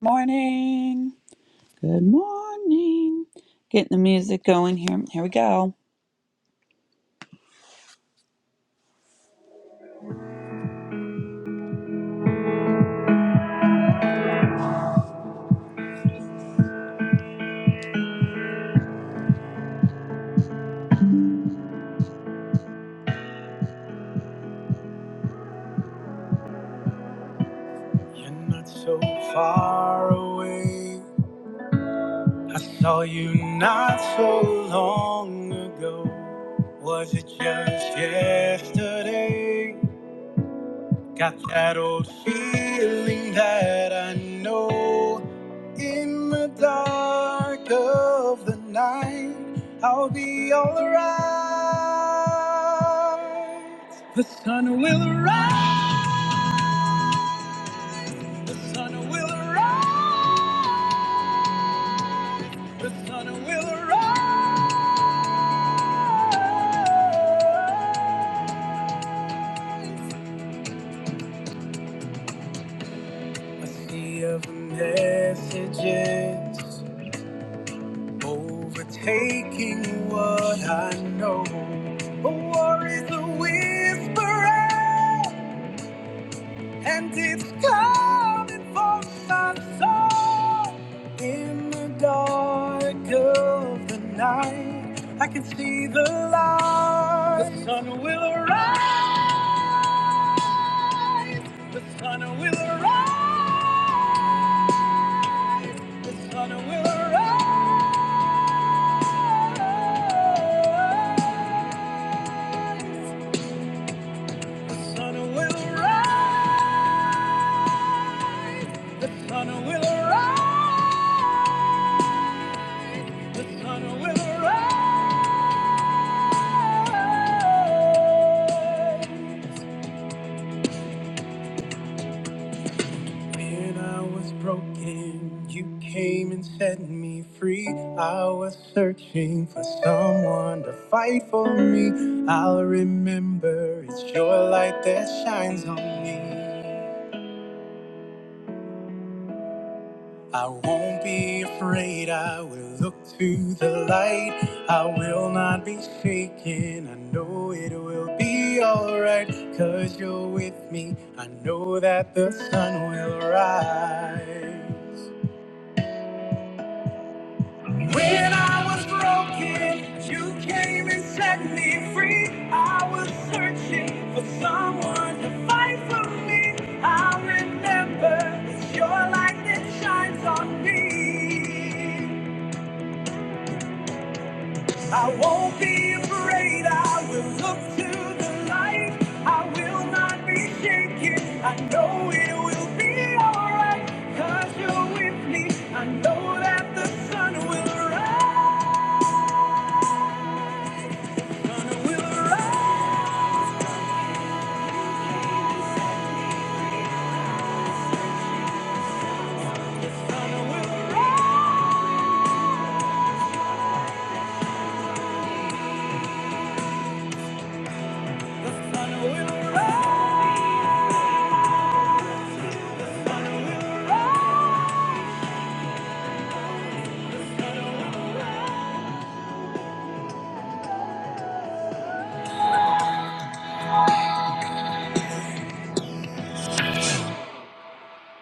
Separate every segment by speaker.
Speaker 1: Morning. Good morning. Getting the music going here. Here we go. You're not so far away. I saw you not so long ago. Was it just yesterday? Got that old feeling that I know in the dark of the night I'll be alright. The sun will rise, the sun will rise, the sun will rise. A sea of messages Overtaking what I know. A war is a whisperer, and it's coming for my soul. In the dark of the night, I can see the light. The sun will arise. The sun will arise. The sun will arise. The sun will rise. The sun will rise. The sun will rise. When I was broken, you came and set me free. I was searching for someone to fight for me. I'll remember it's your light that shines on me. I won't be afraid. I will look to the light. I will not be shaken. I know it will be alright. Cause you're with me. I know that the sun will rise. When I was broken, you came and set me free. I was searching for someone to fight for me. I remember it's your light that shines on me. I won't be afraid. I will look to the light. I will not be shaken. I know it will be alright. Cause you're with me. I know that the sun will rise.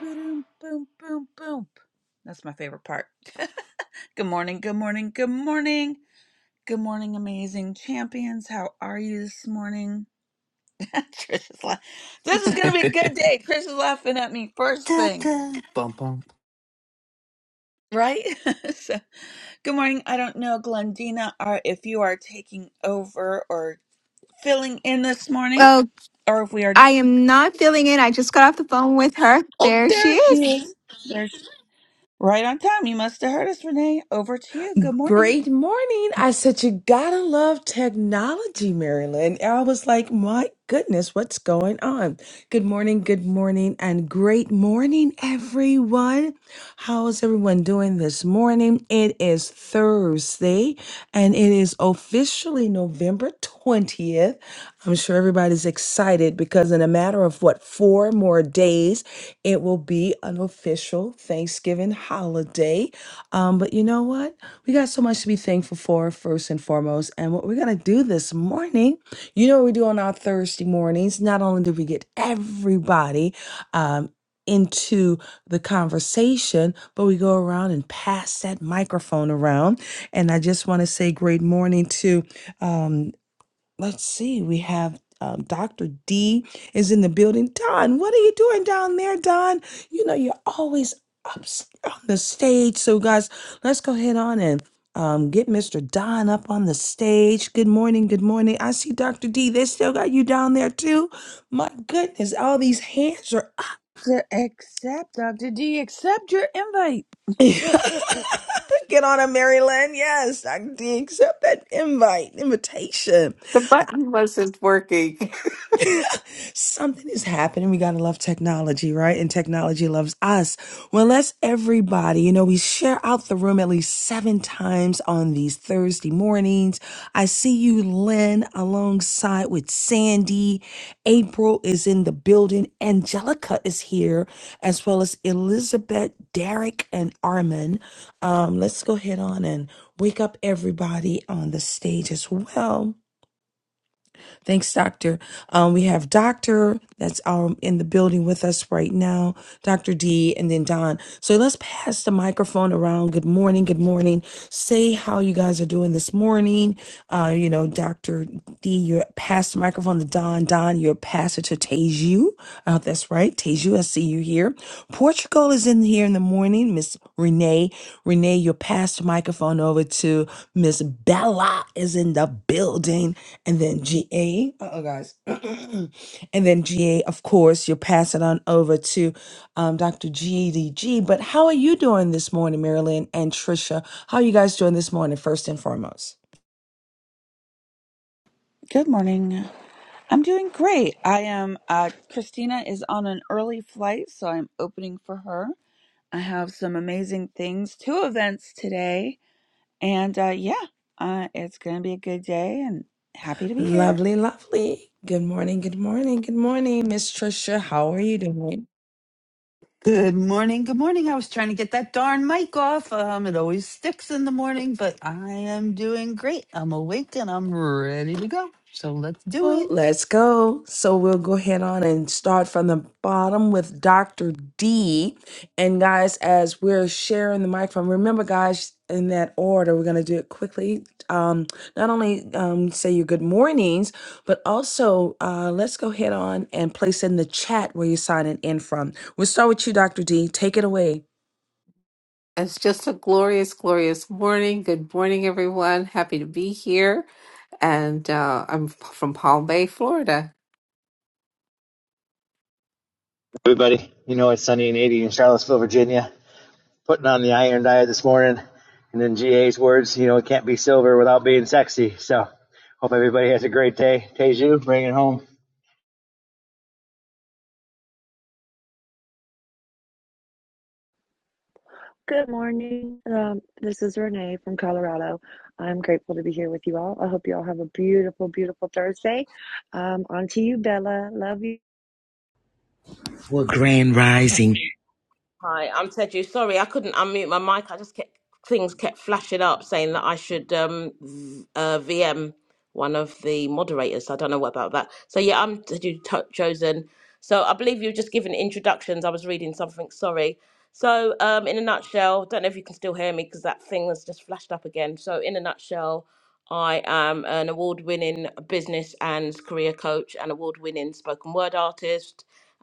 Speaker 1: Boom, boom, boom, boom. That's my favorite part. good morning, good morning, good morning. Good morning, amazing champions. How are you this morning? Trish is laughing. This is going to be a good day. Trish is laughing at me first
Speaker 2: Da,
Speaker 1: thing,
Speaker 2: da, bum, bum.
Speaker 1: right? So Good morning. I don't know, Glendina, are if you are taking over or filling in this morning,
Speaker 3: Well,
Speaker 1: or if we are.
Speaker 3: I am not feeling it. I just got off the phone with her.
Speaker 1: Oh,
Speaker 3: There
Speaker 1: there
Speaker 3: she
Speaker 1: she
Speaker 3: is.
Speaker 1: is. There's right on time. You must have heard us, Renee. Over to you. Good morning.
Speaker 4: Great morning. I said, You gotta love technology, Marilyn. And I was like, My goodness, what's going on? Good morning, good morning, and great morning, everyone. How is everyone doing this morning? It is Thursday, and it is officially November 20th. I'm sure everybody's excited because, in a matter of what, four more days. It will be an official Thanksgiving holiday. Um, but you know what? We got so much to be thankful for, first and foremost. And what we're going to do this morning, you know what we do on our Thursday mornings. Not only do we get everybody um, into the conversation, but we go around and pass that microphone around. And I just want to say great morning to um, Let's see. We have um, Dr. D is in the building. Don, what are you doing down there, Don? You know, you're always up s- on the stage. So, guys, let's go ahead on and um, get Mr. Don up on the stage. Good morning. Good morning. I see Dr. D. They still got you down there, too. My goodness, all these hands are up.
Speaker 1: To accept, Doctor D, accept your invite.
Speaker 4: Get on a Mary Lynn. Yes, Dr. D, accept that invite, invitation.
Speaker 5: The button wasn't working.
Speaker 4: Something is happening. We got to love technology, right? And technology loves us. Well, let's everybody, you know, we share out the room at least seven times on these Thursday mornings. I see you, Lynn, alongside with Sandy. April is in the building. Angelica is here, as well as Elizabeth, Derek, and Armin. Um, let's go ahead on and wake up everybody on the stage as well. Thanks, Doctor. Um, we have Doctor that's um, in the building with us right now, Doctor D, and then Don. So let's pass the microphone around. Good morning. Good morning. Say how you guys are doing this morning. Uh, you know, Doctor D, you pass the microphone to Don. Don, you're pastor to Teju. I hope that's right. Teju, I see you here. Tricola is in here in the morning. Miss Renee, Renee, you pass the microphone over to Miss Bella is in the building, and then GA. Uh oh, guys, and then GA. Of course, you pass it on over to um, Dr. GDG. But how are you doing this morning, Marilyn and Trisha? How are you guys doing this morning? First and foremost.
Speaker 1: Good morning. I'm doing great. I am. Uh, Christina is on an early flight, so I'm opening for her. I have some amazing things. Two events today And uh, yeah, uh, it's going to be a good day and happy to be here.
Speaker 4: Lovely, lovely. Good morning, good morning, good morning, Miss Trisha. How are you doing?
Speaker 2: Good morning. Good morning. I was trying to get that darn mic off. Um, it always sticks in the morning, but I am doing great. I'm awake and I'm ready to go. So let's do
Speaker 4: Oh,
Speaker 2: it.
Speaker 4: Let's go. So we'll go ahead on and start from the bottom with Dr. D. And guys, as we're sharing the microphone, remember, guys, in that order, we're going to do it quickly. Um, not only um, say your good mornings, but also uh, let's go ahead on and place in the chat where you're signing in from. We'll start with you, Dr. D. Take it away.
Speaker 5: It's just a glorious, glorious morning. Good morning, everyone. Happy to be here. And uh, I'm f- from Palm Bay, Florida.
Speaker 6: Everybody, you know it's sunny and 80 in Charlottesville, Virginia. Putting on the iron diet this morning. And in GA's words, you know, it can't be silver without being sexy. So hope everybody has a great day. Teju, bring it home.
Speaker 7: Good morning. Um, this is Renee from Colorado. I'm grateful to be here with you all. I hope you all have a beautiful, beautiful Thursday. Um, on to you, Bella. Love you.
Speaker 8: For Grand Rising.
Speaker 9: Hi, I'm Teju. Sorry, I couldn't unmute my mic. I just kept things kept flashing up saying that I should um v- uh VM one of the moderators. so I don't know what about that. So yeah, I'm Teju to- chosen. So I believe you've just given introductions. I was reading something. Sorry. So um, in a nutshell, don't know if you can still hear me because that thing has just flashed up again. So in a nutshell, I am an award-winning business and career coach, an award-winning spoken word artist,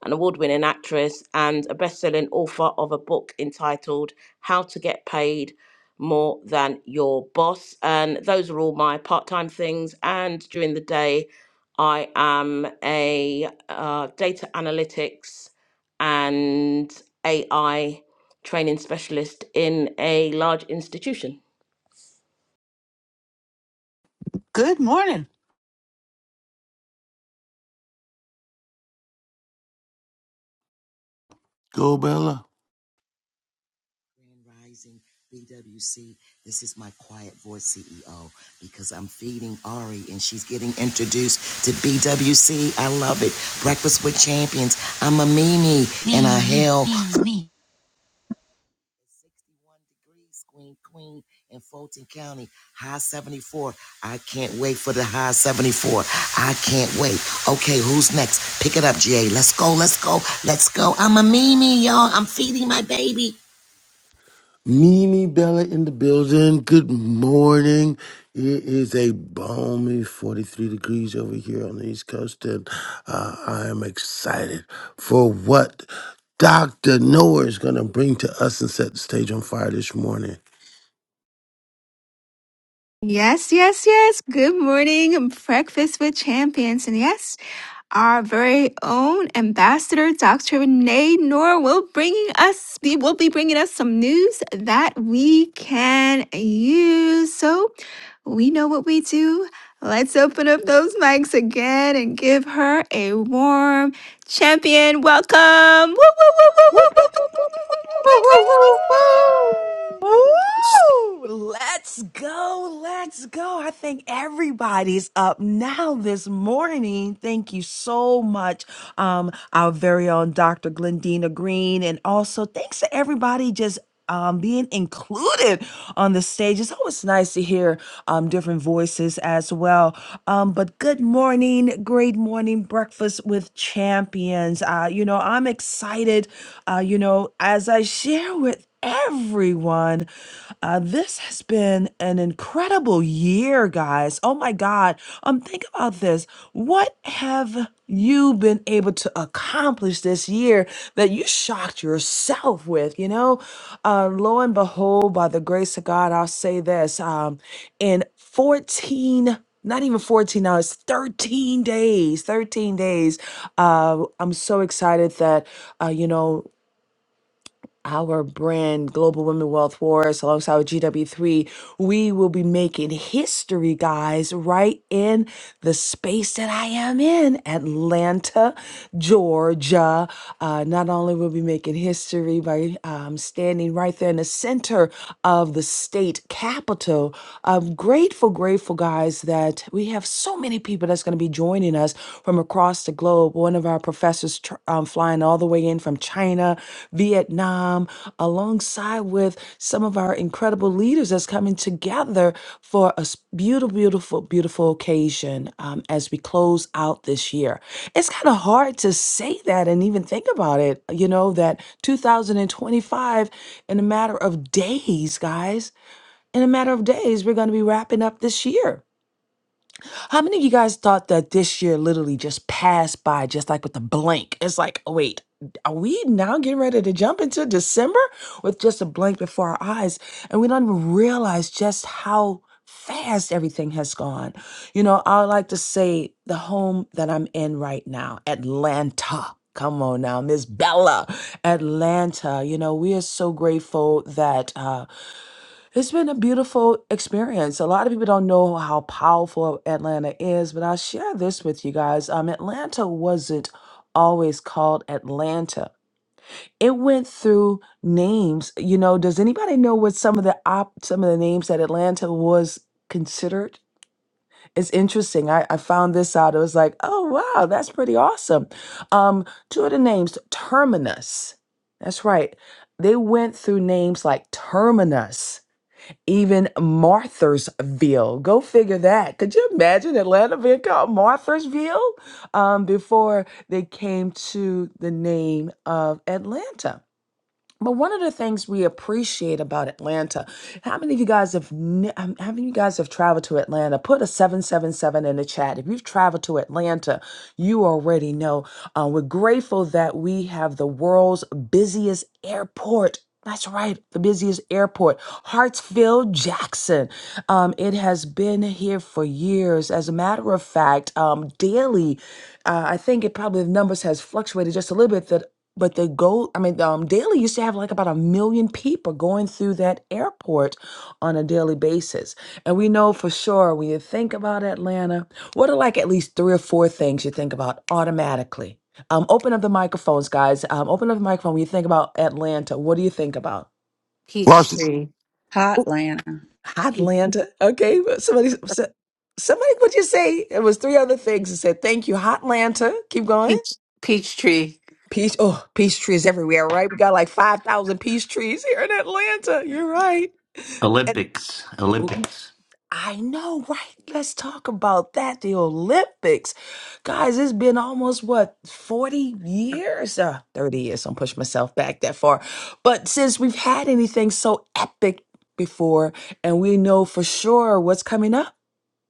Speaker 9: an award winning actress, and a best selling author of a book entitled How to Get Paid More Than Your Boss. And those are all my part time things. And during the day, I am a uh, data analytics and AI training specialist in a large institution.
Speaker 2: Good morning.
Speaker 10: Go Bella.
Speaker 8: Grand Rising, BWC. This is my quiet voice CEO because I'm feeding Ari and she's getting introduced to BWC. I love it. Breakfast with Champions. I'm a Mimi and
Speaker 2: Me,
Speaker 8: I
Speaker 2: me,
Speaker 8: hail
Speaker 2: me, me.
Speaker 8: 61 degrees, Queen, Queen in Fulton County. High 74. I can't wait for the high 74. I can't wait. Okay, who's next? Pick it up, GA. Let's go, let's go, let's go. I'm a Mimi, y'all. I'm feeding my baby.
Speaker 10: Mimi Bella in the building. Good morning. It is a balmy 43 degrees over here on the East Coast, and uh, I am excited for what Dr. Noah is going to bring to us and set the stage on fire this morning.
Speaker 3: Yes, yes, yes. Good morning, breakfast with champions. And yes. our very own ambassador, Dr. Renee Noor, will bringing us be- will be bringing us some news that we can use. So we know what we do. Let's open up those mics again and give her a warm champion welcome. Woo, woo, woo, woo, woo, woo,
Speaker 7: Whoop, whoop,
Speaker 3: woo,
Speaker 7: whoop, whoop,
Speaker 3: woo,
Speaker 7: whoop, whoop,
Speaker 3: woo,
Speaker 5: Woo,
Speaker 3: woo,
Speaker 7: whoop,
Speaker 5: woo,
Speaker 7: whoop,
Speaker 5: woo,
Speaker 7: whoop.
Speaker 5: woo!
Speaker 4: Woo! Let's go. Let's go. I think everybody's up now this morning. Thank you so much, um, our very own Dr. Glendina Green. And also, thanks to everybody just um, being included on the stage. It's always nice to hear um, different voices as well. Um, but good morning, great morning, breakfast with champions. Uh, you know, I'm excited, uh, you know, as I share share with everyone. Uh, this has been an incredible year, guys. Oh my God. Um, think about this. What have you been able to accomplish this year that you shocked yourself with? You know, uh, lo and behold, by the grace of God, I'll say this. Um, in 14 not even 14 now it's 13 days 13 days uh i'm so excited that uh you know our brand, Global Women Wealth Wars, alongside with GW3, we will be making history, guys, right in the space that I am in, Atlanta, Georgia. Uh, not only will we be making history by um, standing right there in the center of the state capital, I'm grateful, grateful, guys, that we have so many people that's going to be joining us us from across the globe. One of our professors tr- um, flying all the way in from China, Vietnam, alongside with some of our incredible leaders that's coming together for a s- beautiful, beautiful, beautiful occasion um, as we close out this year. It's kind of hard to say that and even think about it, you know, that 2025, in a matter of days, guys, in a matter of days, we're going to be wrapping up this year how many of you guys thought that this year literally just passed by, just like with a blank? It's like, oh, wait, are we now getting ready to jump into December with just a blank before our eyes? And we don't even realize just how fast everything has gone. You know, I like to say the home that I'm in right now, Atlanta. Come on now, Miss Bella, Atlanta. You know, we are so grateful that. uh, it's been a beautiful experience. A lot of people don't know how powerful Atlanta is, but I'll share this with you guys. Um, Atlanta wasn't always called Atlanta. It went through names. You know, does anybody know what some of the op some of the names that Atlanta was considered? It's interesting. I, I found this out. It was like, oh wow, that's pretty awesome. Um, two of the names, Terminus. That's right. They went through names like Terminus even Marthasville. Go figure that. Could you imagine Atlanta being called Marthasville um, before they came to the name of Atlanta? But one of the things we appreciate about Atlanta, how many of you guys have ne- um, how many of you guys have traveled to Atlanta? Put a 777 in the chat. If you've traveled to Atlanta, you already know. Uh, we're grateful that we have the world's busiest airport. That's right, the busiest airport, Hartsfield Jackson. Um, it has been here for years. As a matter of fact, um, daily, uh, I think it probably the numbers has fluctuated just a little bit. That but the go I mean, um, daily used to have like about a million people going through that airport on a daily basis. And we know for sure when you think about Atlanta, what are like at least three or four things you think about automatically? Um, open up the microphones, guys. Um, open up the microphone. When you think about Atlanta, what do you think about?
Speaker 5: Peach
Speaker 10: Varsity,
Speaker 5: tree.
Speaker 1: Hot
Speaker 4: Ooh,
Speaker 1: Lana.
Speaker 4: Hotlanta. Okay. but Somebody, s- somebody, what'd you say? It was three other things. It said, thank you, Hotlanta. Keep going.
Speaker 5: Peach, peach tree.
Speaker 4: Peace, oh, peace trees everywhere, right? We got like 5,000 peace trees here in Atlanta. You're right. And
Speaker 11: Olympics, Olympics.
Speaker 4: I know, right? Let's talk about that. The Olympics. Guys, it's been almost what, 40 years? Uh, 30 years. Don't push myself back that far. But since we've had anything so epic before, and we know for sure what's coming up,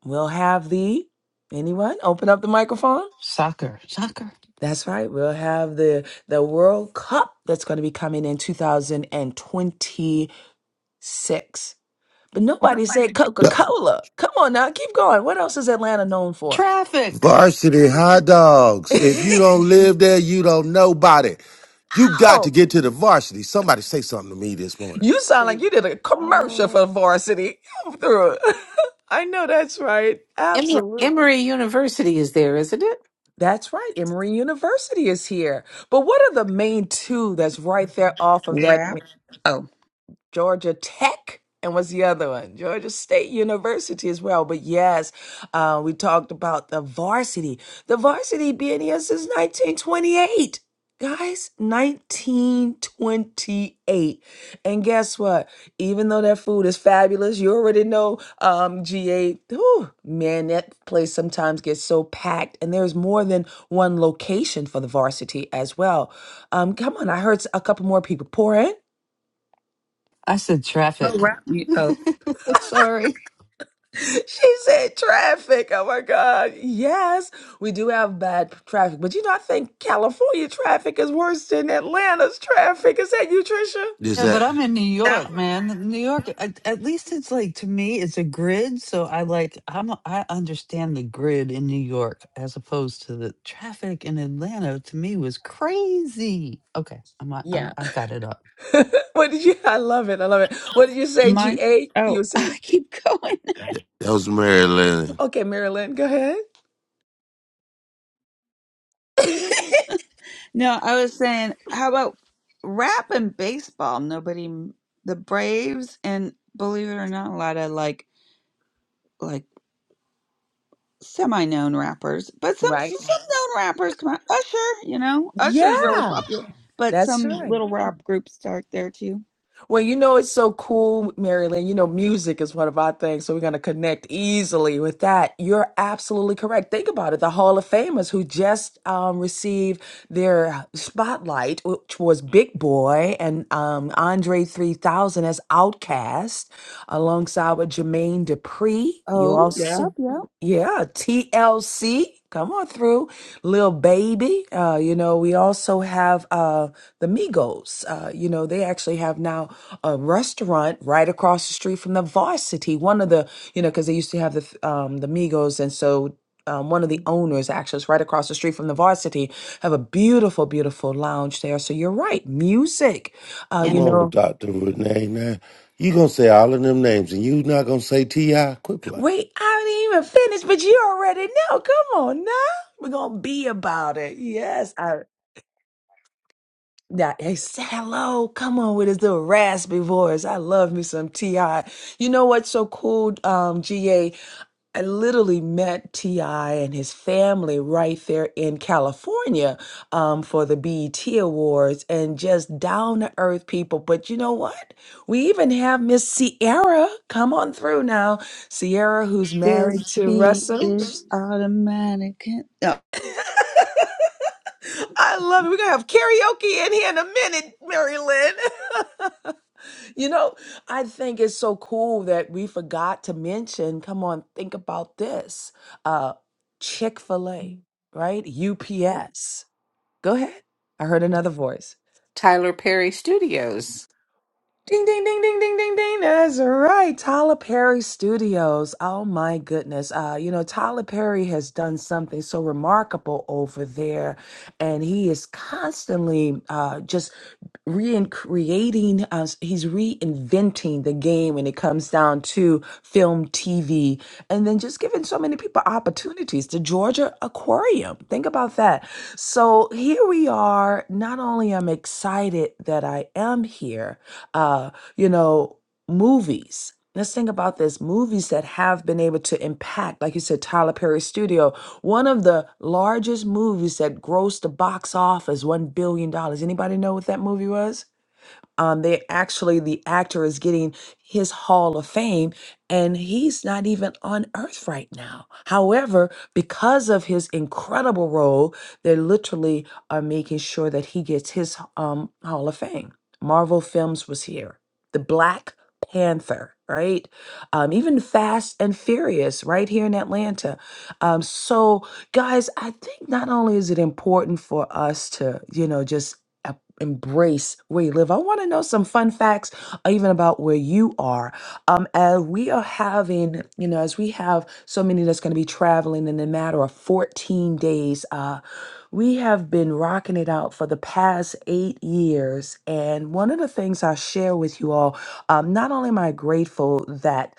Speaker 4: we'll have the anyone open up the microphone.
Speaker 2: Soccer, soccer.
Speaker 4: That's right. We'll have the the World Cup that's going to be coming in 2026. But nobody said Coca-Cola. Come on now, keep going. What else is Atlanta known for?
Speaker 2: Traffic.
Speaker 10: varsity hot dogs. If you don't live there, you don't nobody. You got to
Speaker 4: oh,
Speaker 10: get to the varsity. Somebody say something to me this morning.
Speaker 4: you sound like
Speaker 7: City.
Speaker 4: you did a commercial
Speaker 7: Oh.
Speaker 4: for varsity. Through it. I know that's right.
Speaker 5: Emory,
Speaker 4: Absolutely.
Speaker 5: Emory University is there, isn't it?
Speaker 4: That's right. Emory University is here. But what are the main two that's right there off of that?
Speaker 1: Rap. Oh.
Speaker 4: Georgia Tech. And what's the other one? Georgia State University as well. But yes, uh, we talked about the varsity. The varsity being here since 1928. Guys, 1928. And guess what? Even though that food is fabulous, you already know um, GA. Whew, man, that place sometimes gets so packed. And there's more than one location for the varsity as well. Um, come on, I heard a couple more people pour in.
Speaker 2: I said traffic.
Speaker 1: Oh, rap. mu- Oh,
Speaker 2: Sorry.
Speaker 4: She said traffic. Oh my God. Yes, we do have bad traffic. But you know, I think California traffic is worse than Atlanta's traffic. Is that you,
Speaker 10: Is
Speaker 2: Yeah,
Speaker 4: Trisha?
Speaker 2: but
Speaker 10: that
Speaker 2: I'm in New
Speaker 1: that
Speaker 2: York, man. New York, at, at least it's like to me, it's a grid. So I like I'm I understand the grid in New York as opposed to the traffic in Atlanta. To me, was crazy. Okay, I'm I, I
Speaker 4: Yeah.
Speaker 2: I got it up.
Speaker 4: what did you I love it. I love it. What did you say,
Speaker 1: mine.
Speaker 4: GA?
Speaker 1: Oh,
Speaker 4: You say
Speaker 1: I keep going.
Speaker 10: that was Maryland?
Speaker 4: okay, Marilyn, go ahead.
Speaker 1: No, I was saying, how about rap and baseball? Nobody, m- the Braves, and believe it or not, a lot of like, like semi-known rappers, but some
Speaker 4: Right?
Speaker 1: some known rappers. Come on, Usher, you know, Usher's really
Speaker 4: Yeah,
Speaker 1: popular, but
Speaker 4: that's
Speaker 1: some
Speaker 4: right.
Speaker 1: little rap groups start there too.
Speaker 4: Well, you know, it's so cool, Marilyn. You know, music is one of our things, so we're going to connect easily with that. You're absolutely correct. Think about it. The Hall of Famers who just um, received their spotlight, which was Big Boy and um, Andre 3000 as Outcast, alongside with Jermaine Dupri. You
Speaker 1: Oh, yep,
Speaker 4: also,
Speaker 1: yep.
Speaker 4: yeah, TLC. Come on through, Lil Baby. Uh, you know, we also have uh, the Migos. Uh, you know, they actually have now a restaurant right across the street from the varsity one of the you know because they used to have the um the migos and so um, one of the owners actually is right across the street from the varsity have a beautiful beautiful lounge there so you're right music uh
Speaker 10: Come
Speaker 4: you
Speaker 5: Yeah.
Speaker 10: on,
Speaker 4: know
Speaker 10: Dr. Renee. Now, you going to say all of them names and you not going to say T.I.? Quit playing.
Speaker 4: wait i didn't even finish but you already know come on now we're gonna be about it yes i yeah, Hey, say hello. Come on with his little raspy voice. I love me some Ti. You know what's so cool, um, Ga? I literally met T.I. and his family right there in California um, for the BET Awards and just down to earth people. But you know what? We even have Miss Sierra come on through now. Sierra, who's married
Speaker 1: This
Speaker 4: to
Speaker 1: beat
Speaker 4: Russell.
Speaker 1: is automatic. No,
Speaker 4: I love it. We're going to have karaoke in here in a minute, Mary Lynn. You know, I think it's so cool that we forgot to mention. Come on, think about this. Uh Chick fil A, right? UPS. Go ahead. I heard another voice.
Speaker 5: Tyler Perry Studios.
Speaker 4: Ding, ding, ding, ding, ding, ding, ding. That's right. Tyler Perry Studios. Oh my goodness. Uh, you know, Tyler Perry has done something so remarkable over there, and he is constantly uh, just recreating uh, he's reinventing the game when it comes down to film tv and then just giving so many people opportunities the georgia aquarium think about that so here we are not only i'm excited that i am here uh you know movies. Let's think about this movies that have been able to impact, like you said, Tyler Perry Studio, one of the largest movies that grossed the box office $1 billion. dollars. Anybody know what that movie was? Um, they actually the actor is getting his Hall of Fame, and he's not even on Earth right now. However, because of his incredible role, they literally are making sure that he gets his um, Hall of Fame. Marvel Films was here. The Black Panther, right? Um, even Fast and Furious, right here in Atlanta. Um, so, guys, I think not only is it important for us to, you know, just embrace where you live. I want to know some fun facts uh, even about where you are. Um, as we are having, you know, as we have so many that's going to be traveling in a matter of 14 days, uh, we have been rocking it out for the past eight years. And one of the things I share with you all, um, not only am I grateful that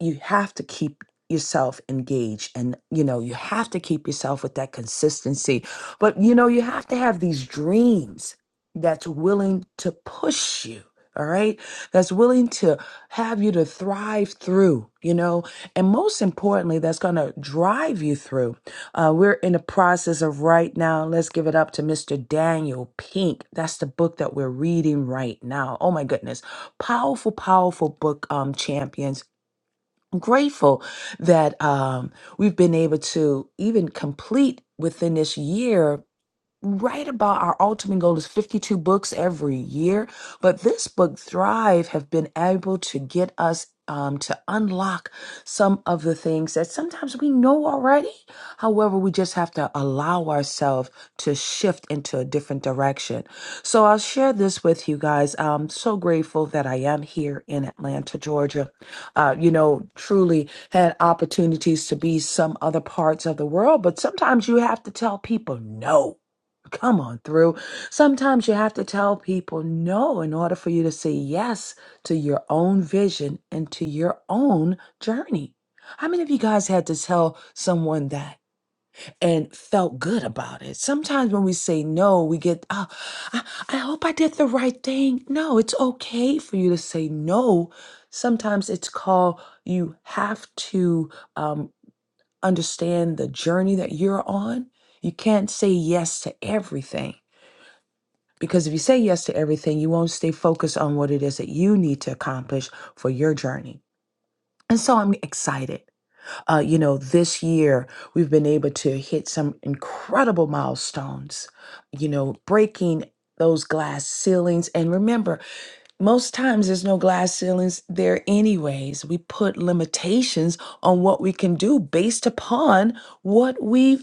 Speaker 4: you have to keep yourself engaged and you know you have to keep yourself with that consistency but you know you have to have these dreams that's willing to push you all right that's willing to have you to thrive through you know and most importantly that's going to drive you through uh, we're in the process of right now let's give it up to mr daniel pink that's the book that we're reading right now oh my goodness powerful powerful book um champions I'm grateful that um, we've been able to even complete within this year right about our ultimate goal is 52 books every year but this book thrive have been able to get us um, to unlock some of the things that sometimes we know already however we just have to allow ourselves to shift into a different direction so i'll share this with you guys i'm so grateful that i am here in atlanta georgia uh, you know truly had opportunities to be some other parts of the world but sometimes you have to tell people no Come on through. Sometimes you have to tell people no in order for you to say yes to your own vision and to your own journey. How many of you guys had to tell someone that and felt good about it? Sometimes when we say no, we get, oh, I, I hope I did the right thing. No, it's okay for you to say no. Sometimes it's called you have to um, understand the journey that you're on. You can't say yes to everything because if you say yes to everything, you won't stay focused on what it is that you need to accomplish for your journey. And so I'm excited. Uh, you know, this year we've been able to hit some incredible milestones, you know, breaking those glass ceilings. And remember, most times there's no glass ceilings there, anyways. We put limitations on what we can do based upon what we've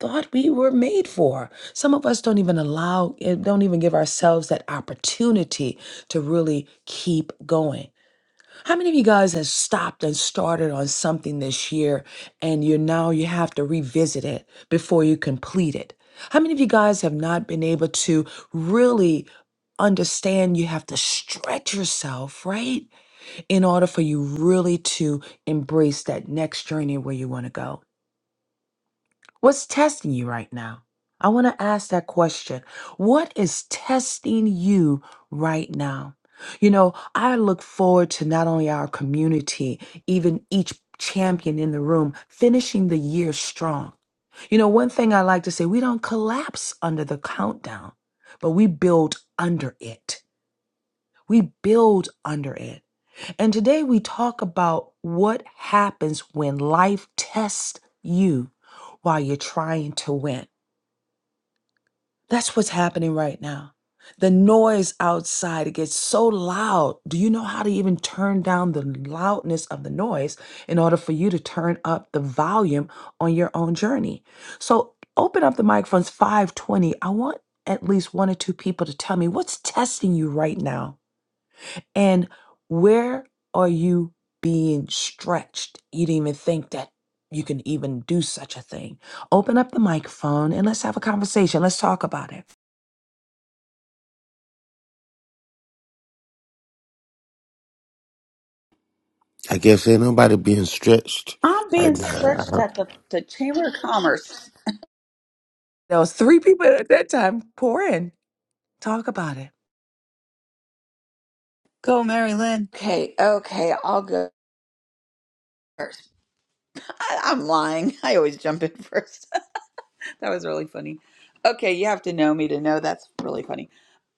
Speaker 4: thought we were made for. Some of us don't even allow, eh, don't even give ourselves that opportunity to really keep going. How many of you guys have stopped and started on something this year and you now you have to revisit it before you complete it? How many of you guys have not been able to really understand you have to stretch yourself, right? In order for you really to embrace that next journey where you want to go. What's testing you right now? I want to ask that question. What is testing you right now? You know, I look forward to not only our community, even each champion in the room finishing the year strong. You know, one thing I like to say, we don't collapse under the countdown, but we build under it. We build under it. And today we talk about what happens when life tests you while you're trying to win. That's what's happening right now. The noise outside, it gets so loud. Do you know how to even turn down the loudness of the noise in order for you to turn up the volume on your own journey? So open up the microphones 520. I want at least one or two people to tell me what's testing you right now and where are you being stretched? You didn't even think that you can even do such a thing. Open up the microphone and let's have a conversation. Let's talk about it.
Speaker 10: I guess ain't nobody being stretched
Speaker 1: I'm
Speaker 10: right
Speaker 1: being stretched
Speaker 10: now.
Speaker 1: at the, the Chamber of Commerce.
Speaker 4: There was three people at that time. Pour in. Talk about it.
Speaker 2: Go, Mary Lynn.
Speaker 1: Okay, okay, I'll go first. I, I'm lying. I always jump in first. that was really funny. Okay, you have to know me to know that's really funny.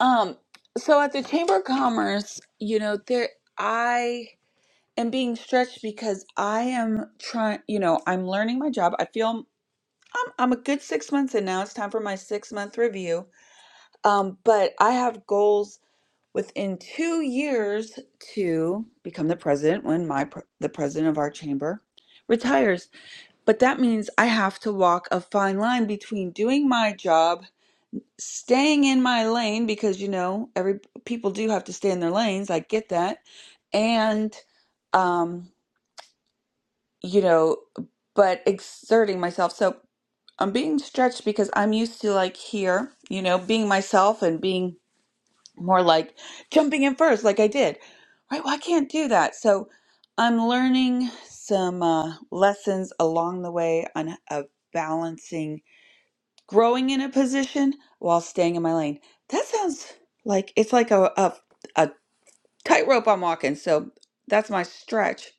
Speaker 1: Um, so at the Chamber of Commerce, you know, there I am being stretched because I am trying. You know, I'm learning my job. I feel I'm I'm a good six months in now. It's time for my six month review Um, but I have goals within two years to become the president when my pr- the president of our chamber retires. But that means I have to walk a fine line between doing my job, staying in my lane because you know every people do have to stay in their lanes. I get that, and um, you know, but exerting myself. So I'm being stretched because I'm used to like here, you know, being myself and being more like jumping in first, like I did. Right? Well, I can't do that. So I'm learning some uh, lessons along the way on of balancing growing in a position while staying in my lane. That sounds like it's like a a, a tightrope I'm walking. So that's my stretch.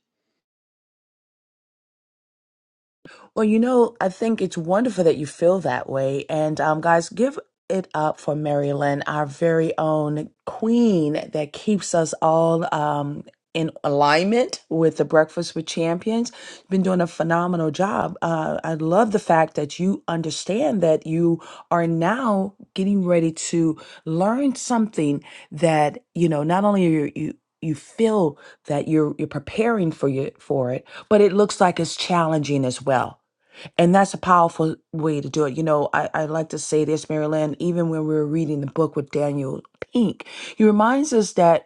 Speaker 4: Well, you know, I think it's wonderful that you feel that way. And um, guys, give it up for Mary Lynn, our very own queen that keeps us all um, in alignment with the Breakfast with Champions. You've Been doing a phenomenal job. Uh, I love the fact that you understand that you are now getting ready to learn something that you know. Not only are you you you feel that you're you're preparing for you for it, but it looks like it's challenging as well and that's a powerful way to do it. You know, I, I like to say this, Marilyn, even when we were reading the book with Daniel Pink, he reminds us that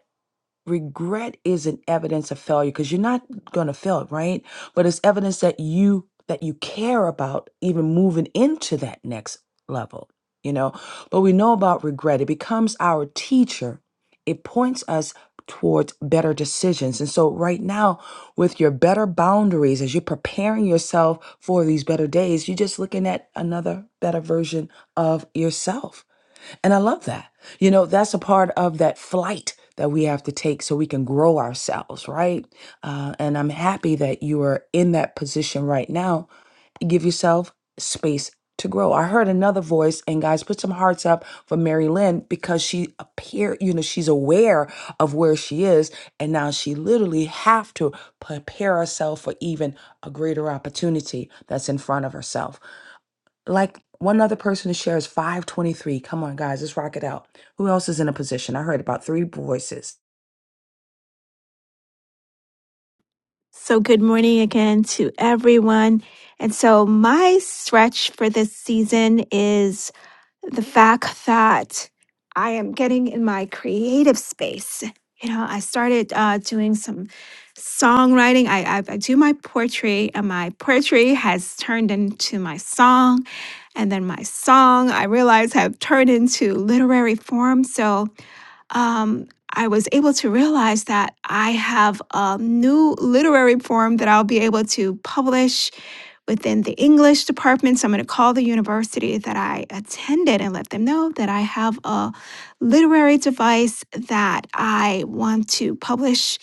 Speaker 4: regret isn't evidence of failure because you're not going to fail right but it's evidence that you that you care about even moving into that next level you know but we know about regret it becomes our teacher it points us towards better decisions and so right now with your better boundaries as you're preparing yourself for these better days you're just looking at another better version of yourself and I love that. You know, that's a part of that flight that we have to take so we can grow ourselves, right? Uh, and I'm happy that you are in that position right now. Give yourself space to grow. I heard another voice, and guys, put some hearts up for Mary Lynn because she appear, you know, she's aware of where she is, and now she literally have to prepare herself for even a greater opportunity that's in front of herself like one other person to share is 523 come on guys let's rock it out who else is in a position i heard about three voices
Speaker 3: So, good morning again to everyone. And so, my stretch for this season is the fact that I am getting in my creative space. You know, I started uh, doing some songwriting. I, I, I do my poetry, and my poetry has turned into my song. And then my song, I realize, have turned into literary form. So um, I was able to realize that I have a new literary form that I'll be able to publish Within the English departments, I'm going to call the university that I attended and let them know that I have a literary device that I want to publish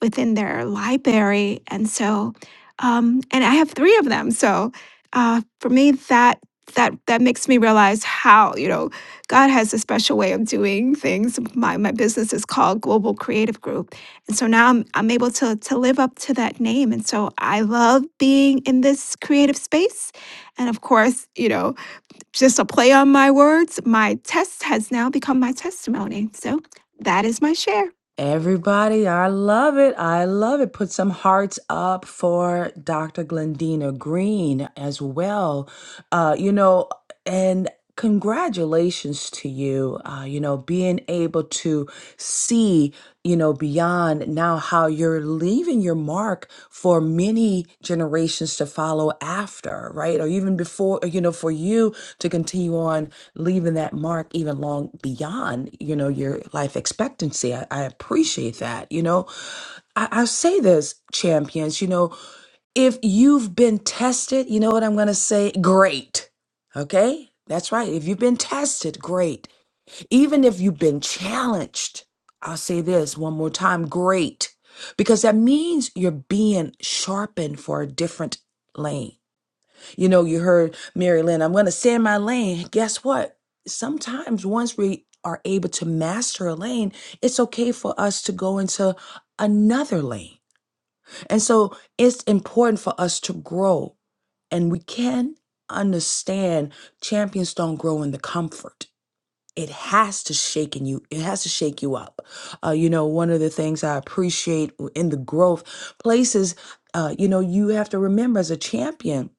Speaker 3: within their library. And so, um, and I have three of them. So uh, for me, that that that makes me realize how you know God has a special way of doing things. My my business is called Global Creative Group and so now I'm, I'm able to, to live up to that name. And so I love being in this creative space. And of course, you know, just a play on my words, my test has now become my testimony. So that is my share.
Speaker 4: everybody i love it i love it put some hearts up for dr glendina green as well uh you know and. Congratulations to you, uh, you know, being able to see, you know, beyond now how you're leaving your mark for many generations to follow after, right? Or even before, you know, for you to continue on leaving that mark even long beyond, you know, your life expectancy. I, I appreciate that, you know. I, I say this, champions, you know, if you've been tested, you know what I'm going to say? Great Okay? That's right. If you've been tested, great. Even if you've been challenged, I'll say this one more time great. Because that means you're being sharpened for a different lane. You know, you heard Mary Lynn, I'm going to stay in my lane. Guess what? Sometimes once we are able to master a lane, it's okay for us to go into another lane. And so it's important for us to grow and we can understand champions don't grow in the comfort. It has to shake in you. It has to shake you up. Uh, you know, one of the things I appreciate in the growth places, uh, you know, you have to remember as a champion,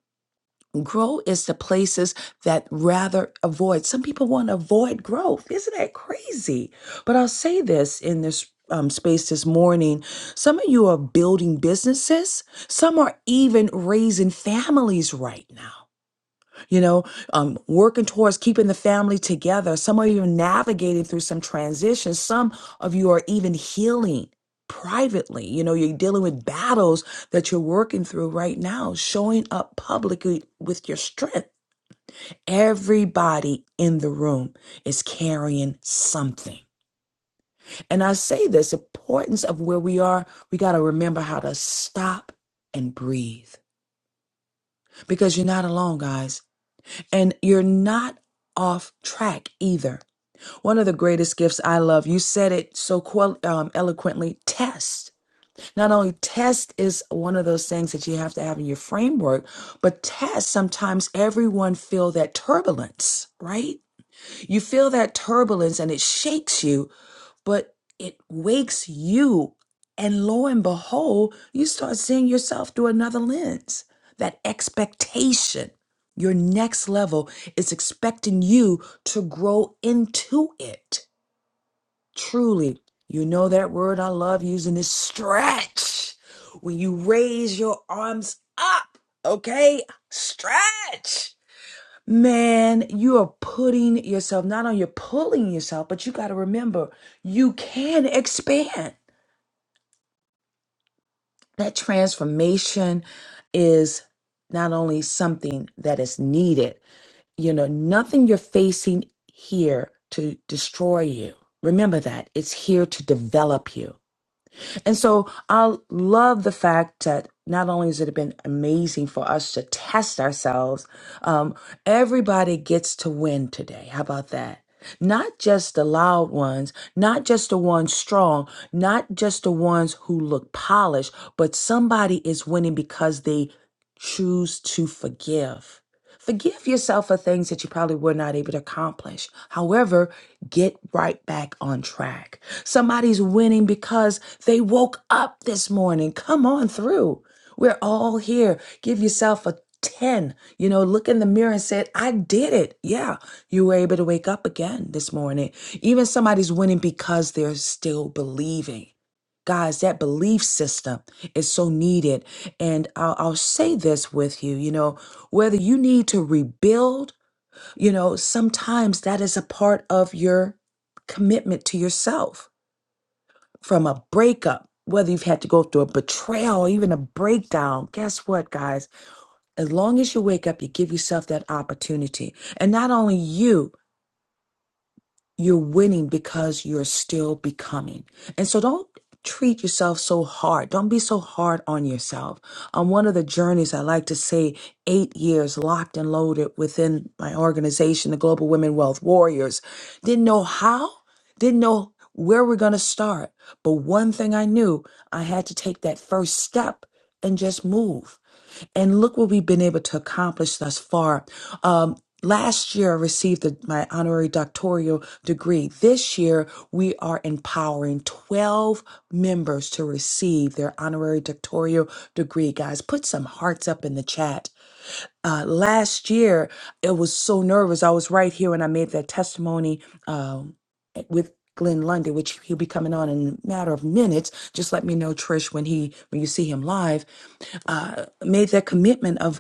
Speaker 4: grow is the places that rather avoid. Some people want to avoid growth. Isn't that crazy? But I'll say this in this um, space this morning. Some of you are building businesses. Some are even raising families right now you know, um, working towards keeping the family together. Some of you are navigating through some transitions. Some of you are even healing privately. You know, you're dealing with battles that you're working through right now, showing up publicly with your strength. Everybody in the room is carrying something. And I say this importance of where we are, we got to remember how to stop and breathe because you're not alone, guys. and you're not off track either. One of the greatest gifts I love, you said it so quel- um, eloquently test. Not only test is one of those things that you have to have in your framework, but test sometimes everyone feel that turbulence, right? You feel that turbulence and it shakes you but it wakes you. And lo and behold, you start seeing yourself through another lens. That expectation, your next level is expecting you to grow into it. Truly, you know that word I love using is stretch. When you raise your arms up, okay? Stretch. Man, you are putting yourself, not only you're pulling yourself, but you got to remember you can expand. That transformation is not only something that is needed, you know, nothing you're facing here to destroy you. Remember that it's here to develop you. And so I love the fact that not only has it been amazing for us to test ourselves, um, everybody gets to win today. How about that? Not just the loud ones, not just the ones strong, not just the ones who look polished, but somebody is winning because they choose to forgive. Forgive yourself for things that you probably were not able to accomplish. However, get right back on track. Somebody's winning because they woke up this morning. Come on through. We're all here. Give yourself a 10. You know, look in the mirror and say, I did it. Yeah, you were able to wake up again this morning. Even somebody's winning because they're still believing. Guys, that belief system is so needed. And I'll, I'll say this with you, you know, whether you need to rebuild, you know, sometimes that is a part of your commitment to yourself from a breakup, whether you've had to go through a betrayal, even a breakdown. Guess what, guys? As long as you wake up, you give yourself that opportunity. And not only you, You're winning because you're still becoming. And so don't treat yourself so hard. Don't be so hard on yourself. On one of the journeys, I like to say eight years locked and loaded within my organization, the Global Women Wealth Warriors. Didn't know how, didn't know where we're going to start. But one thing I knew, I had to take that first step and just move. And look what we've been able to accomplish thus far. Um, Last year, I received the- my honorary doctoral degree. This year, we are empowering 12 members to receive their honorary doctoral degree. Guys, put some hearts up in the chat uh, last year, it was so nervous. I was right here when I made that testimony um, with Glenn Lundy, which he'll be coming on in a matter of minutes. Just let me know, Trish, when he when you see him live. Uh, made that commitment of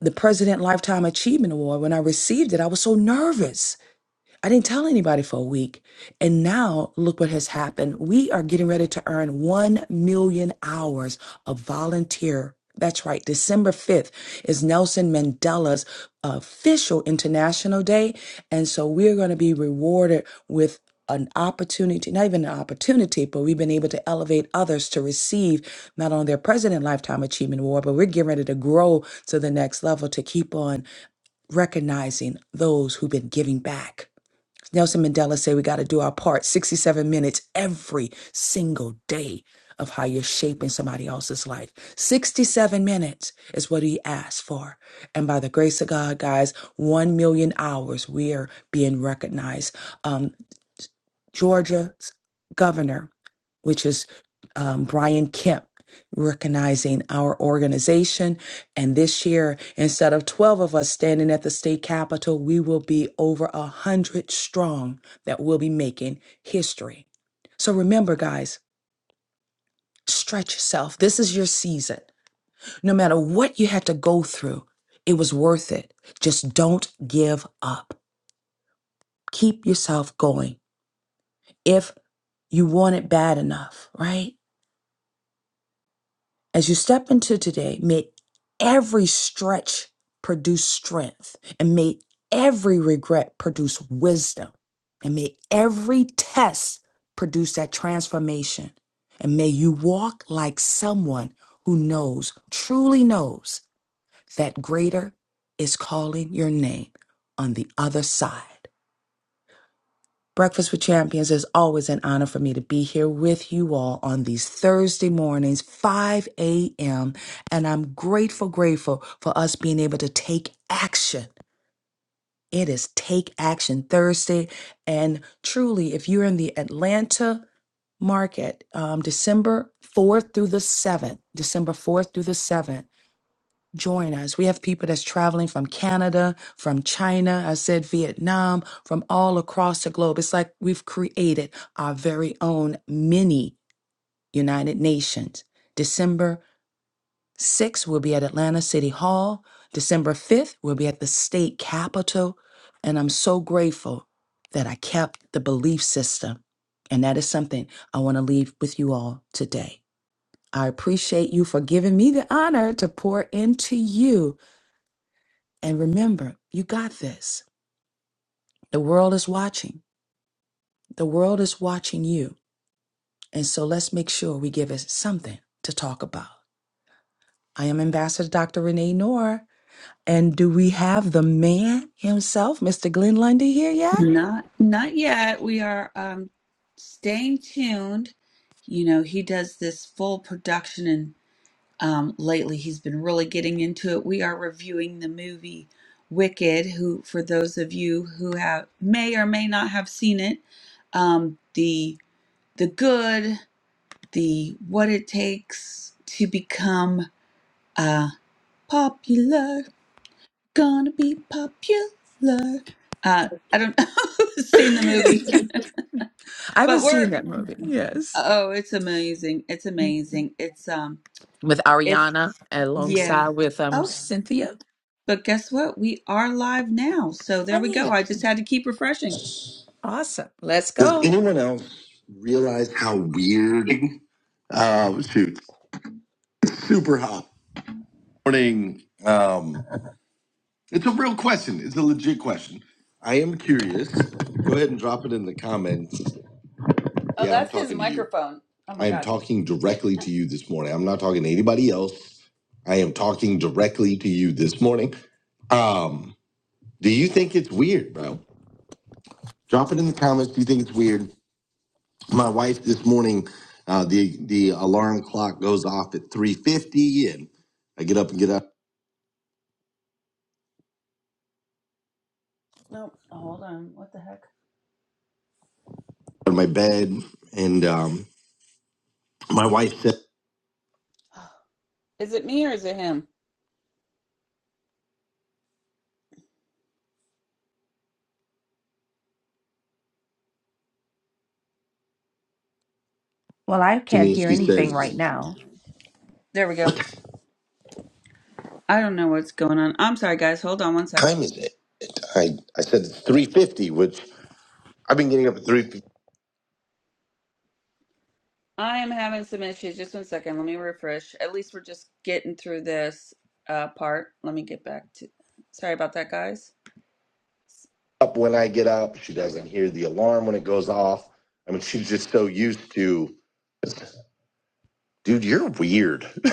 Speaker 4: the President Lifetime Achievement Award. When I received it, I was so nervous I didn't tell anybody for a week. And now look what has happened. We are getting ready to earn 1 million hours of volunteer. That's right. December 5th is Nelson Mandela's official International Day. And so we're going to be rewarded with an opportunity, not even an opportunity, but we've been able to elevate others to receive not only their President Lifetime Achievement Award, but we're getting ready to grow to the next level to keep on recognizing those who've been giving back. Nelson Mandela said we got to do our part 67 minutes every single day of how you're shaping somebody else's life. 67 minutes is what he asked for. And by the grace of God, guys, 1 million hours, we are being recognized. Um, Georgia's governor, which is um, Brian Kemp, recognizing our organization. And this year, instead of 12 of us standing at the state capitol, we will be over a 100 strong that will be making history. So remember, guys, stretch yourself. This is your season. No matter what you had to go through, it was worth it. Just don't give up. Keep yourself going. If you want it bad enough, right? As you step into today, may every stretch produce strength, and may every regret produce wisdom, and may every test produce that transformation. And may you walk like someone who knows, truly knows, that greater is calling your name on the other side. Breakfast with Champions is always an honor for me to be here with you all on these Thursday mornings, 5 a.m. And I'm grateful, grateful for us being able to take action. It is Take Action Thursday. And truly, if you're in the Atlanta market, um, December 4th through the 7th, December 4th through the 7th, join us. We have people that's traveling from Canada, from China, I said Vietnam, from all across the globe. It's like we've created our very own mini United Nations. December 6th, we'll be at Atlanta City Hall. December 5th, we'll be at the state capitol. And I'm so grateful that I kept the belief system. And that is something I want to leave with you all today. I appreciate you for giving me the honor to pour into you and remember, you got this. The world is watching. The world is watching you. And so let's make sure we give it something to talk about. I am Ambassador Dr. Renee Noor. And do we have the man himself, Mr. Glenn Lundy, here yet?
Speaker 1: Not not yet. We are um staying tuned. You know, he does this full production um, lately. He's been really getting into it. We are reviewing the movie Wicked, who, for those of you who have may or may not have seen it, um, the the good, the what it takes to become uh, popular, gonna be popular. Uh, I don't know who's seen the
Speaker 4: I
Speaker 1: movie,
Speaker 4: haven't
Speaker 1: but
Speaker 4: seen
Speaker 1: we're
Speaker 4: that movie. Yes.
Speaker 1: oh, it's amazing! It's amazing! It's um,
Speaker 4: With
Speaker 1: it's
Speaker 4: Ariana
Speaker 1: yeah.
Speaker 4: alongside with um
Speaker 1: Oh,
Speaker 4: Cynthia.
Speaker 1: But guess what? We are live now. So there we go.
Speaker 4: Yay.
Speaker 1: I just had to keep refreshing.
Speaker 4: Awesome. Let's
Speaker 1: Does
Speaker 4: go.
Speaker 1: anyone else realize how weird? Um, shoot, super hot morning. Um, it's a real question. It's a legit question. I am curious. Go ahead and drop it in the comments. Oh, Yeah, I'm that's his talking to you. microphone. Oh my I am gosh. talking directly to you this morning. I'm not talking to anybody else. I am talking directly to you this morning. Um, do you think it's weird, bro? Drop it in the comments if you think it's weird. My wife this morning, uh, the the alarm clock goes off at 3:50, and I get up and get up. Nope. Hold on. What the heck? out of my bed, and um, my wife said Is it me or is it him? to me, she says, There we go. "What I don't know what's going on. I'm sorry, guys. Hold on one "What time is it?" I I said it's 3:50, which I've been getting up at 3:50. I am having some issues. Just one second. Let me refresh. At least we're just getting through this uh, part. Let me get back to. Sorry about that, guys. Up when I get up, she doesn't hear the alarm when it goes off. I mean, she's just so used to, dude, you're weird.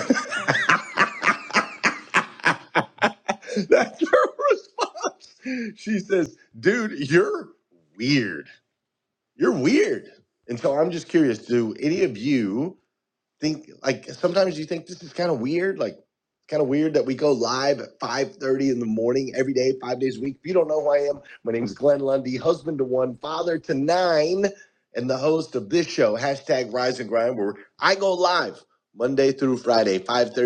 Speaker 1: That's her response. She says, dude, you're weird. You're weird. And so I'm just curious do any of you? think like sometimes you think this is kind of weird like kind of weird that we go live at 5.30 in the morning every day five days a week if you don't know who i am my name is glenn lundy husband to one father to nine and the host of this show hashtag rise and grind where i go live monday through friday 5.30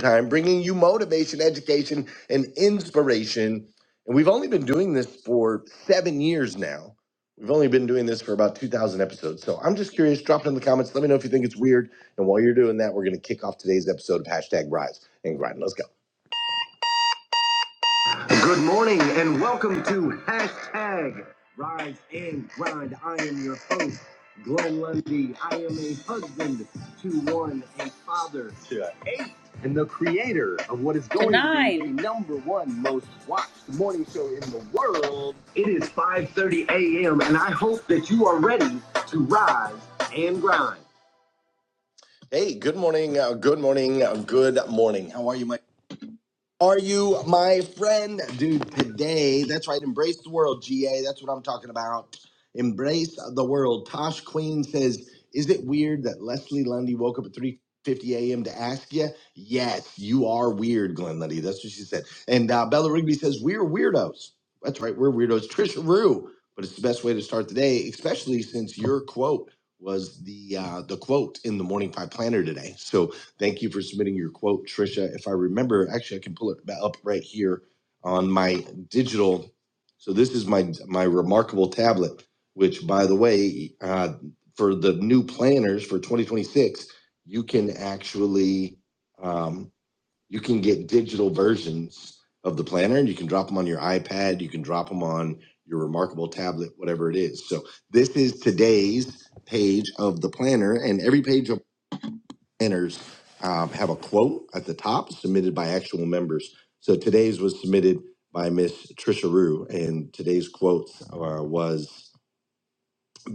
Speaker 1: time, bringing you motivation, education, and inspiration. And we've only been doing this for seven years now. We've only been doing this for about 2,000 episodes. So I'm just curious, drop it in the comments. Let me know if you think it's weird. And while you're doing that, we're going to kick off today's episode of Hashtag Rise and Grind. Let's go. Good morning and welcome to Hashtag Rise and Grind. I am your host, Glenn Lundy. I am a husband to one, a father to and the creator of what is going Tonight. to be the number one most watched morning show in the world. It is 5:30 a.m. and I hope that you are ready to rise and grind. Hey, good morning, uh, good morning, uh, good morning. How are you, Mike? Are you my friend, dude? Today, that's right. Embrace the world, GA. That's what I'm talking about. Embrace the world. Tosh Queen says, "Is it weird that Leslie Lundy woke up at 3:50 a.m. to ask you?" Yes, you are weird, Glenn Lundy. That's what she said. And uh, Bella Rigby says, "We're weirdos." That's right, we're weirdos. Trisha Rue, but it's the best way to start the day, especially since your quote was the uh, the quote in the Morning Five Planner today. So Thank you for submitting your quote, Trisha. If I remember, actually, I can pull it up right here on my digital. So this is my my remarkable tablet, which, by the way, uh, for the new planners for 2026, you can actually um, you can get digital versions of the planner, and you can drop them on your iPad. You can drop them on your remarkable tablet, whatever it is. So this is today's page of the planner, and every page of enters um, have a quote at the top submitted by actual members. So today's was submitted by Miss Trisha Rue, and today's quote uh, was.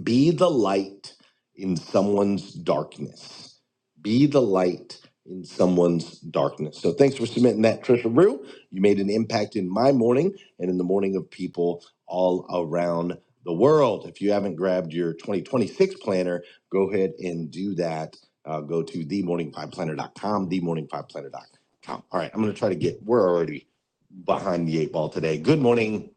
Speaker 1: Be the light in someone's darkness. Be the light in someone's darkness. So thanks for submitting that, Trisha Rue. You made an impact in my morning and in the morning of people all around the world. If you haven't grabbed your 2026 planner, go ahead and do that. Uh, go to themorningpiveplanner.com, themorningpiveplanner.com. All right, I'm going to try to get, we're already behind the eight ball today. Good morning.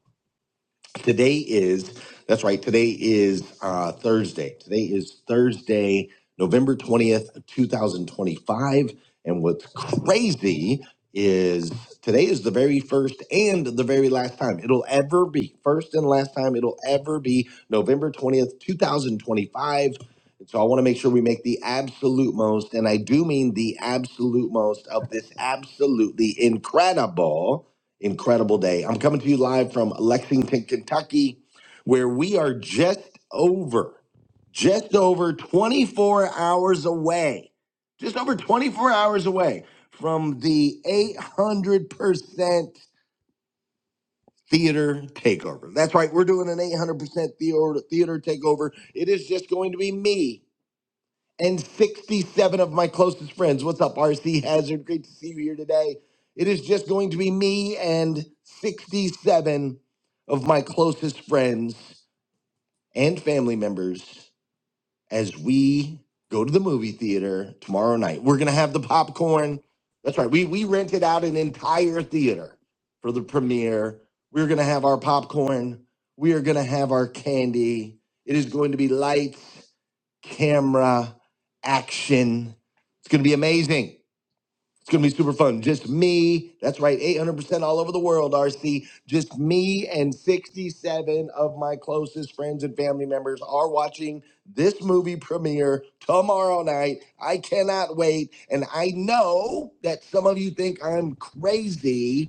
Speaker 1: Today is, that's right, today is uh, Thursday. Today is Thursday, November 20th, of 2025. And what's crazy is today is the very first and the very last time it'll ever be, first and last time it'll ever be November 20th, 2025. And so I want to make sure we make the absolute most, and I do mean the absolute most of this absolutely incredible incredible day. I'm coming to you live from Lexington, Kentucky, where we are just over, just over 24 hours away, just over 24 hours away from the 800% theater takeover. That's right, we're doing an 800% theater, theater takeover. It is just going to be me and 67 of my closest friends. What's up, RC Hazard? Great to see you here today. It is just going to be me and 67 of my closest friends and family members as we go to the movie theater tomorrow night. We're going to have the popcorn. That's right. We, we rented out an entire theater for the premiere. We're going to have our popcorn. We are going to have our candy. It is going to be lights camera action. It's going to be amazing. It's going to be super fun. Just me. That's right. 800% all over the world, RC. Just me and 67 of my closest friends and family members are watching this movie premiere tomorrow night. I cannot wait. And I know that some of you think I'm crazy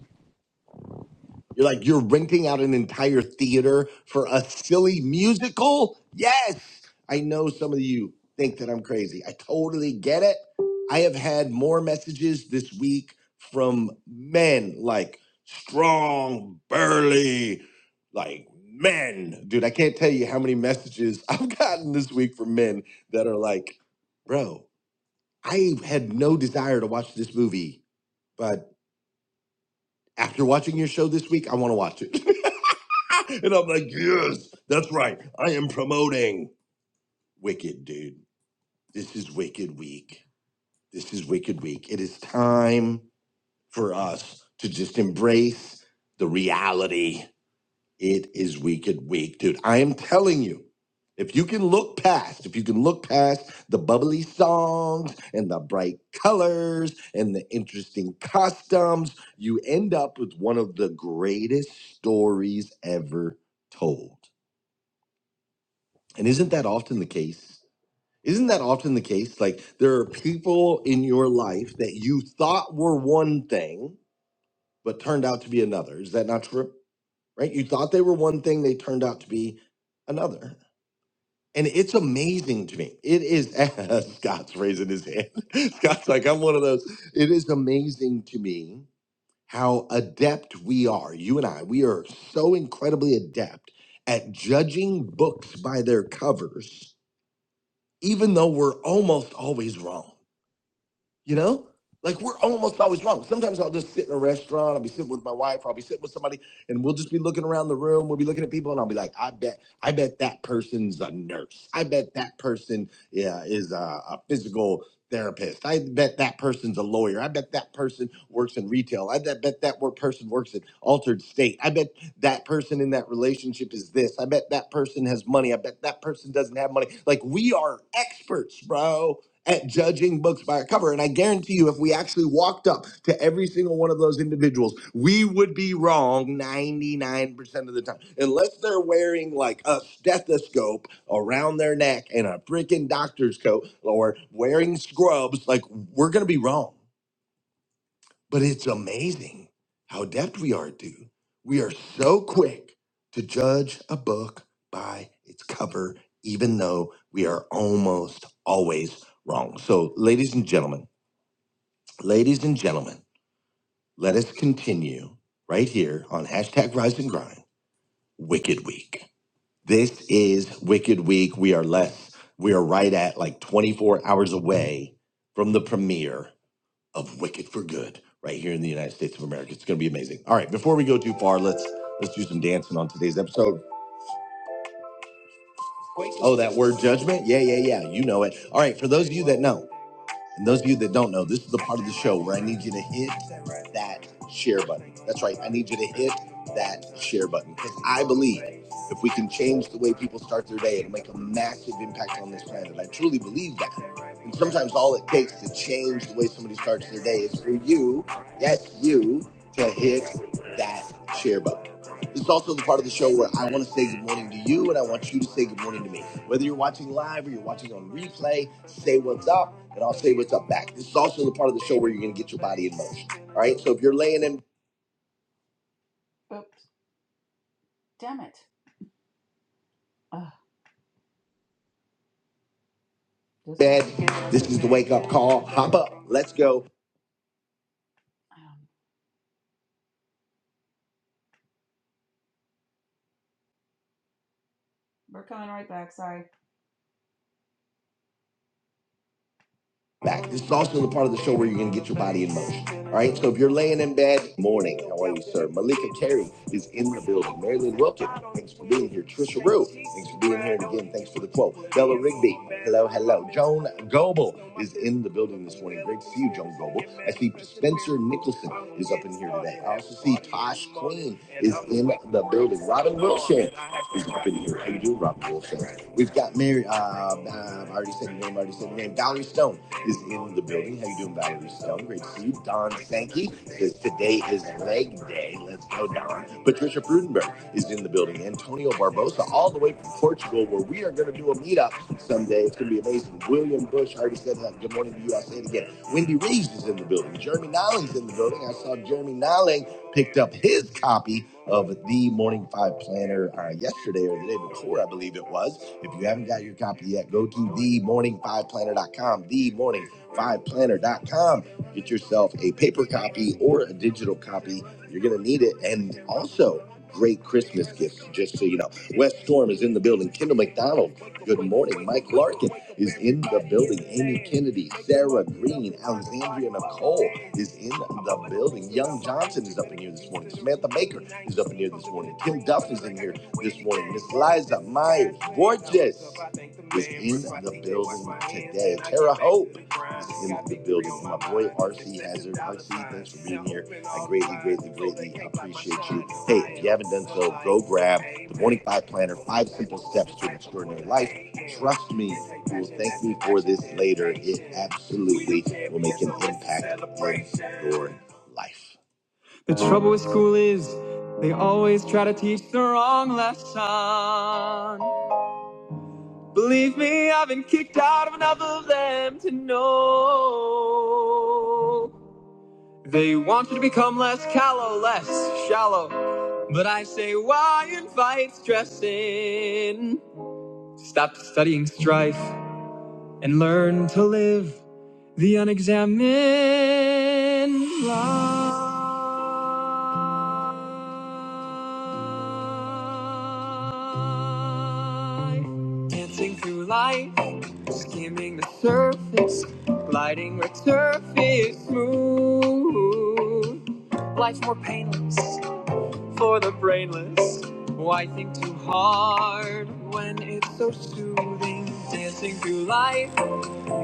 Speaker 1: you're like, you're renting out an entire theater for a silly musical? Yes. I know some of you think that I'm crazy. I totally get it. I have had more messages this week from men like strong, burly, like men. Dude, I can't tell you how many messages I've gotten this week from men that are like, bro, I had no desire to watch this movie, but after watching your show this week, I want to watch it. and I'm like, yes, that's right. I am promoting Wicked, dude. This is Wicked Week. This is Wicked Week. It is time for us to just embrace the reality. It is Wicked Week, dude. I am telling you, if you can look past, if you can look past the bubbly songs and the bright colors and the interesting costumes, you end up with one of the greatest stories ever told. And isn't that often the case? Isn't that often the case? Like there are people in your life that you thought were one thing, but turned out to be another. Is that not true? Right? You thought they were one thing, they turned out to be another. And it's amazing to me. It is, Scott's raising his hand. Scott's like, I'm one of those. It is amazing to me how adept we are. You and I, we are so incredibly adept at judging books by their covers even though we're almost always wrong. You know, like we're almost always wrong. Sometimes I'll just sit in a restaurant. I'll be sitting with my wife. I'll be sitting with somebody, and we'll just be looking around the room. We'll be looking at people, and I'll be like, "I bet, I bet that person's a nurse. I bet that person, yeah, is a, a physical therapist. I bet that person's a lawyer. I bet that person works in retail. I bet, bet that work person works in altered state. I bet that person in that relationship is this. I bet that person has money. I bet that person doesn't have money. Like we are experts, bro at judging books by a cover. And I guarantee you, if we actually walked up to every single one of those individuals, we would be wrong 99% of the time. Unless they're wearing like a stethoscope around their neck and a freaking doctor's coat or wearing scrubs, like we're going to be wrong. But it's amazing how adept we are to. We are so quick to judge a book by its cover, even though we are almost always wrong. So, ladies and gentlemen, ladies and gentlemen, let us continue right here on hashtag rise and grind, Wicked Week. This is Wicked Week. We are less, we are right at like 24 hours away from the premiere of Wicked for Good right here in the United States of America. It's going to be amazing. All right, before we go too far, let's let's do some dancing on today's episode. Oh, that word judgment? Yeah, yeah, yeah. You know it. All right, for those of you that know. And those of you that don't know, this is the part of the show where I need you to hit that share button. That's right. I need you to hit that share button because I believe if we can change the way people start their day, it'll make a massive impact on this planet. I truly believe that. And sometimes all it takes to change the way somebody starts their day is for you, yes, you, to hit that share button. This is also the part of the show where I want to say good morning to you and I want you to say good morning to me. Whether you're watching live or you're watching on replay, say what's up, and I'll say what's up back. This is also the part of the show where you're going to get your body in motion. All right. So if you're laying in bed, this is the wake up call. Hop up. Let's go. Um, We're coming right back. Sorry. back. This is also the part of the show where you're going to get your body in motion. All right. So if you're laying in bed, morning. How are you, sir? Malika Carey is in the building. Marilyn Wilkin, thanks for being here. Trisha Rue, thanks for being here. And again, thanks for the quote. Bella Rigby, hello, hello. Joan Goble is in the building this morning. Great to see you, Joan Goble. I see Spencer Nicholson is up in here today. I also see Tosh Queen is in the building. Robin Wilshire is up in here. How you doing, Robin Wilshire? We've got Mary. Uh, uh, I already said your name. I already said your name. Valerie Stone is in the building. How you doing, Valerie Stone? Great to see you. Don Sankey says today is leg day. Let's go, Don. Patricia Prudenberg is in the building. Antonio Barbosa, all the way from Portugal, where we are going to do a meetup someday. It's going to be amazing. William Bush, I already said that. Good morning to you. I'll say it again. Wendy Reeves is in the building. Jeremy Nolling's in the building. I saw Jeremy Nolling picked up his copy of the Morning Five Planner uh, yesterday or the day before, I believe it was. If you haven't got your copy yet, go to themorning5planner.com, themorning 5 planner dot com. the morning five planner dot com. Get yourself a paper copy or a digital copy. You're going to need it. And also, great Christmas gifts, just so you know. West Storm is in the building. Kendall McDonald Good morning. Mike Larkin is in the building. Amy Kennedy, Sarah Green, Alexandria Nicole is in the building. Young Johnson is up in here this morning. Samantha Baker is up in here this morning. Kim Duff is in here this morning. Miss Liza Myers, gorgeous, is in the building today. Tara Hope in the building. My boy RC Hazard. RC, thanks for being here. I greatly, greatly, greatly appreciate you. Hey, if you haven't done so, go grab the Morning Five Planner, Five Simple Steps to an Extraordinary Life. Trust me, you will thank me for this later. It absolutely will make an impact in your life. The trouble with school is they always try to teach the wrong lesson. Believe me, I've been kicked out of enough of them to know. They want you to become less callow, less shallow. But I say, why invite stress in? Stop studying strife and learn to live the unexamined life. Dancing through life, skimming the surface, gliding where turf is smooth. Life's more painless for the brainless. Why think too hard when it's so soothing? Dancing through life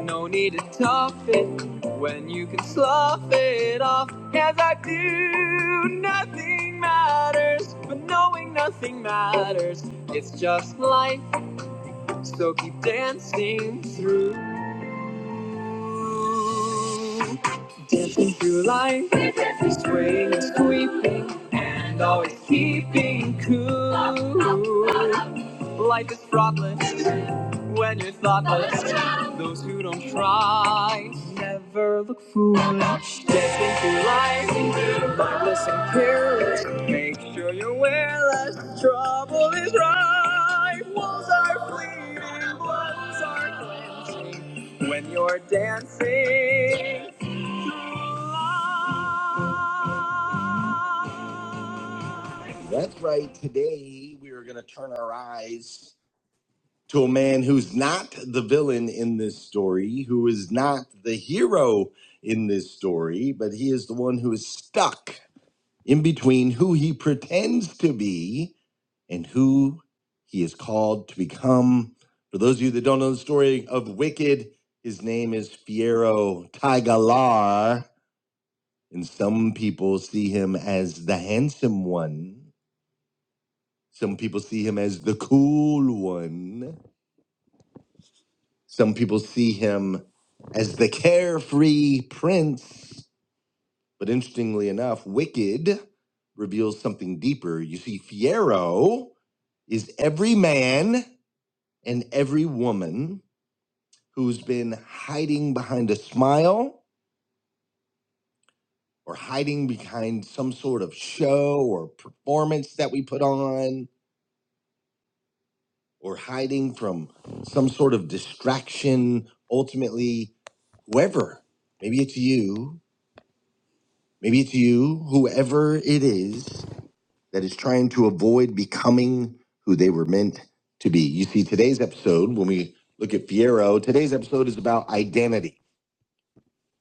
Speaker 1: no need to tough it when you can slough it off as I do. Nothing matters, but knowing nothing matters. It's just life, so keep dancing through. Dancing through life, swaying and sweeping, and always keeping cool. Life is fraught with when you're thoughtless. Those who don't try never look foolish. Dancing through life, mindless and careless. Make sure you're less Trouble is rife. Walls are fleeting, bloods are cleansing. When you're dancing, for life. That's right. Today we are going to turn our eyes to a man who's not the villain in this story, who is not the hero in this story, but he is the one who is stuck in between who he pretends to be and who he is called to become. For those of you that don't know the story of Wicked, his name is Fiero Tagalar, and some people see him as the handsome one. Some people see him as the cool one. Some people see him as the carefree prince, but interestingly enough, Wicked reveals something deeper. You see, Fiero is every man and every woman who's been hiding behind a smile or hiding behind some sort of show or performance that we put on or hiding from some sort of distraction ultimately whoever maybe it's you Maybe it's you, whoever it is, that is trying to avoid becoming who they were meant to be. You see, today's episode, when we look at Fiero, today's episode is about identity,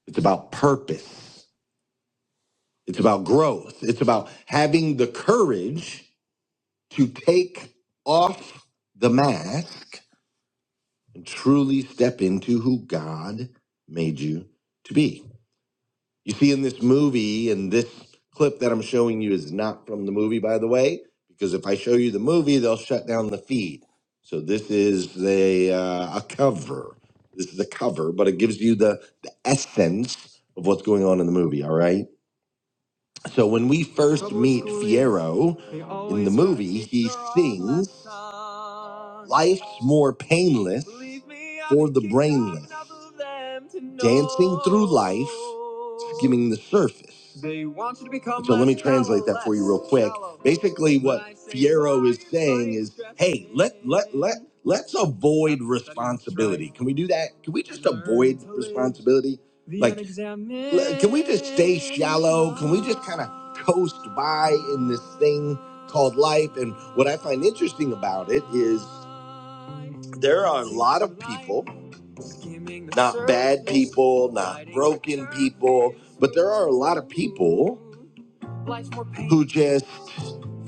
Speaker 1: it's about purpose, it's about growth, it's about having the courage to take off the mask and truly step into who God made you to be. you see in this movie and this clip that I'm showing you is not from the movie, by the way, because if I show you the movie, they'll shut down the feed. So this is a uh, a cover. This is a cover, but it gives you the the essence of what's going on in the movie. All right. So when we first meet brewing, Fiero in the movie, he sings Life's More Painless for the Brainless, Dancing Through Life, Skimming the Surface. So let me translate that for you real quick. Basically, what I Fiero is saying is, hey, let let let let's avoid responsibility. Can we do that? Can we just avoid responsibility? Like, l- can we just stay shallow? Can we just kind of coast by in this thing called life? And what I find interesting about it is there are a lot of people not bad people, not broken people, but there are a lot of people who just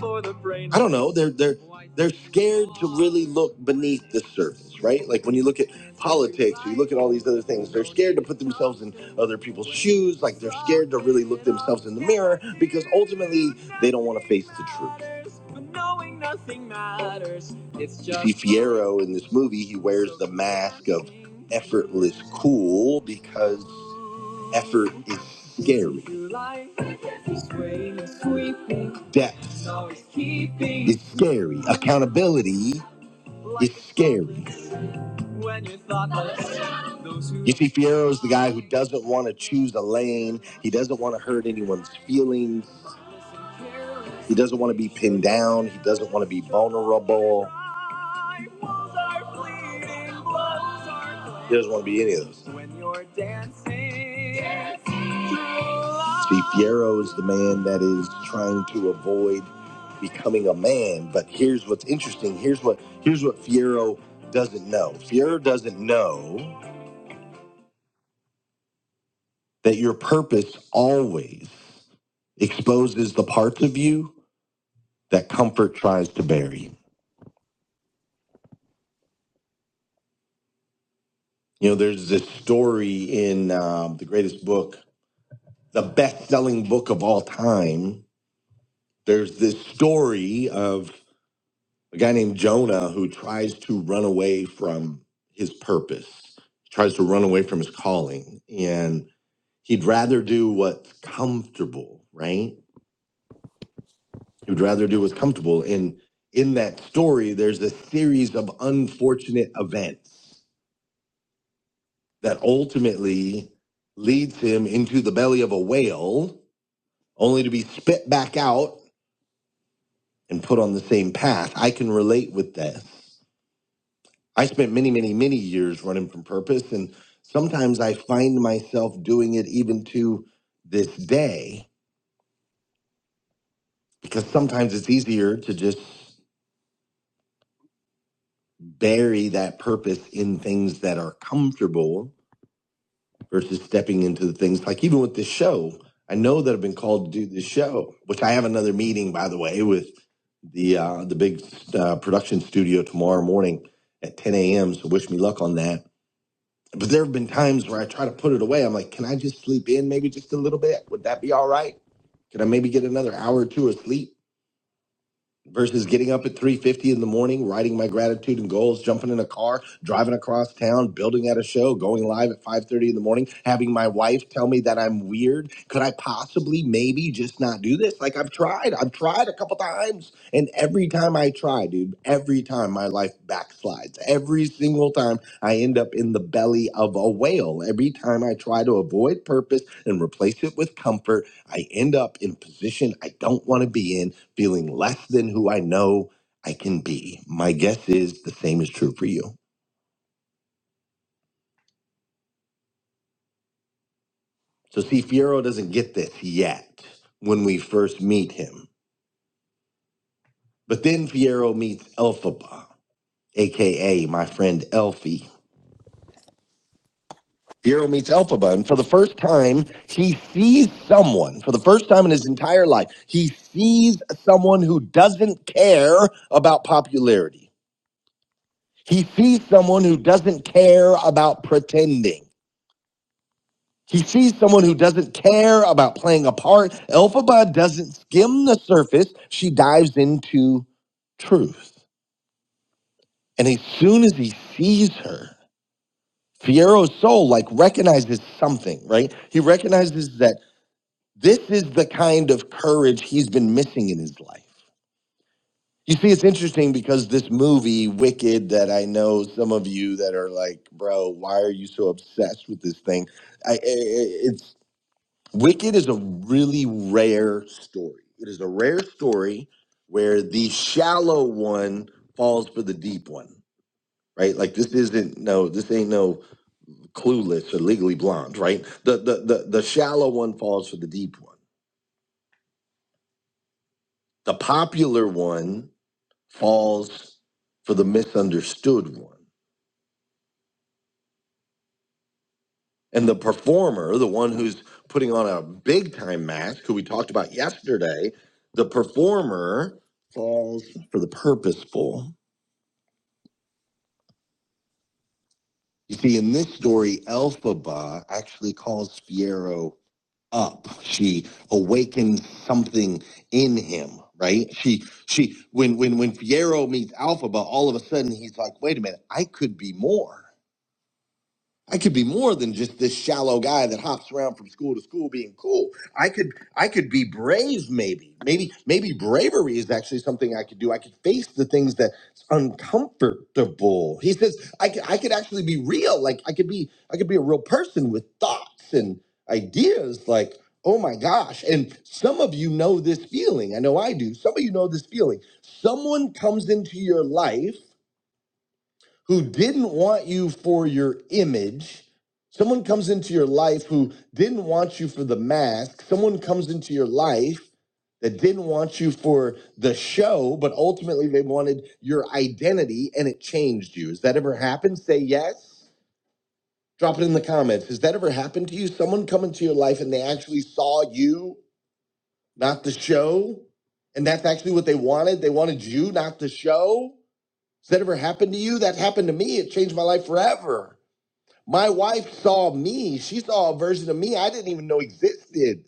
Speaker 1: I don't know. They're they're they're scared to really look beneath the surface, right? Like when you look at politics, or you look at all these other things. They're scared to put themselves in other people's shoes. Like they're scared to really look themselves in the mirror because ultimately they don't want to face the truth. Nothing matters. It's just You see Fiero in this movie, he wears the mask of effortless cool because effort is scary. Depth is scary. Accountability is scary. You see, Fierro's the guy who doesn't want to choose a lane. He doesn't want to hurt anyone's feelings. He doesn't want to be pinned down. He doesn't want to be vulnerable. He doesn't want to be any of those. Steve Fierro is the man that is trying to avoid becoming a man. But here's what's interesting. Here's what here's what Fierro doesn't know. Fierro doesn't know that your purpose always exposes the parts of you that comfort tries to bury. You know, there's this story in uh, the greatest book, the best selling book of all time. There's this story of a guy named Jonah who tries to run away from his purpose, tries to run away from his calling. And he'd rather do what's comfortable, right? He'd rather do what's comfortable. And in that story, there's a series of unfortunate events that ultimately leads him into the belly of a whale only to be spit back out and put on the same path. I can relate with this. I spent many, many, many years running from purpose, and sometimes I find myself doing it even to this day because sometimes it's easier to just bury that purpose in things that are comfortable versus stepping into the things like even with this show. I know that I've been called to do this show, which I have another meeting by the way with the uh, the big uh, production studio tomorrow morning at 10 a.m. So wish me luck on that. But there have been times where I try to put it away. I'm like, can I just sleep in maybe just a little bit? Would that be all right? Can I maybe get another hour or two of sleep? versus getting up at 3.50 in the morning writing my gratitude and goals jumping in a car driving across town building at a show going live at 5.30 in the morning having my wife tell me that i'm weird could i possibly maybe just not do this like i've tried i've tried a couple times and every time i try dude every time my life backslides every single time i end up in the belly of a whale every time i try to avoid purpose and replace it with comfort I end up in a position I don't want to be in, feeling less than who I know I can be. My guess is the same is true for you. So, see, Fierro doesn't get this yet when we first meet him. But then Fierro meets Elphaba, aka my friend Elfie. Fierro meets Elphaba, and for the first time, he sees someone. For the first time in his entire life, he sees someone who doesn't care about popularity He sees someone who doesn't care about pretending. He sees someone who doesn't care about playing a part. Elphaba doesn't skim the surface. She dives into truth. And as soon as he sees her, Fiero's soul like recognizes something, right? He recognizes that this is the kind of courage he's been missing in his life. You see, it's interesting because this movie, Wicked, that I know some of you that are like, bro, why are you so obsessed with this thing? I, I it's Wicked is a really rare story. It is a rare story where the shallow one falls for the deep one, right? Like this isn't no, this ain't no clueless or legally blonde, right? The the the, the shallow one falls for the deep one. The popular one falls for the misunderstood one And the performer, the one who's putting on a big time match, who we talked about yesterday, the performer falls for the purposeful. You see, in this story, Elphaba actually calls Fiero up. She awakens something in him, right? She she when when when Fiero meets Alphaba, all of a sudden he's like, wait a minute, I could be more. I could be more than just this shallow guy that hops around from school to school being cool. I could I could be brave maybe. Maybe maybe bravery is actually something I could do. I could face the things that's uncomfortable. He says I could I could actually be real. Like I could be I could be a real person with thoughts and ideas like Oh my gosh. And some of you know this feeling. I know I do. Some of you know this feeling. Someone comes into your life who didn't want you for your image. Someone comes into your life who didn't want you for the mask. Someone comes into your life that didn't want you for the show, but ultimately they wanted your identity and it changed you. Has that ever happened? Say yes. Drop it in the comments. Has that ever happened to you? Someone come into your life and they actually saw you, not the show? And that's actually what they wanted. They wanted you, not the show. Has that ever happened to you? That happened to me. It changed my life forever. My wife saw me. She saw a version of me I didn't even know existed.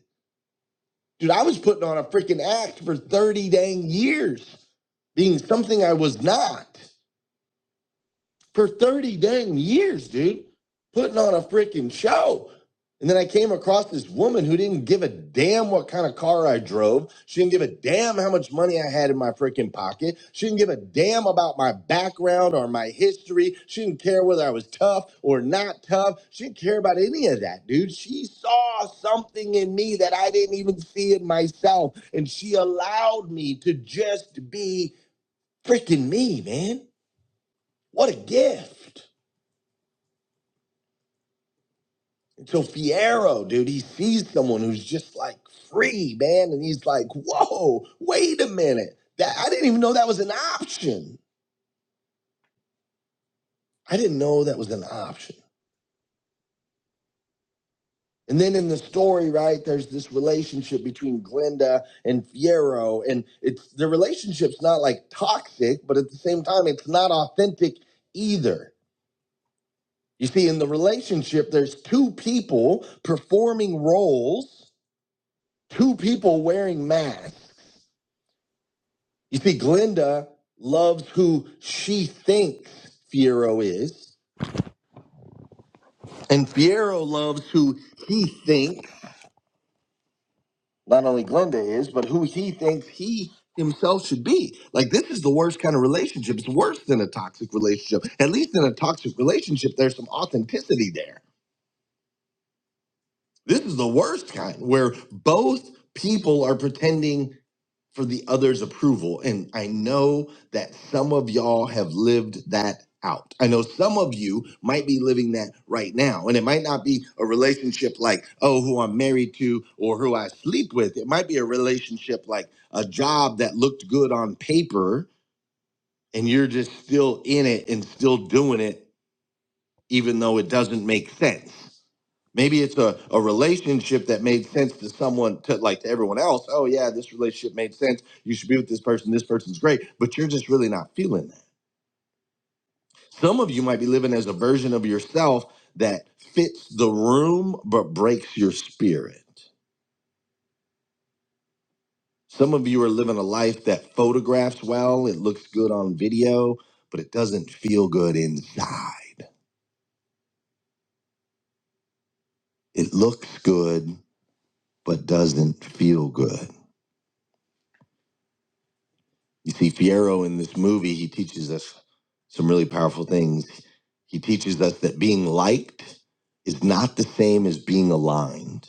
Speaker 1: Dude, I was putting on a freaking act for 30 dang years, being something I was not for 30 dang years, dude, putting on a freaking show. And then I came across this woman who didn't give a damn what kind of car I drove. She didn't give a damn how much money I had in my freaking pocket. She didn't give a damn about my background or my history. She didn't care whether I was tough or not tough. She didn't care about any of that, dude. She saw something in me that I didn't even see in myself. And she allowed me to just be freaking me, man. What a gift. So Fiero, dude, he sees someone who's just like free, man, and he's like, "Whoa, wait a minute! That I didn't even know that was an option. I didn't know that was an option." And then in the story, right, there's this relationship between Glenda and Fiero, and it's the relationship's not like toxic, but at the same time, it's not authentic either. You see, in the relationship, there's two people performing roles, two people wearing masks. You see, Glinda loves who she thinks Fiero is, and Fiero loves who he thinks not only Glinda is, but who he thinks he himself should be. Like, this is the worst kind of relationship. It's worse than a toxic relationship. At least in a toxic relationship, there's some authenticity there. This is the worst kind where both people are pretending for the other's approval. And I know that some of y'all have lived that out. I know some of you might be living that right now. And it might not be a relationship like, oh, who I'm married to or who I sleep with. It might be a relationship like a job that looked good on paper and you're just still in it and still doing it even though it doesn't make sense. Maybe it's a, a relationship that made sense to someone, to like to everyone else. Oh, yeah, this relationship made sense. You should be with this person. This person's great, but you're just really not feeling that. Some of you might be living as a version of yourself that fits the room but breaks your spirit. Some of you are living a life that photographs well, it looks good on video, but it doesn't feel good inside. It looks good, but doesn't feel good. You see, Fierro in this movie, he teaches us some really powerful things. He teaches us that being liked is not the same as being aligned.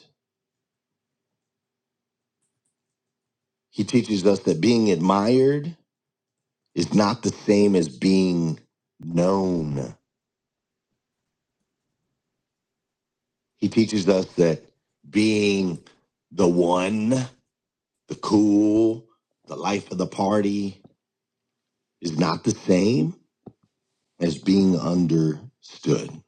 Speaker 1: He teaches us that being admired is not the same as being known. He teaches us that being the one, the cool, the life of the party is not the same as being understood.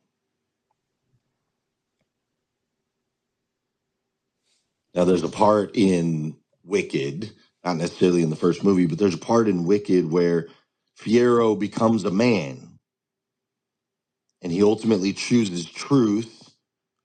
Speaker 1: Now, there's a part in Wicked, not necessarily in the first movie, but there's a part in Wicked where Fiero becomes a man and he ultimately chooses truth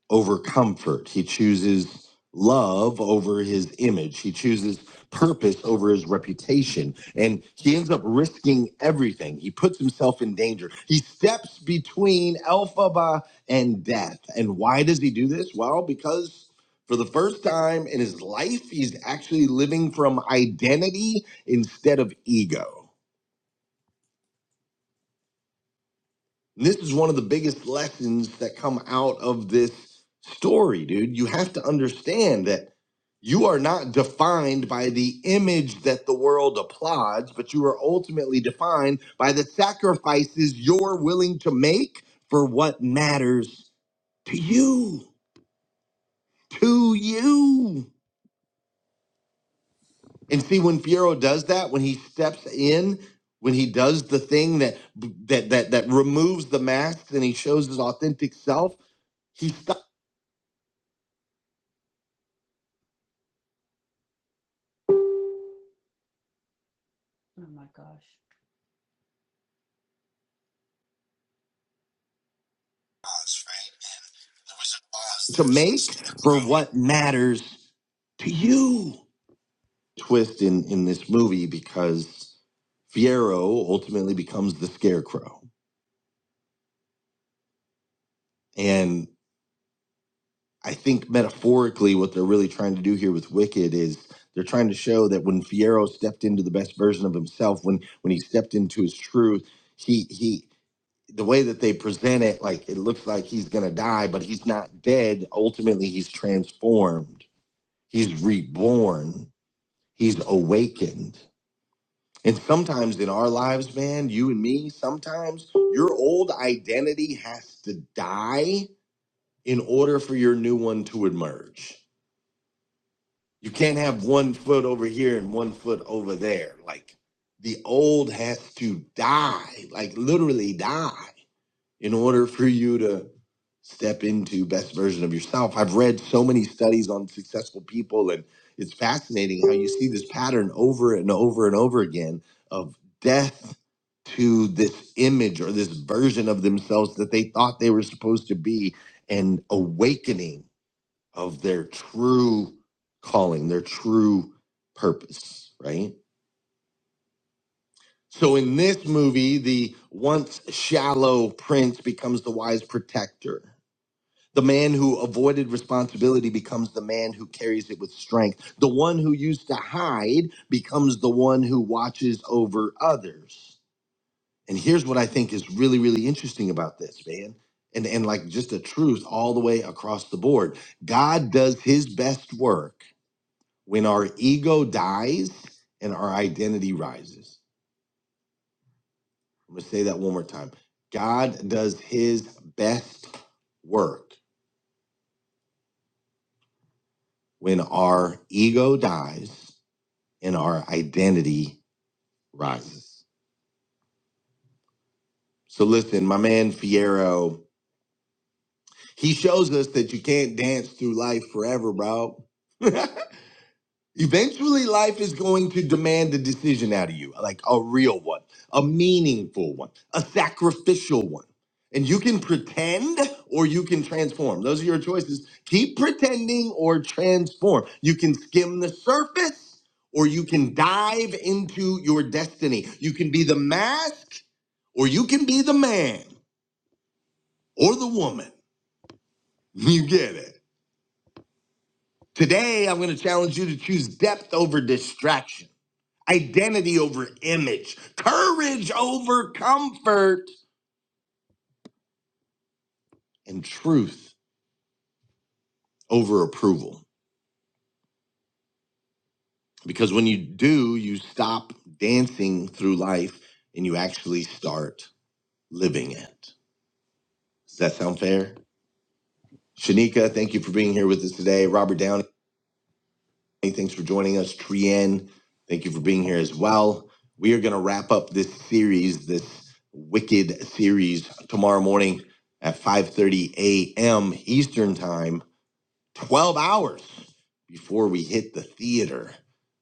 Speaker 1: over comfort. He chooses love over his image. He chooses purpose over his reputation. And he ends up risking everything. He puts himself in danger. He steps between Elphaba and death. And why does he do this? Well, because for the first time in his life, he's actually living from identity instead of ego. And this is one of the biggest lessons that come out of this story, dude. You have to understand that you are not defined by the image that the world applauds, but you are ultimately defined by the sacrifices you're willing to make for what matters to you. To you. And see, when Piero does that, when he steps in, when he does the thing that that that that removes the masks and he shows his authentic self, he stu- to make for what matters to you. Twist in in this movie because Fiero ultimately becomes the Scarecrow, and. I think metaphorically, what they're really trying to do here with Wicked is they're trying to show that when Fierro stepped into the best version of himself, when when he stepped into his truth, he he the way that they present it, like it looks like he's gonna die, but he's not dead. Ultimately, he's transformed. He's reborn. He's awakened. And sometimes in our lives, man, you and me, sometimes your old identity has to die in order for your new one to emerge You can't have one foot over here and one foot over there. Like the old has to die, like literally die, in order for you to step into best version of yourself. I've read so many studies on successful people and it's fascinating how you see this pattern over and over and over again of death to this image or this version of themselves that they thought they were supposed to be and awakening of their true calling, their true purpose, right? So in this movie, the once shallow prince becomes the wise protector. The man who avoided responsibility becomes the man who carries it with strength. The one who used to hide becomes the one who watches over others. And here's what I think is really, really interesting about this, man. And, and like just a truth all the way across the board God does his best work when our ego dies and our identity rises. I'm going to say that one more time. God does his best work when our ego dies and our identity rises. So listen, my man Fiero, he shows us that you can't dance through life forever, bro. Eventually, life is going to demand a decision out of you, like a real one, a meaningful one, a sacrificial one. And you can pretend or you can transform. Those are your choices. Keep pretending or transform. You can skim the surface or you can dive into your destiny. You can be the mask or you can be the man or the woman. You get it. Today, I'm going to challenge you to choose depth over distraction. identity over image, courage over comfort, and truth over approval. Because when you do, you stop dancing through life and you actually start living it. Does that sound fair? Shanika, thank you for being here with us today. Robert Downey, thanks for joining us. Trien, thank you for being here as well. We are going to wrap up this series, this wicked series, tomorrow morning at 5:30 a.m. Eastern Time 12 hours before we hit the theater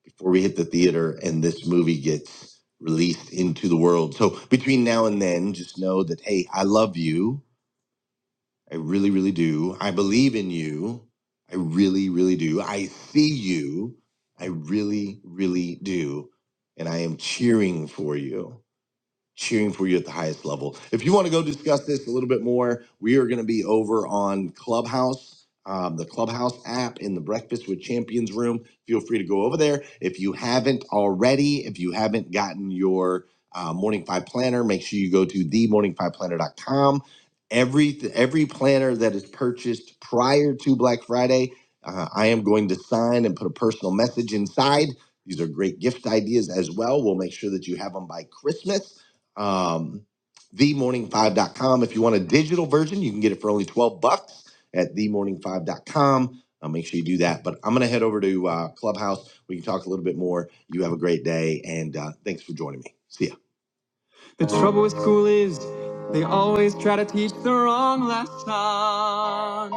Speaker 1: before we hit the theater and this movie gets released into the world so between now and then just know that hey i love you i really really do i believe in you i really really do i see you i really really do and i am cheering for you cheering for you at the highest level. If you want to go discuss this a little bit more, we are going to be over on Clubhouse, um, the Clubhouse app in the Breakfast with Champions room. Feel free to go over there. If you haven't already, if you haven't gotten your uh, Morning Five Planner, make sure you go to the Morning Five Planner dot com. Every, every planner that is purchased prior to Black Friday, uh, I am going to sign and put a personal message inside. These are great gift ideas as well. We'll make sure that you have them by Christmas um, themorning5.com. If you want a digital version, you can get it for only 12 bucks at themorning5.com. Uh, make sure you do that. But I'm going to head over to uh, Clubhouse. We can talk a little bit more. You have a great day, and uh, thanks for joining me. See ya. The trouble with school is they always try to teach the wrong lesson.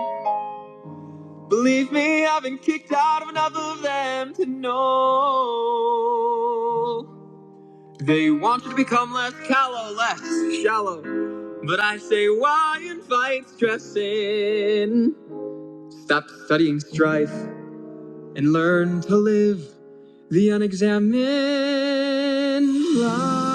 Speaker 1: Believe me, I've been kicked out of enough of them to know. They want you to become less callow, less shallow. But I say, why invite stress in? Stop studying strife and learn to live the unexamined life.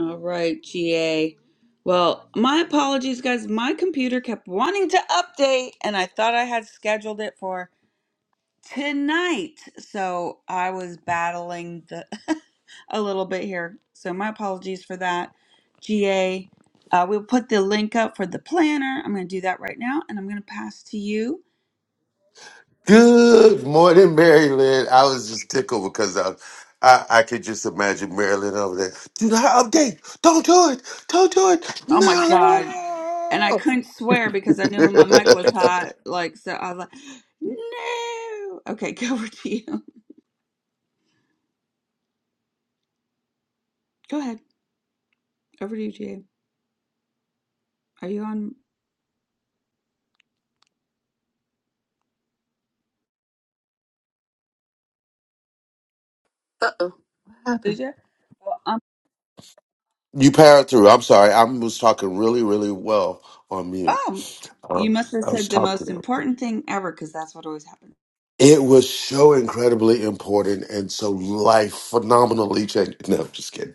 Speaker 1: All right, GA. Well, my apologies, guys. My computer kept wanting to update, and I thought I had scheduled it for tonight. So I was battling the a little bit here. So my apologies for that. GA, uh, we'll put the link up for the planner. I'm going to do that right now, and I'm going to pass to you.
Speaker 10: Good morning, Maryland. I was just tickled because I, I, I could just imagine Maryland over there. Do not update. Don't do it. Don't do it.
Speaker 1: Oh my god! And I
Speaker 10: No.
Speaker 1: couldn't swear because I knew my mic was hot. Like so, I was like, no. Okay, go over to you. Go ahead. Over to you, GA. Are you on?
Speaker 2: Uh oh. What happened?
Speaker 1: Did you? Well, um,
Speaker 10: you powered through. I'm sorry. I was talking really, really well on mute.
Speaker 1: oh, you
Speaker 10: Um,
Speaker 1: must have
Speaker 10: I was
Speaker 1: said the most
Speaker 10: talking.
Speaker 1: important thing ever because that's what always happens.
Speaker 10: It was so incredibly important and so life phenomenally changed. No, I'm just kidding.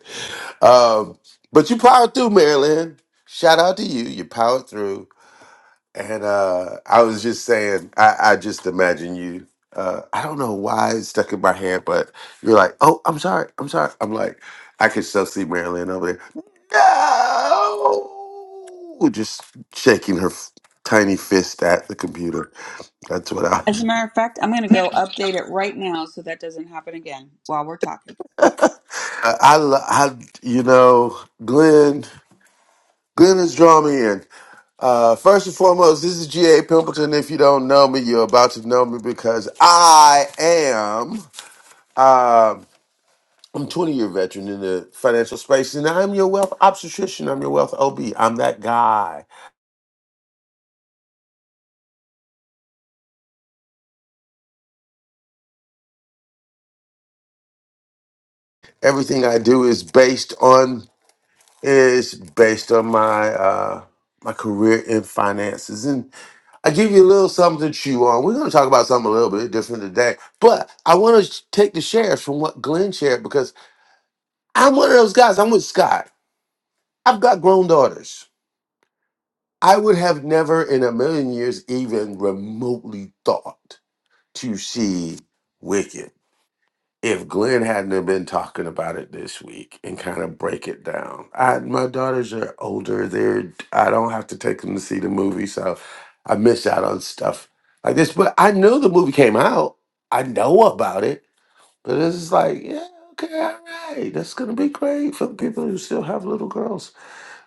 Speaker 10: Um, but you powered through, Marilyn. Shout out to you. You powered through. And uh, I was just saying, I, I just imagine you. Uh, I don't know why it stuck in my head, but you're like, oh, I'm sorry. I'm sorry. I'm like, I could still see Marilyn over there. No! Just shaking her f- tiny fist at the computer. That's what I was.
Speaker 1: As a matter of fact, I'm going to go update it right now so that doesn't happen again while we're talking.
Speaker 10: I, I, lo- I- you know, Glenn, Glenn has drawn me in. Uh, first and foremost, this is G.A. Pimpleton. If you don't know me, you're about to know me because I am, um I'm a 20 year veteran in the financial space and I'm your wealth obstetrician. I'm your wealth OB. I'm that guy. Everything I do is based on, is based on my, uh, my career in finances I give you a little something to chew on. We're going to talk about something a little bit different today, but I want to take the shares from what Glenn shared because I'm one of those guys. I'm with Scott. I've got grown daughters. I would have never in a million years even remotely thought to see Wicked. if Glenn hadn't have been talking about it this week and kind of break it down. I my daughters are older. They're I don't have to take them to see the movie, so I miss out on stuff like this. But I know the movie came out. I know about it. But it's just like, yeah, okay, all right. That's gonna be great for the people who still have little girls.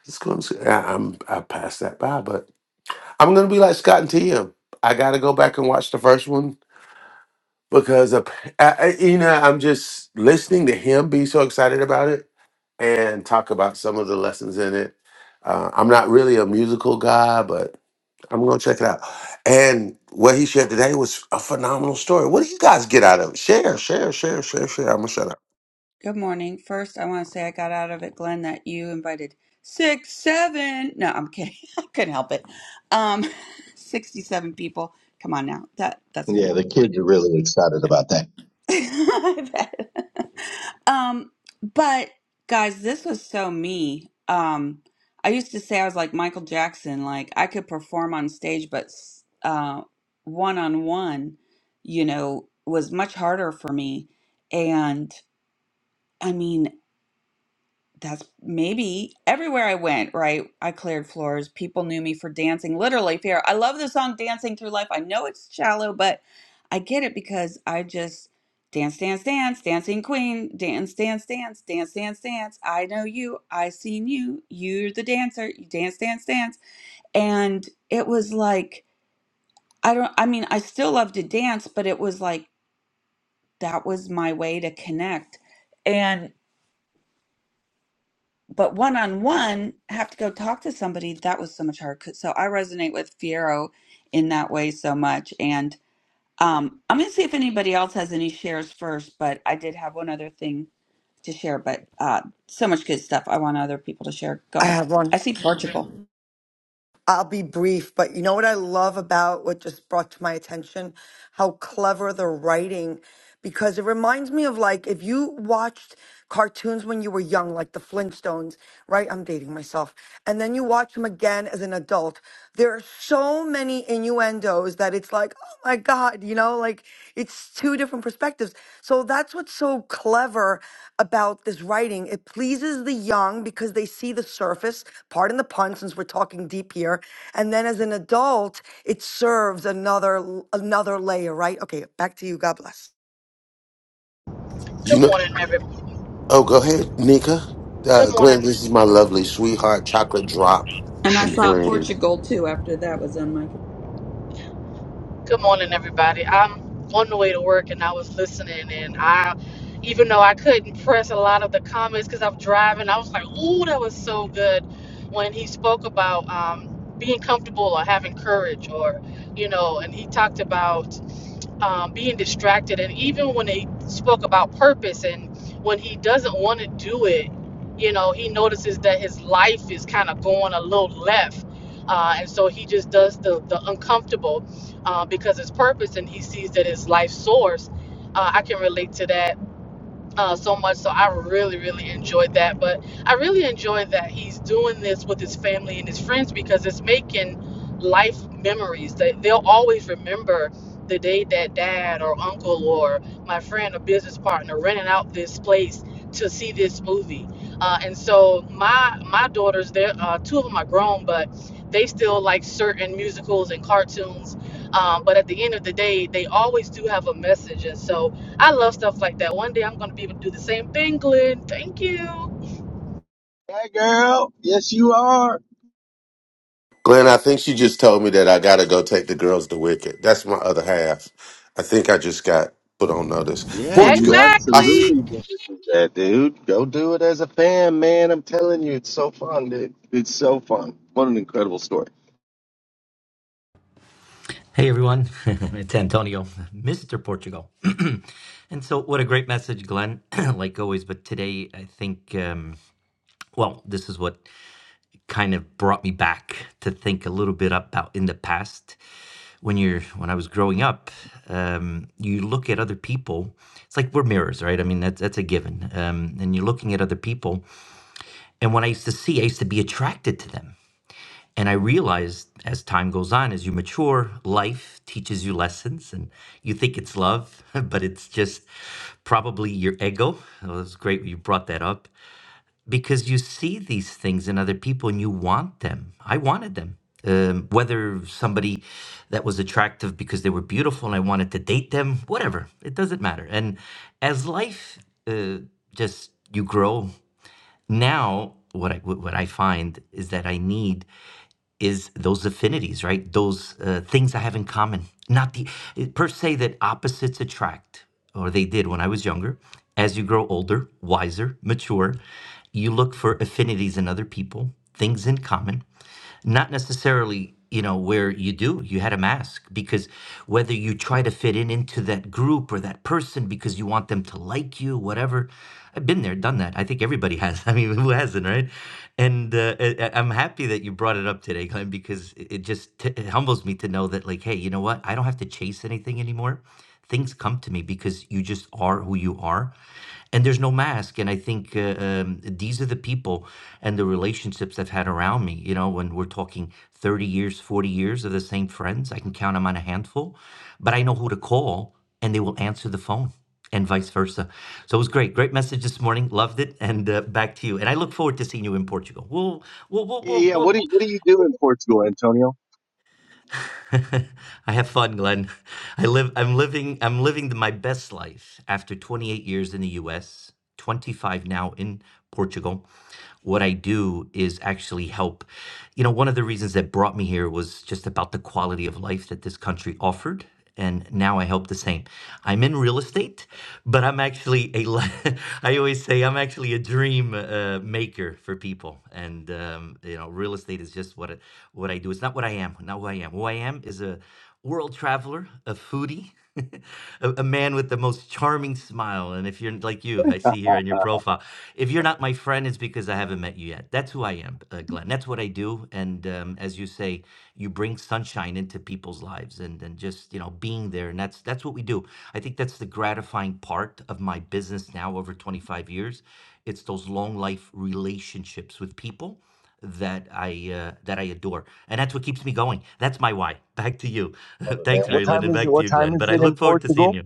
Speaker 10: It's going to I, I'm I passed that by, but I'm gonna be like Scott and TM. I gotta go back and watch the first one because of, I, I- you know I'm just listening to him be so excited about it and talk about some of the lessons in it. Uh, I'm not really a musical guy, but I'm gonna check it out. And what he shared today was a phenomenal story. What do you guys get out of it? Share, share, share, share, share. I'm gonna shut up.
Speaker 1: Good morning. First, I want to say I got out of it, Glenn, that you invited six, seven. No, I'm kidding. I couldn't help it. Um, 67 people. Come on now. That that's funny.
Speaker 12: Yeah, the kids are really excited about that.
Speaker 1: I bet. Um, but guys, this was so me. Um, I used to say I was like Michael Jackson, like I could perform on stage, but s- uh, one on one, you know, was much harder for me. And I mean that's maybe everywhere I went, right? I cleared floors. People knew me for dancing, literally fear. I love the song Dancing Through Life. I know it's shallow, but I get it because I just dance, dance, dance, dancing queen, dance, dance, dance, dance, dance, dance. I know you. I seen you. You're the dancer. You dance, dance, dance. And it was like, I don't, I mean, I still love to dance, but it was like, that was my way to connect. but one on one have to go talk to somebody that was so much harder. so i resonate with fiero in that way so much and um i'm gonna see if anybody else has any shares first but i did have one other thing to share but uh so much good stuff i want other people to share go
Speaker 13: I
Speaker 1: ahead
Speaker 13: have one.
Speaker 1: i see portugal
Speaker 13: I'll be brief, but you know what I love about what just brought to my attention? How clever the writing, because it reminds me of like if you watched cartoons when you were young, like the Flintstones, right? I'm dating myself. And then you watch them again as an adult. There are so many innuendos that it's that it's like, oh my God, you know, like it's two different perspectives. So that's what's so clever about this writing. It pleases the young because they see the surface, pardon the pun, since we're talking deep here. And then as an adult, it serves another another layer, right? Okay, back to you. God bless.
Speaker 10: You
Speaker 14: Good
Speaker 10: know?
Speaker 14: morning, every.
Speaker 10: Oh, go ahead, Nika.
Speaker 14: Good
Speaker 10: Uh, Glenn,
Speaker 14: morning.
Speaker 10: this is my lovely sweetheart, chocolate drop
Speaker 1: and i
Speaker 10: and
Speaker 1: saw
Speaker 10: green.
Speaker 1: portugal too after that was on my
Speaker 14: Good morning, everybody. I'm on the way to work, and I was listening, and I, even though I couldn't press a lot of the comments because I'm driving, I was like, "Ooh, that was so good," when he spoke about um, being comfortable or having courage, or you know, and he talked about. um, being distracted. And even when they spoke about purpose and when he doesn't want to do it, you know, he notices that his life is kind of going a little left. Uh, and so he just does the, the uncomfortable uh, because it's purpose and he sees that his life source. Uh, I can relate to that uh, so much. So I really, really enjoyed that. But I really enjoyed that he's doing this with his family and his friends because it's making life memories. They, they'll always remember the day that dad or uncle or my friend or business partner rented out this place to see this movie. Uh, and so my my daughters, they're uh, two of them are grown, but they still like certain musicals and cartoons. Um, but at the end of the day, they always do have a message. And so I love stuff like that. One day I'm going to be able to do the same thing, Glenn. Thank you.
Speaker 12: Hey, girl. Yes, you are.
Speaker 10: Glenn, I think she just told me that I gotta go take the girls to Wicked. That's my other half. I think I just got put on notice.
Speaker 12: Yeah, you
Speaker 10: Portugal. I, s-
Speaker 12: absolutely
Speaker 14: Exactly.
Speaker 12: need to do that, dude. Go do it as a fan, man. I'm telling you, it's so fun, dude. It's so fun. What an incredible story.
Speaker 11: Hey everyone, it's Antonio, Mr. Portugal. And so, what a great message, Glenn, like always. But today, I think, um, well, this is what kind of brought me back to think a little bit about in the past. When you're, when I was growing up, um, you look at other people. It's like we're mirrors, right? I mean, that's that's a given. Um, and you're looking at other people. And when I used to see, I used to be attracted to them. And I realized as time goes on, as you mature, life teaches you lessons, and you think it's love, but it's just probably your ego. It was great you brought that up because you see these things in other people and you want them. I wanted them. Um, whether somebody that was attractive because they were beautiful and I wanted to date them, whatever, it doesn't matter. And as life uh, just you grow, now what I what I find is that I need is those affinities, right? Those uh, things I have in common. Not the per se that opposites attract, or they did when I was younger. As you grow older, wiser, mature, you look for affinities in other people, things in common, not necessarily you know where you do you had a mask because whether you try to fit in into that group or that person because you want them to like you whatever i've been there done that i think everybody has i mean who hasn't right and uh, I- I- i'm happy that you brought it up today glenn because it it just t- it humbles me to know that like hey you know what i don't have to chase anything anymore things come to me because you just are who you are and there's no mask and i think uh, um, these are the people and the relationships i've had around me you know when we're talking 30 years 40 years of the same friends i can count them on a handful but i know who to call and they will answer the phone and vice versa so it was great great message this morning loved it and uh, back to you and i look forward to seeing you in portugal we'll we'll we'll,
Speaker 12: Yeah,
Speaker 11: we'll,
Speaker 12: yeah. What
Speaker 11: we'll
Speaker 12: do you, What do you do in Portugal, Antonio?
Speaker 11: I have fun, Glenn. I live I'm living I'm living the, my best life after 28 years in the US, 25 now in Portugal. What I do is actually help. You know, one of the reasons that brought me here was just about the quality of life that this country offered and now I hope the same. I'm in real estate, but I'm actually ai always say I'm actually a dream uh, maker for people, and um, you know, real estate is just what it, what I do. It's not what I am, not who I am. Who I am is a world traveler, a foodie, a, a man with the most charming smile. And if you're like you, I see here on your profile, if you're not my friend, it's because I haven't met you yet. That's who I am, uh, Glenn. That's what I do. And um, as you say, you bring sunshine into people's lives, and and just you know being there, and that's that's what we do. I think that's the gratifying part of my business now over 25 years. It's those long life relationships with people that I uh, that I adore, and that's what keeps me going. That's my why. Back to you.
Speaker 12: Love it, man.
Speaker 11: Thanks,
Speaker 12: What
Speaker 11: Mary Lynn,
Speaker 12: time
Speaker 11: and
Speaker 12: is it?
Speaker 11: back to
Speaker 12: What
Speaker 11: you,
Speaker 12: time
Speaker 11: Glenn.
Speaker 12: is
Speaker 11: But I
Speaker 12: it in
Speaker 11: look forward to seeing
Speaker 12: Portugal?
Speaker 11: you.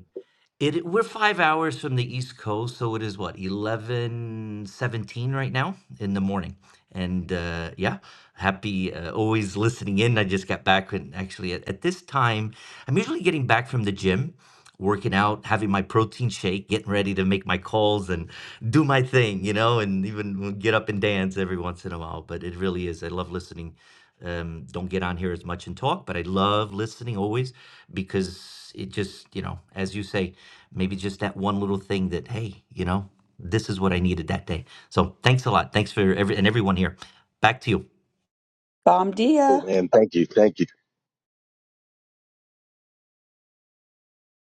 Speaker 11: It we're 5 hours from the East Coast, so it is what, 11:17 right now in the morning. And uh, yeah, happy uh, always listening in. I just got back and actually at, at this time, I'm usually getting back from the gym, working out, having my protein shake, getting ready to make my calls and do my thing, you know, and even get up and dance every once in a while. But it really is. I love listening um, don't get on here as much and talk, but I love listening always because it just, you know, as you say, maybe just that one little thing that, hey, you know, this is what I needed that day. So thanks a lot. Thanks for every and everyone here. Back to you.
Speaker 1: bomb
Speaker 12: Oh
Speaker 1: dia
Speaker 12: man, thank you, thank you.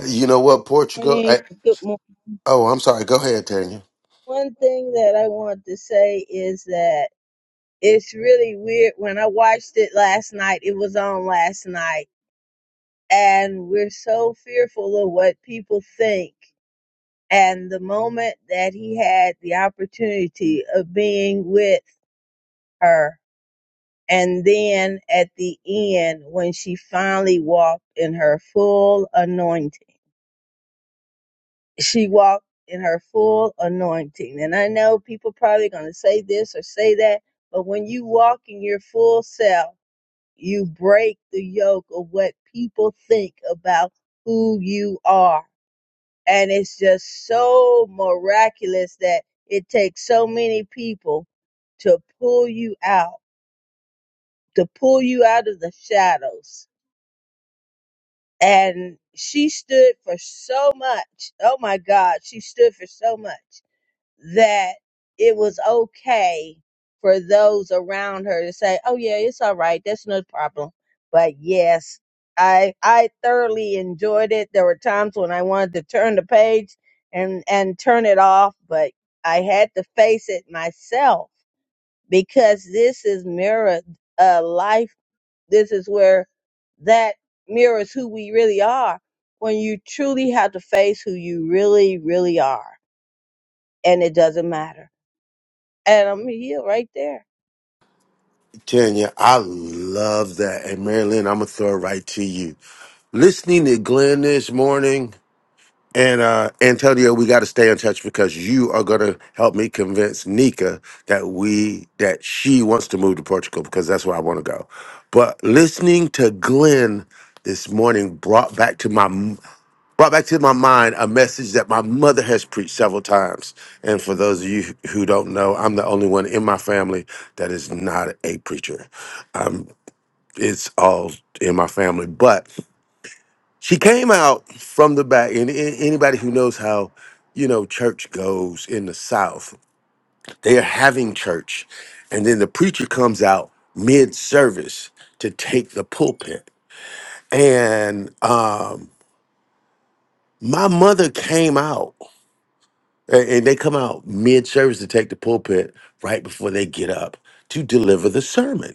Speaker 10: you know what, Portugal?
Speaker 15: morning.
Speaker 10: I,
Speaker 15: Good morning.
Speaker 10: oh, I'm sorry. Go ahead, Tanya.
Speaker 15: One thing that I want to say is that it's really weird. When I watched it last night, it was on last night, and we're so fearful of what people think. And the moment that he had the opportunity of being with her, and then at the end, when she finally walked in her full anointing. she walked in her full anointing. And I know people probably going to say this or say that, but when you walk in your full self, you break the yoke of what people think about who you are. And it's just so miraculous that it takes so many people to pull you out, to pull you out of the shadows. And she stood for so much. Oh my God, she stood for so much that it was okay for those around her to say, "Oh yeah, it's all right. That's no problem." But yes, I I thoroughly enjoyed it. There were times when I wanted to turn the page and and turn it off, but I had to face it myself because this is mirror uh, life. This is where that mirrors who we really are when you truly have to face who you really, really are, and it doesn't matter and I'm healed right there.
Speaker 10: Tanya, I love that. And Marilyn, I'm gonna throw it right to you. Listening to Glenn this morning. And uh, Antonio, we got to stay in touch because you are going to help me convince Nika that we that she wants to move to Portugal because that's where I want to go. But listening to Glenn this morning brought back to my brought back to my mind a message that my mother has preached several times. And for those of you who don't know, I'm the only one in my family that is not a preacher. It's all in my family, but she came out from the back and a- anybody who knows how you know church goes in the south they are having church and then the preacher comes out mid-service to take the pulpit and um my mother came out a- and they come out mid-service to take the pulpit right before they get up to deliver the sermon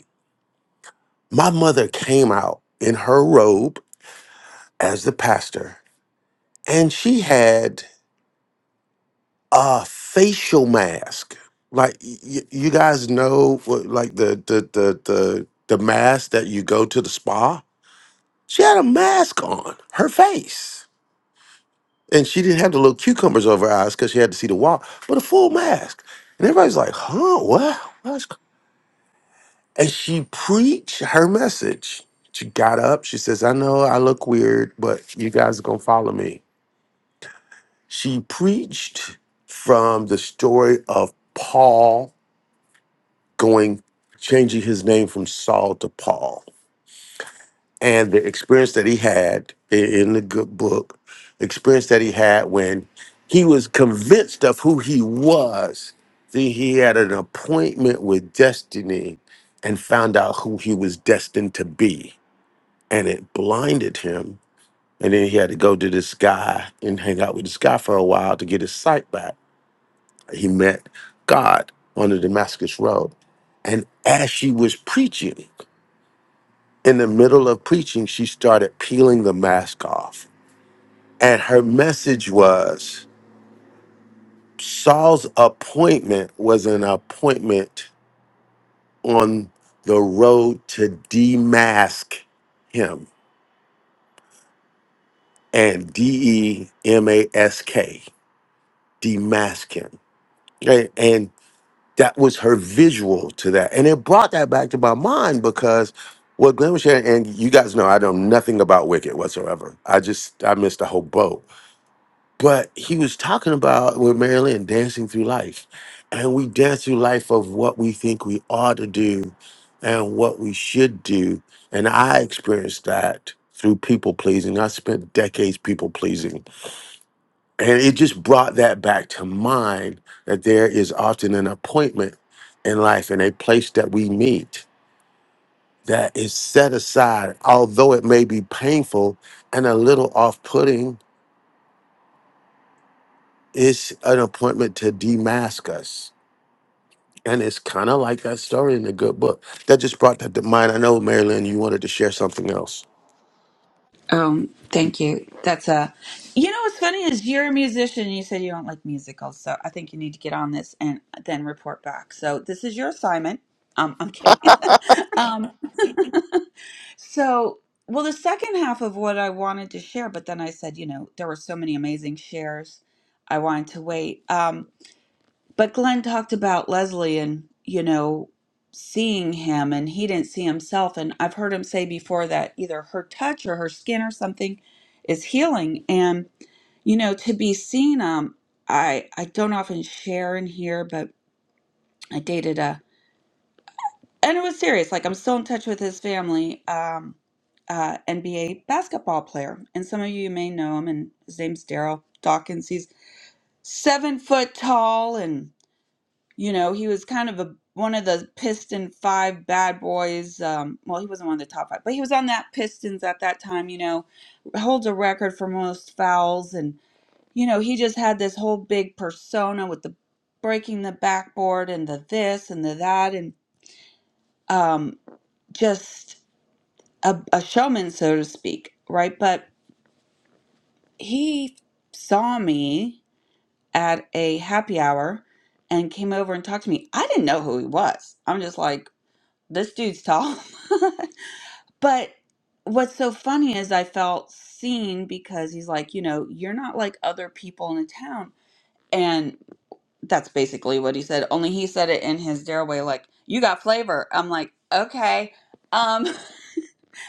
Speaker 10: my mother came out in her robe as the pastor and she had a facial mask. Like y- you guys know, what, like the the the the the mask that you go to the spa. She had a mask on her face, and she didn't have the little cucumbers over her eyes because she had to see the wall, but a full mask. And everybody's like, "Huh? What?" What's go-" And she preached her message. She got up. She says, "I know I look weird, but you guys are gonna follow me." She preached from the story of Paul going, changing his name from Saul to Paul. And the experience that he had i- in the good book, experience that he had when he was convinced of who he was, then he had an appointment with destiny and found out who he was destined to be. And it blinded him. And then he had to go to this guy and hang out with this guy for a while to get his sight back. He met God on the Damascus Road. And as she was preaching, in the middle of preaching, she started peeling the mask off. And her message was Saul's appointment was an appointment on the road to demask him and D E M A S K, demask him. And, and that was her visual to that. And it brought that back to my mind because what Glenn was sharing, and you guys know I know nothing about Wicked whatsoever. I just, I missed a whole boat But he was talking about with Marilyn dancing through life. And we dance through life of what we think we ought to do and what we should do. And I experienced that through people pleasing. I spent decades people pleasing. And it just brought that back to mind that there is often an appointment in life and a place that we meet that is set aside, although it may be painful and a little off putting, it's an appointment to demask us And it's kind of like that story in the good book. That just brought that to mind. I know, Marilyn, you wanted to share something else.
Speaker 1: Um, thank you. That's a. You know what's funny is you're a musician. and You said you don't like musicals, so I think you need to get on this and then report back. So this is your assignment. Um, I'm kidding. um, so well, the second half of what I wanted to share, but then I said, you know, there were so many amazing shares. I wanted to wait. Um, but Glenn talked about Leslie and, you know, seeing him and he didn't see himself. And I've heard him say before that either her touch or her skin or something is healing. And, you know, to be seen, um, I, I don't often share in here, but I dated a, and it was serious. Like I'm still in touch with his family, um, uh, NBA basketball player. And some of you may know him and his name's Daryl Dawkins. He's seven foot tall and you know he was kind of a one of the piston five bad boys um well he wasn't one of the top five but he was on that pistons at that time you know holds a record for most fouls and you know he just had this whole big persona with the breaking the backboard and the this and the that and um just a, a showman so to speak right but he saw me at a happy hour and came over and talked to me i didn't know who he was i'm just like this dude's tall. but what's so funny is I felt seen because he's like, you know, you're not like other people in the town. And that's basically what he said. Only he said it in his dare way, like, you got flavor. I'm like, okay. Um,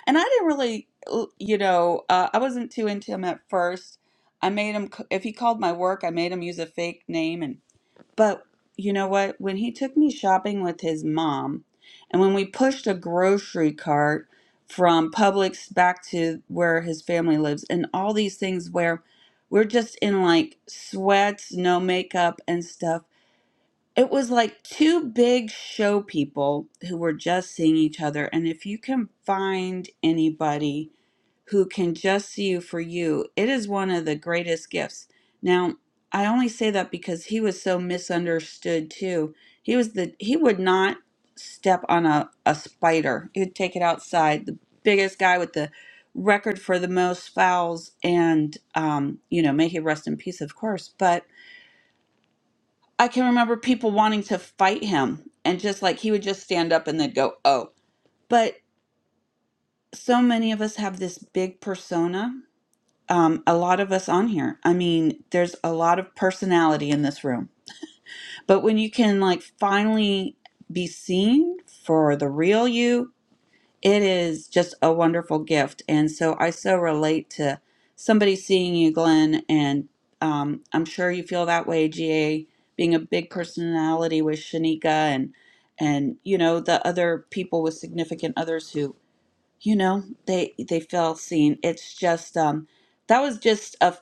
Speaker 1: and I didn't really, l- you know, uh, I wasn't too into him at first. I made him, c- if he called my work, I made him use a fake name and. But you know what? When he took me shopping with his mom, and when we pushed a grocery cart from Publix back to where his family lives, and all these things where we're just in like sweats, no makeup, and stuff, it was like two big show people who were just seeing each other. And if you can find anybody who can just see you for you. It is one of the greatest gifts. Now, I only say that because he was so misunderstood too. He was the he would not step on a, a spider. He would take it outside. The biggest guy with the record for the most fouls and um, you know, may he rest in peace, of course. But I can remember people wanting to fight him and just like he would just stand up and they'd go, Oh. But so many of us have this big persona um, a lot of us on here. I mean, there's a lot of personality in this room. But when you can like finally be seen for the real you, it is just a wonderful gift. And so I so relate to somebody seeing you, Glenn, and um, I'm sure you feel that way, GA, being a big personality with Shanika and and you know the other people with significant others who you know they they feel seen it's just um that was just a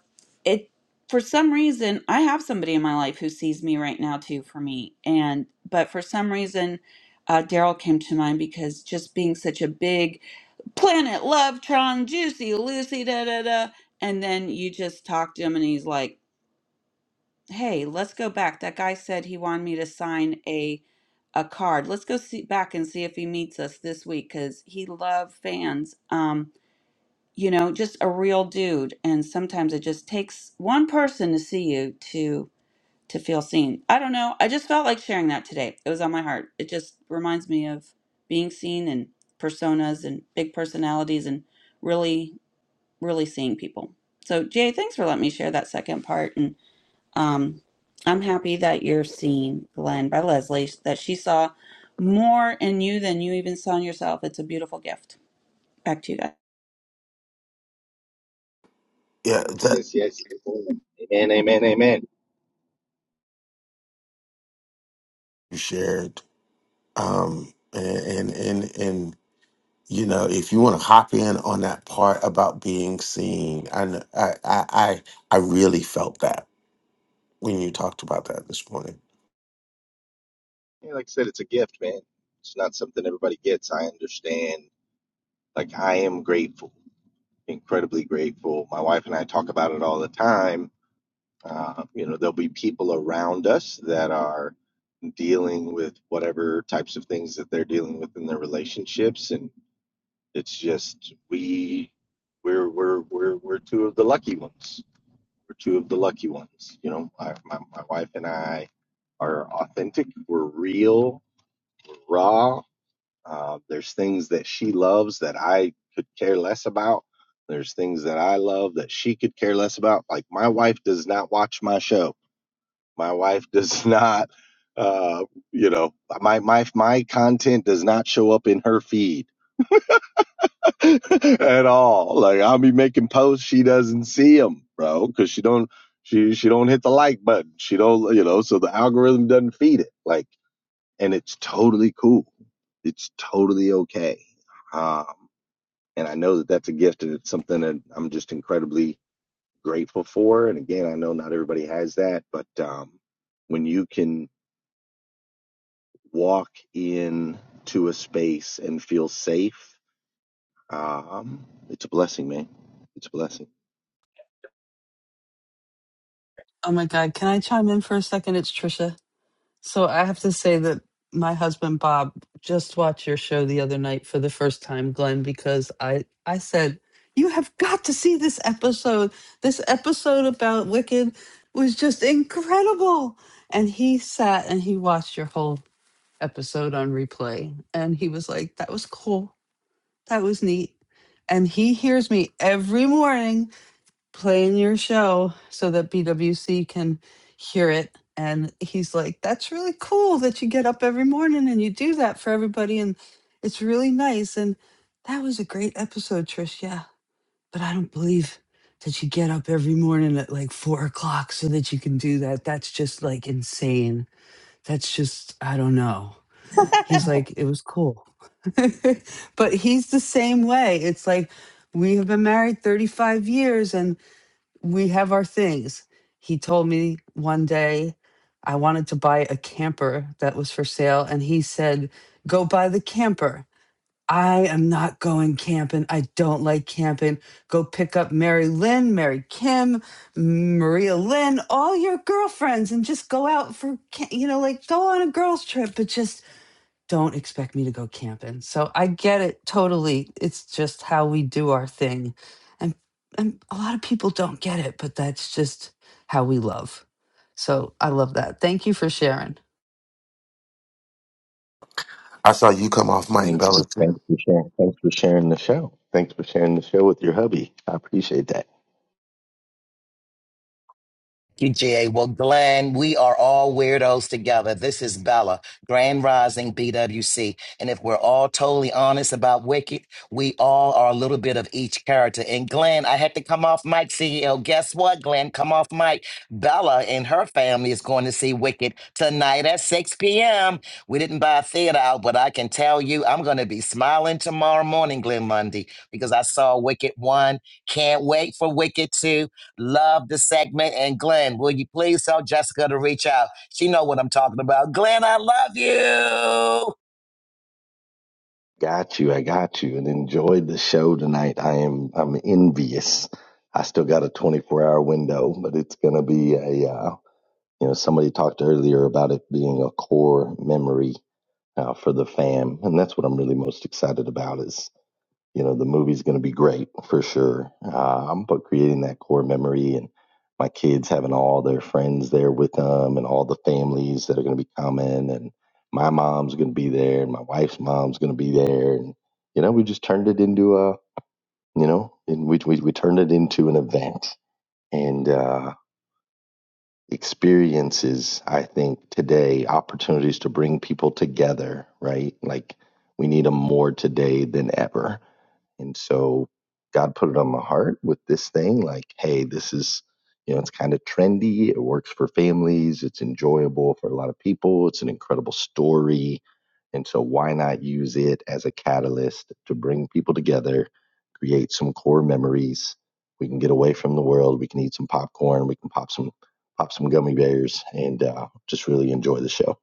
Speaker 1: it for some reason i have somebody in my life who sees me right now too for me and but for some reason uh, daryl came to mind because just being such a big planet love tron juicy lucy da da da and then you just talk to him and he's like hey let's go back that guy said he wanted me to sign a a card let's go see back and see if he meets us this week because he loved fans Um you know, just a real dude. And sometimes it just takes one person to see you to to feel seen. I don't know. I just felt like sharing that today. It was on my heart. It just reminds me of being seen and personas and big personalities and really, really seeing people. So Jay, thanks for letting me share that second part. And um, I'm happy that you're seen, Glenn, by Leslie, that she saw more in you than you even saw in yourself. It's a beautiful gift. Back to you guys.
Speaker 10: Yeah,
Speaker 12: Yes,
Speaker 10: that
Speaker 12: yes, yes. Amen, amen, amen.
Speaker 10: you shared. Um, and, and and and you know, if you want to hop in on that part about being seen, I kn- I I I I really felt that when you talked about that this morning.
Speaker 12: Yeah, like I said, it's a gift, man. It's not something everybody gets. I understand. Like I am grateful. incredibly grateful. My wife and I talk about it all the time. Uh, you know, there'll be people around us that are dealing with whatever types of things that they're dealing with in their relationships, and it's just we we're we're we're we're two of the lucky ones. We're two of the lucky ones. You know, I, my my wife and I are authentic. We're real, raw. Uh, there's things that she loves that I could care less about. There's things that I love that she could care less about. Like my wife does not watch my show. My wife does not, uh, you know, my my my content does not show up in her feed at all. Like I'll be making posts, she doesn't see them, bro, because she don't she she don't hit the like button. She don't, you know, so the algorithm doesn't feed it. Like, and it's totally cool. It's totally okay. Um, and I know that that's a gift and it's something that I'm just incredibly grateful for. And again, I know not everybody has that, but um, when you can walk in to a space and feel safe, um, it's a blessing, man. It's a blessing.
Speaker 2: Oh my God, can I chime in for a second? It's Trisha. So I have to say that my husband Bob just watched your show the other night for the first time, Glenn, because I I said you have got to see this episode. This episode about Wicked was just incredible, and he sat and he watched your whole episode on replay, and he was like, "That was cool. That was neat." And he hears me every morning playing your show so that BWC can hear it. And he's like, that's really cool that you get up every morning and you do that for everybody. And it's really nice. And that was a great episode, Trish. Yeah. But I don't believe that you get up every morning at like four o'clock so that you can do that. That's just like insane. That's just, I don't know. He's like, it was cool. but he's the same way. It's like, we have been married 35 years and we have our things. He told me one day I wanted to buy a camper that was for sale, and he said, Go buy the camper. I am not going camping. I don't like camping. Go pick up Mary Lynn, Mary Kim, Maria Lynn, all your girlfriends, and just go out for, ca- you know, like go on a girls' trip, but just don't expect me to go camping. So I get it totally. It's just how we do our thing. And and a lot of people don't get it, but that's just how we love. So I love that. Thank you for sharing.
Speaker 10: I saw you come off Mike
Speaker 12: Thanks
Speaker 10: Bella
Speaker 12: for
Speaker 10: too.
Speaker 12: thanks for sharing. Thanks for sharing the show. Thanks for sharing the show with your hubby. I appreciate that.
Speaker 8: you, GA. Well, Glenn, we are all weirdos together. This is Bella, Grand Rising BWC. And if we're all totally honest about Wicked, we all are a little bit of each character. And Glenn, I had to come off mic, CEO. Guess what, Glenn? Come off mic. Bella and her family is going to see Wicked tonight at 6 p.m. We didn't buy a theater out, but I can tell you I'm going to be smiling tomorrow morning, Glenn Lundy, because I saw Wicked 1. Can't wait for Wicked 2 Love the segment. And Glenn, will you please tell Jessica to reach out? She know what I'm talking about. Glenn, I love you.
Speaker 12: Got you. I got you. And enjoyed the show tonight. I am. I'm envious. I still got a 24 hour window, but it's gonna be a. Uh, You know, somebody talked earlier about it being a core memory uh, for the fam, and that's what I'm really most excited about. Is you know, the movie's going to be great for sure, um, but creating that core memory and my kids having all their friends there with them and all the families that are going to be coming and my mom's going to be there and my wife's mom's going to be there and you know we just turned it into a you know and we, we, we turned it into an event and uh experiences i think today opportunities to bring people together right like we need them more today than ever and so God put it on my heart with this thing like, hey, this is, you know, it's kind of trendy. It works for families. It's enjoyable for a lot of people. It's an incredible story. And so why not use it as a catalyst to bring people together, create some core memories. We can get away from the world. We can eat some popcorn. We can pop some pop some gummy bears and uh, just really enjoy the show.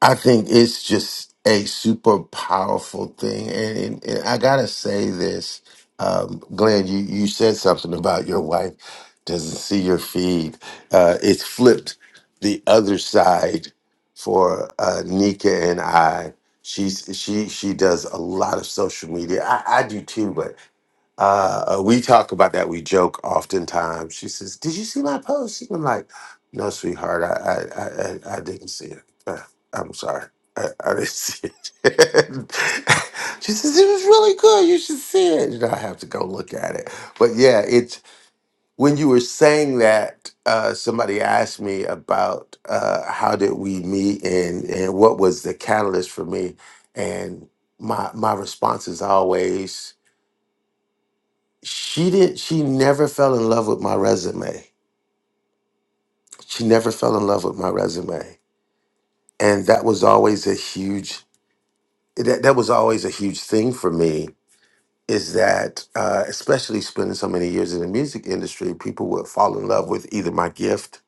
Speaker 10: I think it's just a super powerful thing, and, and, and I gotta say this, um, Glenn. You you said something about your wife doesn't see your feed. Uh, it's flipped the other side for uh, Nika and I. She's she she does a lot of social media. I, I do too, uh, uh, we talk about that. We joke oftentimes. She says, "Did you see my post?" And I'm like, "No, sweetheart, I I I, I I didn't see it. Uh, I'm sorry, I, I didn't see it." she says, "It was really good. You should see it." You know, I have to go look at it. But yeah, it's when you were saying that. Uh, somebody asked me about uh, how did we meet and and what was the catalyst for me, and my my response is always she did she never fell in love with my resume she never fell in love with my resume and that was always a huge that, that was always a huge thing for me is that uh, especially spending so many years in the music industry people would fall in love with either my gift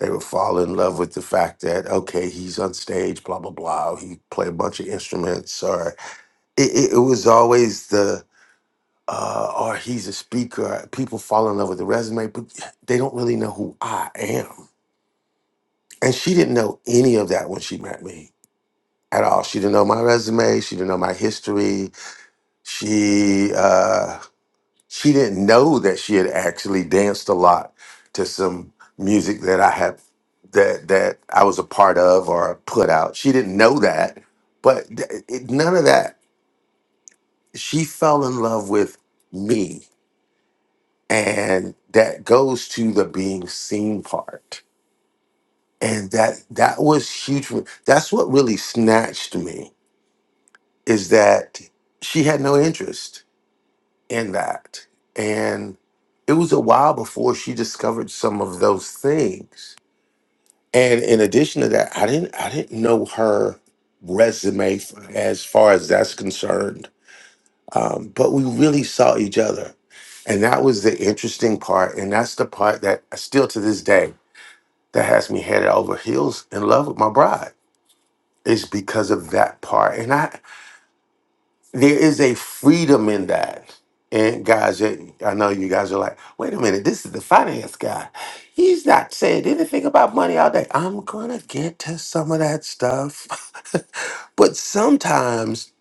Speaker 10: they would fall in love with the fact that okay he's on stage blah blah blah he play a bunch of instruments or it, it, it was always the uh, or he's a speaker. People fall in love with the resume, but they don't really know who I am. And she didn't know any of that when she met me at all. She didn't know my resume. She didn't know my history. She uh, she didn't know that she had actually danced a lot to some music that I had that that I was a part of or put out. She didn't know that, but th- it, none of that. She fell in love with me and that goes to the being seen part and that that was huge for me. that's what really snatched me is that she had no interest in that and it was a while before she discovered some of those things and in addition to that i didn't i didn't know her resume f- as far as that's concerned um, but we really saw each other and that was the interesting part and that's the part that I still to this day that has me headed over heels in love with my bride It's because of that part. And I there is a freedom in that. And guys, it- I know you guys are like, wait a minute, this is the finance guy. He's not saying anything about money all day. I'm gonna get to some of that stuff. but sometimes,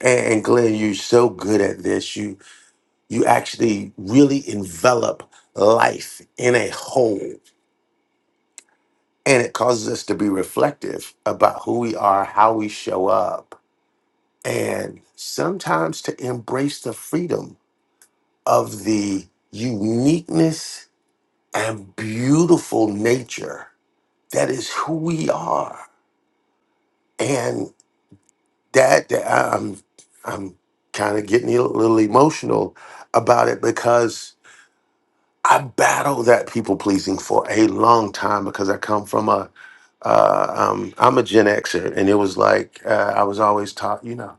Speaker 10: and and Glenn, you're so good at this, you you actually really envelop life in a whole. and it causes us to be reflective about who we are, how we show up, and sometimes to embrace the freedom of the uniqueness and beautiful nature that is who we are. And that, that- I'm I'm kind of getting a little emotional about it because I battled that people pleasing for a long time because I come from a uh, um, I'm a Gen Xer, and it was like uh, I was always taught, you know,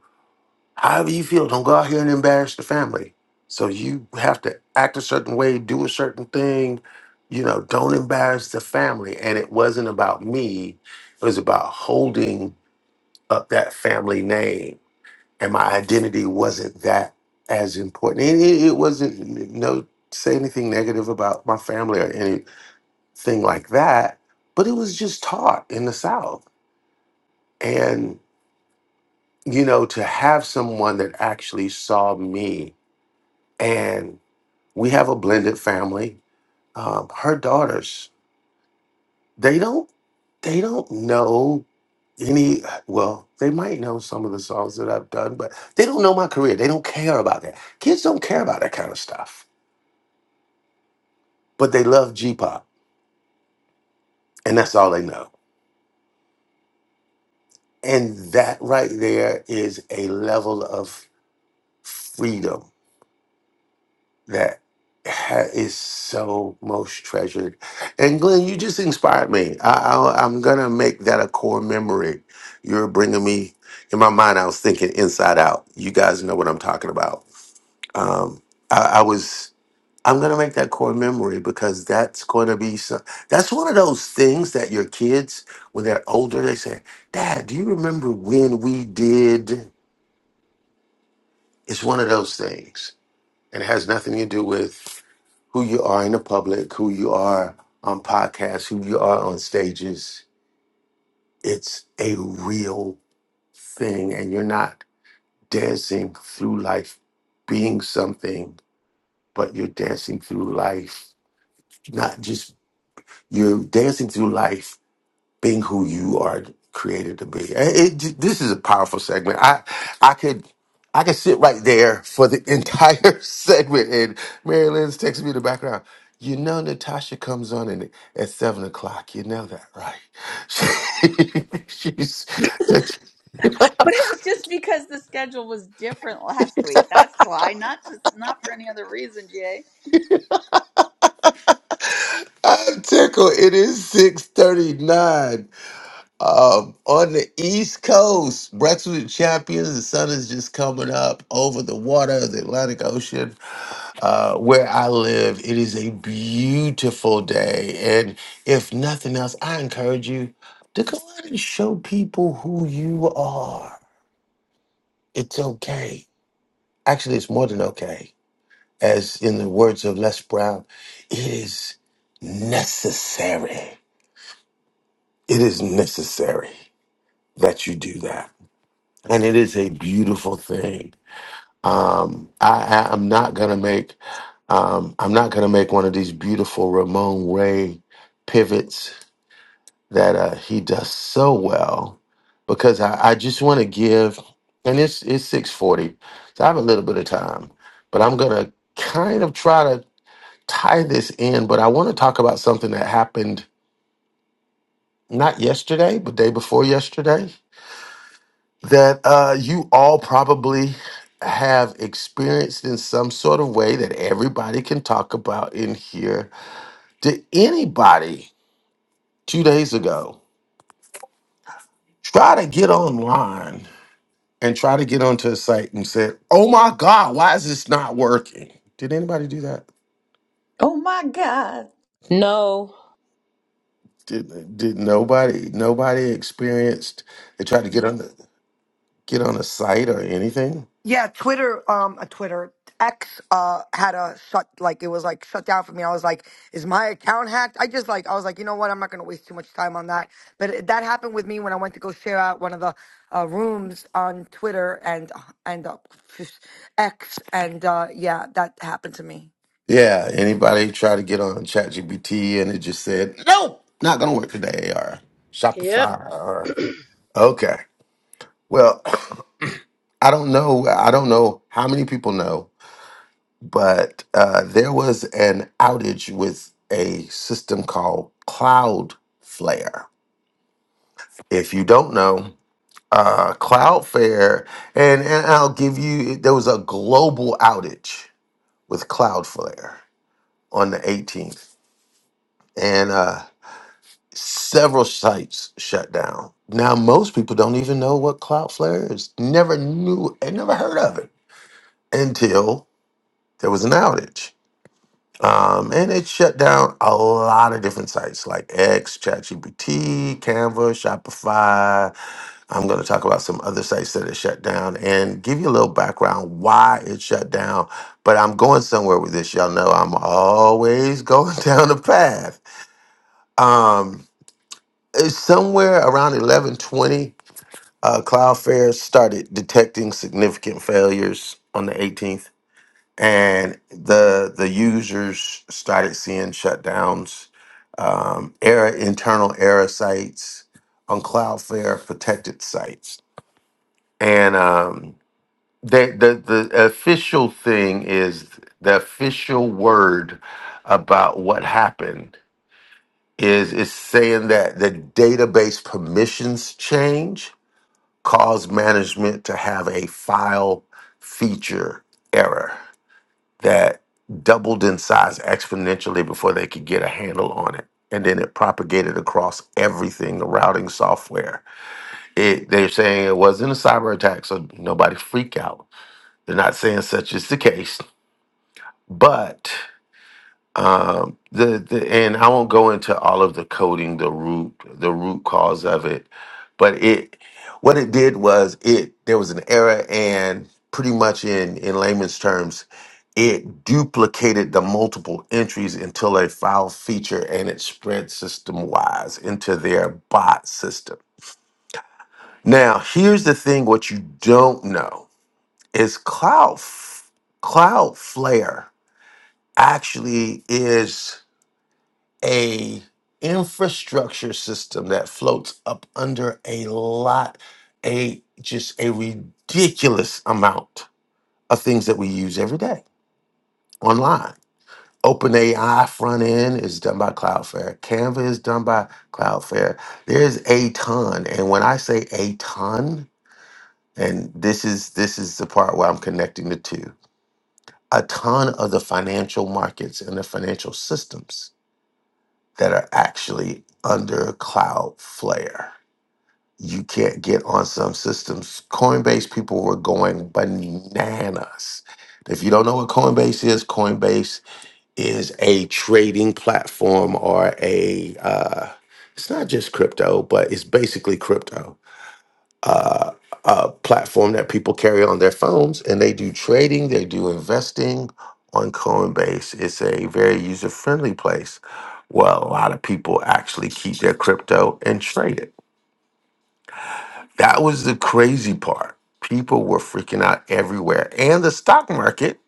Speaker 10: however you feel, don't go out here and embarrass the family. So you have to act a certain way, do a certain thing, you know, don't embarrass the family. And it wasn't about me; it was about holding up that family name and my identity wasn't that as important. It, it, it wasn't no say anything negative about my family or anything like that, but it was just taught in the South. And you know, to have someone that actually saw me, and we have a blended family. Um, her daughters, they don't, they don't know any well they might know some of the songs that i've done but they don't know my career they don't care about that kids don't care about that kind of stuff but they love G pop, and that's all they know. And that right there is a level of freedom that ha- is so most treasured. And Glenn, you just inspired me. I, I, I'm gonna make that a core memory. You're bringing me in my mind. I was thinking Inside Out. You guys know what I'm talking about. Um, I, I was. I'm going to make that core memory because that's going to be some, that's one of those things that your kids, when they're older, they say, Dad, do you remember when we did? It's one of those things. And it has nothing to do with who you are in the public, who you are on podcasts, who you are on stages. It's a real thing. And you're not dancing through life being something, but you're dancing through life, not just you're dancing through life being who you are created to be. And It, this is a powerful segment. I I could I could sit right there for the entire segment. And Mary Lynn's texting me in the background. You know Natasha comes on in, at seven o'clock. You know that, right? She, she's
Speaker 1: But it was just because the schedule was different last week. That's why, not to, not for any other reason, Jay.
Speaker 10: I'm tickled. It is six thirty nine um, on the East Coast. Breakfast with Champions. The sun is just coming up over the water of the Atlantic Ocean. uh, where I live, it is a beautiful day. And if nothing else, I encourage you to go out and show people who you are. It's okay. Actually, it's more than okay. As in the words of Les Brown, it is necessary. It is necessary that you do that. And it is a beautiful thing. Um, I, I, I'm not gonna make um, I'm not gonna make one of these beautiful Ramon Ray pivots that uh, he does so well because I, I just want to give and it's it's 640 so I have a little bit of time but I'm gonna kind of try to tie this in but I want to talk about something that happened not yesterday but day before yesterday that uh, you all probably have experienced in some sort of way that everybody can talk about in here. Did anybody two days ago try to get online and try to get onto a site and said, "Oh my God, why is this not working?" Did anybody do that?
Speaker 9: No,
Speaker 10: Did did nobody nobody experienced? They tried to get on the, get on a site or anything.
Speaker 13: Yeah, Twitter, um, uh, Twitter X, uh, had a shut like it was like shut down for me. I was like, is my account hacked? I just like I was like, you know what? I'm not gonna waste too much time on that. But it, that happened with me when I went to go share out one of the uh, rooms on Twitter and and uh, X, and uh, yeah, that happened to me.
Speaker 10: Yeah, anybody try to get on ChatGPT and it just said, nope, not going to work today or
Speaker 14: Yep.
Speaker 10: Shopify or, okay. Well, I don't know. I don't know how many people know, but uh, there was an outage with a system called Cloudflare. If you don't know, uh, Cloudflare, and, and I'll give you, there was a global outage with Cloudflare on the 18th. And, uh, Several sites shut down. Now, most people don't even know what Cloudflare is. Never knew and never heard of it until there was an outage. Um, and it shut down a lot of different sites like X, ChatGPT, Canva, Shopify. I'm going to talk about some other sites that it shut down and give you a little background why it shut down. But I'm going somewhere with this. Y'all know I'm always going down a path. Um, it's somewhere around 11:20. uh, Cloudflare started detecting significant failures on the 18th, and the the users started seeing shutdowns, um, error internal error sites on Cloudflare protected sites, and um, the, the the official thing is the official word about what happened is it's saying that the database permissions change cause management to have a file feature error that doubled in size exponentially before they could get a handle on it. And then it propagated across everything, the routing software. It, they're saying it wasn't a cyber attack, so nobody freak out. They're not saying such is the case, but um, the, the and I won't go into all of the coding, the root, the root cause of it, but it what it did was it there was an error, and pretty much in in layman's terms, it duplicated the multiple entries until a file feature, and it spread system wise into their bot system. Now, here's the thing: what you don't know is Cloud Cloudflare actually is. a infrastructure system that floats up under a lot a just a ridiculous amount of things that we use every day online OpenAI front end is done by Cloudflare. Canva is done by Cloudflare. There's a ton, and when I say a ton, and this is this is the part where I'm connecting the two, a ton of the financial markets and the financial systems that are actually under Cloudflare. You can't get on some systems. Coinbase people were going bananas. If you don't know what Coinbase is, Coinbase is a trading platform or a, uh, it's not just crypto, but it's basically crypto uh, platform that people carry on their phones, and they do trading, they do investing on Coinbase. It's a very user friendly place where a lot of people actually keep their crypto and trade it. That was the crazy part. People were freaking out everywhere, and the stock market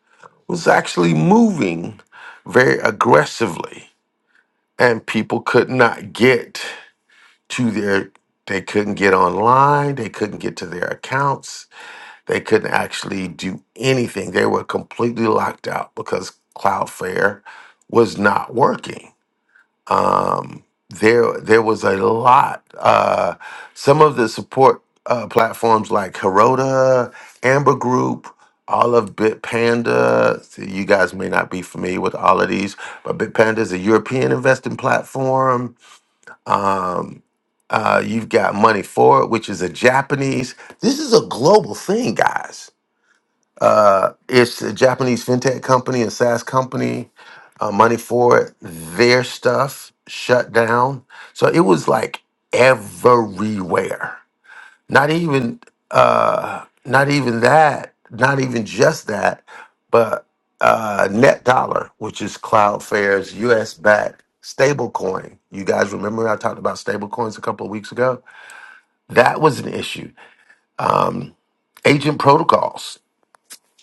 Speaker 10: was actually moving very aggressively, and people could not get to their they couldn't get online, they couldn't get to their accounts They couldn't actually do anything. They were completely locked out because Cloudflare was not working. Um, there, there was a lot. Uh, some of the support uh, platforms like Heroda, Amber Group, all of Bitpanda. So you guys may not be familiar with all of these, but Bitpanda is a European investing platform. Um, uh, you've got Money Forward, which is a Japanese. This is a global thing, guys. Uh, it's a Japanese fintech company, a SaaS company. Uh, money for it. Their stuff shut down, so it was like everywhere. Not even, uh, not even that. Not even just that, but uh, Net Dollar, which is Cloudflare's U.S. backed stablecoin. You guys remember I talked about stablecoins a couple of weeks ago? That was an issue. Um, agent protocols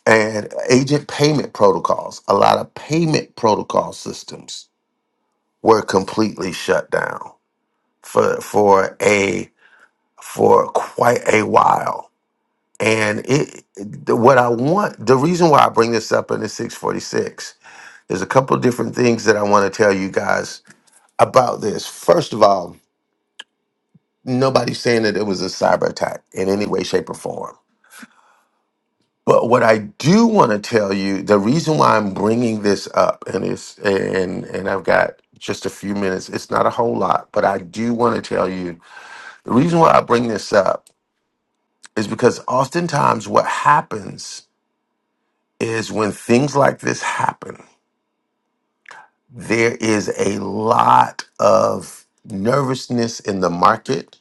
Speaker 10: and agent payment protocols, a lot of payment protocol systems were completely shut down for for a for quite a while. And it what I want the reason why I bring this up in the 646, there's a couple different things that I want to tell you guys about this. First of all, nobody's saying that it was a cyber attack in any way, shape, or form But what I do want to tell you, the reason why I'm bringing this up, and it's and and I've got just a few minutes. It's not a whole lot, but I do want to tell you the reason why I bring this up is because oftentimes what happens is when things like this happen, there is a lot of nervousness in the market.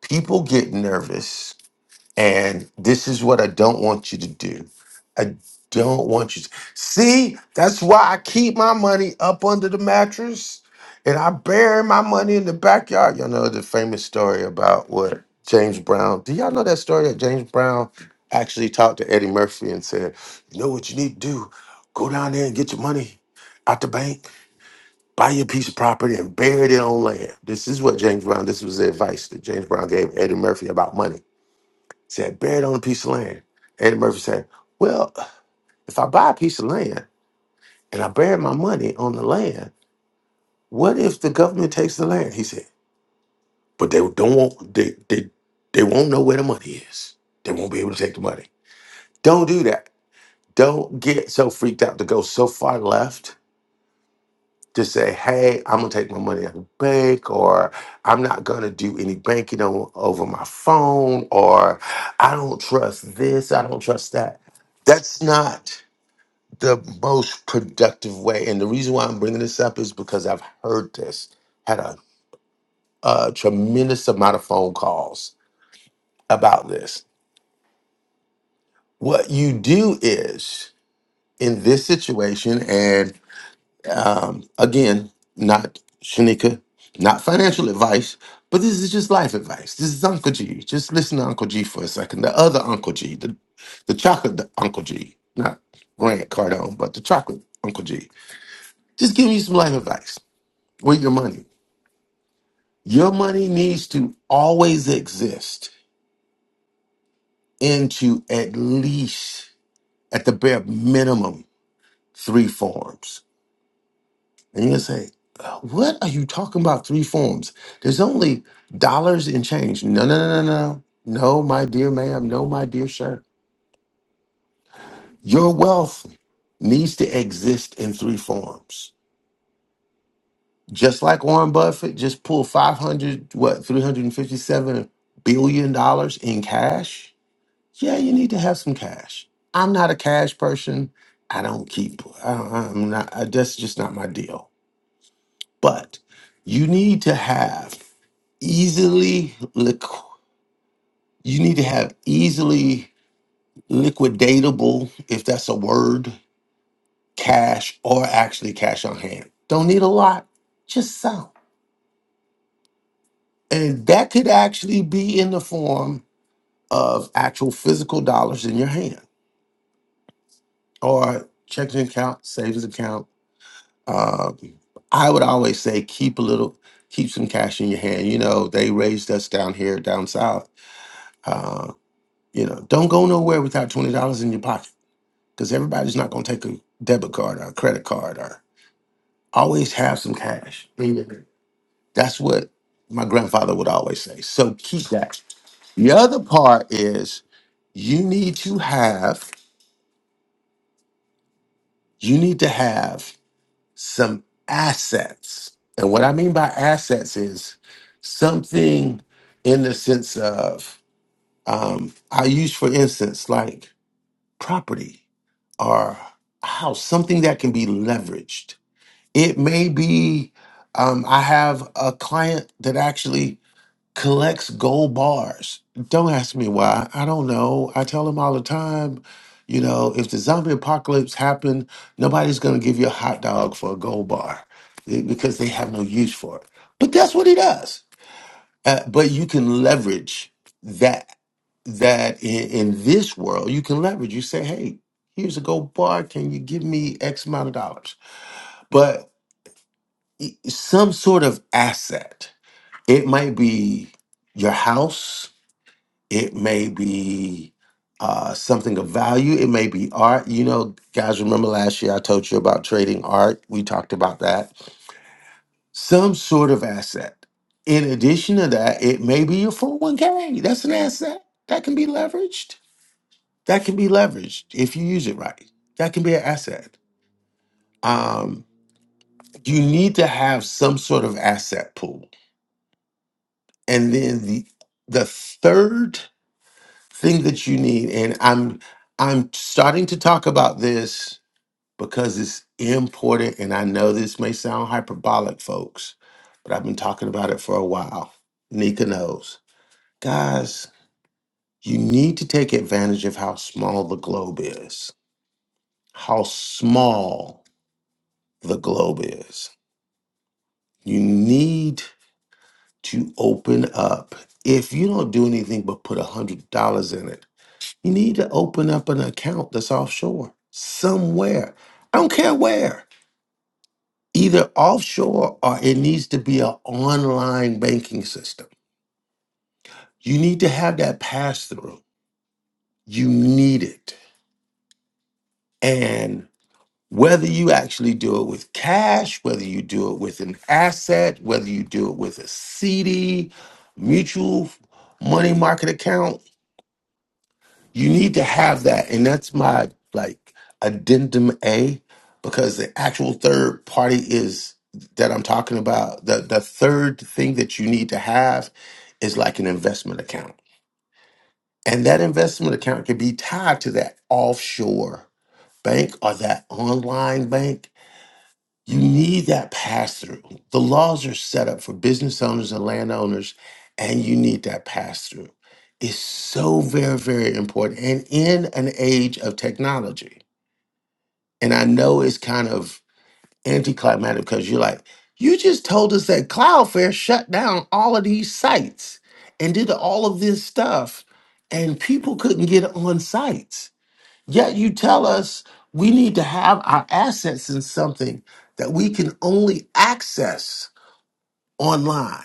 Speaker 10: People get nervous And this is what I don't want you to do. I don't want you to see. That's why I keep my money up under the mattress and I bury my money in the backyard. Y'all know the famous story about what James Brown. Do y'all know that story that James Brown actually talked to Eddie Murphy and said, You know what you need to do? Go down there and get your money out the bank, buy your piece of property and bury it on land. This is what James Brown, this was the advice that James Brown gave Eddie Murphy about money said, bury it on a piece of land. Eddie Murphy said, well, if I buy a piece of land and I bury my money on the land, what if the government takes the land? He said, but they don't want they they they won't know where the money is. They won't be able to take the money. Don't do that. Don't get so freaked out to go so far left to say, hey, I'm gonna take my money out of the bank, or I'm not gonna do any banking on, over my phone, or I don't trust this, I don't trust that. That's not. the most productive way. And the reason why I'm bringing this up is because I've heard this, had a, a tremendous amount of phone calls about this. What you do is in this situation, and um, again, not Shanika, not financial advice, but this is just life advice. This is Uncle G. Just listen to Uncle G for a second. The other Uncle G, the, the chocolate Uncle G, not Grant Cardone, but the chocolate Uncle G. Just give you some life advice with your money Your money needs to always exist into at least, at the bare minimum, three forms. And you're going to say, uh, what are you talking about? Three forms? There's only dollars and change. No, no, no, no, no. No, my dear ma'am. No, my dear sir. Your wealth needs to exist in three forms. Just like Warren Buffett just pulled 500, what, $357 billion dollars in cash yeah, you need to have some cash. I'm not a cash person. I don't keep. I don't, I'm not. I, that's just not my deal. But you need to have easily liqu- You need to have easily liquidatable, if that's a word, cash or actually cash on hand. Don't need a lot, just some. And that could actually be in the form of actual physical dollars in your hand or checking account, savings account, Um, I would always say keep a little, keep some cash in your hand. You know, they raised us down here, down south. Uh, you know, don't go nowhere without twenty dollars in your pocket because everybody's not going to take a debit card or a credit card or always have some cash. in That's what my grandfather would always say. So keep that. The other part is you need to have, you need to have. some assets. And what I mean by assets is something in the sense of, um, I use, for instance, like property or a house, something that can be leveraged. It may be, um, I have a client that actually collects gold bars. Don't ask me why. I don't know. I tell them all the time, you know, if the zombie apocalypse happened, nobody's going to give you a hot dog for a gold bar eh, because they have no use for it. But that's what he does. Uh, but you can leverage that that in, in this world you can leverage. You say, "Hey, here's a gold bar. Can you give me X amount of dollars?" But some sort of asset. It might be your house it may be uh, something of value it may be art you know guys remember last year i told you about trading art we talked about that some sort of asset in addition to that it may be your 401k that's an asset that can be leveraged that can be leveraged if you use it right that can be an asset um, you need to have some sort of asset pool and then the the third thing that you need and i'm i'm starting to talk about this because it's important and i know this may sound hyperbolic folks but i've been talking about it for a while nika knows guys you need to take advantage of how small the globe is how small the globe is you need to open up if you don't do anything but put a hundred dollars in it You need to open up an account that's offshore somewhere. I don't care where, either offshore or it needs to be an online banking system. You need to have that pass through. You need it. And whether you actually do it with cash, whether you do it with an asset, whether you do it with a CD, mutual money market account, you need to have that and that's my like addendum a because the actual third party is that i'm talking about the the third thing that you need to have is like an investment account and that investment account can be tied to that offshore bank or that online bank you need that pass through. The laws are set up for business owners and landowners, and you need that pass through. It's so very, very important. And in an age of technology, and I know it's kind of anticlimactic because you're like, you just told us that Cloudflare shut down all of these sites and did all of this stuff, and people couldn't get on sites Yet you tell us we need to have our assets in something that we can only access online.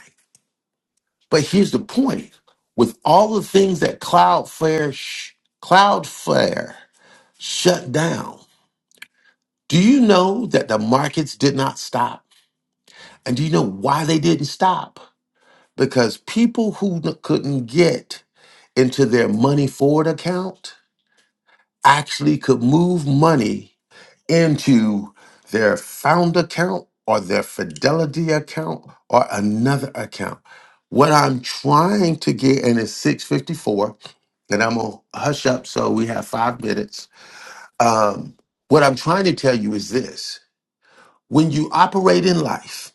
Speaker 10: But here's the point with all the things that Cloudflare, sh- Cloudflare shut down, do you know that the markets did not stop? And do you know why they didn't stop? Because people who n- couldn't get into their money forward account actually could move money into their found account or their fidelity account or another account. What I'm trying to get, and it's 654, and I'm gonna hush up so we have five minutes. Um, what I'm trying to tell you is this when you operate in life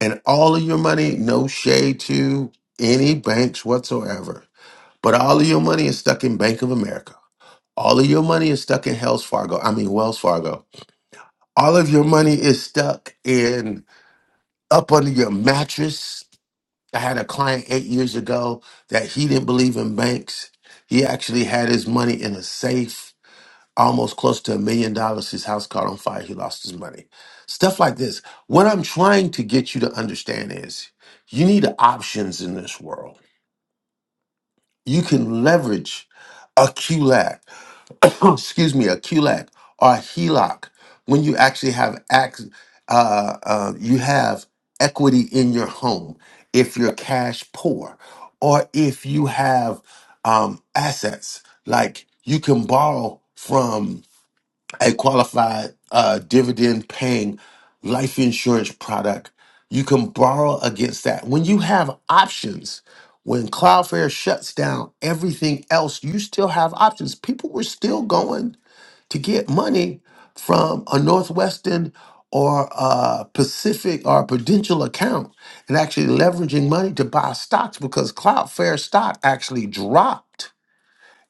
Speaker 10: and all of your money, no shade to any banks whatsoever, but all of your money is stuck in Bank of America. All of your money is stuck in Wells Fargo. I mean Wells Fargo all of your money is stuck in up under your mattress. I had a client eight years ago that he didn't believe in banks. He actually had his money in a safe, almost close to a million dollars. His house caught on fire. He lost his money. Stuff like this. What I'm trying to get you to understand is you need options in this world. You can leverage a QLAC excuse me, a QLAC or a HELOC, when you actually have ac- uh, uh, you have equity in your home, if you're cash poor, or if you have um, assets, like you can borrow from a qualified uh, dividend paying life insurance product, you can borrow against that. When you have options, when Cloudflare shuts down everything else, you still have options. People were still going to get money from a Northwestern or a Pacific or a Prudential account and actually leveraging money to buy stocks because Cloudflare stock actually dropped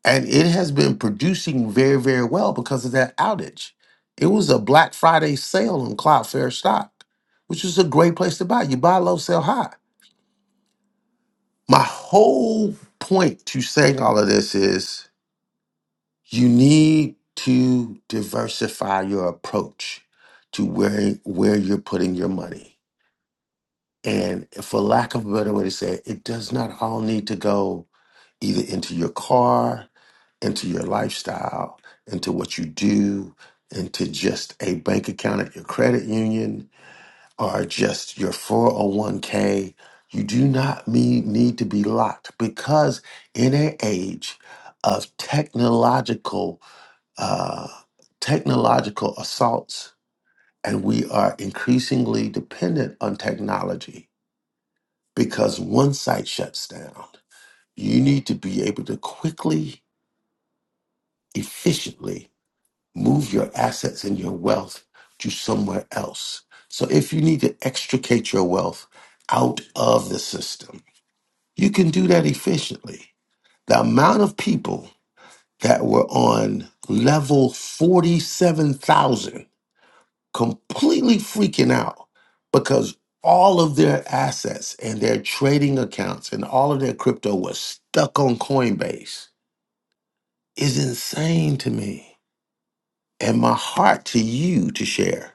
Speaker 10: and it has been producing very, very well because of that outage. It was a Black Friday sale on Cloudflare stock, which is a great place to buy. You buy low, sell high. My whole point to saying all of this is You need to diversify your approach to where where you're putting your money. And for lack of a better way to say it, it does not all need to go either into your car, into your lifestyle, into what you do, into just a bank account at your credit union, or just your 401k. You do not need, need to be locked because in an age of technological uh, technological assaults, and we are increasingly dependent on technology because one site shuts down. You need to be able to quickly, efficiently move your assets and your wealth to somewhere else. So if you need to extricate your wealth out of the system, you can do that efficiently. The amount of people that were on level 47,000 completely freaking out because all of their assets and their trading accounts and all of their crypto was stuck on Coinbase is insane to me. And my heart to you to share.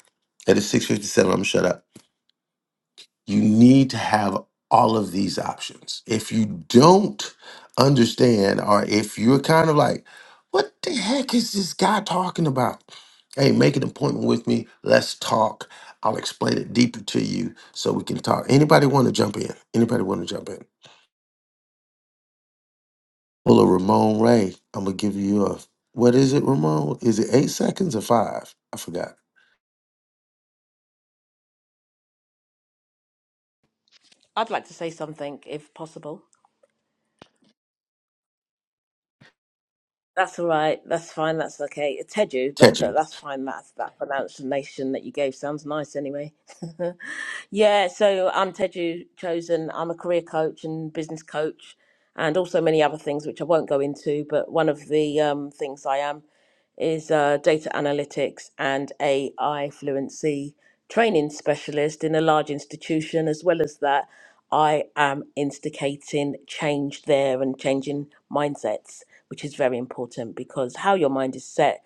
Speaker 10: At 657, I'm shut up. You need to have all of these options. If you don't understand, or if you're kind of like, what the heck is this guy talking about? Hey, make an appointment with me. Let's talk. I'll explain it deeper to you so we can talk. Anybody want to jump in? Anybody want to jump in? Well, a Ramon Ray, I'm going to give you a, what is it, Ramon? Is it eight seconds or five? I forgot.
Speaker 9: I'd like to say something if possible. That's all right. That's fine. That's okay. It's Tedu, but
Speaker 10: Catch
Speaker 9: th-
Speaker 10: you.
Speaker 9: that's fine. That's that pronunciation that you gave sounds nice anyway. Yeah, so I'm Teju Chosen. I'm a career coach and business coach, and also many other things which I won't go into. But one of the um, things I am is uh, data analytics and AI fluency training specialist in a large institution. As well as that, I am instigating change there and changing mindsets, which is very important because how your mind is set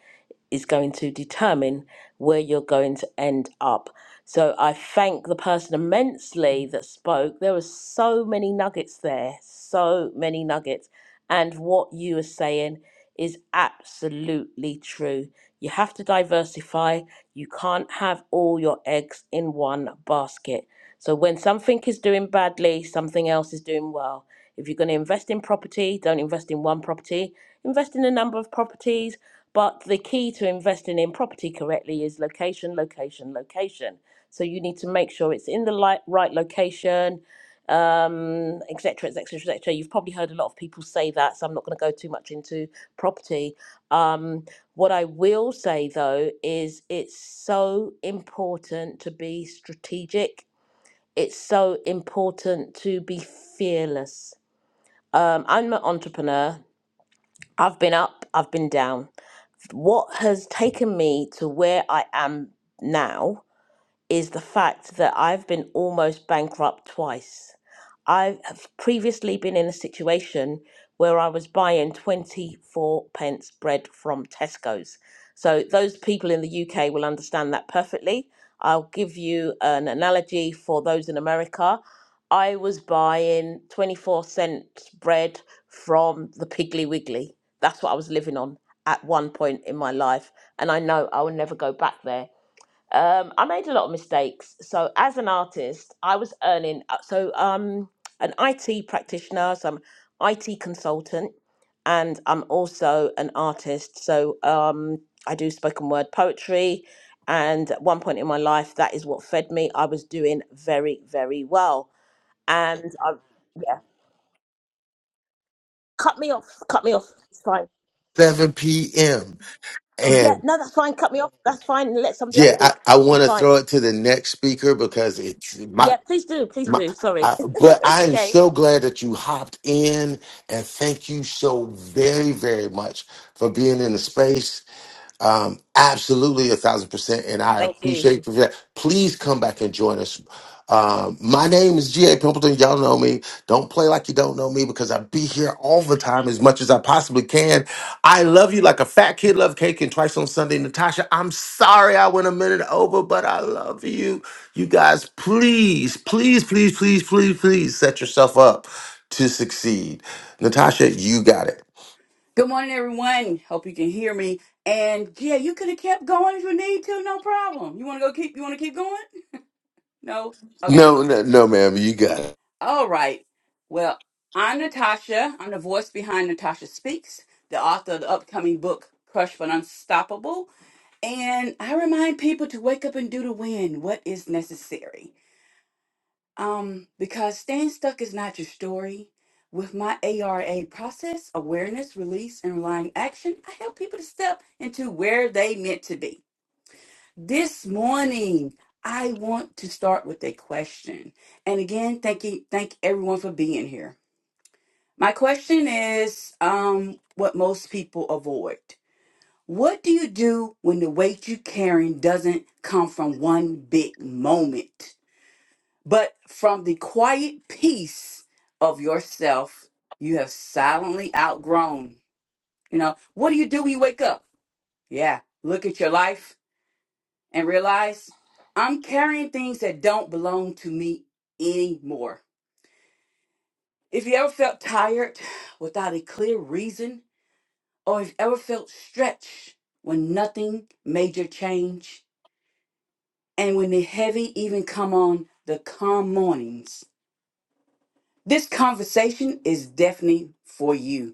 Speaker 9: is going to determine where you're going to end up. So I thank the person immensely that spoke. There were so many nuggets there, so many nuggets. And what you are saying is absolutely true. You have to diversify. You can't have all your eggs in one basket. So when something is doing badly, something else is doing well. If you're going to invest in property, don't invest in one property, invest in a number of properties but the key to investing in property correctly is location, location, location. So you need to make sure it's in the li- right location, um, et cetera, et cetera, et cetera. You've probably heard a lot of people say that, so I'm not going to go too much into property. Um, what I will say though is it's so important to be strategic. It's so important to be fearless. Um, I'm an entrepreneur. I've been up, I've been down what has taken me to where I am now is the fact that I've been almost bankrupt twice. I have previously been in a situation where I was buying 24 pence bread from Tesco's. So, those people in the UK will understand that perfectly. I'll give you an analogy for those in America. I was buying 24 cents bread from the Piggly Wiggly. That's what I was living on at one point in my life. And I know I will never go back there um, I made a lot of mistakes. So as an artist, I was earning uh, so um an IT practitioner, so I'm IT consultant, and I'm also an artist. So um I do spoken word poetry, and at one point in my life, that is what fed me. I was doing very very well, and I yeah cut me off, cut me off. It's fine.
Speaker 10: 7 p.m. and.
Speaker 9: Yeah, no, that's fine. Cut me off. That's fine. Let somebody else
Speaker 10: Yeah, I,
Speaker 9: speak.
Speaker 10: I
Speaker 9: It's
Speaker 10: want to
Speaker 9: fine.
Speaker 10: throw it to the next speaker because it's my
Speaker 9: Yeah, please do, please
Speaker 10: my.
Speaker 9: do. Sorry,
Speaker 10: I, but
Speaker 9: it's
Speaker 10: I am
Speaker 9: okay.
Speaker 10: so glad that you hopped in, and thank you so very very much for being in the space. Um, absolutely, a thousand percent, and I
Speaker 9: Thank you.
Speaker 10: appreciate for that. Please come back and join us. Um, my name is G.A. Pimpleton. Y'all know me. Don't play like you don't know me because I be here all the time as much as I possibly can. I love you like a fat kid love cake and twice on Sunday. Natasha, I'm sorry I went a minute over, but I love you. You guys, please, please, please, please, please, please set yourself up to succeed. Natasha, you got it.
Speaker 16: Good morning, everyone. Hope you can hear me. And yeah, you could have kept going if you need to, no problem. You want to go keep? You want to keep going? No. Okay.
Speaker 10: No, no, no, ma'am, you got it.
Speaker 16: All right. Well, I'm Natasha. I'm the voice behind Natasha Speaks, the author of the upcoming book Crush for Unstoppable. And I remind people to wake up and do the win. What is necessary? Um, because staying stuck is not your story. With my ARA process, awareness, release, and relying action, I help people to step into where they meant to be. This morning, I want to start with a question. And again, thank you, thank everyone for being here. My question is um, what most people avoid. What do you do when the weight you're carrying doesn't come from one big moment? But from the quiet peace of yourself, you have silently outgrown. You know, what do you do when you wake up? Yeah, look at your life and realize I'm carrying things that don't belong to me anymore. If you ever felt tired without a clear reason, or if you ever felt stretched when nothing major change, and when the heavy even come on the calm mornings, this conversation is definitely for you.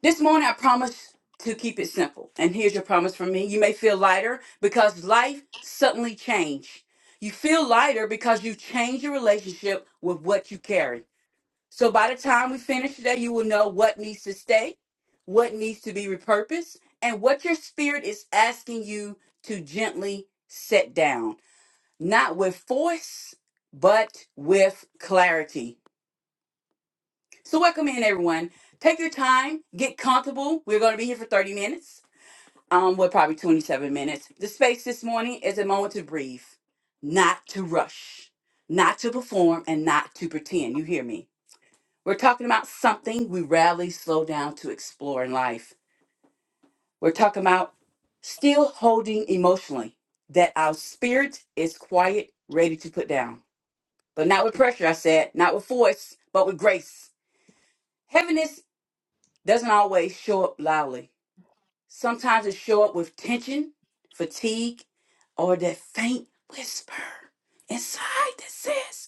Speaker 16: This morning, I promise to keep it simple. And here's your promise from me. You may feel lighter because life suddenly changed. You feel lighter because you change your relationship with what you carry. So by the time we finish today, you will know what needs to stay, what needs to be repurposed, and what your spirit is asking you to gently set down. Not with force, but with clarity. So, welcome in, everyone. Take your time, get comfortable. We're going to be here for 30 minutes. Um, we're probably 27 minutes. The space this morning is a moment to breathe, not to rush, not to perform, and not to pretend. You hear me? We're talking about something we rarely slow down to explore in life. We're talking about still holding emotionally that our spirit is quiet, ready to put down, but not with pressure, I said, not with force, but with grace. Heaviness doesn't always show up loudly Sometimes it show up with tension, fatigue, or that faint whisper inside that says,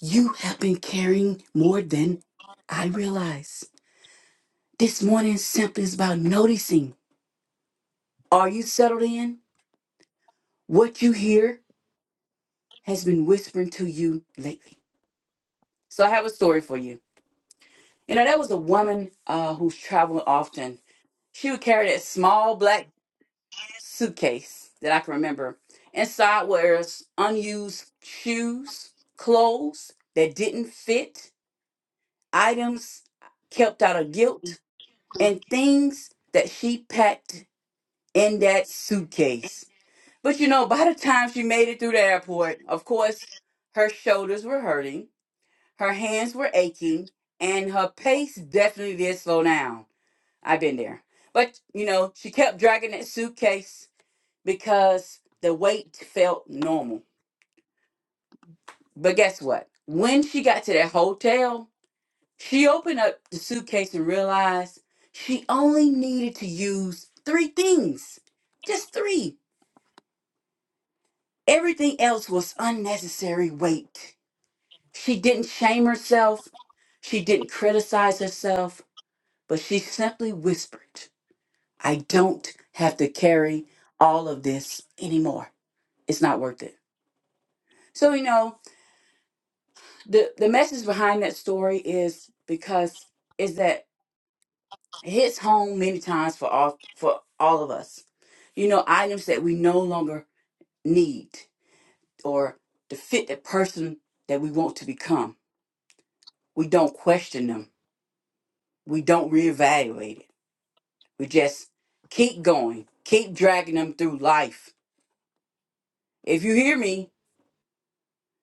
Speaker 16: You have been carrying more than I realize. This morning simply is about noticing. Are you settled in? What you hear has been whispering to you lately. So I have a story for you. You know, there was a woman uh, who's traveling often. She would carry that small black suitcase that I can remember. Inside was unused shoes, clothes that didn't fit, items kept out of guilt, and things that she packed in that suitcase. But you know, by the time she made it through the airport, of course, her shoulders were hurting, her hands were aching, and her pace definitely did slow down. I've been there. But you know, she kept dragging that suitcase because the weight felt normal. But guess what? When she got to that hotel, she opened up the suitcase and realized she only needed to use three things just three. Everything else was unnecessary weight. She didn't shame herself, she didn't criticize herself, but she simply whispered, I don't have to carry all of this anymore. It's not worth it. So, you know, the the message behind that story is because is that it hits home many times for all for all of us you know items that we no longer need or to fit the person that we want to become we don't question them we don't reevaluate it we just keep going keep dragging them through life if you hear me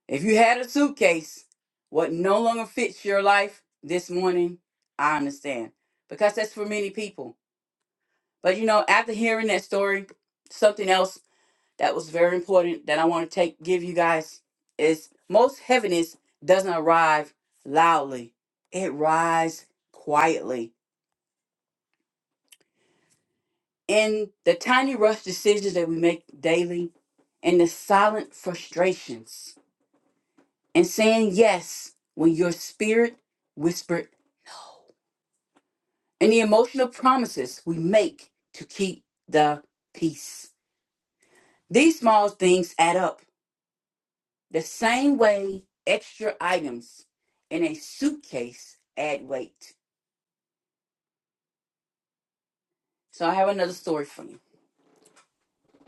Speaker 16: if you had a suitcase what no longer fits your life this morning i understand because that's for many people But you know, after hearing that story, something else that was very important that I want to take give you guys is most heaviness doesn't arrive loudly. It rises quietly in the tiny rush decisions that we make daily in the silent frustrations and saying yes when your spirit whispered no, and the emotional promises we make to keep the peace. These small things add up The same way extra items in a suitcase add weight. So I have another story for you.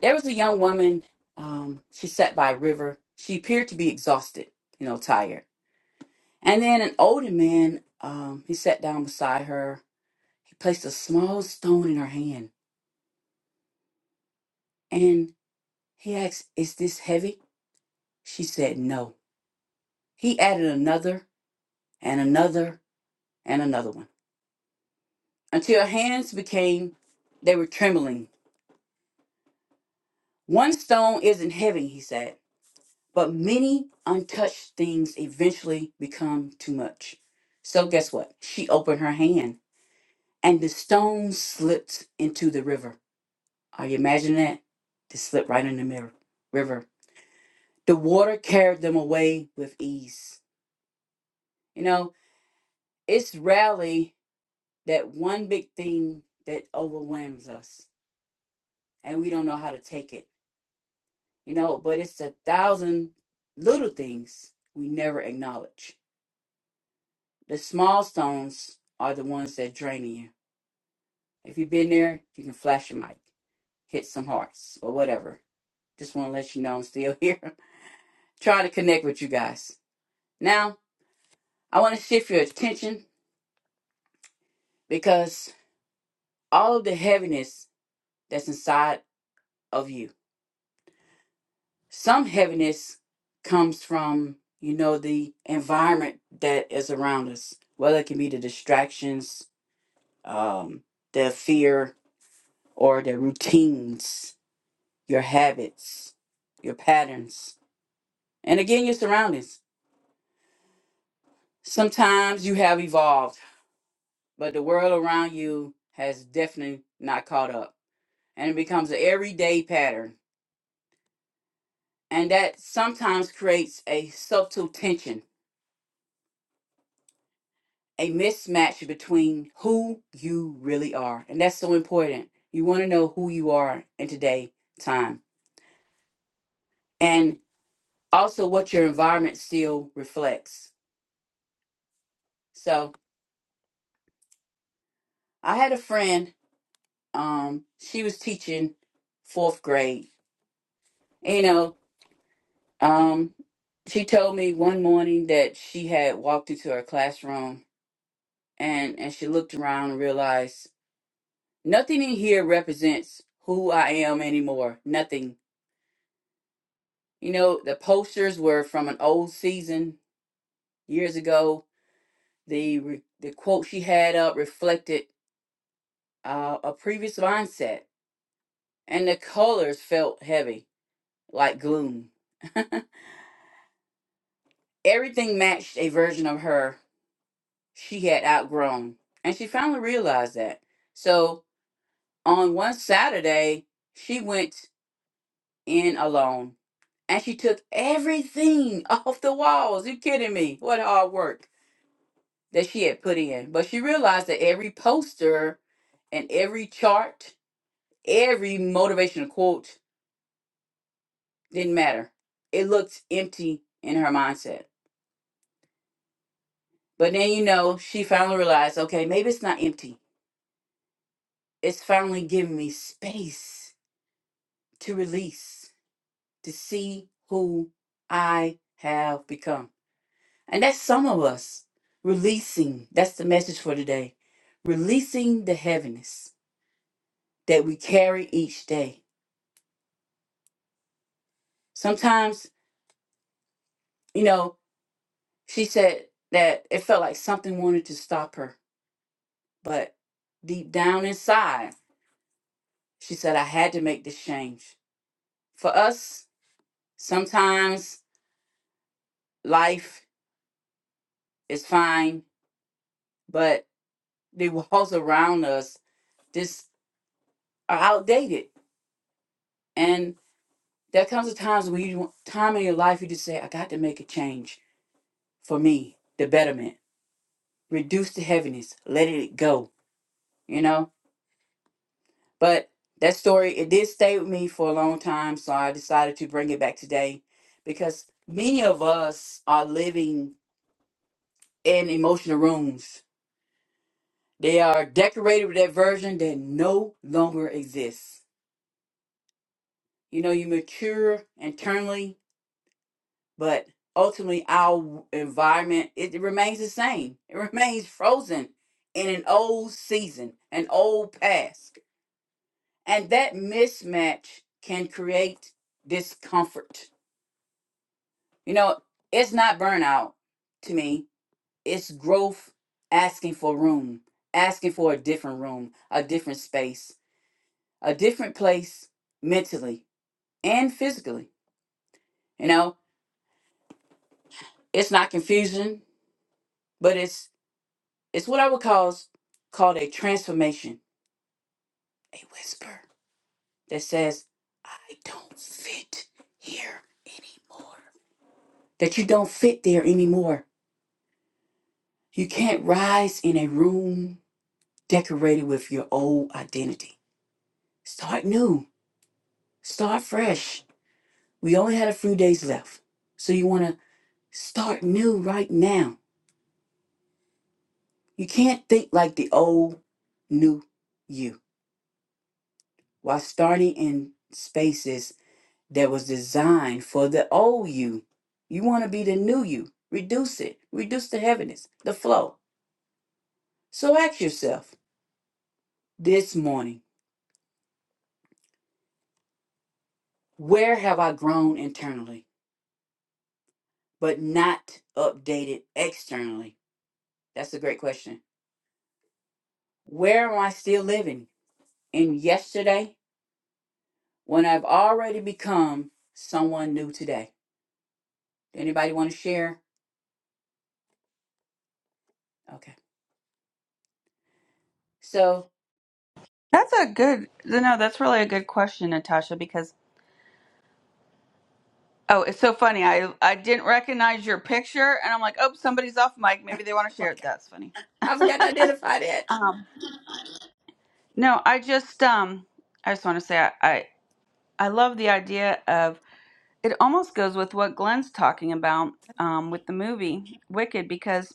Speaker 16: There was a young woman, um, she sat by a river. She appeared to be exhausted, you know, tired. And then an older man, um, he sat down beside her. He placed a small stone in her hand and he asked, Is this heavy? She said, No. He added another and another and another one until her hands became, they were trembling One stone isn't heavy, he said, but many untouched things eventually become too much. So guess what? She opened her hand and the stone slipped into the river. Are you imagining that? They slipped right in the mirror, river. The water carried them away with ease. You know, it's rarely that one big thing that overwhelms us and we don't know how to take it, you know, but it's a thousand little things we never acknowledge The small stones are the ones that drain you. If you've been there, you can flash your mic, hit some hearts, or whatever. Just want to let you know I'm still here, trying to connect with you guys. Now, I want to shift your attention because all of the heaviness that's inside of you, some heaviness comes from, you know, the environment that is around us, whether it can be the distractions, um, the fear, or the routines your habits, your patterns, and again, your surroundings. Sometimes you have evolved, but the world around you has definitely not caught up. And it becomes an everyday pattern. And that sometimes creates a subtle tension, a mismatch between who you really are. And that's so important. You want to know who you are in today time and also what your environment still reflects. So I had a friend um she was teaching fourth grade you know um she told me one morning that she had walked into her classroom and and she looked around and realized nothing in here represents who i am anymore nothing you know the posters were from an old season years ago the re- the quote she had up reflected uh, a previous mindset and the colors felt heavy like gloom Everything matched a version of her she had outgrown, and she finally realized that. So on one Saturday, she went in alone and she took everything off the walls. You kidding me? What hard work that she had put in. But she realized that every poster and every chart, every motivational quote didn't matter. It looked empty in her mindset. But then, you know, she finally realized okay, maybe it's not empty It's finally giving me space to release, to see who I have become. And that's some of us releasing. That's the message for today. Releasing the heaviness that we carry each day. Sometimes, you know, she said that it felt like something wanted to stop her, but deep down inside, she said, I had to make this change. For us, sometimes life is fine, but the walls around us just are outdated. And there comes a times when you time in your life you just say, I got to make a change for me, the betterment. Reduce the heaviness. Let it go. You know? But that story, it did stay with me for a long time. So I decided to bring it back today because many of us are living in emotional rooms. They are decorated with that version that no longer exists. You know, you mature internally but ultimately our environment it remains the same it remains frozen in an old season an old past and that mismatch can create discomfort you know it's not burnout to me it's growth asking for room asking for a different room a different space a different place mentally and physically you know it's not confusion but it's It's what I would call called a transformation, a whisper that says, "I don't fit here anymore." That you don't fit there anymore. You can't rise in a room decorated with your old identity. Start new. Start fresh. We only had a few days left. So you want to start new right now. You can't think like the old new you while starting in spaces that was designed for the old you. You want to be the new you. Reduce it. Reduce the heaviness, the flow. So ask yourself this morning where have I grown internally, but not updated externally? That's a great question. Where am I still living? In yesterday, when I've already become someone new today. Anybody want to share? Okay. So
Speaker 1: That's a good no. That's really a good question, Natasha. Because oh, it's so funny. I I didn't recognize your picture, and I'm like, oh, somebody's off mic. Maybe they want to share it. That's funny.
Speaker 16: I forgot to identify that.
Speaker 1: Um, no, I just um, I just want to say I, I I love the idea of it. Almost goes with what Glenn's talking about um with the movie Wicked because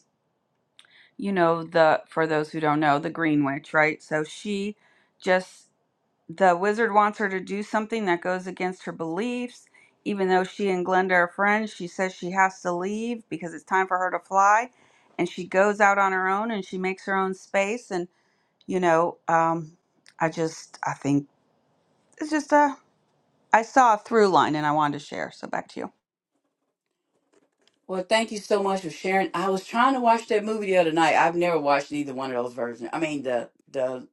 Speaker 1: you know the for those who don't know the green witch right so she just the wizard wants her to do something that goes against her beliefs even though she and glenda are friends she says she has to leave because it's time for her to fly and she goes out on her own and she makes her own space and you know um i just i think it's just a i saw a through line and i wanted to share so back to you
Speaker 16: Well, thank you so much for sharing. I was trying to watch that movie the other night. I've never watched either one of those versions. I mean, the the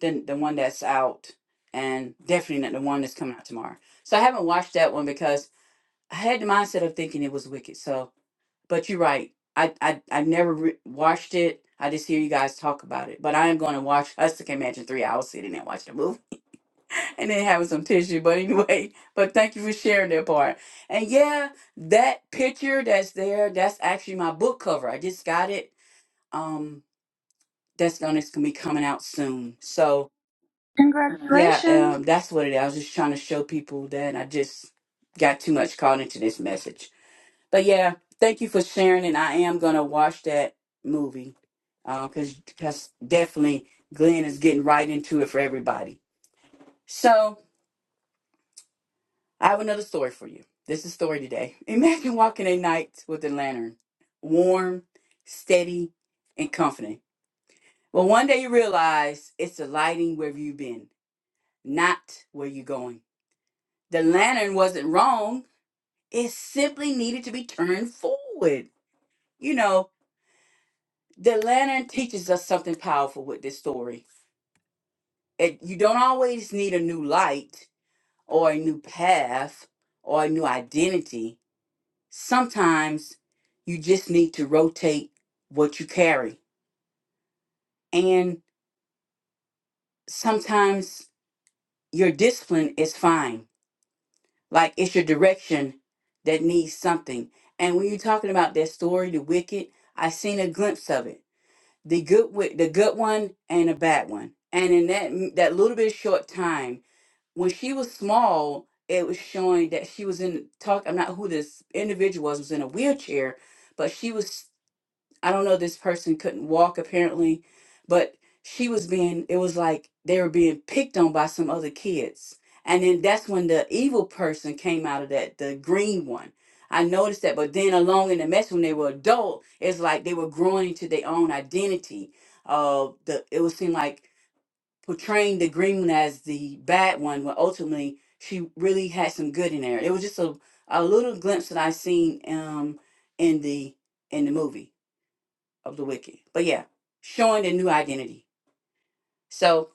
Speaker 16: the the one that's out, and definitely not the one that's coming out tomorrow. So I haven't watched that one because I had the mindset of thinking it was wicked. So, but you're right. I I I never re- watched it. I just hear you guys talk about it. But I am going to watch. I still can imagine three hours sitting there watching a movie and then having some tissue. But anyway, but thank you for sharing that part. And yeah, that picture that's there, that's actually my book cover. I just got it. Um, that's gonna it's gonna be coming out soon. So yeah,
Speaker 1: congratulations
Speaker 16: um, that's what it is. I was just trying to show people that I just got too much caught into this message. But yeah, thank you for sharing, and I am gonna watch that movie. Uh, cause, cause definitely Glenn is getting right into it for everybody. So I have another story for you. This is story today. Imagine walking a night with a lantern, warm, steady, and comforting. But one day you realize it's the lighting where you've been, not where you're going. The lantern wasn't wrong, it simply needed to be turned forward. You know, the lantern teaches us something powerful with this story. It, you don't always need a new light or a new path or a new identity sometimes you just need to rotate what you carry. And sometimes your discipline is fine. Like it's your direction that needs something. And when you're talking about that story, the wicked, I seen a glimpse of it. The good wi- the good one and a bad one. And in that mm, that little bit of short time, when she was small, it was showing that she was in talk. I'm not who this individual was was in a wheelchair, but she was. I don't know, this person couldn't walk apparently, but she was being, it was like they were being picked on by some other kids. And then that's when the evil person came out of that, the green one. I noticed that, but then along in the mess when they were adult, it's like they were growing into their own identity. Uh, the it would seem like portraying the green one as the bad one, when ultimately she really had some good in there. It was just a, a little glimpse that I seen um in the in the movie of the wicked. But yeah, showing a new identity. So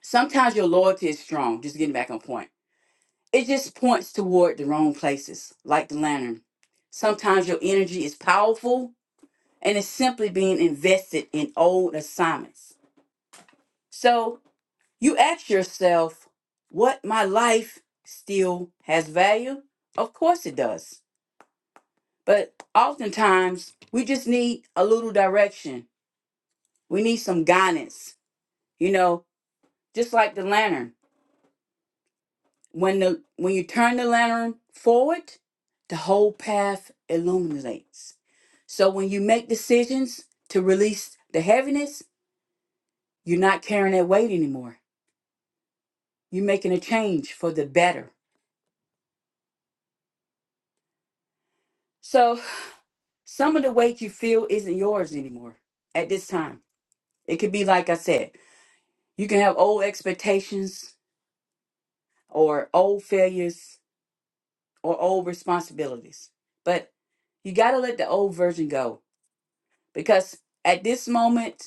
Speaker 16: sometimes your loyalty is strong, just getting back on point. It just points toward the wrong places, like the lantern. Sometimes your energy is powerful and it's simply being invested in old assignments. So you ask yourself, what my life still has value? Of course it does. But oftentimes we just need a little direction. We need some guidance. You know, just like the lantern. When the when you turn the lantern forward, the whole path illuminates. So when you make decisions to release the heaviness, you're not carrying that weight anymore. You're making a change for the better. So some of the weight you feel isn't yours anymore at this time. It could be like I said, you can have old expectations or old failures or old responsibilities. But you got to let the old version go because at this moment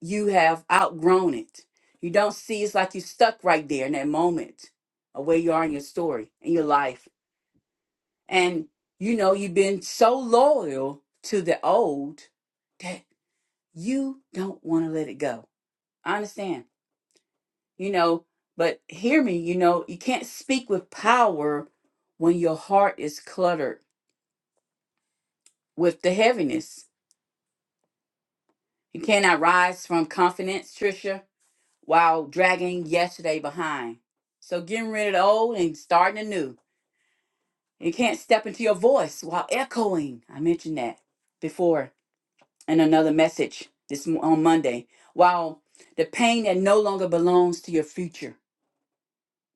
Speaker 16: you have outgrown it. You don't see it's like you're stuck right there in that moment of where you are in your story, in your life. And you know, you've been so loyal to the old that you don't want to let it go. I understand, you know, but hear me, you know, you can't speak with power when your heart is cluttered with the heaviness. You cannot rise from confidence, Trisha while dragging yesterday behind. So getting rid of the old and starting anew. You can't step into your voice while echoing. I mentioned that before in another message this m- on Monday. While the pain that no longer belongs to your future.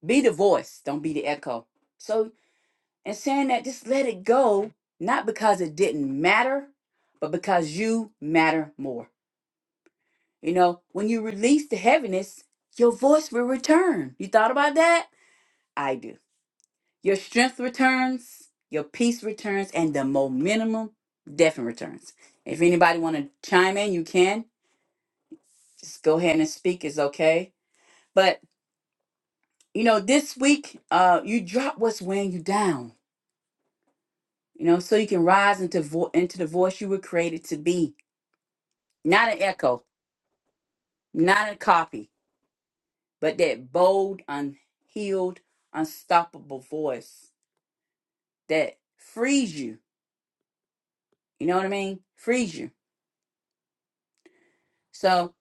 Speaker 16: Be the voice, don't be the echo. So in saying that, just let it go, not because it didn't matter, but because you matter more. You know, when you release the heaviness, your voice will return. You thought about that? I do. Your strength returns, your peace returns, and the momentum definitely returns. If anybody want to chime in, you can. Just go ahead and speak. It's okay. But you know, this week, uh, you drop what's weighing you down. You know, so you can rise into vo- into the voice you were created to be. Not an echo, not a copy, but that bold, unhealed, unstoppable voice that frees you. You know what I mean? Frees you. So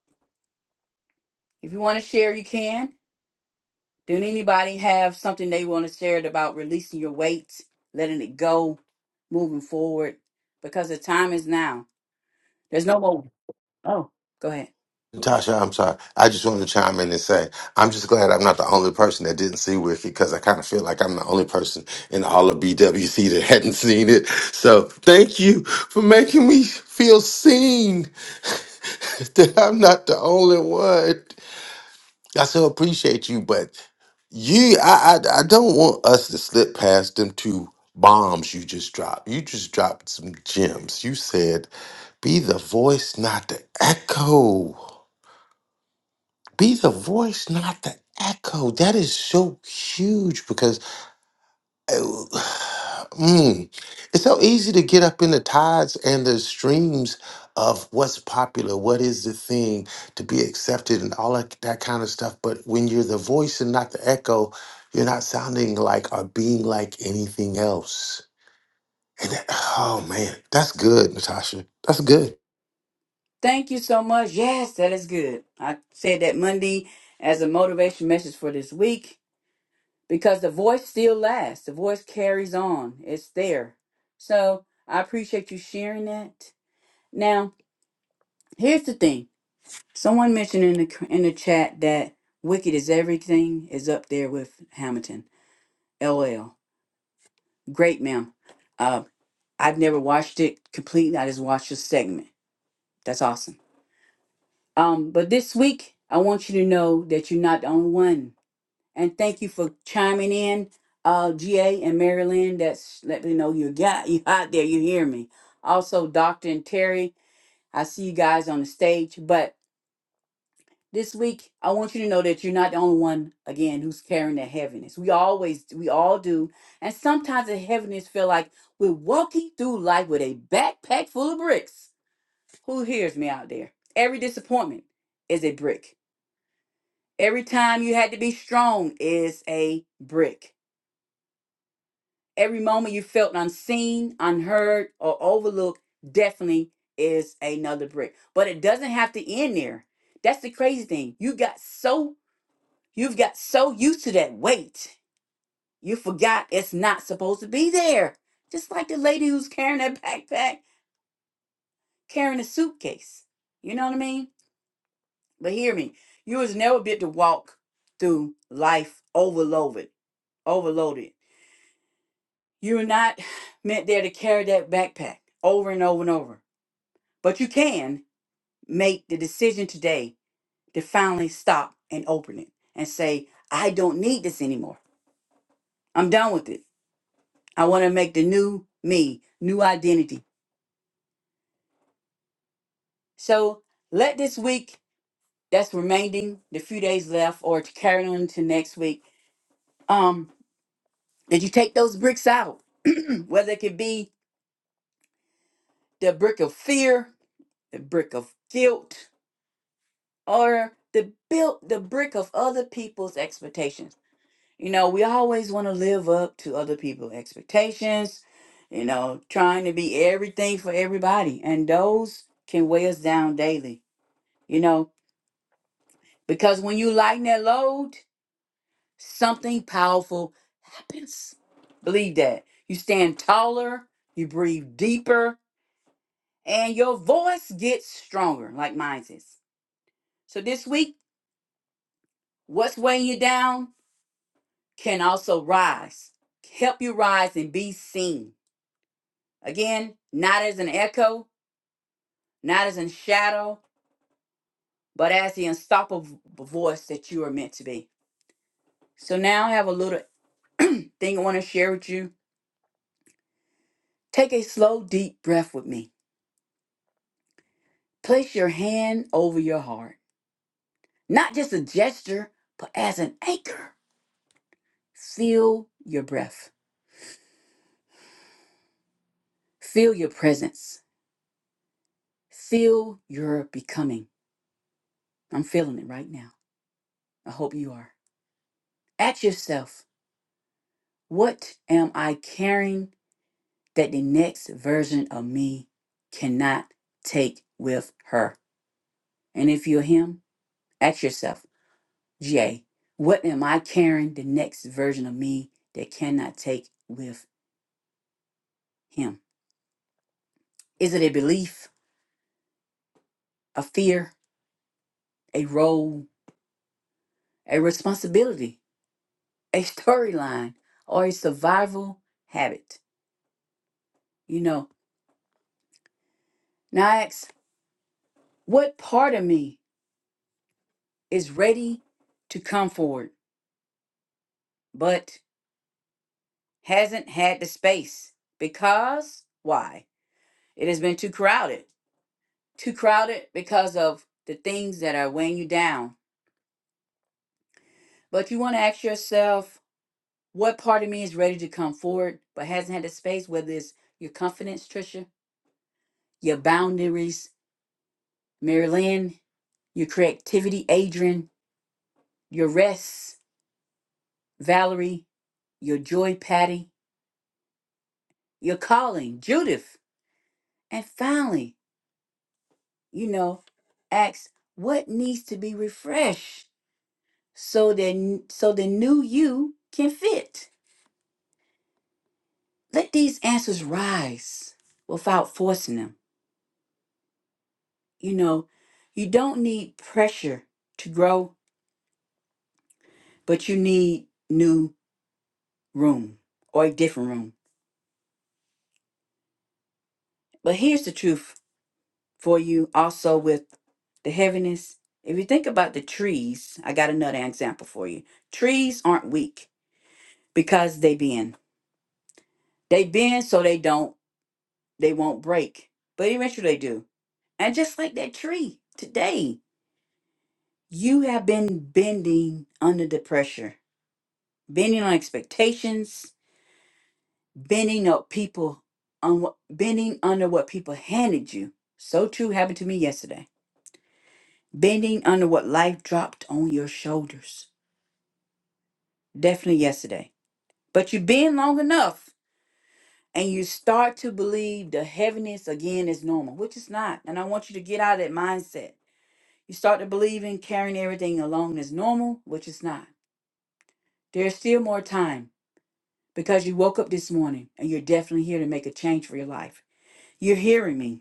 Speaker 16: if you want to share, you can. Did anybody have something they want to share about releasing your weight, letting it go, moving forward? Because the time is now. There's no more. Oh, go ahead.
Speaker 10: Tasha, I'm sorry. I just wanted to chime in and say I'm just glad I'm not the only person that didn't see Wicked because I kind of feel like I'm the only person in all of BWC that hadn't seen it. So thank you for making me feel seen that I'm not the only one. I so appreciate you, but you, I, I, I don't want us to slip past them two bombs you just dropped. You just dropped some gems. You said, "Be the voice, not the echo." Be the voice, not the echo. That is so huge because uh, mm, it's so easy to get up in the tides and the streams of what's popular, what is the thing to be accepted, and all that, that kind of stuff. But when you're the voice and not the echo, you're not sounding like or being like anything else. And that, oh man, that's good, Natasha. That's good.
Speaker 16: Thank you so much. Yes, that is good. I said that Monday as a motivation message for this week because the voice still lasts. The voice carries on. It's there. So I appreciate you sharing that. Now, here's the thing. Someone mentioned in the in the chat that Wicked is everything is up there with Hamilton. LL. Great, ma'am. Uh, I've never watched it completely. I just watched a segment. That's awesome. Um, but this week, I want you to know that you're not the only one. And thank you for chiming in, uh, GA and Marilyn. That's let me know you got you out there. You hear me. Also, Doctor and Terry. I see you guys on the stage, but this week, I want you to know that you're not the only one again who's carrying that heaviness. We always, we all do, and sometimes the heaviness feel like we're walking through life with a backpack full of bricks. Who hears me out there? Every disappointment is a brick. Every time you had to be strong is a brick. Every moment you felt unseen, unheard, or overlooked definitely is another brick. But it doesn't have to end there. That's the crazy thing. You got so You've got so used to that weight, you forgot it's not supposed to be there. Just like the lady who's carrying that backpack, carrying a suitcase. You know what I mean? But hear me, you was never built to walk through life overloaded, overloaded. You were not meant there to carry that backpack over and over and over. But you can make the decision today to finally stop and open it and say, I don't need this anymore. I'm done with it. I want to make the new me, new identity. So let this week that's remaining, the few days left, or to carry on to next week, um, that you take those bricks out, whether it could be the brick of fear, the brick of guilt, or the built the brick of other people's expectations. You know, we always want to live up to other people's expectations, you know, trying to be everything for everybody. And those can weigh us down daily. You know, Because when you lighten that load, something powerful happens. Believe that. You stand taller, you breathe deeper, and your voice gets stronger, like mine is. So this week, what's weighing you down can also rise, help you rise and be seen. Again, not as an echo, not as a shadow, but as the unstoppable voice that you are meant to be. So now I have a little thing I want to share with you Take a slow, deep breath with me. Place your hand over your heart, not just a gesture, but as an anchor. Feel your breath, feel your presence, feel your becoming. I'm feeling it right now. I hope you are. Ask yourself, what am I carrying that the next version of me cannot take with her? And if you're him, ask yourself, J. What am I carrying the next version of me that cannot take with him? Is it a belief, a fear, a role, a responsibility, a storyline, or a survival habit? You know, now I ask, what part of me is ready to come forward but hasn't had the space? Because why? It has been too crowded. Too crowded because of the things that are weighing you down But you want to ask yourself what part of me is ready to come forward but hasn't had the space, whether it's your confidence, Trisha, your boundaries, Mary Lynn, your creativity, Adrian, your rest, Valerie, your joy, Patty, your calling, Judith. And finally, you know, ask what needs to be refreshed so that so the new you can fit. Let these answers rise without forcing them You know, you don't need pressure to grow, but you need new room or a different room. But here's the truth for you also with the heaviness. If you think about the trees, I got another example for you. Trees aren't weak because they bend. They bend so they don't they won't break. But eventually they do. And just like that tree today, you have been bending under the pressure, bending on expectations, bending up people on what bending under what people handed you. So true happened to me yesterday. Bending under what life dropped on your shoulders. Definitely yesterday. But you bend long enough and you start to believe the heaviness again is normal, which is not. And I want you to get out of that mindset. You start to believe in carrying everything along as normal, which is not. There's still more time because you woke up this morning and you're definitely here to make a change for your life. You're hearing me.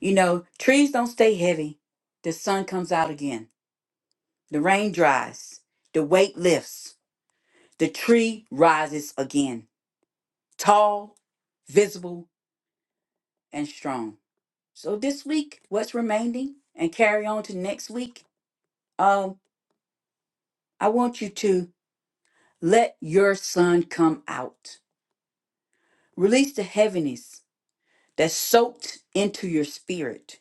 Speaker 16: You know, trees don't stay heavy. The sun comes out again. The rain dries. The weight lifts. The tree rises again, tall, visible, and strong. So this week, what's remaining and carry on to next week, um, I want you to let your sun come out. Release the heaviness that's soaked into your spirit.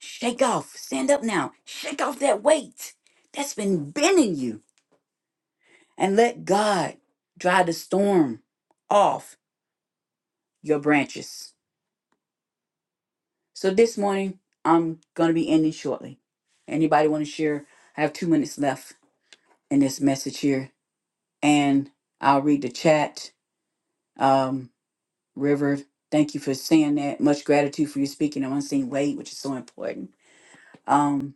Speaker 16: Shake off, stand up now, shake off that weight that's been bending you and let God dry the storm off your branches. So this morning, I'm going to be ending shortly. Anybody want to share? I have two minutes left in this message here, and I'll read the chat. Um, River, thank you for saying that. Much gratitude for you speaking on unseen weight, which is so important. Um,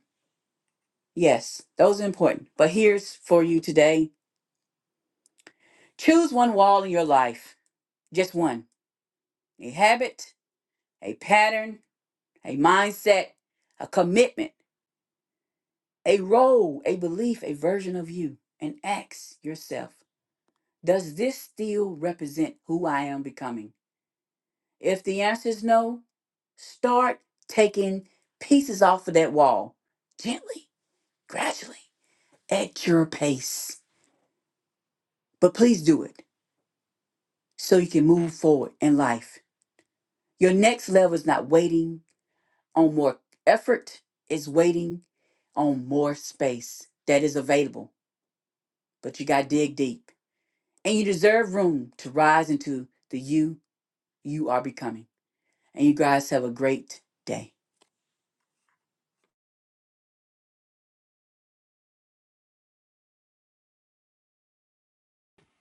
Speaker 16: yes, those are important. But here's for you today: choose one wall in your life, just one, a habit, a pattern, a mindset, a commitment, a role, a belief, a version of you, and ask yourself, does this still represent who I am becoming? If the answer is no, start taking pieces off of that wall gently, gradually, at your pace. But please do it so you can move forward in life. Your next level is not waiting on more effort, it's waiting on more space that is available but you got to dig deep. And you deserve room to rise into the you you are becoming. And you guys have a great day.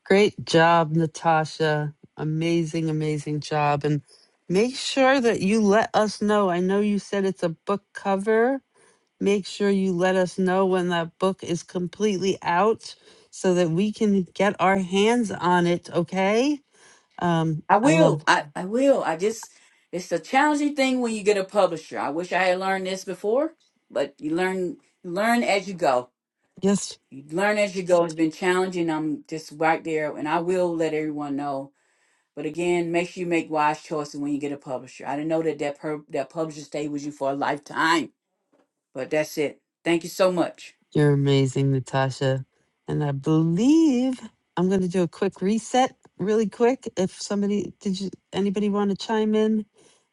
Speaker 2: Great job, Natasha. Amazing, amazing job. And make sure that you let us know. I know you said it's a book cover. Make sure you let us know when that book is completely out so that we can get our hands on it, okay? Um,
Speaker 16: I
Speaker 2: I love,
Speaker 16: will. I, I will. I just, it's a challenging thing when you get a publisher. I wish I had learned this before, but you learn, you learn as you go.
Speaker 2: yes,
Speaker 16: You learn as you go. It's been challenging. I'm just right there. And I will let everyone know. But again, make sure you make wise choices when you get a publisher. I didn't know that that, per, that publisher stayed with you for a lifetime, but that's it. Thank you so much.
Speaker 2: you're amazing, Natasha. And I believe I'm going to do a quick reset, really quick. If somebody, did you, anybody want to chime in?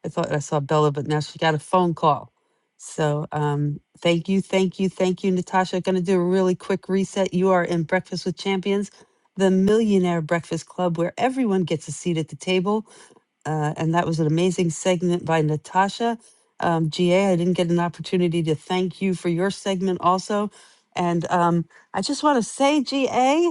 Speaker 2: I thought I saw Bella, but now she got a phone call. So um, thank you, thank you, thank you, Natasha. Going to do a really quick reset. You are in Breakfast with Champions, the Millionaire Breakfast Club, where everyone gets a seat at the table. uh, and that was an amazing segment by Natasha. Um, GA, I didn't get an opportunity to thank you for your segment also. And um, I just want to say, GA,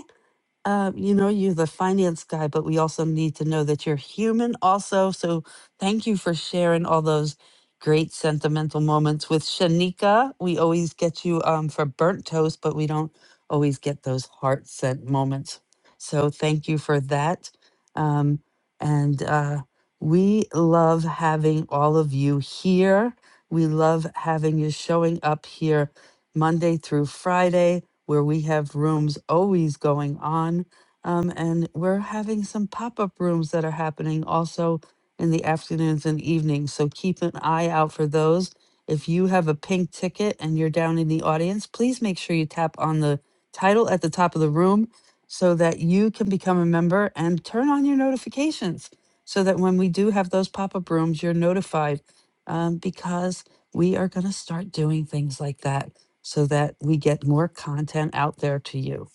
Speaker 2: uh, you know, you're the finance guy, but we also need to know that you're human, also. So thank you for sharing all those great sentimental moments with Shanika. We always get you um, for burnt toast, but we don't always get those heart sent moments. So thank you for that. Um, and uh, we love having all of you here. We love having you showing up here Monday through Friday where we have rooms always going on. Um, and we're having some pop up rooms that are happening also in the afternoons and evenings. So keep an eye out for those. If you have a pink ticket and you're down in the audience, please make sure you tap on the title at the top of the room so that you can become a member and turn on your notifications so that when we do have those pop up rooms, you're notified um, because we are going to start doing things like that so that we get more content out there to you.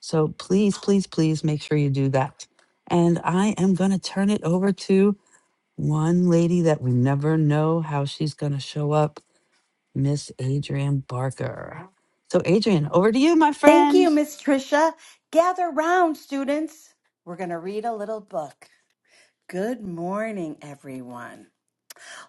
Speaker 2: So please, please, please make sure you do that. And I am going to turn it over to one lady that we never know how she's going to show up, Miss Adrian Barker. So, Adrian, over to you, my
Speaker 17: Thank
Speaker 2: friend.
Speaker 17: you, Miss Tricia. Gather round, students. We're going to read a little book. Good morning, everyone.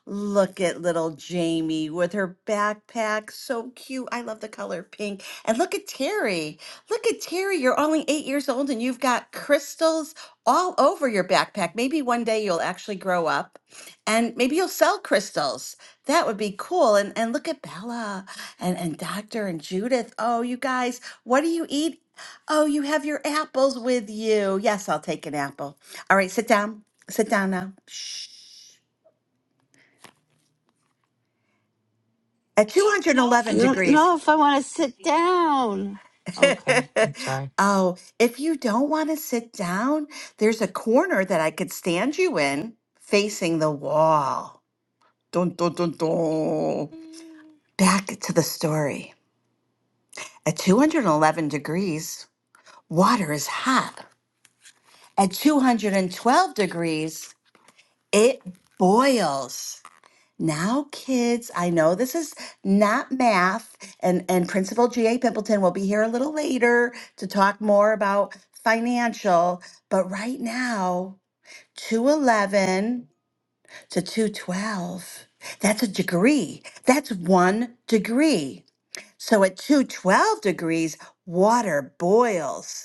Speaker 17: Look at little Jamie with her backpack. So cute. I love the color pink. And look at Terry. Look at Terry. You're only eight years old and you've got crystals all over your backpack. Maybe one day you'll actually grow up and maybe you'll sell crystals. That would be cool. And and look at Bella and, and Doctor and Judith. Oh, you guys, what do you eat? Oh, you have your apples with you. Yes, I'll take an apple. All right, sit down. Sit down now. Shh. At
Speaker 2: I
Speaker 17: 211
Speaker 2: don't
Speaker 17: degrees.
Speaker 2: know if I want to sit down. Okay, I'm sorry.
Speaker 17: oh, if you don't want to sit down, there's a corner that I could stand you in facing the wall. Dun, dun, dun, dun. Back to the story. At 211 degrees, water is hot. At 212 degrees, it boils. Now, kids, I know this is not math, and, and Principal G.A. Pimpleton will be here a little later to talk more about financial, but right now, 211 to 212, that's a degree. That's one degree. So at 212 degrees, water boils.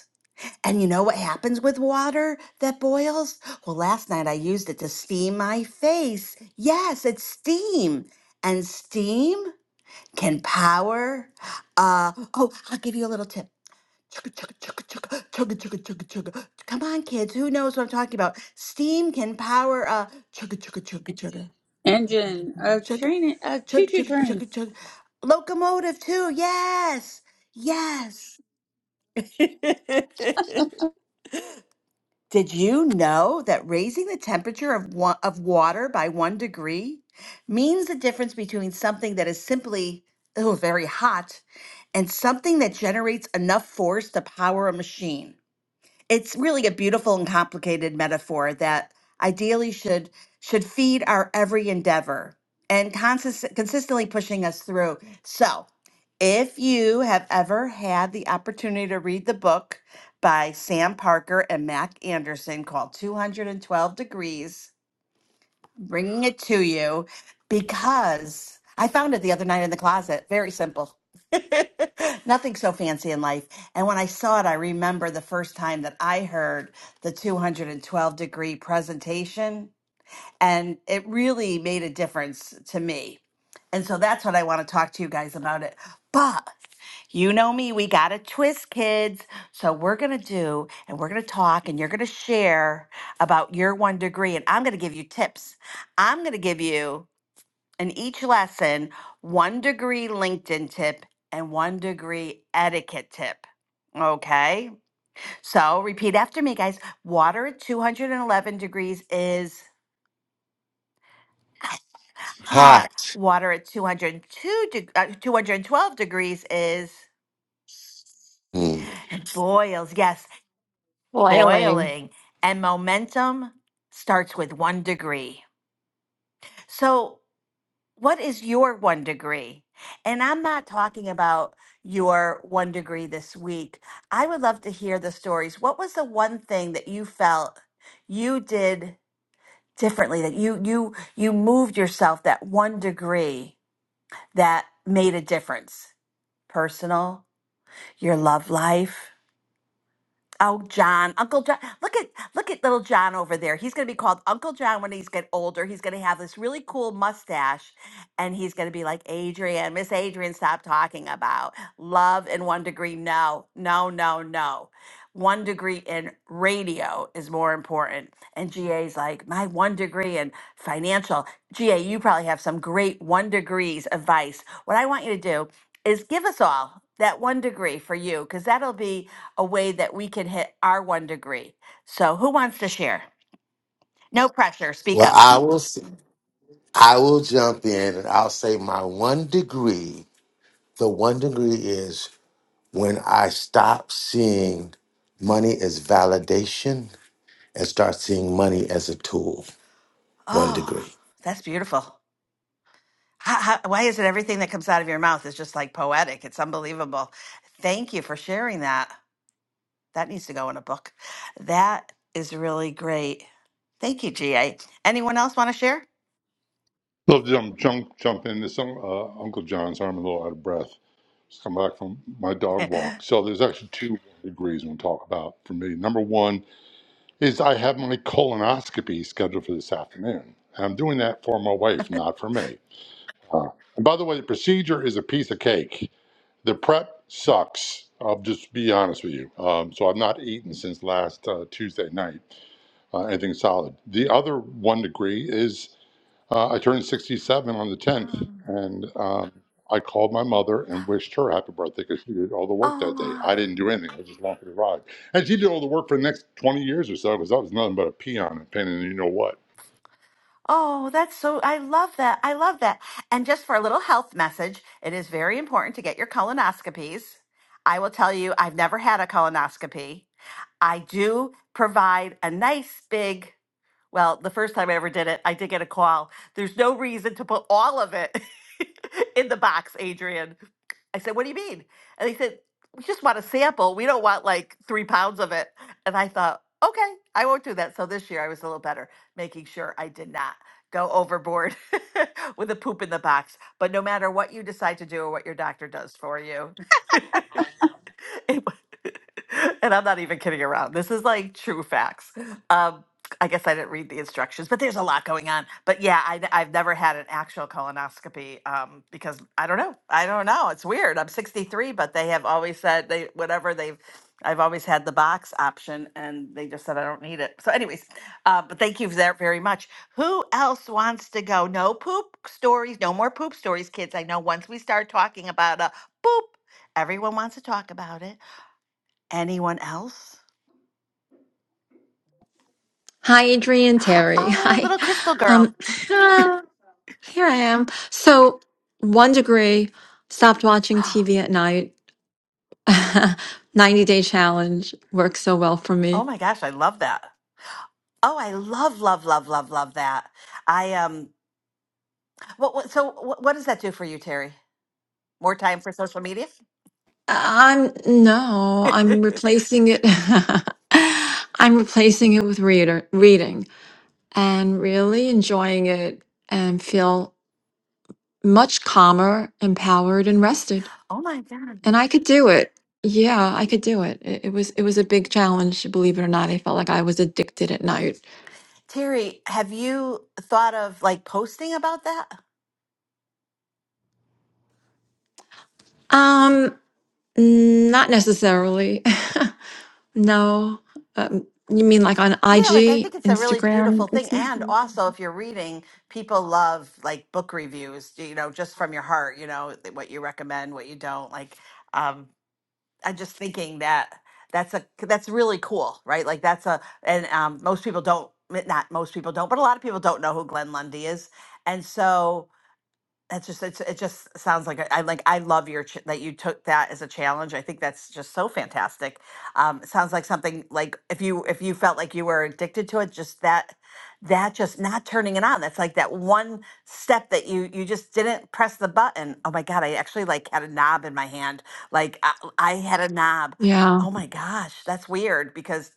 Speaker 17: And you know what happens with water that boils? Well, last night I used it to steam my face. Yes, it's steam. And steam can power. Uh, oh, I'll give you a little tip. Chugga, chugga, chugga, chugga, chugga, chugga, chugga, chugga. Come on, kids. Who knows what I'm talking about? Steam can power uh, chugga, chugga, chugga, chugga,
Speaker 1: engine a
Speaker 17: chugga,
Speaker 1: train a
Speaker 17: chugga,
Speaker 1: choo-choo
Speaker 17: chugga,
Speaker 1: train
Speaker 17: chugga, chugga. Locomotive, too. Yes. Yes. Did you know that raising the temperature of, wa- of water by one degree means the difference between something that is simply oh, very hot and something that generates enough force to power a machine? it's really a beautiful and complicated metaphor that ideally should should feed our every endeavor and consist- consistently pushing us through so if you have ever had the opportunity to read the book by sam parker and mac anderson called 212 degrees bringing it to you because I found it the other night in the closet. Very simple. Nothing so fancy in life. And when I saw it, I remember the first time that I heard the 212 degree presentation and it really made a difference to me. And so that's what I want to talk to you guys about it. But you know me, we got to twist kids. So we're going to do and we're going to talk and you're going to share about your one degree and I'm going to give you tips. I'm going to give you in each lesson one degree LinkedIn tip and one degree etiquette tip. Okay? So repeat after me guys. Water at 211 degrees is Hot
Speaker 10: Hot.
Speaker 17: water at 202 deg- uh, 212 degrees is
Speaker 10: Mm.
Speaker 17: and boils. Yes,
Speaker 18: flailing.
Speaker 17: boiling. And momentum starts with 1 degree. So, what is your 1 degree? And I'm not talking about your 1 degree this week. I would love to hear the stories. What was the one thing that you felt you did differently that you you you moved yourself that 1 degree that made a difference? personal, your love life. Oh, John, Uncle John. Look at look at little John over there. He's going to be called Uncle John when he's get older. He's going to have this really cool mustache and he's going to be like Adrian, Miss Adrian, stop talking about love and one degree. No, no, no, no. One degree in radio is more important. And GA's like, my one degree in financial. GA, you probably have some great one degrees advice. What I want you to do is give us all that one degree for you because that'll be a way that we can hit our one degree. So, who wants to share? No pressure. Speak
Speaker 10: Well,
Speaker 17: up.
Speaker 10: I will. I will jump in and I'll say my one degree. The one degree is when I stop seeing money as validation and start seeing money as a tool. One
Speaker 17: Oh,
Speaker 10: degree.
Speaker 17: that's beautiful. How, how, why is it everything that comes out of your mouth is just like poetic? It's unbelievable. Thank you for sharing that. That needs to go in a book. That is really great. Thank you, GA. Anyone else want to share?
Speaker 19: Love to jump, jump, jump in. This un- uh, Uncle John, sorry I'm a little out of breath. Just come back from my dog walk. So there's actually two degrees we'll talk about for me. Number one is I have my colonoscopy scheduled for this afternoon, and I'm doing that for my wife, not for me. Uh, and by the way, the procedure is a piece of cake. The prep sucks. I'll just be honest with you. Um, so I've not eaten since last uh, Tuesday night, uh, anything solid. The other one degree is uh, I turned 67 on the 10th,
Speaker 17: um,
Speaker 19: and um, I called my mother and wished her happy birthday because she did all the work that day.
Speaker 17: oh.
Speaker 19: I didn't do anything. I was just along for the ride. And she did all the work for the next 20 years or so because I was nothing but a peon and pain in the you know what.
Speaker 17: Oh, that's so, I love that. I love that. And just for a little health message, it is very important to get your colonoscopies. I will tell you, I've never had a colonoscopy. I do provide a nice big well, the first time I ever did it, I did get a call. There's no reason to put all of it in the box, Adrian. I said, What do you mean? And they said, We just want a sample. We don't want like three pounds of it. And I thought, Okay, I won't do that. So this year I was a little better, making sure I did not go overboard with the poop in the box. But no matter what you decide to do or what your doctor does for you, It wa- and I'm not even kidding around. This is like true facts. Um, I guess I didn't read the instructions, but there's a lot going on. But yeah, I, have never had an actual colonoscopy um, because I don't know. I don't know. It's weird. I'm 63, but they have always said they whatever they've. I've always had the box option, and they just said I don't need it. So, anyways, uh, but thank you for that very much. Who else wants to go? No poop stories. No more poop stories, kids. I know once we start talking about a boop. Everyone wants to talk about it. Anyone else?
Speaker 18: Hi, Adrian Terry.
Speaker 17: Oh,
Speaker 18: Hi.
Speaker 17: little crystal girl.
Speaker 18: Um, Ah. here I am. So, one degree, stopped watching TV at night. 90 day challenge works so well for
Speaker 17: Oh
Speaker 18: me.
Speaker 17: my gosh, I love that. Oh, I love, love, love, love, love that. I um, what, what so what, what does that do for you, Terry? More time for social media?
Speaker 18: I'm no, I'm
Speaker 17: oh
Speaker 18: replacing it. I'm replacing it with reader reading and really enjoying it and feel much calmer, empowered, and rested.
Speaker 17: my God.
Speaker 18: And I could do it. Yeah, I could do it. it. It was it was a big challenge, believe it or not. I felt like I was addicted at night.
Speaker 17: Terry, have you thought of like posting about that?
Speaker 18: Um, not necessarily. no. Um, you mean like on
Speaker 17: Yeah, like I think
Speaker 18: IG,
Speaker 17: it's a really beautiful
Speaker 18: Instagram?
Speaker 17: thing.
Speaker 18: It's my
Speaker 17: And also, if you're reading, people love like book reviews, you know, just from your heart, you know, what you recommend, what you don't. Like, um, I'm just thinking that that's a that's really cool, right? Like that's a and um, most people don't not most people don't, but a lot of people don't know who Glenn Lundy is, and so. That's just it's, it just sounds like a- I like I love your ch- that you took that as a challenge. I think that's just so fantastic. Um, it sounds like something like if you if you felt like you were addicted to it, just that that just not turning it on. That's like that one step that you you just didn't press the button. Oh my god, I actually like had a knob in my hand. Like I, I had a knob.
Speaker 18: yeah.
Speaker 17: Oh my gosh, that's weird because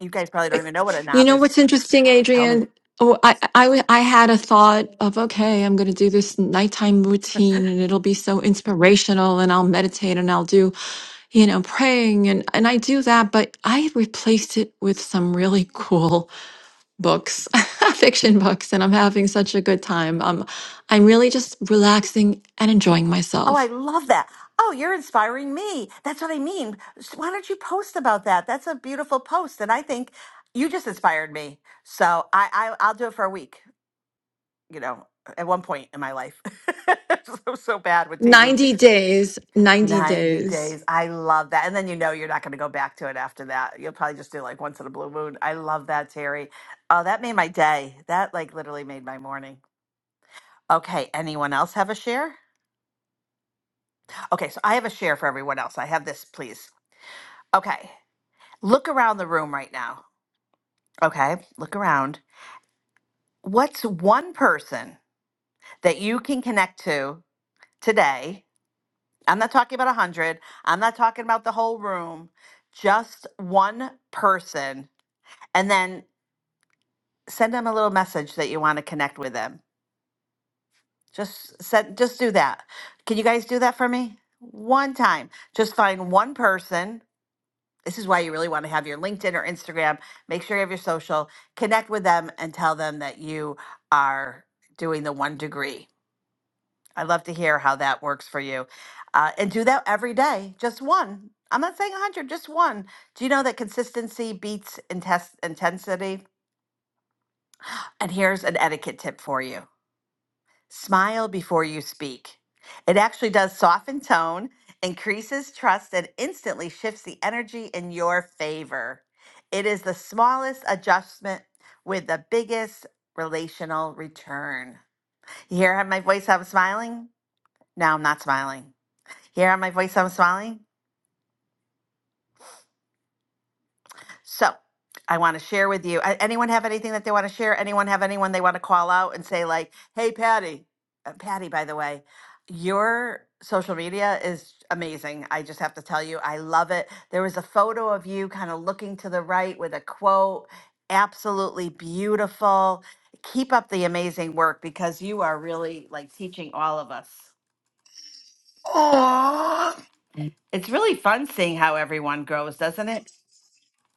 Speaker 17: you guys probably don't
Speaker 18: But
Speaker 17: even know what a
Speaker 18: you
Speaker 17: knob
Speaker 18: know
Speaker 17: is.
Speaker 18: what's interesting,
Speaker 17: Tell me.
Speaker 18: Adrian? Oh, I, I, w- I had a thought of, okay, I'm going to do this nighttime routine and it'll be so inspirational and I'll meditate and I'll do, you know, praying. And, and I do that, but I replaced it with some really cool books, fiction books. And I'm having such a good time. Um, I'm really just relaxing and enjoying
Speaker 17: Oh, I
Speaker 18: myself.
Speaker 17: love that. Oh, you're inspiring me. That's what I mean. S- Why don't you post about that? That's a beautiful post. And I think you just inspired me. So I, I I'll do it for a week, you know, at one point in my life. so, so bad with TV.
Speaker 18: 90 days, 90
Speaker 17: 90
Speaker 18: days.
Speaker 17: days. I love that. And then you know you're not going to go back to it after that. You'll probably just do like once in a blue moon. I love that, Terry. Oh, that made my day. That like literally made my morning. Okay. Anyone else have a share? Okay. So I have a share for everyone else. I have this, please. Okay. Look around the room right now. Okay, look around. What's one person that you can connect to today? I'm not talking about a 100, I'm not talking about the whole room, just one person. And then send them a little message that you want to connect with them. Just send, just do that. Can you guys do that for me? One time. Just find one person This is why you really want to have your LinkedIn or Instagram. Make sure you have your social, connect with them, and tell them that you are doing the one degree. I'd love to hear how that works for you. Uh, and do that every day, just one. I'm not saying 100, just one. Do you know that consistency beats intens- intensity? And here's an etiquette tip for you Smile before you speak. It actually does soften tone, increases trust, and instantly shifts the energy in your favor. It is the smallest adjustment with the biggest relational return. You hear how my voice I'm smiling? Now I'm not smiling. You hear how my voice I'm smiling? So I want to share with you. a- Anyone have anything that they want to share? Anyone have anyone they want to call out and say, like, hey, Patty, uh, Patty, by the way, your social media is amazing. I just have to tell you, I love it. There was a photo of you kind of looking to the right with a quote. Absolutely beautiful. Keep up the amazing work because you are really like teaching all of us.
Speaker 13: Oh,
Speaker 17: It's really fun seeing how everyone grows, doesn't it?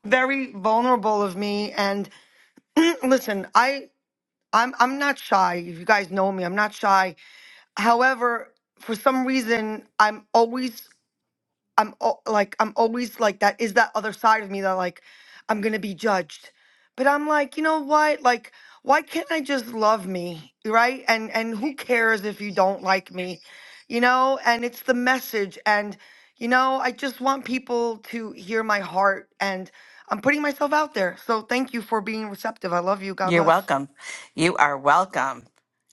Speaker 13: very vulnerable of me. And listen, I I'm I'm not shy. If you guys know me, I'm not shy. However, for some reason, I'm always, I'm al- like, I'm always like that. Is that other side of me that like, I'm gonna be judged? But I'm like, you know what? Like, why can't I just love me, right? And and who cares if you don't like me, you know? And it's the message, and you know, I just want people to hear my heart, and I'm putting myself out there. So thank you for being receptive. I love you. God
Speaker 17: You're
Speaker 13: bless.
Speaker 17: welcome. You are welcome.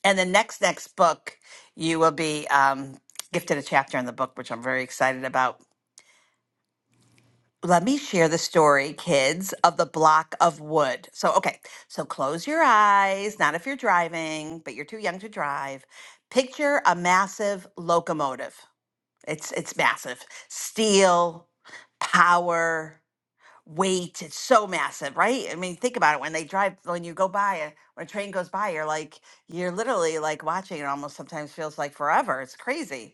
Speaker 17: And the next next book, you will be um, gifted a chapter in the book, which I'm very excited about. Let me share the story, kids, of the block of wood. So, okay, so close your eyes, not if you're driving, but you're too young to drive. Picture a massive locomotive. It's it's massive. Steel, power, weight. It's so massive, right? I mean, think about it. When they drive, when you go by, a, when a train goes by, you're like, you're literally like watching it almost sometimes feels like forever. It's crazy.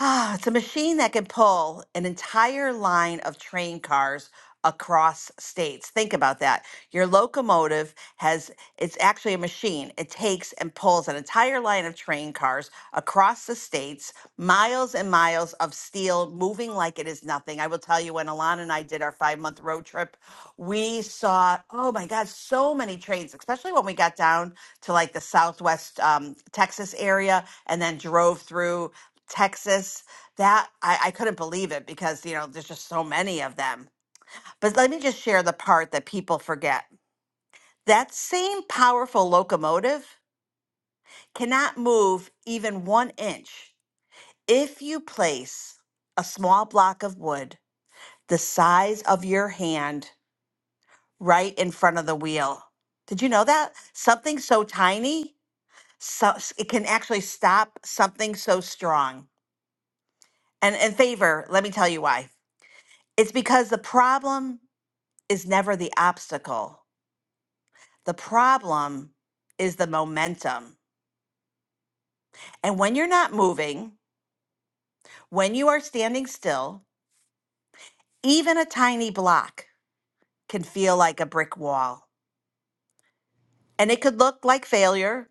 Speaker 17: Ah, it's a machine that can pull an entire line of train cars across states. Think about that. Your locomotive has, it's actually a machine. It takes and pulls an entire line of train cars across the states, miles and miles of steel moving like it is nothing. I will tell you, when Alana and I did our five month road trip, we saw, oh my God, so many trains, especially when we got down to like the Southwest um, Texas area and then drove through. Texas. That I, I couldn't believe it because, you know, there's just so many of them. But let me just share the part that people forget. That same powerful locomotive cannot move even one inch if you place a small block of wood the size of your hand right in front of the wheel. Did you know that? Something so tiny, so it can actually stop something so strong. And in favor, let me tell you why. It's because the problem is never the obstacle. The problem is the momentum. And when you're not moving, when you are standing still, even a tiny block can feel like a brick wall. And it could look like failure,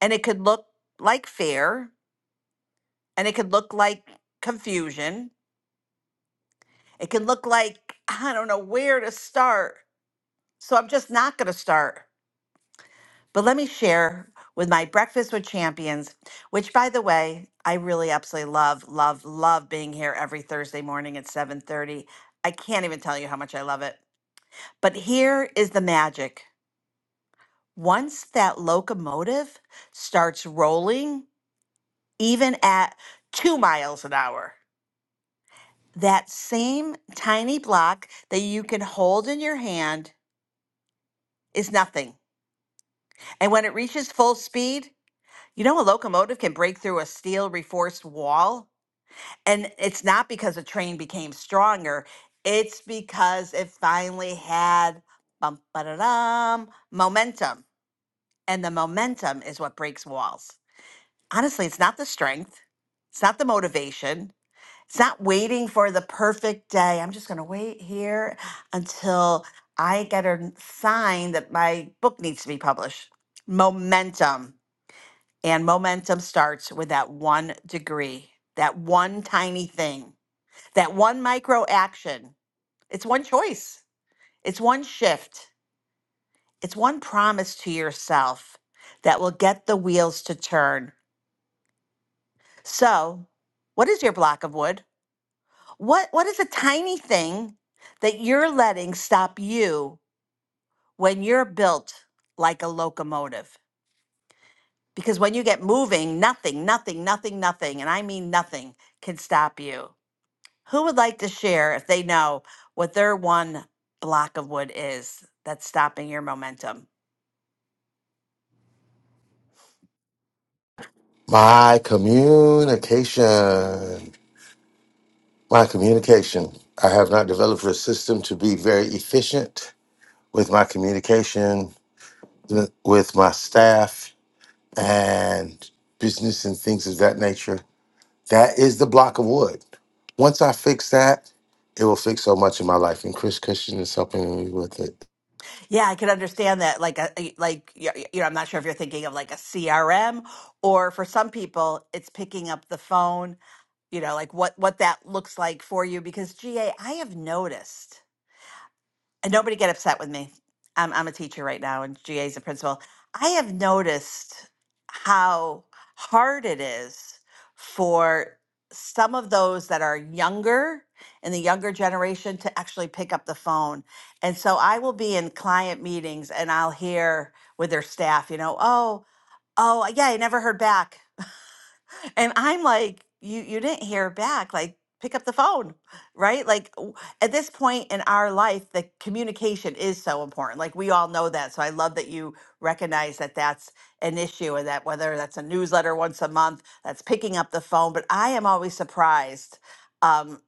Speaker 17: and it could look like fear, and it could look like confusion. It could look like, I don't know where to start. So I'm just not going to start. But let me share with my Breakfast with Champions, which by the way, I really absolutely love, love, love being here every Thursday morning at 7:30. I can't even tell you how much I love it. But here is the magic. Once that locomotive starts rolling, even at two miles an hour, that same tiny block that you can hold in your hand is nothing. And when it reaches full speed, you know, a locomotive can break through a steel reinforced wall and it's not because the train became stronger it's because it finally had bum, ba-da-dum, momentum and the momentum is what breaks walls honestly it's not the strength it's not the motivation it's not waiting for the perfect day i'm just going to wait here until i get a sign that my book needs to be published momentum and momentum starts with that one degree that one tiny thing that one micro action, it's one choice, it's one shift, it's one promise to yourself that will get the wheels to turn. So, what is your block of wood? What, what is a tiny thing that you're letting stop you when you're built like a locomotive? Because when you get moving, nothing, nothing, nothing, nothing, and I mean nothing, can stop you. Who would like to share if they know what their one block of wood is that's stopping your momentum?
Speaker 10: My communication. My communication. I have not developed a system to be very efficient with my communication, with my staff, and business and things of that nature. That is the block of wood. Once I fix that, it will fix so much in my life. And Chris Christian is helping me with it.
Speaker 17: Yeah, I can understand that. Like, a, a- like y- y- you know, I'm not sure if you're thinking of like a CRM, or for some people, it's picking up the phone. You know, like what what that looks like for you. Because GA, I have noticed. and nobody get upset with me. I'm, I'm a teacher right now, and GA is a principal. I have noticed how hard it is for some of those that are younger in the younger generation to actually pick up the phone. And so I will be in client meetings and I'll hear with their staff, you know, oh, oh, yeah, I never heard back. And I'm like, you you didn't hear back. Like, pick up the phone, right? Like w- at this point in our life, the communication is so important. Like we all know that. So I love that you recognize that that's an issue and that whether that's a newsletter once a month, that's picking up the phone. But I am always surprised. Um,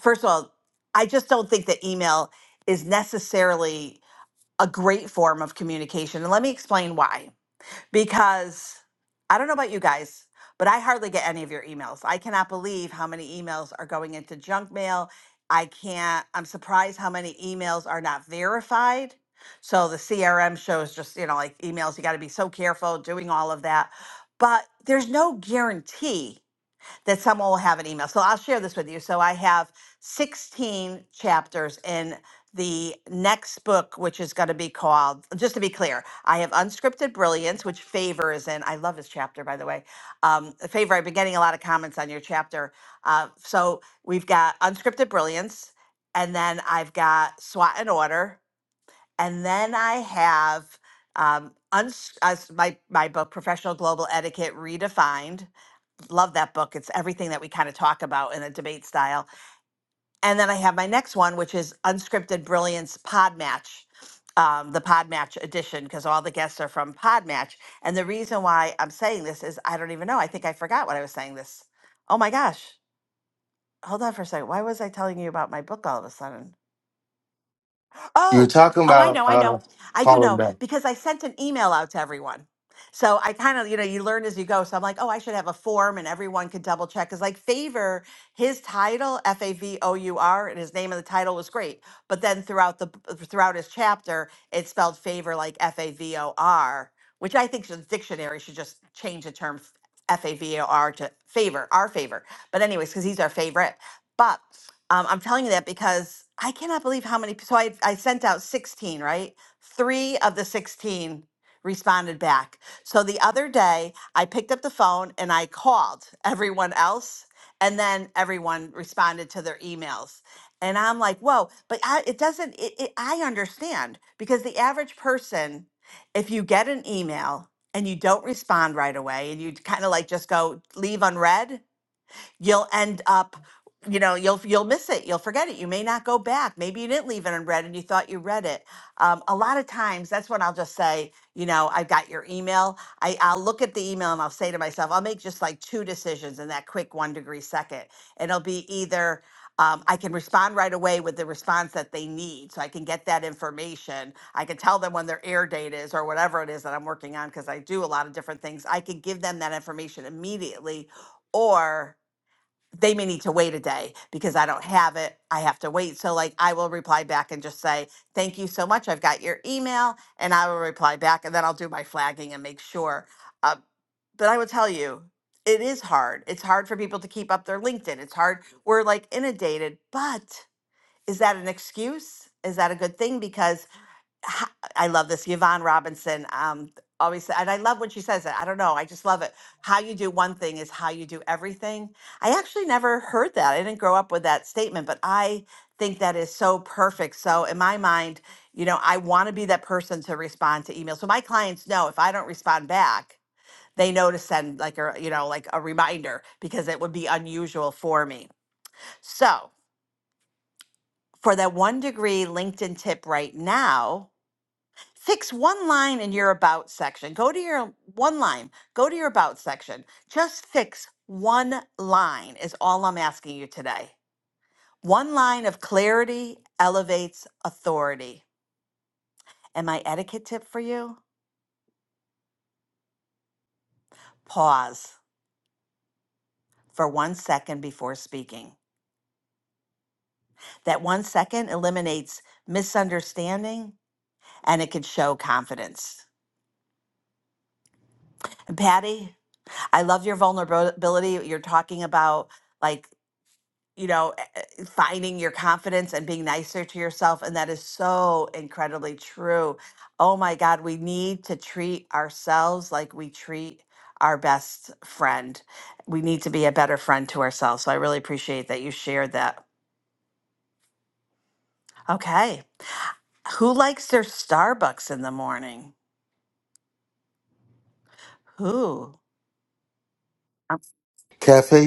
Speaker 17: first of all, I just don't think that email is necessarily a great form of communication. And let me explain why because I don't know about you guys, but I hardly get any of your emails. I cannot believe how many emails are going into junk mail. I can't, I'm surprised how many emails are not verified. So the CRM shows just, you know, like emails, you got to be so careful doing all of that. But there's no guarantee that someone will have an email. So I'll share this with you. So I have 16 chapters in the next book, which is going to be called, just to be clear, I have Unscripted Brilliance, which Favor is in. I love this chapter, by the way. Um, Favor, I've been getting a lot of comments on your chapter. Uh, so we've got Unscripted Brilliance, and then I've got SWAT and Order, and then I have um, uns- uh, my, my book, Professional Global Etiquette Redefined Love that book. It's everything that we kind of talk about in a debate style. And then I have my next one, which is Unscripted Brilliance Pod Match, um, the Pod Match edition, because all the guests are from Pod Match. And the reason why I'm saying this is I don't even know. I think I forgot what I was saying this. Oh my gosh. Hold on for a second. Why was I telling you about my book all of a sudden?
Speaker 10: You were
Speaker 17: Oh,
Speaker 10: talking
Speaker 17: oh, I
Speaker 10: about
Speaker 17: know, I
Speaker 10: uh,
Speaker 17: know. I do
Speaker 10: calling
Speaker 17: know
Speaker 10: back
Speaker 17: because I sent an email out to everyone. So I kind of, you know, you learn as you go. So I'm like, oh, I should have a form and everyone could double check. Cause like favor, his title, F A V O U R, and his name in the title was great. But then throughout the uh, throughout his chapter, it spelled favor like F A V O R, which I think the dictionary should just change the term F A V O R to favor, our favor. But anyways, because he's our favorite. But um, I'm telling you that because I cannot believe how many. So I, I sent out 16, right? Three of the 16 responded back. So the other day, I picked up the phone and I called everyone else, and then everyone responded to their emails. And I'm like, whoa, but I, it doesn't, it, it, I understand because the average person, if you get an email and you don't respond right away and you kind of like just go leave unread, you'll end up you know you'll you'll miss it you'll forget it you may not go back maybe you didn't leave it unread and you thought you read it um, a lot of times that's when i'll just say you know i've got your email I, i'll look at the email and i'll say to myself i'll make just like two decisions in that quick one degree second and it'll be either um, i can respond right away with the response that they need so i can get that information i can tell them when their air date is or whatever it is that i'm working on because i do a lot of different things i can give them that information immediately or they may need to wait a day because I don't have it. I have to wait. So, like, I will reply back and just say, Thank you so much. I've got your email, and I will reply back. And then I'll do my flagging and make sure. Uh, but I will tell you, it is hard. It's hard for people to keep up their LinkedIn. It's hard. We're like inundated. But is that an excuse? Is that a good thing? Because ha- I love this. Yvonne Robinson um, always, sa- and I love when she says it. I don't know. I just love it. How you do one thing is how you do everything. I actually never heard that. I didn't grow up with that statement, but I think that is so perfect. So, in my mind, you know, I want to be that person to respond to emails. So, my clients know if I don't respond back, they know to send like a, you know, like a reminder because it would be unusual for me. So, for that one degree LinkedIn tip right now, fix one line in your about section. Go to your one line, go to your about section. Just fix one line, is all I'm asking you today. One line of clarity elevates authority. And my etiquette tip for you pause for one second before speaking. That one second eliminates misunderstanding and it can show confidence. And Patty, I love your vulnerability. You're talking about like you know, e- e- finding your confidence and being nicer to yourself. And that is so incredibly true. Oh my God, we need to treat ourselves like we treat our best friend. We need to be a better friend to ourselves. So I really appreciate that you shared that. Okay. Who likes their Starbucks in the morning? Who?
Speaker 10: Cafe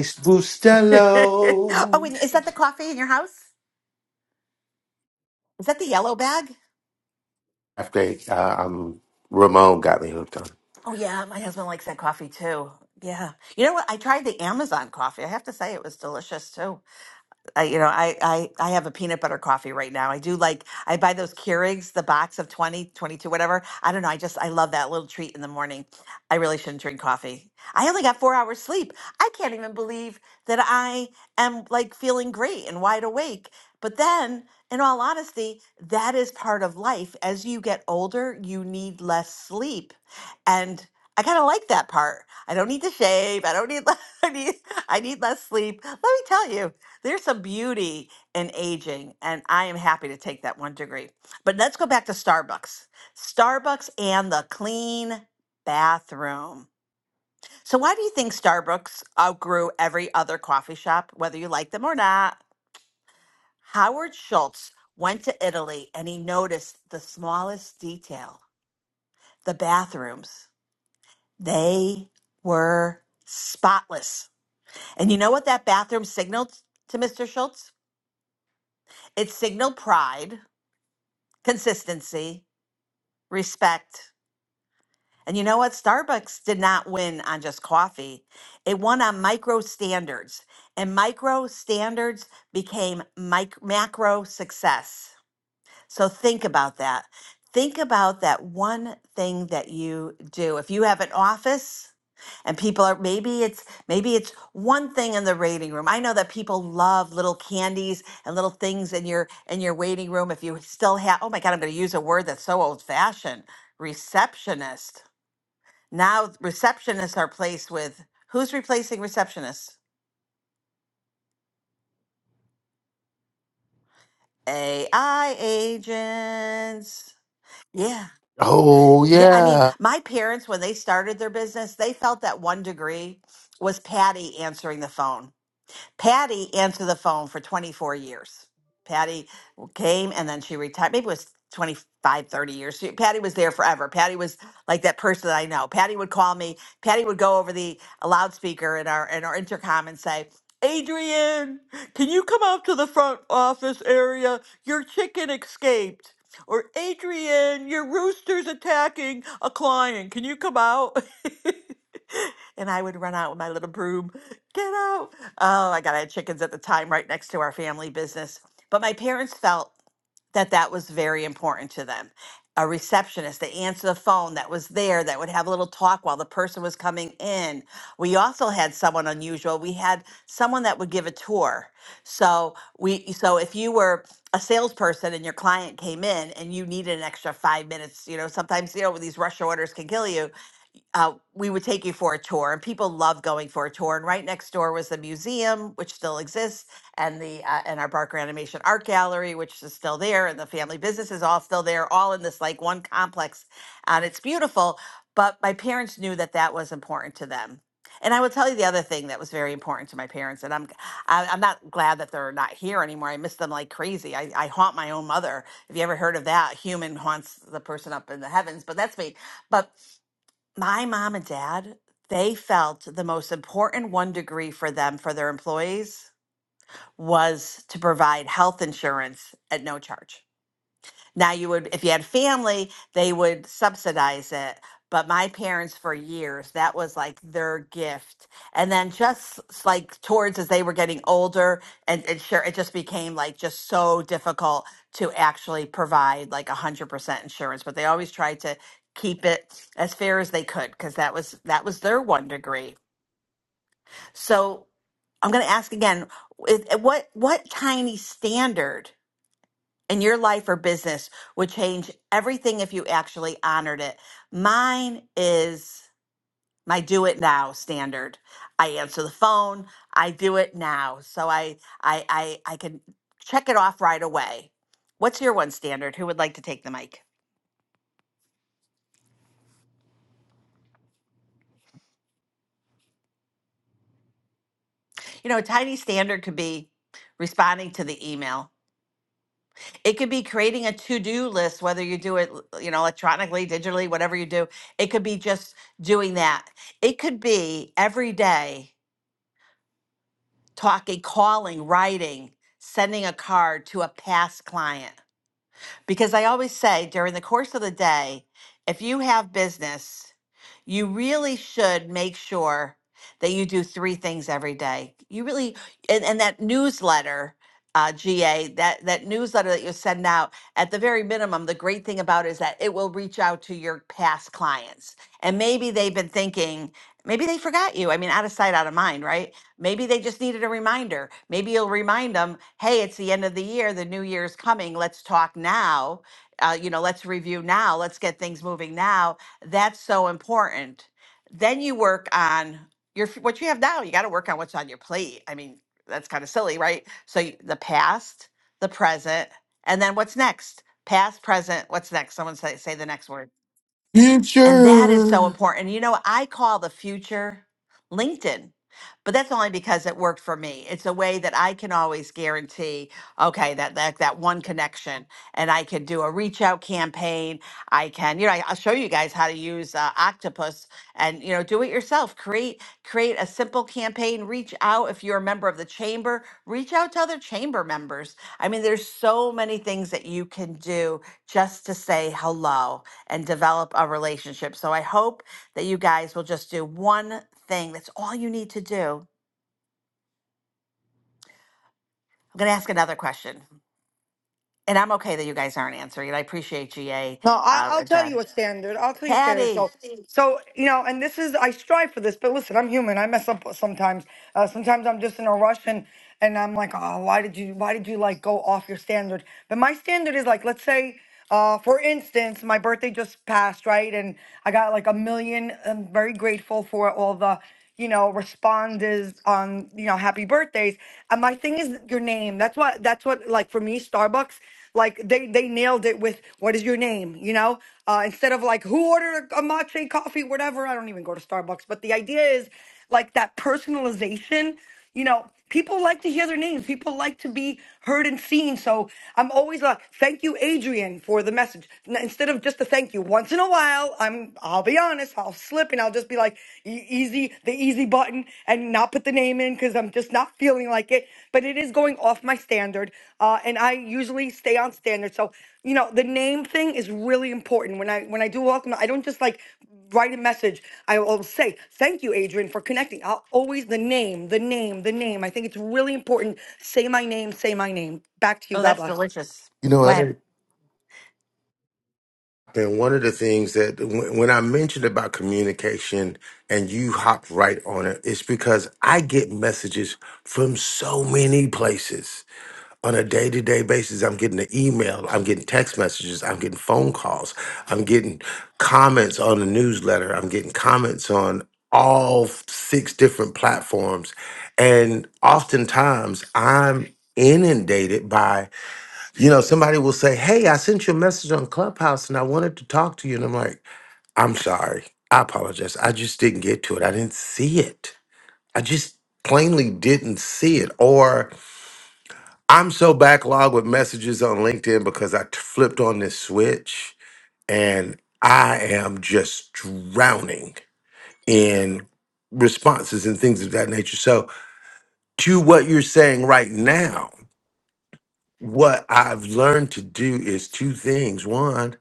Speaker 17: oh,
Speaker 10: Bustelo.
Speaker 17: and is that the coffee in your house? Is that the yellow bag?
Speaker 10: After uh, um, Ramon got me hooked on.
Speaker 17: Oh yeah, my husband likes that coffee too. Yeah. You know what? I tried the Amazon coffee. I have to say it was delicious too. I, you know, I, I I have a peanut butter coffee right now. I do like I buy those Keurigs, the box of 20 22 whatever. I don't know. I just I love that little treat in the morning. I really shouldn't drink coffee. I only got four hours sleep. I can't even believe that I am like feeling great and wide awake. But then, in all honesty, that is part of life. As you get older, you need less sleep, and I kind of like that part. I don't need to shave. I don't need. I need. I need less sleep. Let me tell you. There's some beauty in aging, and I am happy to take that one degree. But let's go back to Starbucks. Starbucks and the clean bathroom. So, why do you think Starbucks outgrew every other coffee shop, whether you like them or not? Howard Schultz went to Italy and he noticed the smallest detail the bathrooms. They were spotless. And you know what that bathroom signaled to Mr. Schultz? It signaled pride consistency, respect. And you know what? Starbucks did not win on just coffee. It won on micro standards, and micro standards became mic- macro success. So think about that. Think about that one thing that you do. If you have an office and people are maybe it's maybe it's one thing in the waiting room. I know that people love little candies and little things in your in your waiting room if you still have Oh my god, I'm going to use a word that's so old fashioned. Receptionist. Now receptionists are placed with who's replacing receptionists? AI agents. Yeah.
Speaker 10: Oh
Speaker 17: Yeah, I mean,
Speaker 10: yeah,
Speaker 17: my parents, when they started their business, they felt that one degree was Patty answering the phone. Patty answered the phone for 24 years. Patty came and then she retired. Maybe it was twenty five, thirty years. She, Patty was there forever. Patty was like that person that I know. Patty would call me. Patty would go over the loudspeaker in our in our intercom and say, Adrian, can you come out to the front office area? Your chicken escaped. Or Adrian, your rooster's attacking a client. Can you come out? and I would run out with my little broom. Get out Oh my God, I had chickens at the time right next to our family business. But my parents felt that that was very important to them. A receptionist that answered the phone that was there that would have a little talk while the person was coming in. We also had someone unusual. We had someone that would give a tour. So we so if you were a salesperson and your client came in and you needed an extra five minutes, you know, sometimes you know these rush orders can kill you uh, we would take you for a tour, and people love going for a tour. And right next door was the museum, which still exists, and the uh, and our Barker Animation Art Gallery, which is still there, and the family business is all still there, all in this like one complex, and it's beautiful. But my parents knew that that was important to them. And I will tell you the other thing that was very important to my parents, and I'm g- I, I'm not glad that they're not here anymore. I miss them like crazy. I, I haunt my own mother. Have you ever heard of that? Human haunts the person up in the heavens, but that's me. But my mom and dad, they felt the most important one degree for them, for their employees, was to provide health insurance at no charge. Now you would, if you had family, they would subsidize it. But my parents, for years, that was like their gift. And then just s- like towards as they were getting older, and, and sure, it just became like just so difficult to actually provide like 100% insurance. But they always tried to keep it as fair as they could because that was that was their one degree. So I'm going to ask again: is- what what tiny standard? and your life or business would change everything if you actually honored it. Mine is my do it now standard. I answer the phone, I do it now. So I I I, I can check it off right away. What's your one standard? Who would like to take the mic? You know, a tiny standard could be responding to the email. It could be creating a to-do list, whether you do it, you know, electronically, digitally, whatever you do. It could be just doing that. It could be every day talking, calling, writing, sending a card to a past client. Because I always say during the course of the day, if you have business, you really should make sure that you do three things every day. You really, and, and that newsletter. Uh, GA that that newsletter that you send out at the very minimum the great thing about it is that it will reach out to your past clients and maybe they've been thinking maybe they forgot you I mean out of sight out of mind right Maybe they just needed a reminder. Maybe you'll remind them, hey, it's the end of the year, the new year's coming, let's talk now. Uh, you know, let's review now, let's get things moving now. That's so important. Then you work on your f- what you have now. You got to work on what's on your plate. I mean, that's kind of silly, right? So y- the past, the present, and then what's next? Past, present, what's next? Someone say say the next word. And that is so
Speaker 10: future.
Speaker 17: important. You know, I call the future LinkedIn, but that's only because it worked for me. It's a way that I can always guarantee, okay, that that, that one connection, and I can do a reach out campaign. I can, you know, I, will show you guys how to use uh, Octopus, and you know, do it yourself. Create create a simple campaign. Reach out if you're a member of the chamber. Reach out to other chamber members. I mean, there's so many things that you can do just to say hello and develop a relationship. So I hope that you guys will just do one thing. That's all you need to do. I'm going to ask another question. And I'm okay that you guys aren't answering it. I appreciate GA
Speaker 13: No, I,
Speaker 17: uh,
Speaker 13: I'll
Speaker 17: and
Speaker 13: tell you
Speaker 17: John.
Speaker 13: a standard. I'll tell you a standard. So,
Speaker 17: Patty.
Speaker 13: so you know, and this is I strive for this, but listen, I'm human. I mess up sometimes. Uh, sometimes I'm just in a rush and and I'm like, oh, why did you, why did you like go off your standard? But my standard is like, let's say, uh, for instance, my birthday just passed, right? And I got like a million. I'm very grateful for all the you know, responders on, you know, happy birthdays. And my thing is your name. That's what that's what like for me, Starbucks, like they they nailed it with what is your name, you know? Uh instead of like who ordered a matcha coffee, whatever. I don't even go to Starbucks, but the idea is like that personalization, you know. People like to hear their names. People like to be heard and seen. So I'm always like, thank you, Adrian, for the message. N- Instead of just a thank you, once in a while, I'm, I'll be honest, I'll slip and I'll just be like, "E- easy, the easy button and not put the name in because I'm just not feeling like it. But it is going off my that's my standard. Uh, and I usually stay on standard. So, you know, the name thing is really important. When I when I do welcome, I don't just like write a message. I will say, thank you, Adrian, for connecting. I'll always the name, the name, the name. I think it's really important. Say my name, say my name. Back to you.
Speaker 17: Oh,
Speaker 13: God
Speaker 17: that's
Speaker 13: bless.
Speaker 17: delicious.
Speaker 10: You know
Speaker 17: Go
Speaker 10: what?
Speaker 17: ahead.
Speaker 10: And one of the things that when when I mentioned about communication and you hopped right on it, it's because I get messages from so many places on a day to day basis, I'm getting an email, I'm getting text messages, I'm getting phone calls, I'm getting comments on the newsletter, I'm getting comments on all six different platforms. And oftentimes I'm inundated by, you know, somebody will say, Hey, I sent you a message on Clubhouse and I wanted to talk to you. And I'm like, I'm sorry. I apologize. I just didn't get to it. I didn't see it. I just plainly didn't see it. Or, I'm so backlogged with messages on LinkedIn because I t- flipped on this switch and I am just drowning in responses and things of that nature. So, to what you're saying right now, what I've learned to do is two things. One,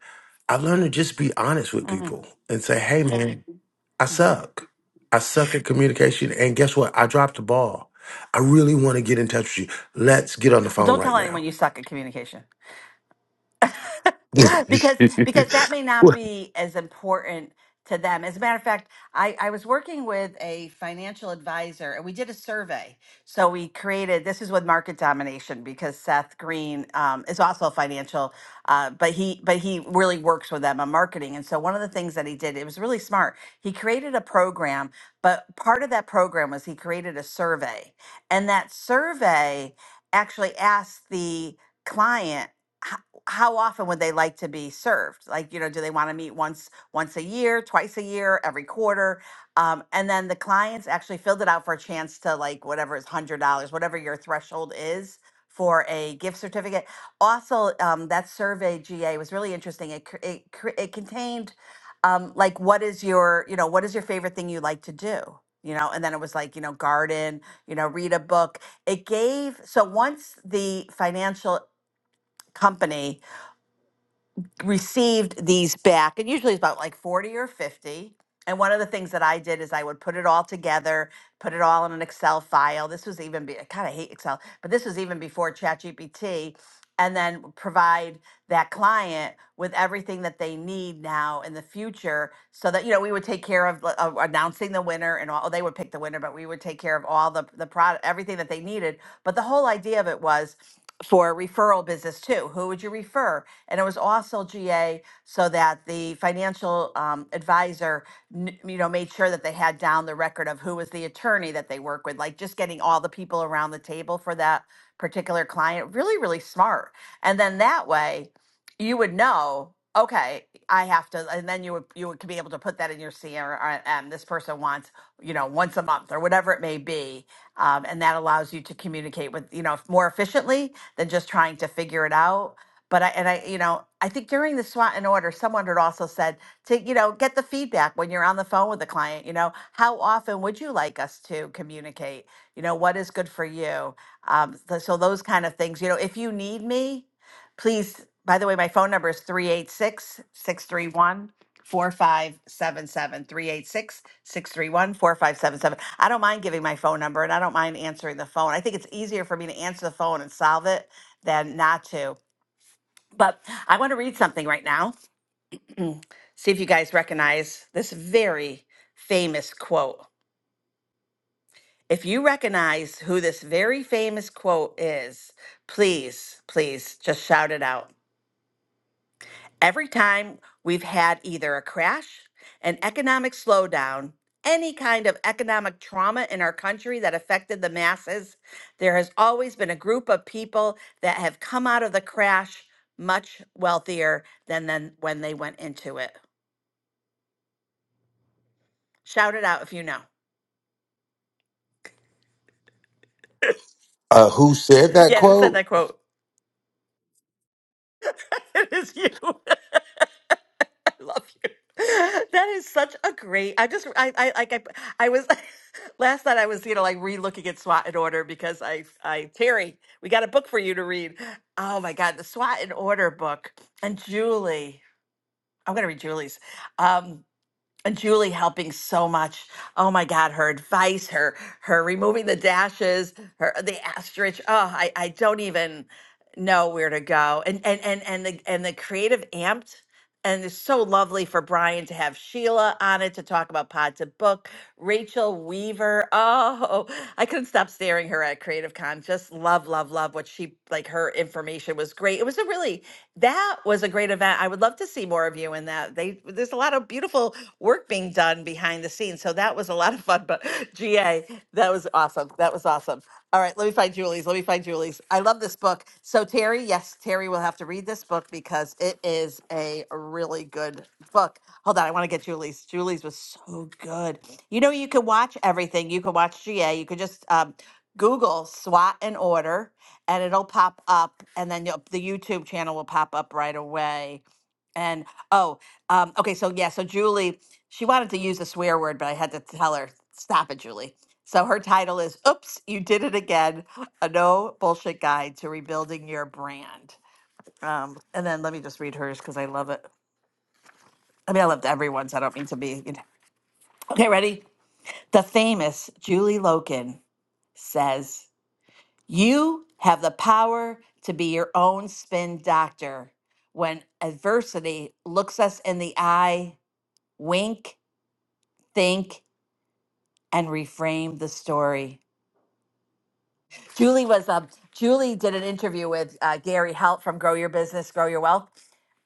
Speaker 10: I've learned to just be honest with
Speaker 17: hmm
Speaker 10: people and say, hey, man, I
Speaker 17: hmm
Speaker 10: suck. I suck at communication. And guess what? I dropped the ball. I really want to get in touch with you. Let's get on the
Speaker 17: Well,
Speaker 10: phone
Speaker 17: don't tell
Speaker 10: right
Speaker 17: anyone
Speaker 10: now.
Speaker 17: you suck at communication. because because that may not be as important to them. As a matter of fact, I, I was working with a financial advisor and we did a survey. So we created this is with market domination because Seth Green um, is also a financial, uh, but he but he really works with them on marketing. And so one of the things that he did, it was really smart. He created a program, but part of that program was he created a survey, and that survey actually asked the client how often would they like to be served? Like, you know, do they want to meet once once a year, twice a year, every quarter? Um, and then the clients actually filled it out for a chance to like whatever is hundred dollars, whatever your threshold is for a gift certificate. Also, um, that survey GA was really interesting. It cr- it cr- it contained um, like what is your you know what is your favorite thing you like to do. You know, and then it was like, you know, garden, you know, read a book. It gave, so once the financial company received these back, and usually it's about like 40 or 50. And one of the things that I did is I would put it all together, put it all in an Excel file. This was even, be, I kind of hate Excel, but this was even before ChatGPT. And then provide that client with everything that they need now in the future so that, you know, we would take care of like, uh, announcing the winner and all, they would pick the winner, but we would take care of all the, the product, everything that they needed. But the whole idea of it was for referral business too. Who would you refer? And it was also GA so that the financial um, advisor, kn- you know, made sure that they had down the record of who was the attorney that they work with, like just getting all the people around the table for that particular client. Really, really smart. And then that way, you would know okay i have to and then you would you would be able to put that in your crm this person wants you know once a month or whatever it may be um, and that allows you to communicate with you know more efficiently than just trying to figure it out but I and I, you know, I think during the SWOT and order, someone had also said to, you know, get the feedback when you're on the phone with the client. You know, how often would you like us to communicate? You know, what is good for you? Um, th- so those kind of things. You know, if you need me, please. By the way, my phone number is 386 631 I don't mind giving my phone number and I don't mind answering the phone. I think it's easier for me to answer the phone and solve it than not to. But I want to read something right now. See if you guys recognize this very famous quote. If you recognize who this very famous quote is, please, please just shout it out. Every time we've had either a crash, an economic slowdown, any kind of economic trauma in our country that affected the masses, there has always been a group of people that have come out of the crash much wealthier than, than when they went into it. Shout it out if you know.
Speaker 10: Uh, who said that
Speaker 17: Yeah, who said
Speaker 10: quote?
Speaker 17: that quote? it is you. I love you. That is such a great. I just I I like I I was last night I was you know like re-looking at SWAT in order because I I Terry we got a book for you to read. Oh my God, the SWAT in order book and Julie. I'm gonna read Julie's. Um, Julie helping so much. Oh my God, her advice, her her removing the dashes, her the asterisk. Oh, I, I don't even know where to go. And and and and the and the creative amped. And it's so lovely for Brian to have Sheila on it to talk about Pod to Book Rachel Weaver. Oh, I couldn't stop staring her at Creative Con. Just love, love, love what she like her information was great. It was a really that was a great event. I would love to see more of you in that. They there's a lot of beautiful work being done behind the scenes. So that was a lot of fun. But GA, that was awesome. That was awesome. All right, let me find Julie's. Let me find Julie's. I love this book. So, Terry, yes, Terry will have to read this book because it is a really good book. Hold on, I want to get Julie's. Julie's was so good. You know, you can watch everything. You can watch GA. You could just um, Google SWAT and order, and it'll pop up, and then you'll, the YouTube channel will pop up right away. And oh, um, okay, so yeah, so Julie, she wanted to use a swear word, but I had to tell her, stop it, Julie so her title is Oops, You Did It Again A No Bullshit Guide to Rebuilding Your Brand. Um, and then let me just read hers because I love it. I mean, I loved everyone's. I don't mean to be. You know. Okay, ready? The famous Julie Loken says, You have the power to be your own spin doctor. When adversity looks us in the eye, wink, think, and reframe the story. Julie was um Julie did an interview with uh, Gary Helt from Grow Your Business, Grow Your Wealth,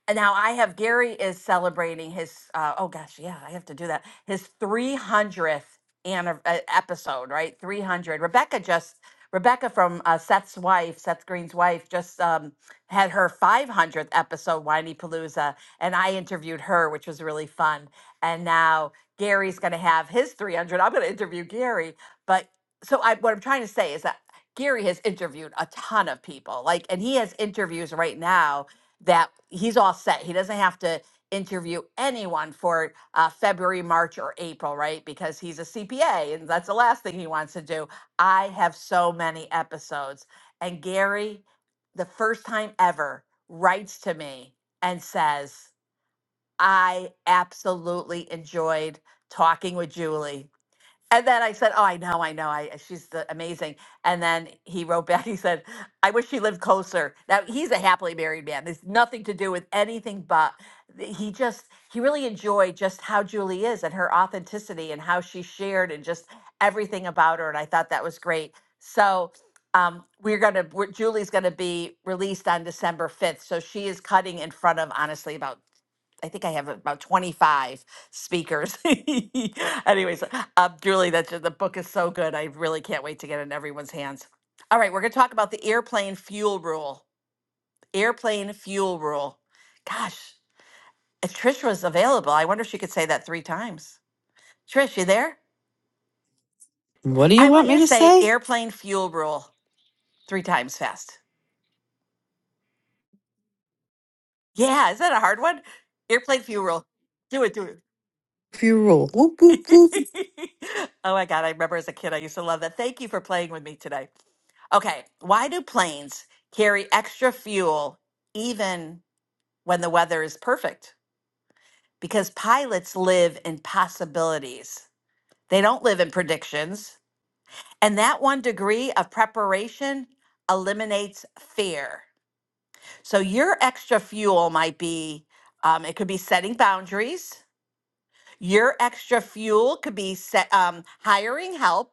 Speaker 17: and now I have Gary is celebrating his uh, oh gosh yeah I have to do that his 300th anniv- uh, episode right 300 Rebecca just Rebecca from uh, Seth's wife Seth Green's wife just um, had her 500th episode Whiny Palooza and I interviewed her which was really fun and now Gary's going to have his 300 I'm going to interview Gary but so I what I'm trying to say is that Gary has interviewed a ton of people like and he has interviews right now that he's all set. He doesn't have to interview anyone for uh, February, March, or April, right? Because he's a CPA and that's the last thing he wants to do. I have so many episodes. And Gary, the first time ever, writes to me and says, I absolutely enjoyed talking with Julie. And then I said, "Oh, I know, I know. I she's the, amazing." And then he wrote back. He said, "I wish she lived closer." Now he's a happily married man. There's nothing to do with anything, but th- he just he really enjoyed just how Julie is and her authenticity and how she shared and just everything about her. And I thought that was great. So um, we're gonna we're, Julie's gonna be released on December 5th. So she is cutting in front of honestly about I think I have about 25 speakers. Anyways, uh, Julie, that's the book is so good. I really can't wait to get it in everyone's hands. All right, we're going to talk about the airplane fuel rule. Airplane fuel rule. Gosh, if Trish was available, I wonder if she could say that three times. Trish, you there?
Speaker 2: What do you
Speaker 17: I want
Speaker 2: want
Speaker 17: you
Speaker 2: me
Speaker 17: to
Speaker 2: to
Speaker 17: say
Speaker 2: say?
Speaker 17: airplane fuel rule three times fast. Yeah, is that a hard one? Airplane fuel rule. Do it, do it.
Speaker 2: If you rule, whoop, whoop, whoop.
Speaker 17: oh my God, I remember as a kid, I used to love that. Thank you for playing with me today. Okay, why do planes carry extra fuel even when the weather is perfect? Because pilots live in possibilities, they don't live in predictions. And that one degree of preparation eliminates fear. So, your extra fuel might be um, it could be setting boundaries, your extra fuel could be set, um, hiring help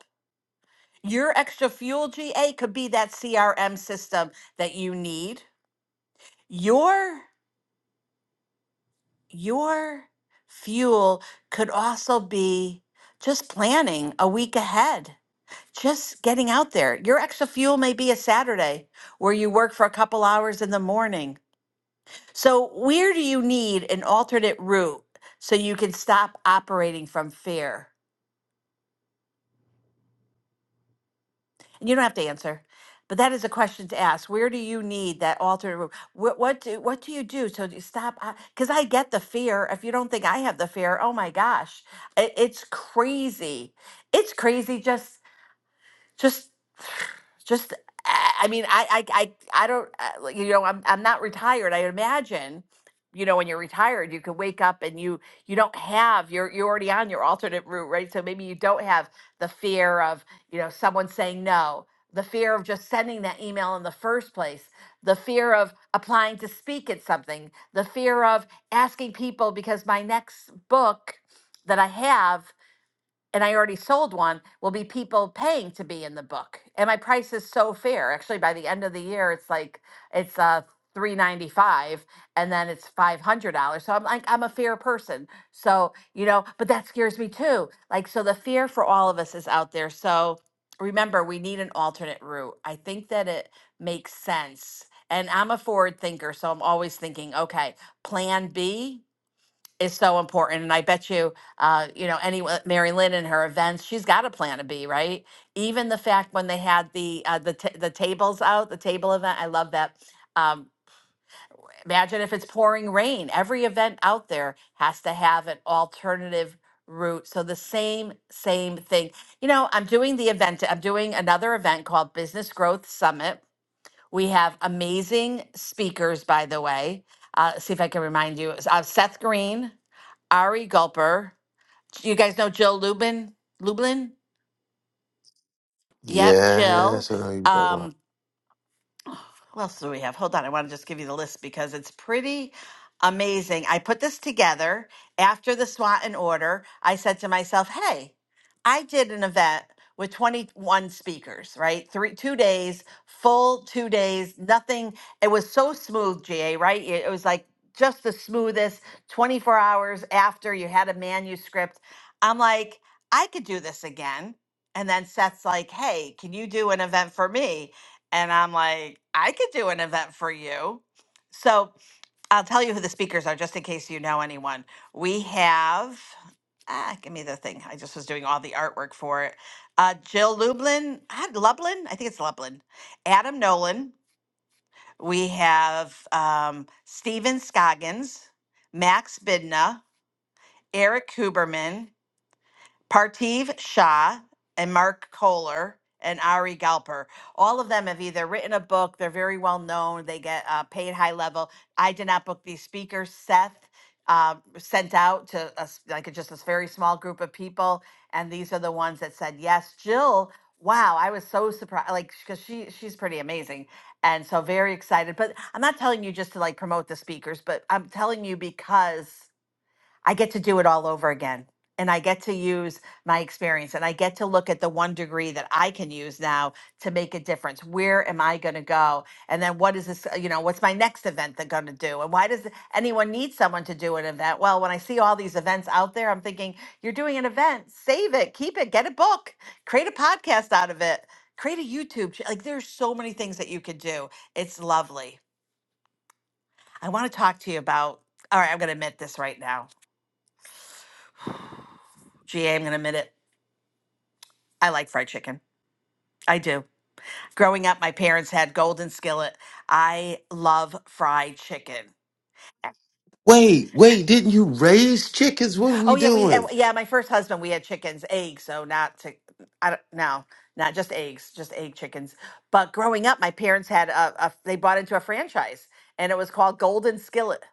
Speaker 17: Your extra fuel GA could be that CRM system that you need. Your your fuel could also be just planning a week ahead. Just getting out there. Your extra fuel may be a Saturday where you work for a couple hours in the morning. So, where do you need an alternate route so you can stop operating from fear? And you don't have to answer, but that is a question to ask. Where do you need that alternate room? What what do what do you do? So do you stop because I get the fear. If you don't think I have the fear, oh my gosh, it, it's crazy. It's crazy. Just just just i mean i i i, I don't I- like, you know i'm i'm not retired i imagine you know when you're retired you can wake up and you you don't have you're you're already on your alternate route right so maybe you don't have the fear of you know someone saying no the fear of just sending that email in the first place the fear of applying to speak at something the fear of asking people because my next book that i have and I already sold one, will be people paying to be in the book. And my price is so fair. Actually, by the end of the year, it's like it's uh three ninety five, and then it's five hundred dollars. So I'm like, I'm a fair person. So you know, but that scares me too. Like, so the fear for all of us is out there. So remember, we need an alternate route. I think that it makes sense. And I'm a forward thinker, so I'm always thinking, okay, plan B is so important. And I bet you, uh, you know, any uh, Mary Lynn and her events, she's got a plan to be right. Even the fact when they had the uh, the t- the tables out, the table event, I love that. Um, imagine if it's pouring rain. Every event out there has to have an alternative route. So the same same thing. You know, I'm doing the event. I'm doing another event called Business Growth Summit. We have amazing speakers, by the way. Uh, see if I can remind you. Uh, Seth Green, Ari Gulper. You guys know Jill Lubin? Lublin? Yep, Jill.
Speaker 10: Yes, I know you don't
Speaker 17: Um,
Speaker 10: want-
Speaker 17: what else do we have? Hold on. I want to just give you the list because it's pretty amazing. I put this together after the SWAT and order. I said to myself, hey, I did an event with 21 speakers, right? Three, two days, full two days, nothing. It was so smooth, GA, right? It, it was like just the smoothest 24 hours after you had a manuscript. I'm like, I could do this again. And then Seth's like, hey, can you do an event for me? And I'm like, I could do an event for you. So I'll tell you who the speakers are just in case you know anyone. We have, ah, give me the thing. I just was doing all the artwork for it. Uh, Jill Lublin, ah, Lublin, I think it's Lublin. Adam Nolan. We have um, Steven Scoggins, Max Bidna, Eric Huberman. Partiv Shah and Mark Kohler and Ari Galper. All of them have either written a book, they're very well known, they get uh, paid high level. I did not book these speakers. Seth uh, sent out to us, like a- just this very small group of people, and these are the ones that said yes. Jill, wow, I was so surprised, like, because she, she's pretty amazing. And so very excited. But I'm not telling you just to like promote the speakers, but I'm telling you because I get to do it all over again. And I get to use my experience and I get to look at the one degree that I can use now to make a difference. Where am I going to go? And then what is this, uh, you know, what's my next event that going to do? And why does anyone need someone to do an event? Well, when I see all these events out there, I'm thinking, you're doing an event, save it, keep it, get a book, create a podcast out of it, create a YouTube. ch- Like there's so many things that you could do. It's lovely. I want to talk to you about, all right, I'm going to admit this right now. GA, I'm going to admit it. I like fried chicken. I do. Growing up, my parents had Golden Skillet. I love fried chicken.
Speaker 10: Wait, wait, didn't you raise chickens? What are
Speaker 17: Oh
Speaker 10: we
Speaker 17: yeah, we and-
Speaker 10: doing?
Speaker 17: yeah. My first husband, we had chickens, eggs. So not to, I don't no, not just eggs, just egg chickens. But growing up, my parents had a, a they bought into a franchise, and it was called Golden Skillet,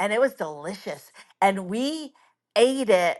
Speaker 17: and it was delicious. And we ate it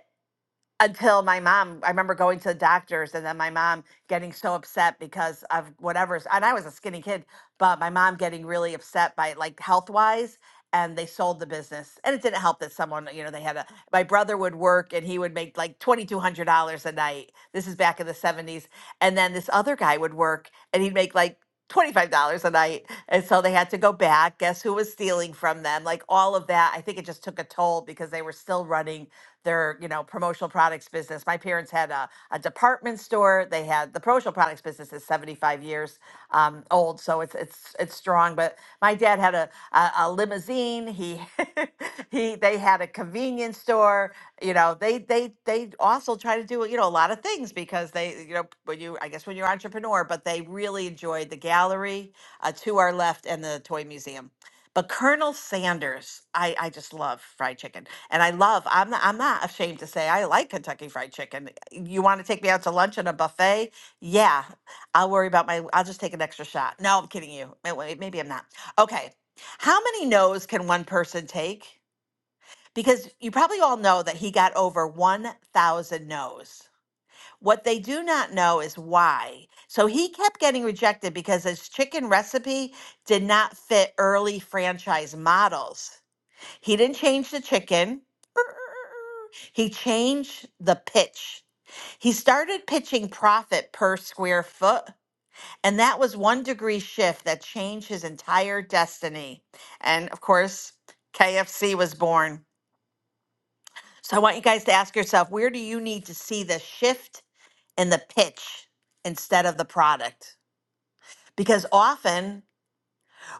Speaker 17: until my mom i remember going to the doctors and then my mom getting so upset because of whatever's and i was a skinny kid but my mom getting really upset by like health wise and they sold the business and it didn't help that someone you know they had a my brother would work and he would make like $2200 a night this is back in the 70s and then this other guy would work and he'd make like $25 a night and so they had to go back guess who was stealing from them like all of that i think it just took a toll because they were still running their you know promotional products business. My parents had a, a department store. They had the promotional products business is 75 years um, old, so it's it's it's strong. But my dad had a a, a limousine. He he they had a convenience store. You know they they they also try to do you know a lot of things because they you know when you I guess when you're an entrepreneur, but they really enjoyed the gallery uh, to our left and the toy museum. But Colonel Sanders, I, I just love fried chicken. And I love, I'm not, I'm not ashamed to say I like Kentucky Fried Chicken. You want to take me out to lunch at a buffet? Yeah, I'll worry about my, I'll just take an extra shot. No, I'm kidding you. Wait, wait, Maybe I'm not. Okay. How many no's can one person take? Because you probably all know that he got over 1,000 no's. What they do not know is why. So he kept getting rejected because his chicken recipe did not fit early franchise models. He didn't change the chicken. He changed the pitch. He started pitching profit per square foot, and that was one degree shift that changed his entire destiny. And of course, KFC was born. So I want you guys to ask yourself where do you need to see the shift in the pitch instead of the product? Because often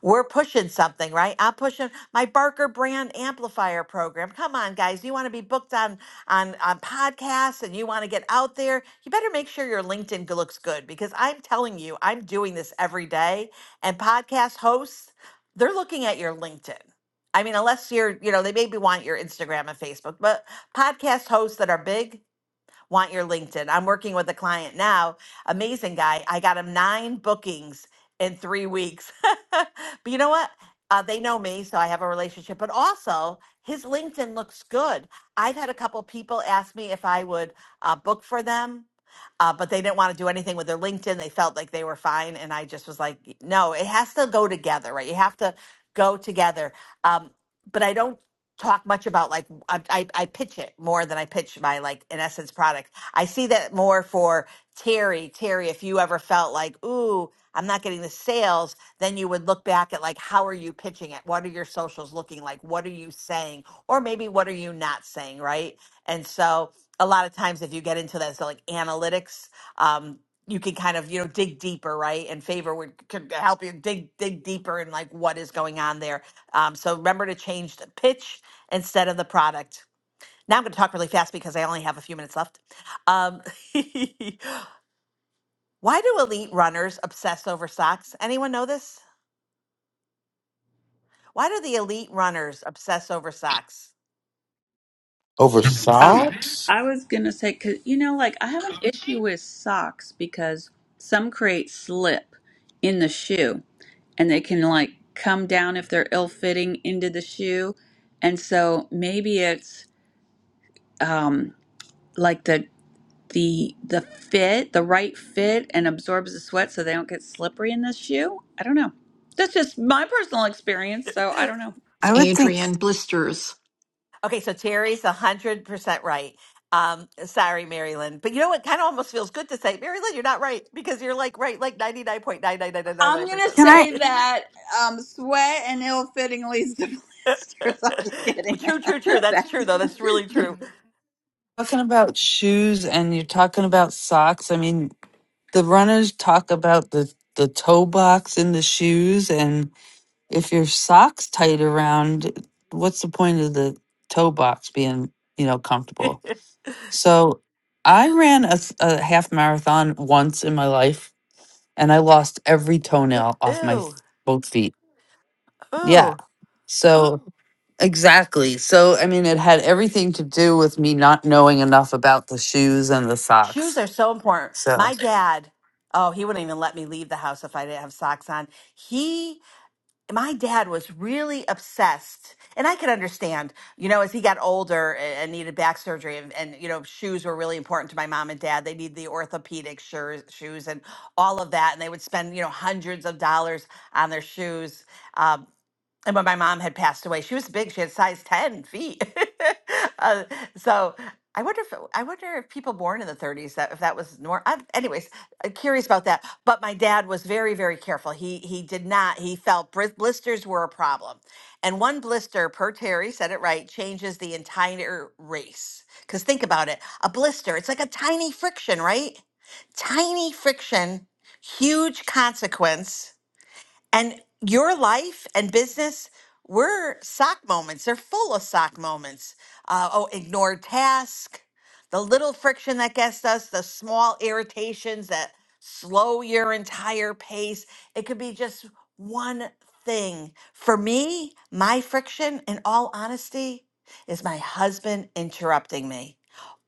Speaker 17: we're pushing something, right? I'm pushing my Barker brand amplifier program. Come on, guys. You want to be booked on on on podcasts and you want to get out there, you better make sure your LinkedIn looks good because I'm telling you, I'm doing this every day. And podcast hosts, they're looking at your LinkedIn. I mean, unless you're, you know, they maybe want your Instagram and Facebook, but podcast hosts that are big, want your LinkedIn. I'm working with a client now, amazing guy. I got him nine bookings in three weeks. but you know what? Uh, they know me, so I have a relationship, but also his LinkedIn looks good. I've had a couple people ask me if I would uh, book for them uh, but they didn't want to do anything with their LinkedIn. They felt like they were fine, and I just was like, no, it has to go together, right? You have to go together. Um, but I don't talk much about like I, I, I pitch it more than I pitch my like in essence product. I see that more for Terry. Terry, if you ever felt like, ooh, I'm not getting the sales, then you would look back at like how are you pitching it? What are your socials looking like? What are you saying? Or maybe what are you not saying, right? And so a lot of times if you get into that so like analytics um you can kind of you know dig deeper right and favor would could help you dig dig deeper in like what is going on there um, so remember to change the pitch instead of the product now i'm going to talk really fast because i only have a few minutes left um, why do elite runners obsess over socks anyone know this why do the elite runners obsess over socks
Speaker 10: Over
Speaker 1: Um,
Speaker 10: socks?
Speaker 1: I was gonna say, cause you know, like I have an issue with socks because some create slip in the shoe, and they can like come down if they're ill-fitting into the shoe, and so maybe it's um like the the the fit, the right fit, and absorbs the sweat so they don't get slippery in the shoe. I don't know. That's just my personal experience, so I don't know.
Speaker 18: It's
Speaker 2: I would think,
Speaker 18: Adrian Blisters.
Speaker 17: Okay, so Terry's hundred percent right. Um, sorry, Marilyn, but you know what? Kind of almost feels good to say, Marilyn, you're not right because you're like right, like ninety nine point nine nine nine nine nine
Speaker 1: I'm
Speaker 17: nine
Speaker 1: gonna
Speaker 17: percent.
Speaker 2: can I?
Speaker 1: say that um, sweat and ill fitting leads to blisters. I'm just kidding.
Speaker 17: True, true, true. That's
Speaker 1: Back
Speaker 17: true, though. That's
Speaker 1: to-
Speaker 17: really true.
Speaker 2: talking about shoes and you're talking about socks. I mean, the runners talk about the the toe box in the shoes, and if your socks tight around, what's the point of the toe box being you know comfortable? So, I ran a, s- a half marathon once in my life, and I lost every toenail off my f-
Speaker 17: ooh,
Speaker 2: both feet. Yeah.
Speaker 17: ooh,
Speaker 2: So exactly. So I mean it had everything to do with me not knowing enough about the shoes and the
Speaker 17: shoes
Speaker 2: socks.
Speaker 17: are so important.
Speaker 2: So
Speaker 17: My dad, oh, he wouldn't even let me leave the house if I didn't have socks on. He my dad was really obsessed and i could understand you know as he got older a- and needed back surgery and, and you know shoes were really important to my mom and dad they needed the orthopedic shoes, shoes and all of that and they would spend you know hundreds of dollars on their shoes Um, and when my mom had passed away, she was big. She had size ten feet. uh, so I wonder if I wonder if people born in the thirties that if that was normal. Anyways, I'm curious about that. But my dad was very very careful. He he did not. He felt bris- blisters were a problem, and one blister per Terry said it right changes the entire race. Because think about it, a blister it's like a tiny friction, right? Tiny friction, huge consequence and your life and business, we're sock moments. They're full of sock moments. Uh, oh, ignored task, the little friction that gets us, the small irritations that slow your entire pace. It could be just one thing. For me, my friction, in all honesty, is my husband interrupting me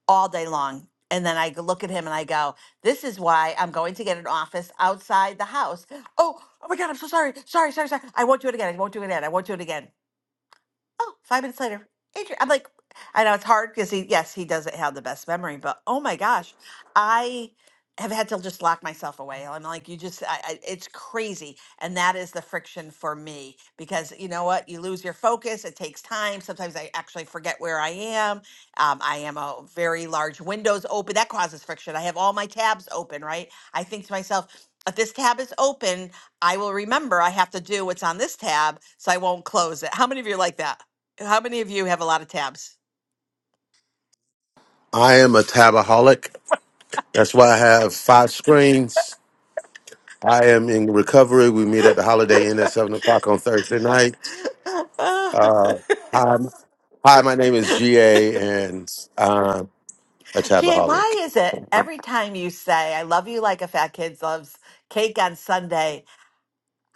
Speaker 17: all day long. And then I look at him and I go, This is why I'm going to get an office outside the house. Oh, oh my God, I'm so sorry. Sorry, sorry, sorry. I won't do it again. I won't do it again. I won't do it again oh, five minutes later, Adrian. I'm like, I know it's hard because he, yes, he doesn't have the best memory, but oh my gosh, I have had to just lock myself away. I'm like, you just, I, I, it's crazy. And that is the friction for me because you know what? You lose your focus. It takes time. Sometimes I actually forget where I am. Um, I am a very large windows open. That causes friction. I have all my tabs open, right? I think to myself, if this tab is open, I will remember I have to do what's on this tab so I won't close it. How many of you are like that? How many of you have a lot of tabs?
Speaker 10: I am a tabaholic. That's why I have five screens. I am in recovery. We meet at the Holiday Inn at 7 o'clock on Thursday night. Uh, hi, hi, my name is GA, and I'm a
Speaker 17: GA, why
Speaker 10: tabaholic.
Speaker 17: is it every time you say, I love you like a fat kid loves cake on Sunday,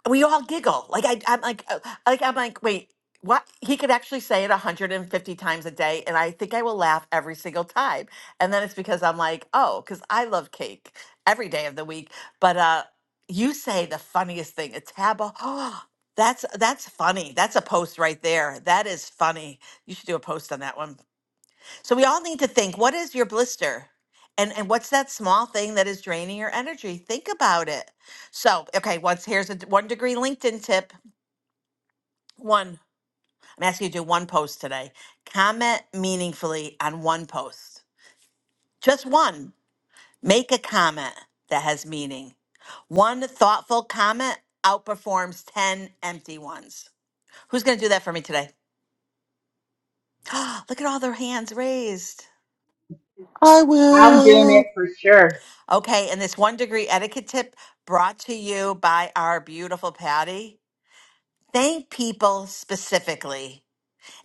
Speaker 17: we all giggle. Like I, I'm like, uh, like I'm like, wait, what? He could actually say it 150 times a day, and I think I will laugh every single time. And then it's because I'm like, oh, because I love cake every day of the week. But uh, you say the funniest thing. It's Haba. Oh, that's that's funny. That's a post right there. That is funny. You should do a post on that one. So we all need to think what is your blister? And and what's that small thing that is draining your energy? Think about it. So, okay, once here's a d- one degree LinkedIn tip. One. I'm asking you to do one post today. Comment meaningfully on one post. Just one. Make a comment that has meaning. One thoughtful comment outperforms 10 empty ones. Who's going to do that for me today? Look at all their hands raised.
Speaker 10: I
Speaker 20: I'm doing
Speaker 10: will.
Speaker 20: it for sure.
Speaker 17: Okay, and this one degree etiquette tip brought to you by our beautiful Patty. Thank people specifically.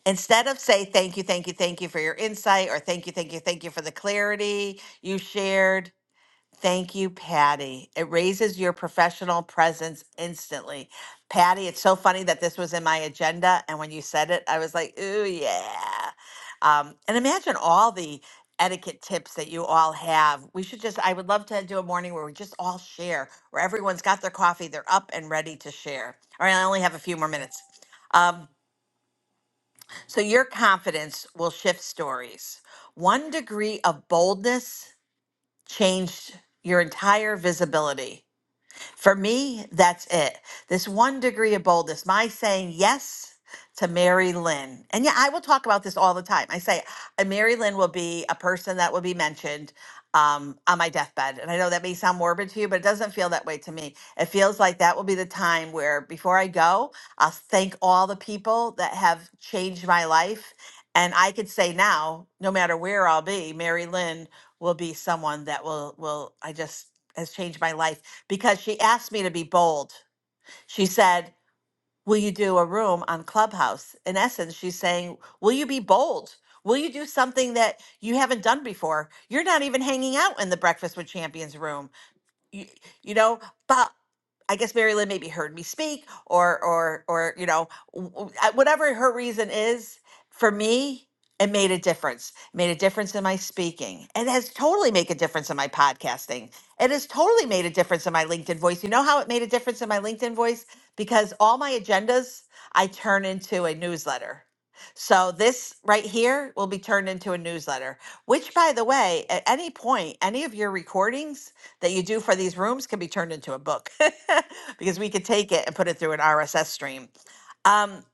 Speaker 17: Instead of say thank you, thank you, thank you for your insight or thank you, thank you, thank you for the clarity you shared, Thank you, Patty. It raises your professional presence instantly. Patty, it's so funny that this was in my agenda. And when you said it, I was like, ooh, yeah. Um, and imagine all the etiquette tips that you all have. We should just, I would love to do a morning where we just all share, where everyone's got their coffee, they're up and ready to share. All right, I only have a few more minutes. Um, so, your confidence will shift stories. One degree of boldness changed your entire visibility. For me, that's it. This one degree of boldness, my saying yes to Mary Lynn. And yeah, I will talk about this all the time. I say uh, Mary Lynn will be a person that will be mentioned um, on my deathbed. And I know that may sound morbid to you, but it doesn't feel that way to me. It feels like that will be the time where before I go, I'll thank all the people that have changed my life. And I could say now, no matter where I'll be, Mary Lynn will be someone that will will I just has changed my life because she asked me to be bold. She said, Will you do a room on Clubhouse? In essence, she's saying, Will you be bold? Will you do something that you haven't done before? You're not even hanging out in the Breakfast with Champions room you, you know but i guess mary lynn maybe heard me speak or or or you know w- w- I- whatever her reason is for me it made a difference made a difference in my speaking it has totally made a difference in my podcasting it has totally made a difference in my linkedin voice you know how it made a difference in my linkedin voice because all my agendas i turn into a newsletter so this right here will be turned into a newsletter which by the way at any point any of your recordings that you do for these rooms can be turned into a book because we could take it and put it through an RSS stream. Um,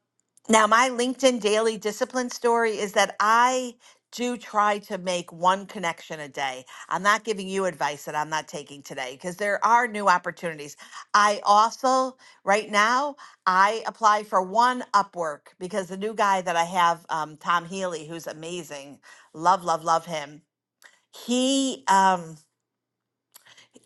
Speaker 17: now, my LinkedIn daily discipline story is that I do try to make one connection a day. I'm not giving you advice that I'm not taking today because there are new opportunities. I also, right now, I apply for one Upwork because the new guy that I have, um, Tom Healy, who's amazing, love, love, love him. He, um,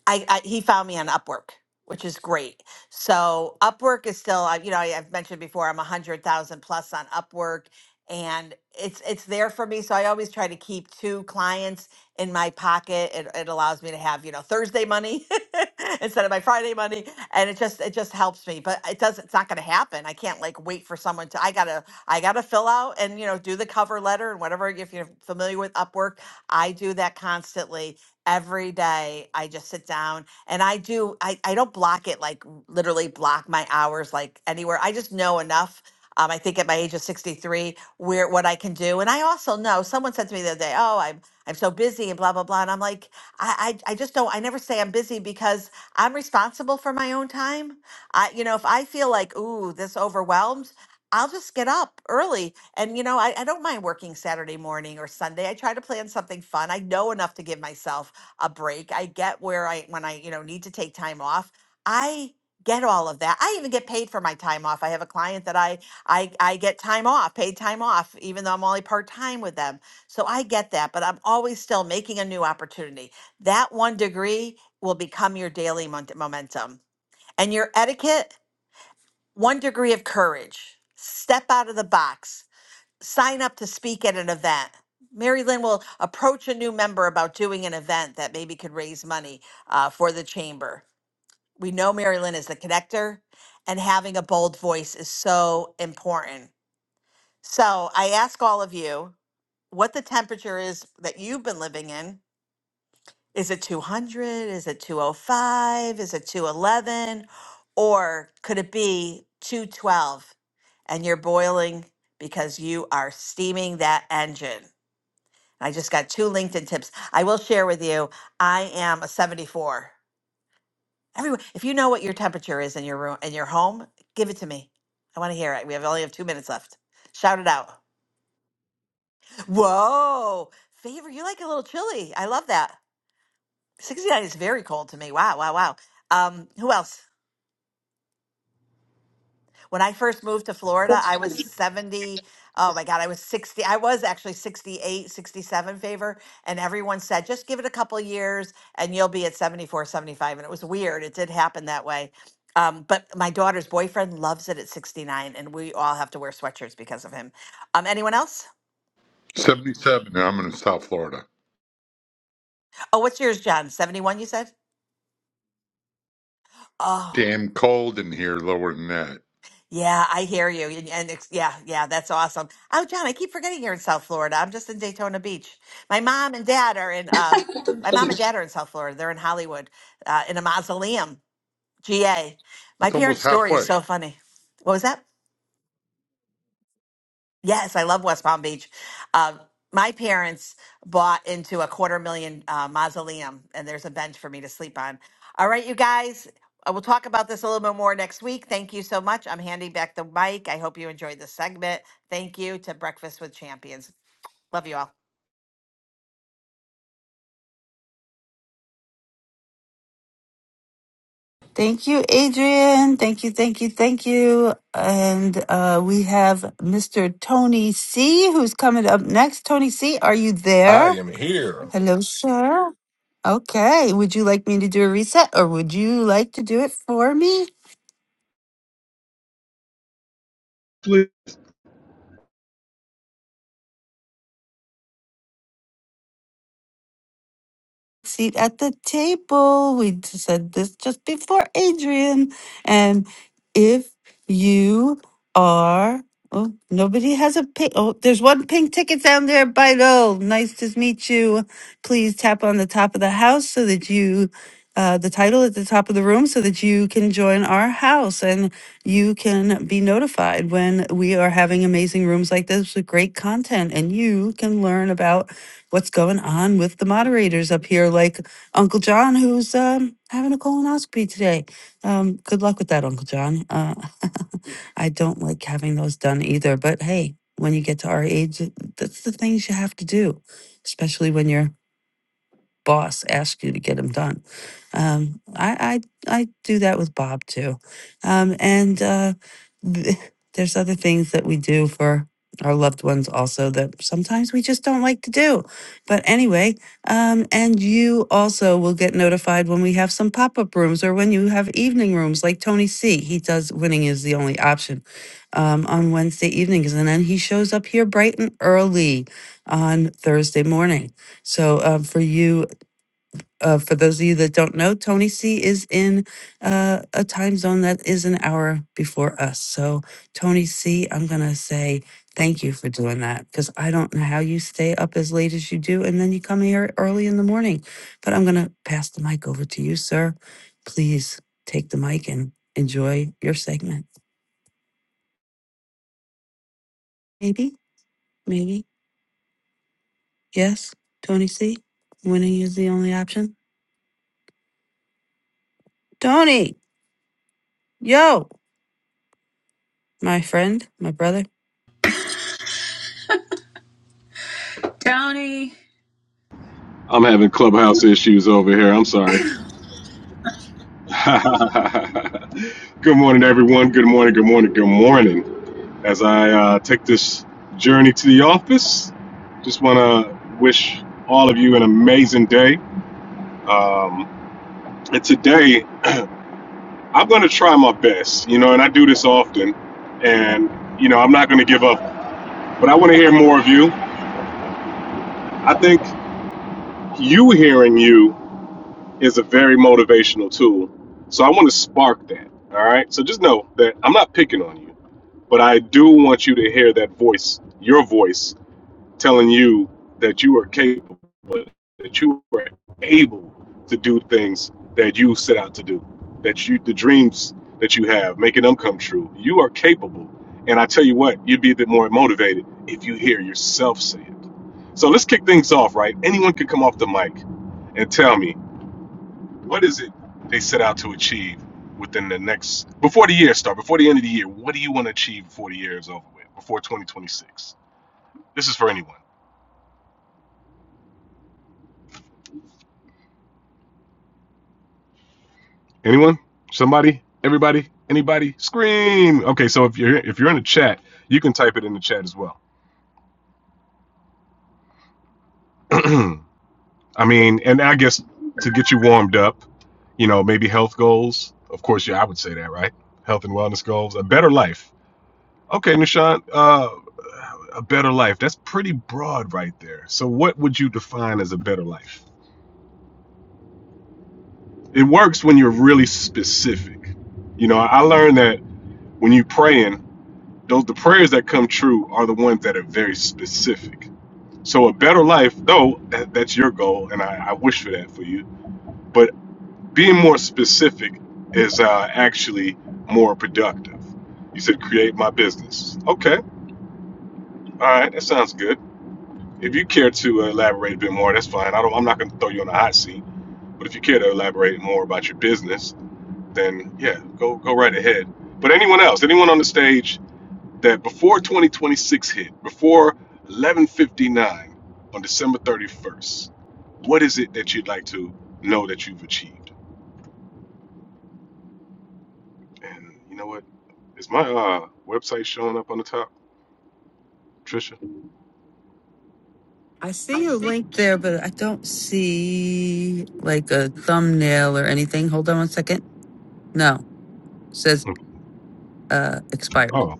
Speaker 17: I, I he found me on Upwork, which is great. So Upwork is still, I- you know, I- I've mentioned before, I'm a hundred thousand plus on Upwork, and it's it's there for me. So I always try to keep two clients in my pocket. It, it allows me to have you know Thursday money instead of my Friday money, and it just it just helps me. But it does it's not going to happen. I can't like wait for someone to. I gotta I gotta fill out and you know do the cover letter and whatever. If you're familiar with Upwork, I do that constantly every day i just sit down and i do i, I don't block it like literally block my hours like anywhere i just know enough um, i think at my age of 63 where what i can do and i also know someone said to me the other day oh i'm i'm so busy and blah blah blah and i'm like i i, I just don't i never say i'm busy because i'm responsible for my own time i you know if i feel like ooh this overwhelmed I'll just get up early. And, you know, I, I don't mind working Saturday morning or Sunday. I try to plan something fun. I know enough to give myself a break. I get where I when I, you know, need to take time off. I get all of that. I even get paid for my time off. I have a client that I I I get time off, paid time off even though I'm only part-time with them. So I get that, but I'm always still making a new opportunity. That one degree will become your daily mon- momentum. And your etiquette, one degree of courage. Step out of the box sign up to speak at an event. Mary Lynn will approach a new member about doing an event that maybe could raise money uh, for the chamber. We know Mary Lynn is the connector, and having a bold voice is so important. So I ask all of you what the temperature is that you've been living in. Is it 200? Is it 205? Is it 211? Or could it be 212 and you're boiling because you are steaming that engine? I just got two LinkedIn tips. I will share with you. I am a 74. Everyone, if you know what your temperature is in your room, in your home, give it to me. I want to hear it. We have only have two minutes left. Shout it out. Whoa, favor, you like a little chilly. I love that. 69 is very cold to me. Wow, wow, wow. Um, who else? when I first moved to Florida, I was 70. Oh my God, I was 60. I was actually 68, 67. favor. And everyone said, just give it a couple years and you'll be at 74, 75. And it was weird. It did happen that way. Um, but my daughter's boyfriend loves it at 69, and we all have to wear sweatshirts because of him. Um, anyone else?
Speaker 19: 77, and I'm in South Florida.
Speaker 17: Oh, what's yours, John? 71, you said? Oh.
Speaker 19: Damn cold in here, lower than that.
Speaker 17: Yeah, I hear you. And, and it's, yeah, yeah, that's awesome. Oh, John, I keep forgetting you're in South Florida. I'm just in Daytona Beach. My mom and dad are in uh my mom and dad are in South Florida. They're in Hollywood, uh, in a mausoleum, GA. My
Speaker 19: It's almost
Speaker 17: parents' story is
Speaker 19: halfway.
Speaker 17: so funny. What was that? Yes, I love West Palm Beach. Um, my parents bought into a quarter million uh, mausoleum, and there's a bench for me to sleep on. All right, you guys, I will talk about this a little bit more next week. Thank you so much. I'm handing back the mic. I hope you enjoyed this segment. Thank you to Breakfast with Champions. Love you all.
Speaker 2: Thank you, Adrian. Thank you, thank you, thank you. And uh, we have Mr. Tony C, who's coming up next. Tony C, are you
Speaker 21: I
Speaker 2: there?
Speaker 21: am here.
Speaker 2: Hello, sir. Okay. Would you like me to do a reset or would you like to do it for me? seat at the table. We d- said this just before, Adrian. And if you are, oh, nobody has a pink. Oh, there's one pink ticket down there, Bido. Nice to meet you. Please tap on the top of the house so that you. Uh, the title at the top of the room so that you can join our house and you can be notified when we are having amazing rooms like this with great content and you can learn about what's going on with the moderators up here, like Uncle John, who's um, having a colonoscopy today. Um, good luck with that, Uncle John. Uh, I don't like having those done either, but hey, when you get to our age, that's the things you have to do, especially when you're boss asks you to get them done. Um, I, I I do that with Bob too, um, and uh, th- there's other things that we do for our loved ones also that sometimes we just don't like to do. But anyway, um, and you also will get notified when we have some pop up rooms or when you have evening rooms like Tony C. He does winning is the only option um, on Wednesday evenings, and then he shows up here bright and early on Thursday morning. So um, for you uh, for those of you that don't know, Tony C is in uh, a time zone that is an hour before us. So, Tony C, I'm going to say thank you for doing that because I don't know how you stay up as late as you do and then you come here early in the morning. But I'm going to pass the mic over to you, sir. Please take the mic and enjoy your segment. Maybe, maybe, yes, Tony C. Winning is the only option. Tony, yo, my friend, my brother.
Speaker 1: Tony,
Speaker 21: I'm having clubhouse issues over here. I'm sorry. good morning, everyone. Good morning, good morning, good morning. As I uh, take this journey to the office, just want to wish all of you an amazing day. Um, and today, I'm going to try my best, you know, and I do this often. And, you know, I'm not going to give up, but I want to hear more of you. I think you hearing you is a very motivational tool. So I want to spark that. All right. So just know that I'm not picking on you, but I do want you to hear that voice, your voice, telling you that you are capable, that you are able to do things that you set out to do, that you, the dreams that you have, making them come true. You are capable. And I tell you what, you'd be a bit more motivated if you hear yourself say it. So let's kick things off, right? Anyone can come off the mic and tell me what is it they set out to achieve within the next before the year start, before the end of the year? What do you want to achieve before the year is over with, before 2026? This is for anyone. Anyone? Somebody? Everybody? Anybody? Scream. Okay, so if you're if you're in the chat, you can type it in the chat as well. I mean, and I guess to get you warmed up, you know, maybe health goals. Of course, yeah, I would say that, right? Health and wellness goals, a better life. Okay, Nishant, uh, a better life. That's pretty broad right there. So, what would you define as a better life? It works when you're really specific. You know, I learned that when you praying, those the prayers that come true are the ones that are very specific. So, a better life, though, that, that's your goal, and I, I wish for that for you. But being more specific is uh, actually more productive. You said create my business. Okay, all right, that sounds good If you care to uh, elaborate a bit more, that's fine. I don't. I'm not going to throw you on the hot seat. But if you care to elaborate more about your business, then yeah, go go right ahead. But anyone else, anyone on the stage that before 2026 hit, before 11:59 on December 31st, what is it that you'd like to know that you've achieved? And you know what? Is my uh, website showing up on the top, Trisha?
Speaker 2: I see your link there, but I don't see like a thumbnail or anything. Hold on one second. No, it says uh, expired.
Speaker 21: Oh,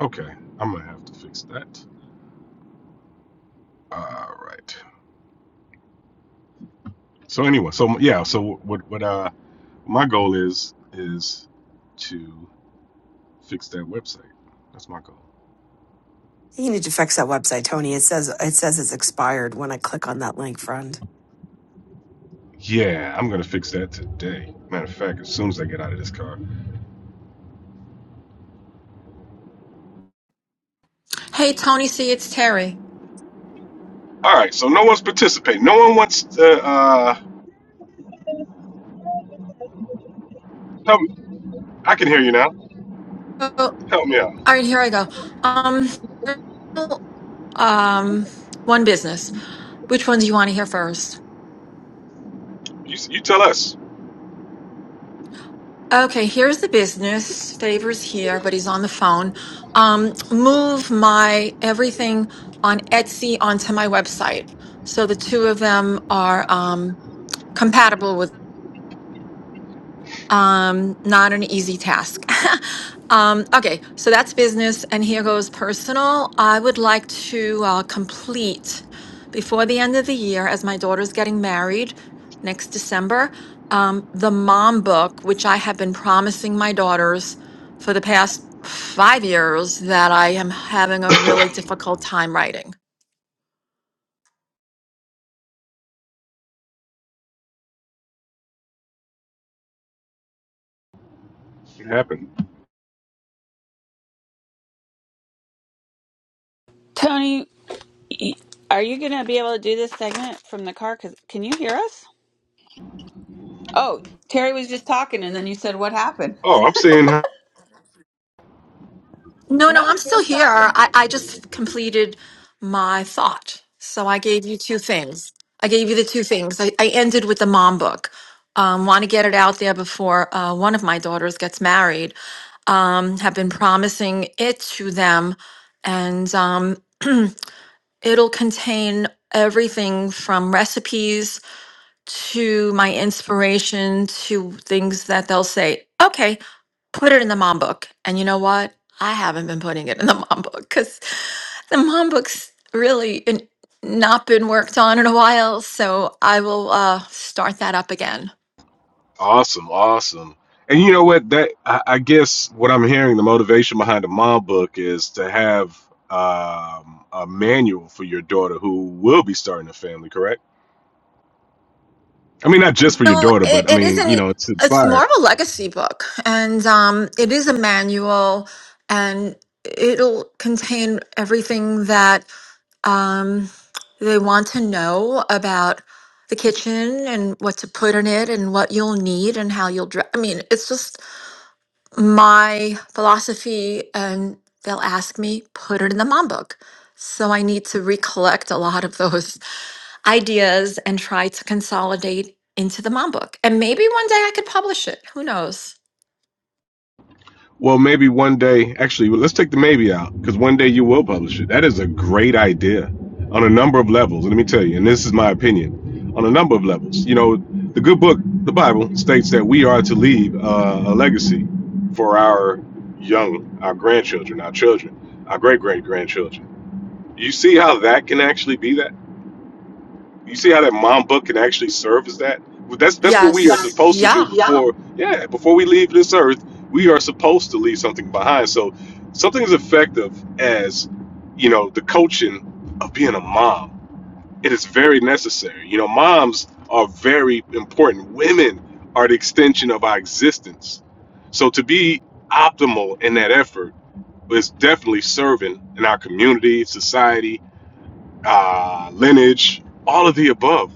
Speaker 21: okay. I'm gonna have to fix that. All right. So anyway, so yeah, so what what uh my goal is is to fix that website. That's my goal.
Speaker 22: You need to fix that website, Tony. It says it says it's expired when I click on that link, friend.
Speaker 21: Yeah, I'm gonna fix that today. Matter of fact, as soon as I get out of this car.
Speaker 18: Hey, Tony C, it's Terry.
Speaker 21: All right, so no one's participating. No one wants to uh help. me. I can hear you now.
Speaker 18: So
Speaker 21: Help me out.
Speaker 18: All right, here I go. Um, um, one business. Which one do you want to hear first?
Speaker 21: You you tell us.
Speaker 18: Okay, here's the business. Favors here, but he's on the phone. Um, move my everything on Etsy onto my website. So the two of them are um, compatible with. Um, not an easy task. um, okay, so that's business, and here goes personal. I would like to uh, complete before the end of the year, as my daughter's getting married next December, um, the mom book, which I have been promising my daughters for the past five years that I am having a really difficult time writing.
Speaker 21: It happened.
Speaker 1: Tony, y- are you going to be able to do this segment from the car? Cause can you hear us? oh Terry was just talking, and then you said what happened.
Speaker 21: Oh, I'm saying
Speaker 18: No, no, I'm still here. I, I just completed my thought. So I gave you two things. I gave you the two things. I, I ended with the mom book. Um, want to get it out there before uh, one of my daughters gets married. Um, have been promising it to them. And um, It'll contain everything from recipes to my inspiration to things that they'll say, okay, put it in the mom book. And you know what? I haven't been putting it in the mom book because the mom book's really n- not been worked on in a while. So I will uh, start that up again.
Speaker 21: Awesome, awesome. And you know what? That I, I guess what I'm hearing, the motivation behind the mom book is to have um, a manual for your daughter who will be starting a family. Correct? I mean, not just for your
Speaker 18: No,
Speaker 21: daughter,
Speaker 18: it,
Speaker 21: but I
Speaker 18: it
Speaker 21: mean,
Speaker 18: isn't.
Speaker 21: you
Speaker 18: e,
Speaker 21: know, it's
Speaker 18: It's more
Speaker 21: inspired.
Speaker 18: of a legacy book, and um, it is a manual, and it'll contain everything that Um, they want to know about the kitchen and what to put in it and what you'll need and how you'll dress. I mean, it's just my philosophy, and they'll ask me, put it in the mom book. So I need to recollect a lot of those ideas and try to consolidate into the mom book. And maybe one day I could publish it. Who knows?
Speaker 21: Well, maybe one day, actually, let's take the maybe out because one day you will publish it. That is a great idea on a number of levels. Let me tell you, and this is my opinion on a number of levels. You know, the good book, the Bible, states that we are to leave uh, a legacy for our young, our grandchildren, our children, our great great grandchildren. You see how that can actually be that? You see how that mom book can actually serve as that? Well, That's that's what we yes. are
Speaker 18: Yes.
Speaker 21: supposed to
Speaker 18: Yeah.
Speaker 21: do before yeah, yeah, before we leave this earth, we are supposed to leave something behind. So something as effective as, you know, the coaching of being a mom. It is very necessary. You know, moms are very important. Women are the extension of our existence. So to be optimal in that effort is definitely serving in our community, society, uh, lineage, all of the above.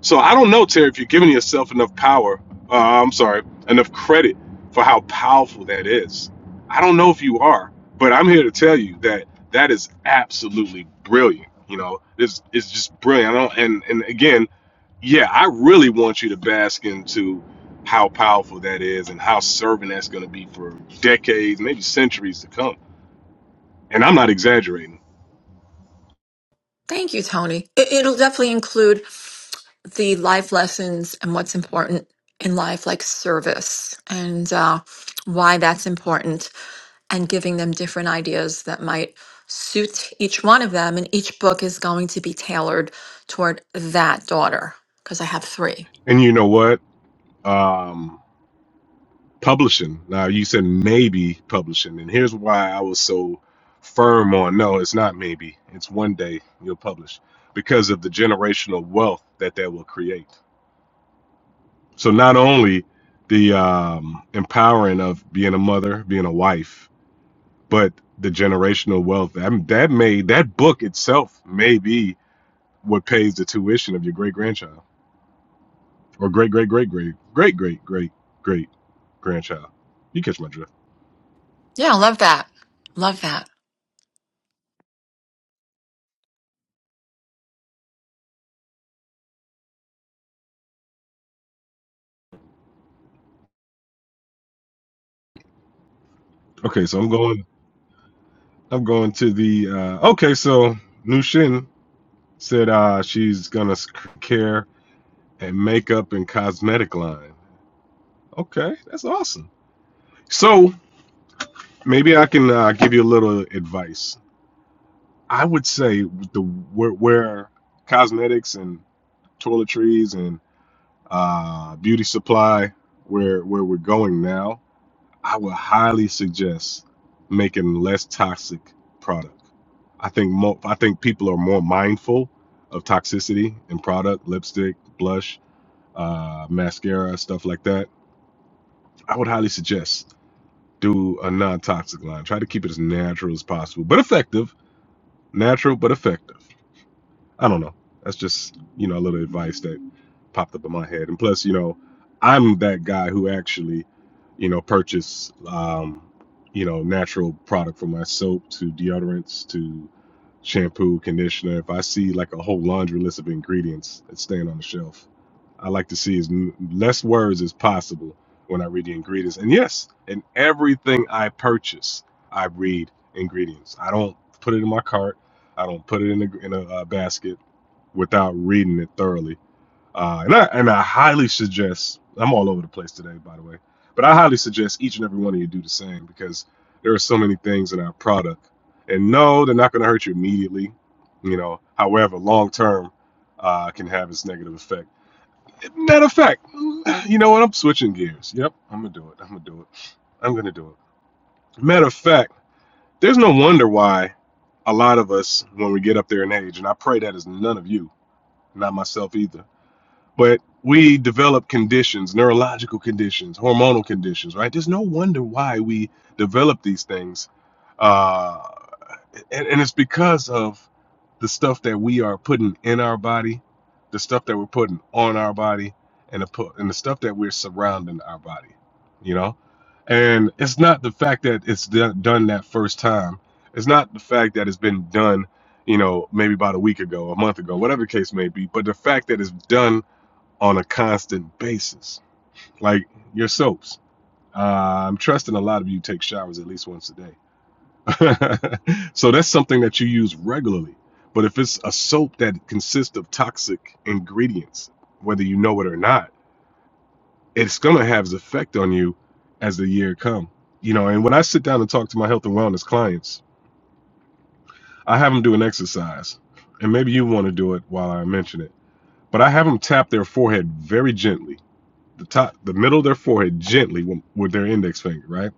Speaker 21: So I don't know, Terry, if you're giving yourself enough power, uh, I'm sorry, enough credit for how powerful that is. I don't know if you are, but I'm here to tell you that that is absolutely brilliant. You know, it's, it's just brilliant. I don't, and, and again, yeah, I really want you to bask into how powerful that is and how serving that's going to be for decades, maybe centuries to come. And I'm not exaggerating.
Speaker 18: Thank you, Tony. It, it'll definitely include the life lessons and what's important in life, like service and uh, why that's important, and giving them different ideas that might suit each one of them. And each book is going to be tailored toward that daughter because I have three.
Speaker 21: And you know what? Um, publishing. Now you said maybe publishing, and here's why I was so firm on no, it's not maybe. It's one day you'll publish because of the generational wealth that that will create. So not only the um, empowering of being a mother, being a wife, but the generational wealth that that may that book itself may be what pays the tuition of your great grandchild or great great great great great great great great grandchild. You catch my drift.
Speaker 18: Yeah, love that. Love that.
Speaker 21: Okay, so I'm going. I'm going to the. Uh, okay, so Nushin said uh, she's gonna care and makeup and cosmetic line. Okay, that's awesome. So maybe I can uh, give you a little advice. I would say the where, where cosmetics and toiletries and uh, beauty supply, where where we're going now, I would highly suggest making less toxic product. I think mo- I think people are more mindful of toxicity in product, lipstick, blush, uh, mascara, stuff like that. I would highly suggest do a non-toxic line. Try to keep it as natural as possible, but effective. Natural but effective. I don't know. That's just, you know, a little advice that popped up in my head. And plus, you know, I'm that guy who actually, you know, purchase, um, you know, natural product from my soap to deodorants to shampoo, conditioner. If I see like a whole laundry list of ingredients, it's staying on the shelf. I like to see as m- less words as possible when I read the ingredients. And yes, in everything I purchase, I read ingredients. I don't put it in my cart. I don't put it in a, in a uh, basket without reading it thoroughly. Uh, and I and I highly suggest I'm all over the place today, by the way, but I highly suggest each and every one of you do the same because there are so many things in our product, and no, they're not going to hurt you immediately, you know. However, long term uh, can have its negative effect. Matter of fact, you know what? I'm switching gears. Yep, I'm gonna do it. I'm gonna do it. I'm gonna do it. Matter of fact, there's no wonder why a lot of us, when we get up there in age, and I pray that is none of you, not myself either but we develop conditions neurological conditions hormonal conditions right there's no wonder why we develop these things uh and, and it's because of the stuff that we are putting in our body the stuff that we're putting on our body and the and the stuff that we're surrounding our body you know and it's not the fact that it's do- done that first time it's not the fact that it's been done you know maybe about a week ago a month ago whatever the case may be but the fact that it's done on a constant basis, like your soaps. Uh, I'm trusting a lot of you take showers at least once a day. so that's something that you use regularly. But if it's a soap that consists of toxic ingredients, whether you know it or not, it's going to have its effect on you as the year come. You know, and when I sit down and talk to my health and wellness clients, I have them do an exercise. And maybe you want to do it while I mention it. But I have them tap their forehead very gently the top, the middle of their forehead gently with, their index finger, right?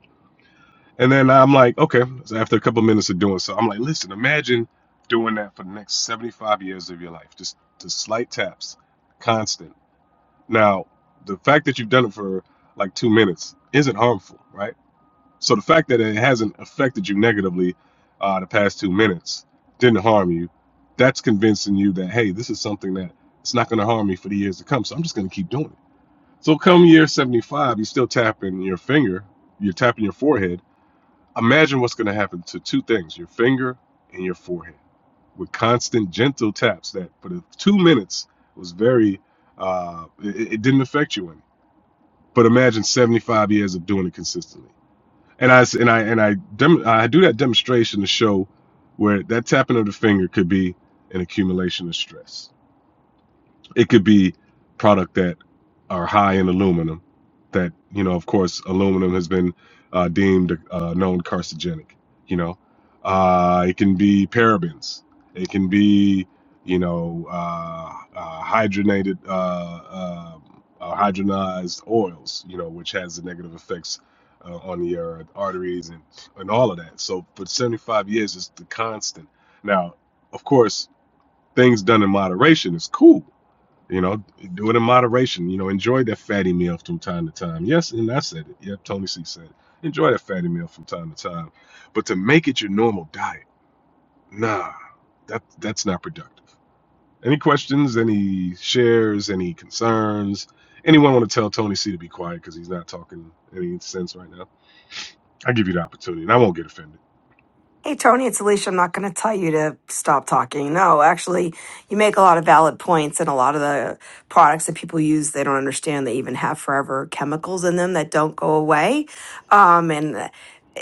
Speaker 21: And then I'm like, okay. So after a couple of minutes of doing so, I'm like, listen, imagine doing that for the next 75 years of your life, just just slight taps, constant. Now, the fact that you've done it for like two minutes isn't harmful, right? So the fact that it hasn't affected you negatively uh, the past two minutes didn't harm you. That's convincing you that hey, this is something that it's not going to harm me for the years to come. So I'm just going to keep doing it so come year 75, you're still tapping your finger, you're tapping your forehead. Imagine what's going to happen to two things, your finger and your forehead, with constant gentle taps that for the two minutes was very, uh, it, it didn't affect you any. But imagine 75 years of doing it consistently. And I and I, and I, dem- I do that demonstration to show where that tapping of the finger could be an accumulation of stress it could be product that are high in aluminum. That you know, of course, aluminum has been uh, deemed a uh, known carcinogenic. You know, uh, it can be parabens. It can be you know uh, uh, hydrogenated uh, uh, uh, hydrogenized oils. You know, which has the negative effects uh, on your arteries and and all of that. So for 75 years, it's the constant. Now, of course, things done in moderation is cool you know, do it in moderation. You know, enjoy that fatty meal from time to time. Yes, and I said it. Yep, Tony C said it. Enjoy that fatty meal from time to time. But to make it your normal diet, nah, that that's not productive. Any questions, any shares, any concerns? Anyone want to tell Tony C to be quiet because he's not talking any sense right now? I give you the opportunity and I won't get offended.
Speaker 22: Hey, Tony, it's Alicia. I'm not going to tell you to stop talking. No, actually, you make a lot of valid points, and a lot of the products that people use, they don't understand they even have forever chemicals in them that don't go away. Um, and uh,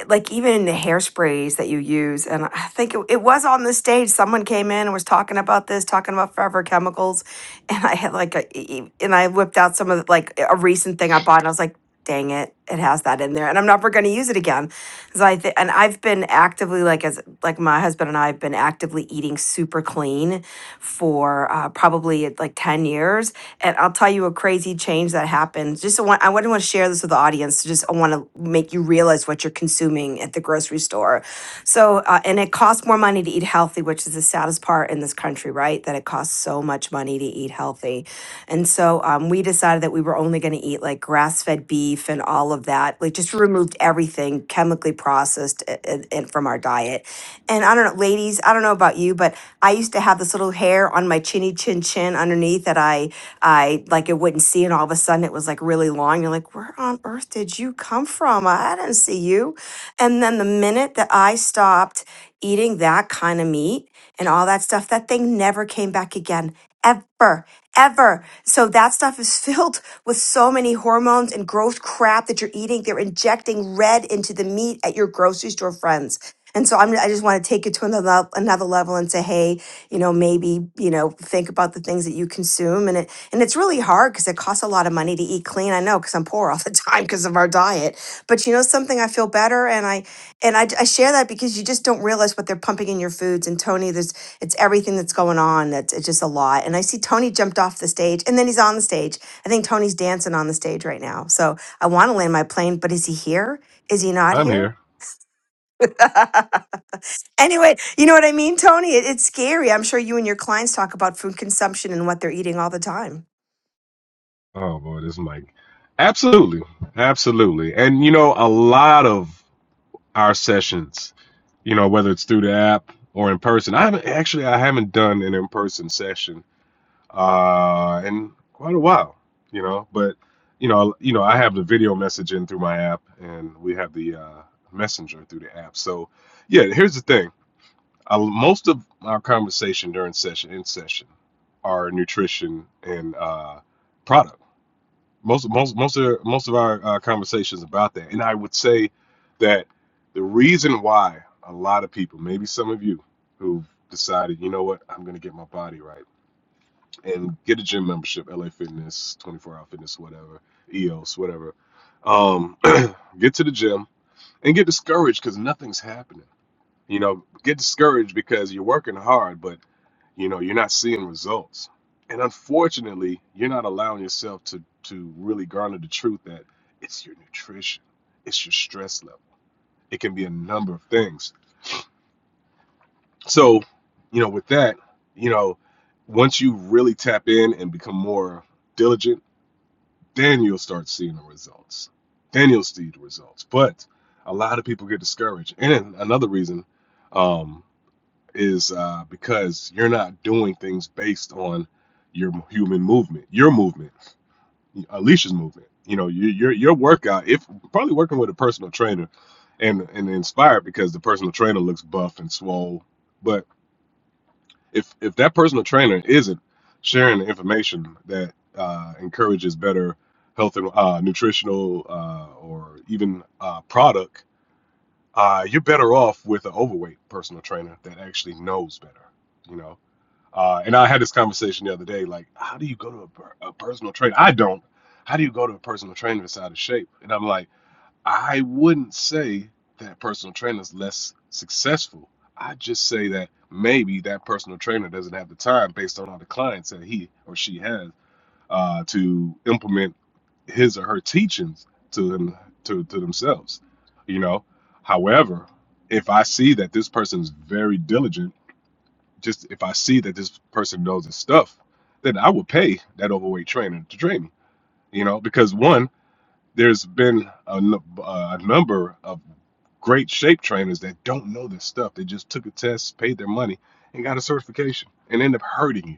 Speaker 22: like even the hairsprays that you use, and I think it, it was on the stage, someone came in and was talking about this, talking about forever chemicals. And I had like a, e- e- and I whipped out some of the, like a recent thing I bought, and I was like, dang it, it has that in there, and I'm never going to use it again Cause I th- and I've been actively like as like my husband and I have been actively eating super clean for uh, probably uh, like ten years, and I'll tell you a crazy change that happened. Just want I wouldn't want to share this with the audience. Just I want to make you realize what you're consuming at the grocery store. So uh, and it costs more money to eat healthy, which is the saddest part in this country, right? That it costs so much money to eat healthy and so um, we decided that we were only going to eat like grass fed beef and all of that, like just removed everything chemically processed a- a- and, from our diet. And I don't know, ladies, I don't know about you, but I used to have this little hair on my chinny chin chin underneath that I, I like it wouldn't see. And all of a sudden it was like really long. You're like, where on earth did you come from? I I didn't see you. And then the minute that I stopped eating that kind of meat and all that stuff, that thing never came back again ever, ever. So that stuff is filled with so many hormones and gross crap that you're eating. They're injecting red into the meat at your grocery store, friends. And so I'm, I just want to take it to another lev- another level and say, hey, you know, maybe you know, think about the things that you consume, and it and it's really hard because it costs a lot of money to eat clean. I know because I'm poor all the time because of our diet. But you know something, I feel better, and I and I, I share that because you just don't realize what they're pumping in your foods. And Tony, there's it's everything that's going on. That's it's just a lot. And I see Tony jumped off the stage, and then he's on the stage. I think Tony's dancing on the stage right now. So I want to land my plane, but is he here? Is he not
Speaker 21: I'm
Speaker 22: here?
Speaker 21: here.
Speaker 22: Anyway, you know what I mean, Tony? It, it's scary. I'm sure you and your clients talk about food consumption and what they're eating all the time.
Speaker 21: Oh boy, this mic. Absolutely. Absolutely. And you know, a lot of our sessions, you know, whether it's through the app or in person. I haven't actually I haven't done an in person session uh, in quite a while, you know, but you know, you know, I have the video messaging through my app, and we have the uh, messenger through the app. So, yeah, here's the thing: I, most of our conversation during session in session are nutrition and uh, product most most most of most of our uh, conversations about that and i would say that the reason why a lot of people maybe some of you who've decided you know what i'm going to get my body right and get a gym membership la fitness 24 hour fitness whatever eos whatever um, get to the gym and get discouraged because nothing's happening you know get discouraged because you're working hard but you know you're not seeing results and unfortunately you're not allowing yourself to to really garner the truth that it's your nutrition it's your stress level it can be a number of things so you know with that you know once you really tap in and become more diligent then you'll start seeing the results then you'll see the results but a lot of people get discouraged and another reason um, is uh, because you're not doing things based on your human movement, your movement, Alicia's movement. You know, your your, your workout. If probably working with a personal trainer, and and inspired because the personal trainer looks buff and swole. But if if that personal trainer isn't sharing the information that uh, encourages better health and uh, nutritional uh, or even uh, product, uh, you're better off with an overweight personal trainer that actually knows better. You know uh, and I had this conversation the other day, like, how do you go to a, per- a personal trainer? I don't. How do you go to a personal trainer that's out of shape? And I'm like, I wouldn't say that personal trainer is less successful. I just say that maybe that personal trainer doesn't have the time based on all the clients that he or she has uh, to implement his or her teachings to them to, to themselves you know however if i see that this person is very diligent just if I see that this person knows his stuff, then I would pay that overweight trainer to train me. You know, because one, there's been a, nu- a number of great shape trainers that don't know this stuff. They just took a test, paid their money, and got a certification, and end up hurting you.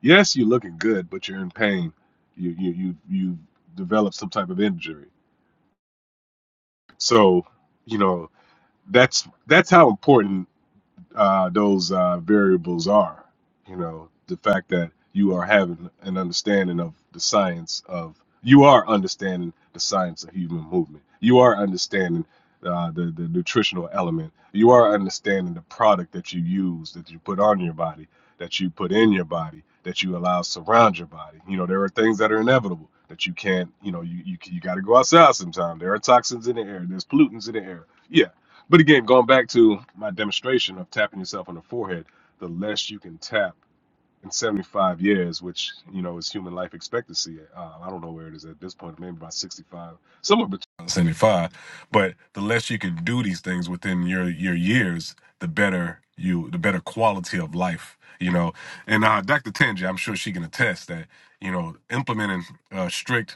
Speaker 21: Yes, you're looking good, but you're in pain. You you you you develop some type of injury. So you know that's that's how important. uh, those uh, variables are. You know, the fact that you are having an understanding of the science of, you are understanding the science of human movement. You are understanding uh, the, the nutritional element. You are understanding the product that you use, that you put on your body, that you put in your body, that you allow surround your body. You know, there are things that are inevitable that you can't, you know, you, you, you got to go outside sometime. There are toxins in the air, there's pollutants in the air. Yeah, but again, going back to my demonstration of tapping yourself on the forehead, the less you can tap in 75 years, which you know is human life expectancy. Uh, I don't know where it is at this point, maybe about 65, somewhere between 75. But the less you can do these things within your your years, the better you, the better quality of life. You know, and uh, Dr. Tenji, I'm sure she can attest that you know implementing uh, strict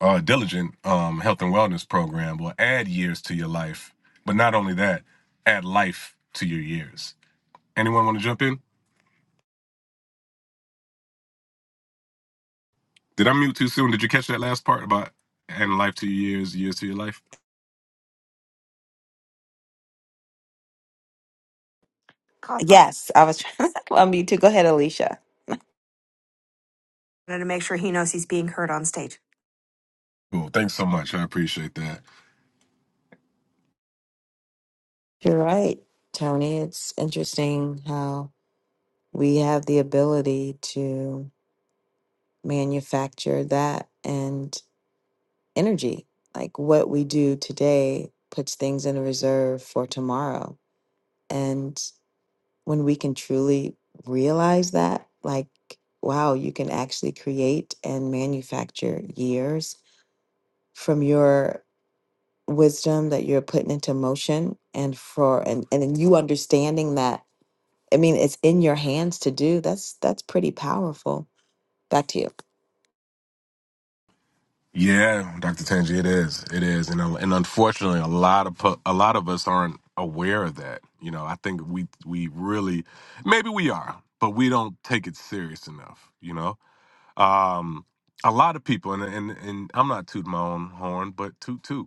Speaker 21: uh, diligent um, health and wellness program will add years to your life. But not only that, add life to your years. Anyone want to jump in? Did I mute too soon? Did you catch that last part about adding life to your years, years to your life?
Speaker 22: Caught that.
Speaker 23: Yes, I was trying to unmute too. Go ahead, Alicia.
Speaker 22: Wanted to make sure he knows he's being heard on stage.
Speaker 21: Cool. Thanks so much. I appreciate that.
Speaker 23: You're right, Tony. It's interesting how we have the ability to manufacture that and energy. Like what we do today puts things in reserve for tomorrow. And when we can truly realize that, like, wow, you can actually create and manufacture years from your wisdom that you're putting into motion and for and and then you understanding that i mean it's in your hands to do that's that's pretty powerful back to you
Speaker 21: Yeah, Dr. Tangi, it is. It is. And, uh, and unfortunately, a lot of pu- a lot of us aren't aware of that. You know, I think we we really maybe we are, but we don't take it serious enough, you know? Um, a lot of people, and and and I'm not tooting my own horn, but toot toot.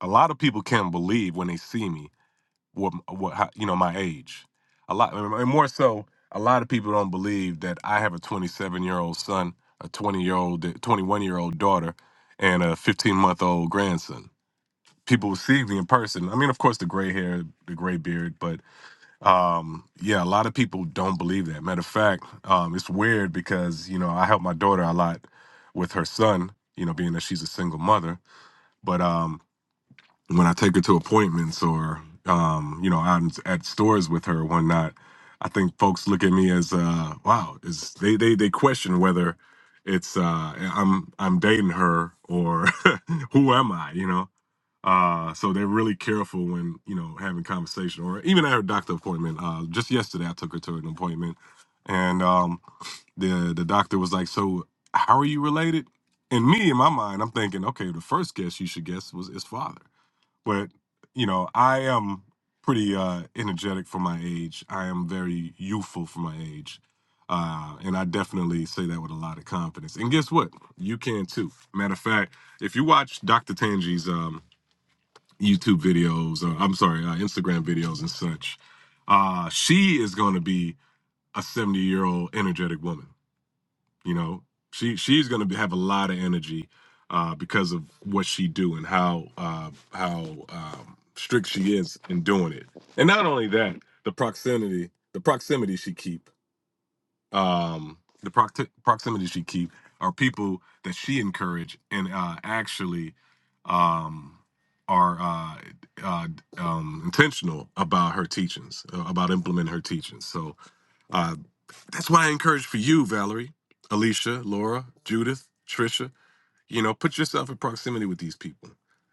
Speaker 21: A lot of people can't believe when they see me what what how, you know my age. A lot, and more so, a lot of people don't believe that I have a 27 year old son, a 20 year old, 21 year old daughter, and a 15 month old grandson. People will see me in person. I mean, of course, the gray hair, the gray beard, but um yeah a lot of people don't believe that matter of fact um it's weird because you know i help my daughter a lot with her son you know being that she's a single mother but um when i take her to appointments or um you know i'm at stores with her or whatnot i think folks look at me as uh wow is they they, they question whether it's uh i'm i'm dating her or who am i you know uh, so they're really careful when, you know, having conversation or even at her doctor appointment. Uh, just yesterday, I took her to an appointment and um, the, the doctor was like, so how are you related? And me, in my mind, I'm thinking, okay, the first guess you should guess was his father. But, you know, I am pretty uh, energetic for my age. I am very youthful for my age. Uh, and I definitely say that with a lot of confidence. And guess what? You can too. Matter of fact, if you watch Dr. Tangi's um, YouTube videos, or I'm sorry, uh, Instagram videos and such. Uh, she is going to be a 70 year old energetic woman. You know, she she's going to be, have a lot of energy uh, because of what she do and how uh, how um, strict she is in doing it. And not only that, the proximity the proximity she keep um, the proct- proximity she keep are people that she encourage and uh, actually um, are uh, uh, um, intentional about her teachings, uh, about implementing her teachings. So uh, that's what I encourage for you, Valerie, Alicia, Laura, Judith, Trisha you know put yourself in proximity with these people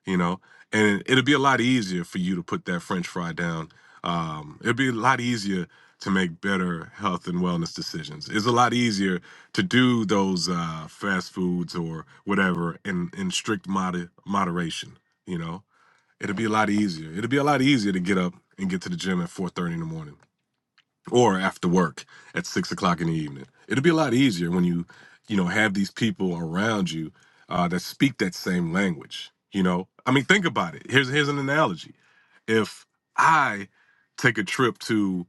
Speaker 21: you know and it'll be a lot easier for you to put that french fry down um it'll be a lot easier to make better health and wellness decisions it's a lot easier to do those uh fast foods or whatever in in strict mod moderation you know it'll be a lot easier it'll be a lot easier to get up and get to the gym at 4:30 in the morning or after work at six o'clock in the evening. It'll be a lot easier when you, you know, have these people around you uh, that speak that same language. You know, I mean, think about it. Here's here's an analogy. If I take a trip to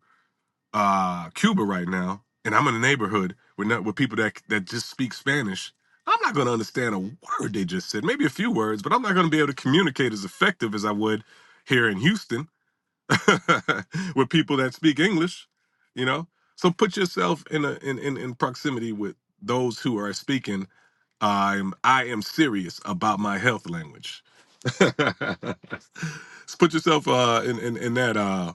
Speaker 21: uh, Cuba right now, and I'm in a neighborhood with not, with people that that just speak Spanish, I'm not going to understand a word they just said. Maybe a few words, but I'm not going to be able to communicate as effective as I would here in Houston with people that speak English, you know. So put yourself in a in in, in proximity with those who are speaking. I'm I am serious about my health language. So put yourself uh in, in in that uh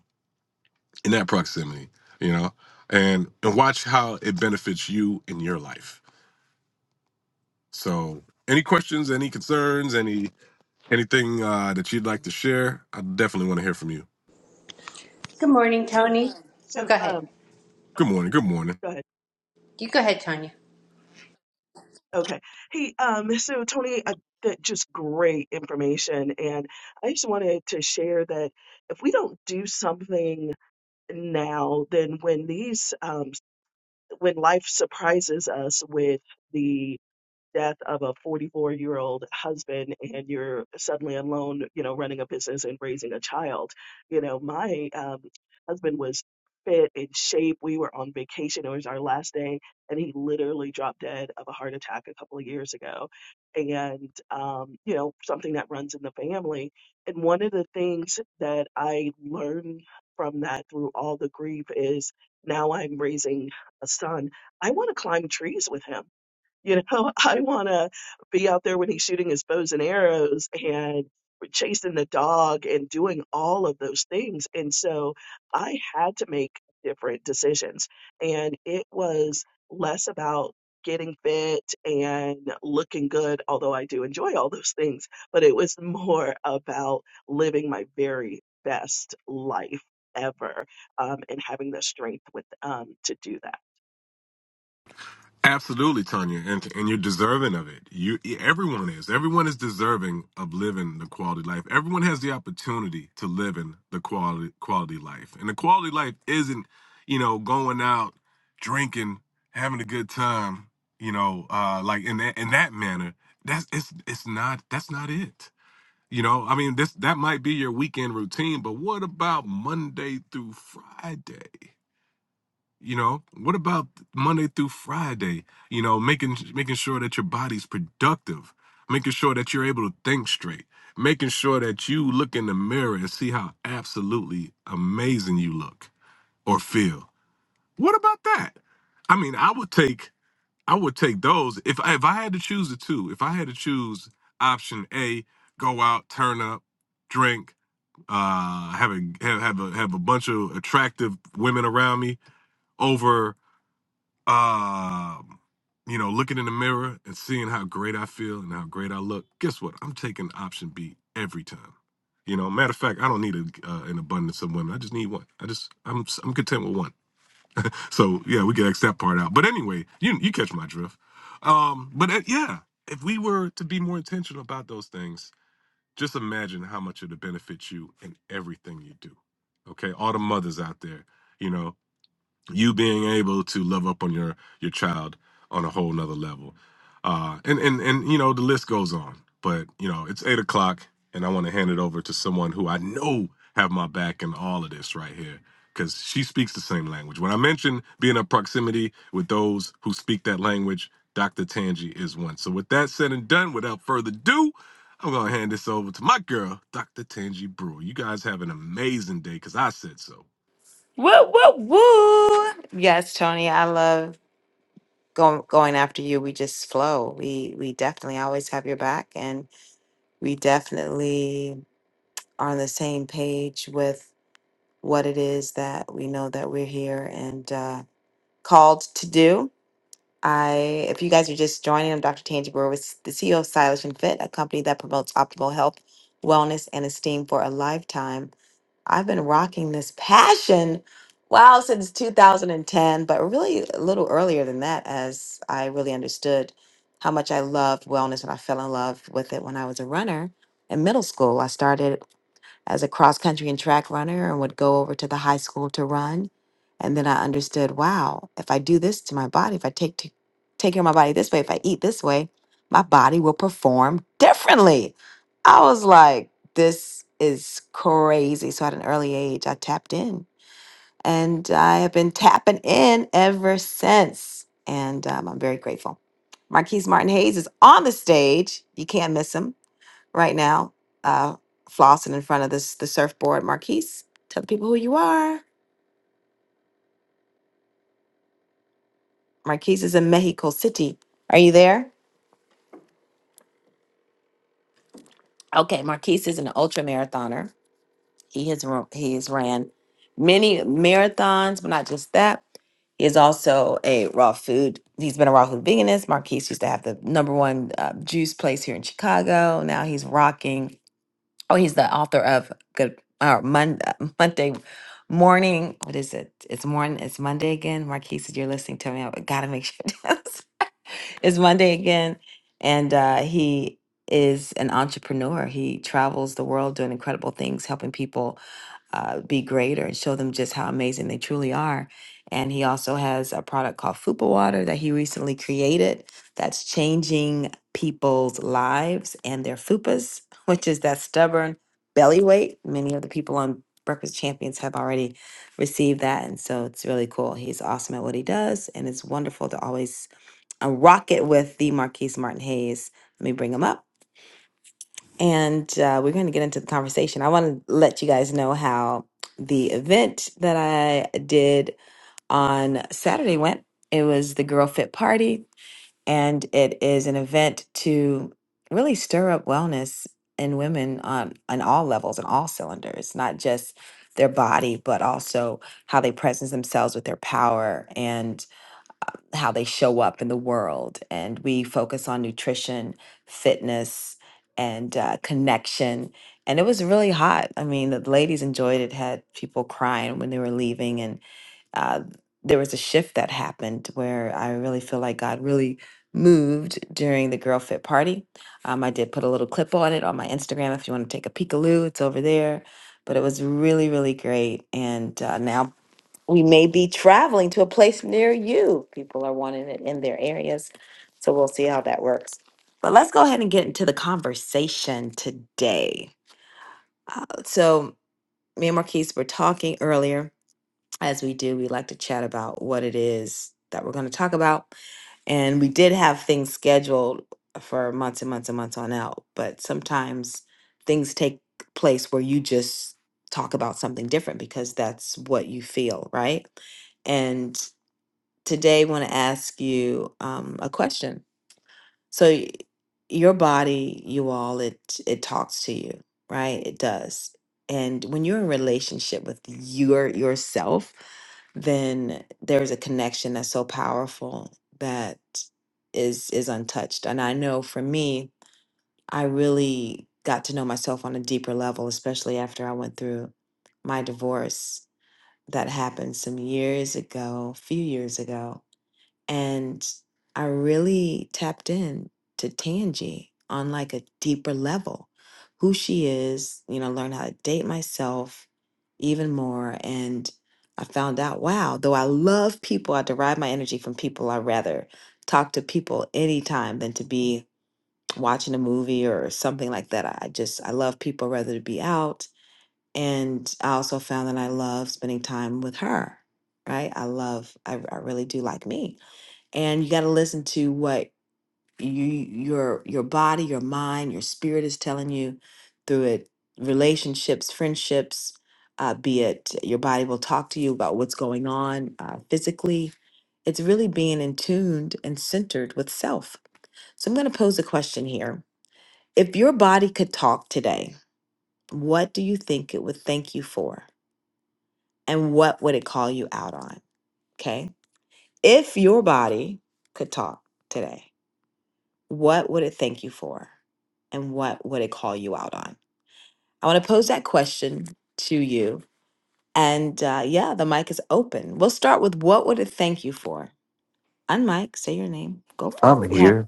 Speaker 21: in that proximity, you know, and and watch how it benefits you in your life. So any questions, any concerns, any anything uh, that you'd like to share, I definitely want to hear from you.
Speaker 24: Good morning, Tony. Oh,
Speaker 25: So,
Speaker 24: go ahead.
Speaker 25: um,
Speaker 21: Good morning. Good morning.
Speaker 25: go ahead.
Speaker 24: You go ahead, Tanya.
Speaker 25: Okay. Hey, um, so Tony, uh, that just great information. And I just wanted to share that if we don't do something now, then when these, um, when life surprises us with the. death of a 44 year old husband and you're suddenly alone, you know, running a business and raising a child. You know, my um, husband was fit in shape. We were on vacation. It was our last day. And he literally dropped dead of a heart attack a couple of years ago. And, um, you know, something that runs in the family. And one of the things that I learned from that through all the grief is now I'm raising a son. I want to climb trees with him you know, I want to be out there when he's shooting his bows and arrows and chasing the dog and doing all of those things. And so I had to make different decisions. And it was less about getting fit and looking good, although I do enjoy all those things, but it was more about living my very best life ever um, and having the strength with um, to do that.
Speaker 21: Absolutely, Tanya, and and you're deserving of it. You e, everyone is. Everyone is deserving of living the quality life. Everyone has the opportunity to live in the quality quality life. And the quality life isn't, you know, going out drinking, having a good time, you know, uh like in that in that manner. That's it's it's not that's not it. You know, I mean, this that might be your weekend routine, but what about Monday through Friday? You know, what about Monday through Friday? You know, making making sure that your body's productive, making sure that you're able to think straight, making sure that you look in the mirror and see how absolutely amazing you look or feel. What about that? I mean, I would take I would take those if I, if I had to choose the two. If I had to choose option A, go out, turn up, drink, uh, have a have, have a have a bunch of attractive women around me over um, you know, looking in the mirror and seeing how great I feel and how great I look. Guess what? I'm taking option B every time. You know, matter of fact, I don't need a, uh, an abundance of women. I just need one. I just I'm I'm content with one. So yeah, we can X that part out. But anyway, you you catch my drift. Um, but uh, yeah, if we were to be more intentional about those things, just imagine how much it'll benefit you in everything you do. Okay, all the mothers out there, you know, you being able to love up on your your child on a whole nother level uh and and and you know the list goes on but you know it's eight o'clock and i want to hand it over to someone who i know have my back in all of this right here because she speaks the same language when i mention being in proximity with those who speak that language dr tangi is one so with that said and done without further ado i'm gonna hand this over to my girl dr tangi brewer you guys have an amazing day because i said so
Speaker 23: woo woo woo yes tony i love going going after you we just flow we we definitely always have your back and we definitely are on the same page with what it is that we know that we're here and uh called to do I, if you guys are just joining, I'm Dr. Tangi Brewer, with the CEO of Stylish and Fit, a company that promotes optimal health, wellness, and esteem for a lifetime. I've been rocking this passion, wow, since 2010, but really a little earlier than that, as I really understood how much I loved wellness and I fell in love with it when I was a runner in middle school. I started as a cross country and track runner and would go over to the high school to run. And then I understood, wow, if I do this to my body, if I take to, take care of my body this way, if I eat this way, my body will perform differently. I was like, this is crazy. So at an early age, I tapped in and I have been tapping in ever since. And um, I'm very grateful. Marquise Martin Hayes is on the stage. You can't miss him right now, uh, flossing in front of this the surfboard. Marquise, tell the people who you are. Marquise is in Mexico City. Are you there? Okay, Marquise is an ultra marathoner. He has ru- he has ran many marathons, but not just that. He is also a raw food. He's been a raw food veganist. Marquise used to have the number one uh, juice place here in Chicago. Now he's rocking Oh, he's the author of Good uh, Mon- uh, Monday Morning. What is it? It's morning. It's Monday again. Marquise, if you're listening to me. I gotta make sure it's it's Monday again. And uh, he is an entrepreneur. He travels the world doing incredible things, helping people uh, be greater and show them just how amazing they truly are. And he also has a product called Fupa Water that he recently created that's changing people's lives and their fupas, which is that stubborn belly weight. Many of the people on Breakfast Champions have already received that. And so it's really cool. He's awesome at what he does. And it's wonderful to always uh, rock it with the Marquise Martin Hayes. Let me bring him up and uh, we're going to get into the conversation. I want to let you guys know how the event that I did on Saturday went. It was the Girl Fit Party, and it is an event to really stir up wellness in women on, on all levels and all cylinders, not just their body, but also how they presence themselves with their power. And how they show up in the world. And we focus on nutrition, fitness, and uh, connection. And it was really hot. I mean, the ladies enjoyed it, had people crying when they were leaving. And uh, there was a shift that happened where I really feel like God really moved during the Girl Fit party. Um, I did put a little clip on it on my Instagram if you want to take a peekaloo, it's over there. But it was really, really great. And uh, now we may be traveling to a place near you. People are wanting it in their areas. So we'll see how that works. But let's go ahead and get into the conversation today. So, me and Marquise were talking earlier. As we do, we like to chat about what it is that we're going to talk about. And we did have things scheduled for months and months and months on out. But sometimes things take place where you just talk about something different because that's what you feel, right? and today want to ask you um, a question. So y- your body, you all, it it talks to you, right? It does. And when you're in relationship with your yourself, then there's a connection that's so powerful that is is untouched. And I know for me, I really got to know myself on a deeper level, especially after I went through my divorce that happened some years ago, a few years ago and I really tapped in to Tangi on like a deeper level, who she is, you know, learn how to date myself even more. And I found out, wow, though I love people, I derive my energy from people. I rather talk to people anytime than to be watching a movie or something like that. I just, I love people rather to be out. And I also found that I love spending time with her, right? I love, I, I really do like me and you got to listen to what you your your body your mind your spirit is telling you through it relationships friendships uh, be it your body will talk to you about what's going on uh, physically it's really being in tuned and centered with self so i'm going to pose a question here if your body could talk today what do you think it would thank you for and what would it call you out on okay if your body could talk today what would it thank you for? And what would it call you out on? I want to pose that question to you. And uh, yeah, the mic is open. We'll start with what would it thank you for? Unmic, say your name. Go for it.
Speaker 26: I'm
Speaker 23: We have
Speaker 26: here.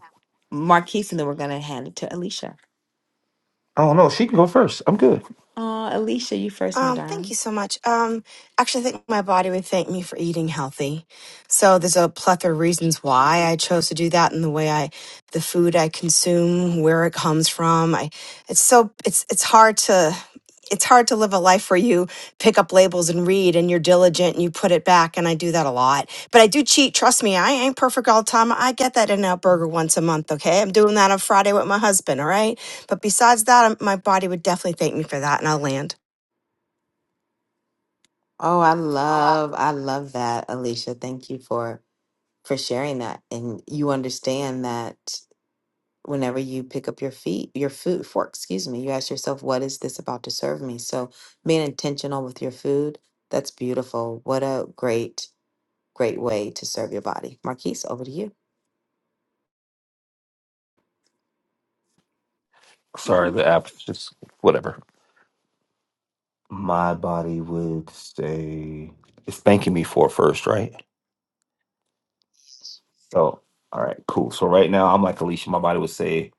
Speaker 23: Marquise, and then we're going to hand it to Alicia.
Speaker 26: I don't know. She can go first. I'm good.
Speaker 23: Oh, Alicia, you first, my
Speaker 22: Um, thank
Speaker 23: darling.
Speaker 22: you so much. Um, actually, I think my body would thank me for eating healthy. So there's a plethora of reasons why I chose to do that, and the way I, the food I consume, where it comes from. I, it's so it's it's hard to. It's hard to live a life where you pick up labels and read and you're diligent and you put it back. And I do that a lot. But I do cheat. Trust me, I ain't perfect all the time. I get that in out burger once a month. Okay. I'm doing that on Friday with my husband. All right. But besides that, um, my body would definitely thank me for that, and I'll land.
Speaker 23: Oh, I love, I love that, Alicia. Thank you for for sharing that. And you understand that whenever you pick up your feet, your food fork, excuse me, you ask yourself, what is this about to serve me? So being intentional with your food, that's beautiful. What a great, great way to serve your body. Marquise, over to you.
Speaker 26: Sorry, the app is just whatever. My body would say it's thanking me for it first, right? So, all right, cool. So right now, I'm like Alicia. My body would say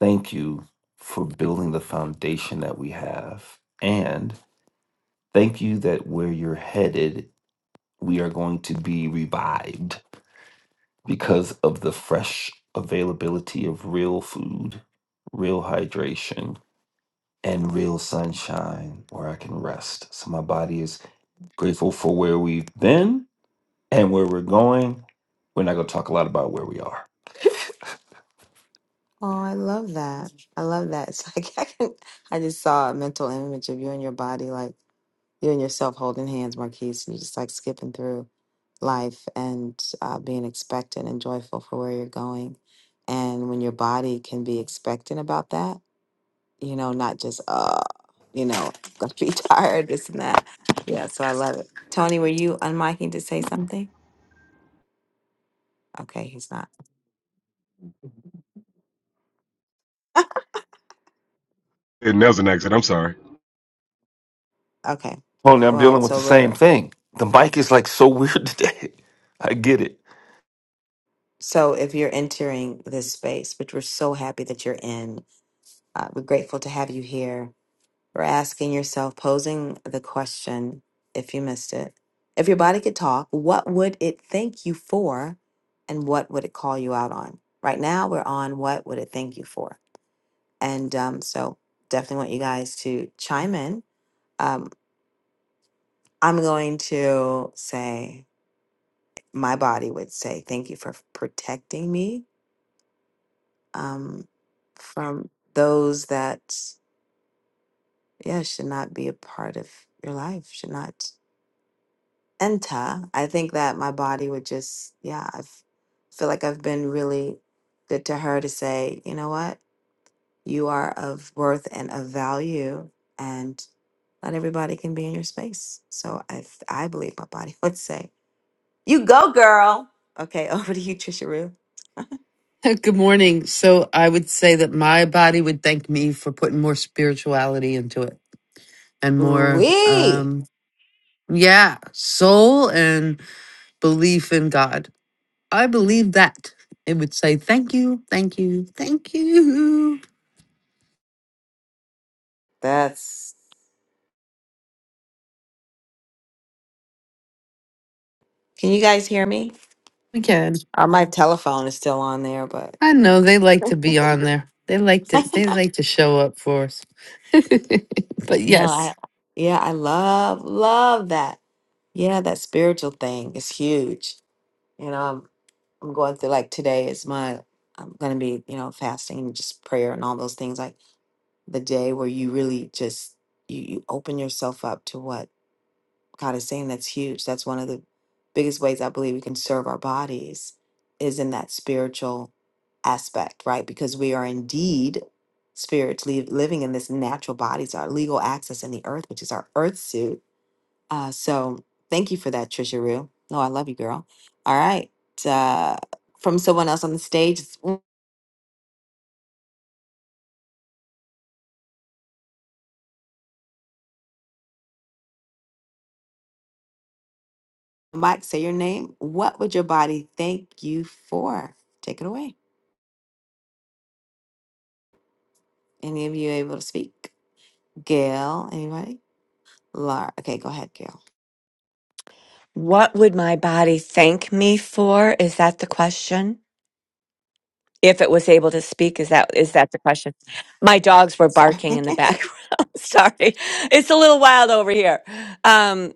Speaker 26: thank you for building the foundation that we have, and thank you that where you're headed, we are going to be revived because of the fresh availability of real food, real hydration, and real sunshine where I can rest. So my body is grateful for where we've been and where we're going. We're not going to talk a lot about where we are.
Speaker 23: Oh, I love that. I love that. It's like I can I just saw a mental image of you and your body, like you and yourself holding hands, Marquise, and you're just like skipping through life and uh, being expectant and joyful for where you're going. And when your body can be expectant about that, you know, not just uh, you know, gonna be tired, this and that. Yeah, so I love it. Tony, were you unmiking to say something? Okay, he's not.
Speaker 21: and that an exit i'm sorry
Speaker 23: Okay.
Speaker 26: Tony, I'm
Speaker 23: Well,
Speaker 26: dealing with the
Speaker 23: so
Speaker 26: same
Speaker 23: we're
Speaker 26: thing. The mic is like so weird today. I get it.
Speaker 23: so if you're entering this space, which we're so happy that you're in, uh, we're grateful to have you here. We're asking yourself, posing the question, if you missed it, if your body could talk, what would it thank you for, and what would it call you out on? Right now, we're on what would it thank you for? And um, so definitely want you guys to chime in. Um, I'm going to say, my body would say, thank you for protecting me um, from those that, yeah, should not be a part of your life, should not enter. I think that my body would just, yeah, I feel like I've been really good to her to say, you know what? You are of worth and of value, and not everybody can be in your space. So I, I believe my body would say, "You go, girl." Okay, over to you, Trisha Rue.
Speaker 2: Good morning. So I would say that my body would thank me for putting more spirituality into it and more,
Speaker 23: Wee.
Speaker 2: um, yeah, soul and belief in God. I believe that it would say thank you, thank you, thank you.
Speaker 23: That's. Can you guys hear me?
Speaker 2: We can.
Speaker 23: Or my telephone is still on there, but
Speaker 2: I know they like to be on there. They like to they like to show up for us. but
Speaker 23: no, I.
Speaker 2: yes,
Speaker 23: Yeah, I love love that. Yeah, that spiritual thing is huge. You know, I'm going through like today is my I'm gonna be you know fasting and just prayer and all those things like the day where you really just you, you open yourself up to what God is saying that's huge that's one of the biggest ways I believe we can serve our bodies is in that spiritual aspect right because we are indeed spiritually living in this natural bodies our legal access in the earth which is our earth suit uh, so thank you for that, Trisha Rue. No, I love you, girl. All right. Uh, from someone else on the stage, it's Mike, say your name. What would your body thank you for? Take it away. Any of you able to speak? Gail, anybody? Laura. Okay, go ahead, Gail.
Speaker 27: What would my body thank me for? Is that the question? If it was able to speak, is that is that the question? My dogs were
Speaker 23: Sorry.
Speaker 27: barking in the background. Sorry. It's a little wild over here. Um,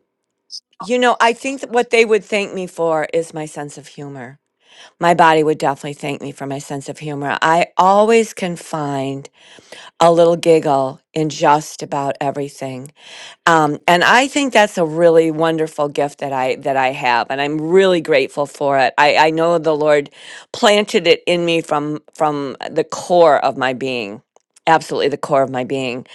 Speaker 27: you know, I think that what they would thank me for is my sense of humor. My body would definitely thank me for my sense of humor. I always can find a little giggle in just about everything. Um, and I think that's a really wonderful gift that I that I have, and I'm really grateful for it. I, I know the Lord planted it in me from from the core of my being, absolutely the core of my being.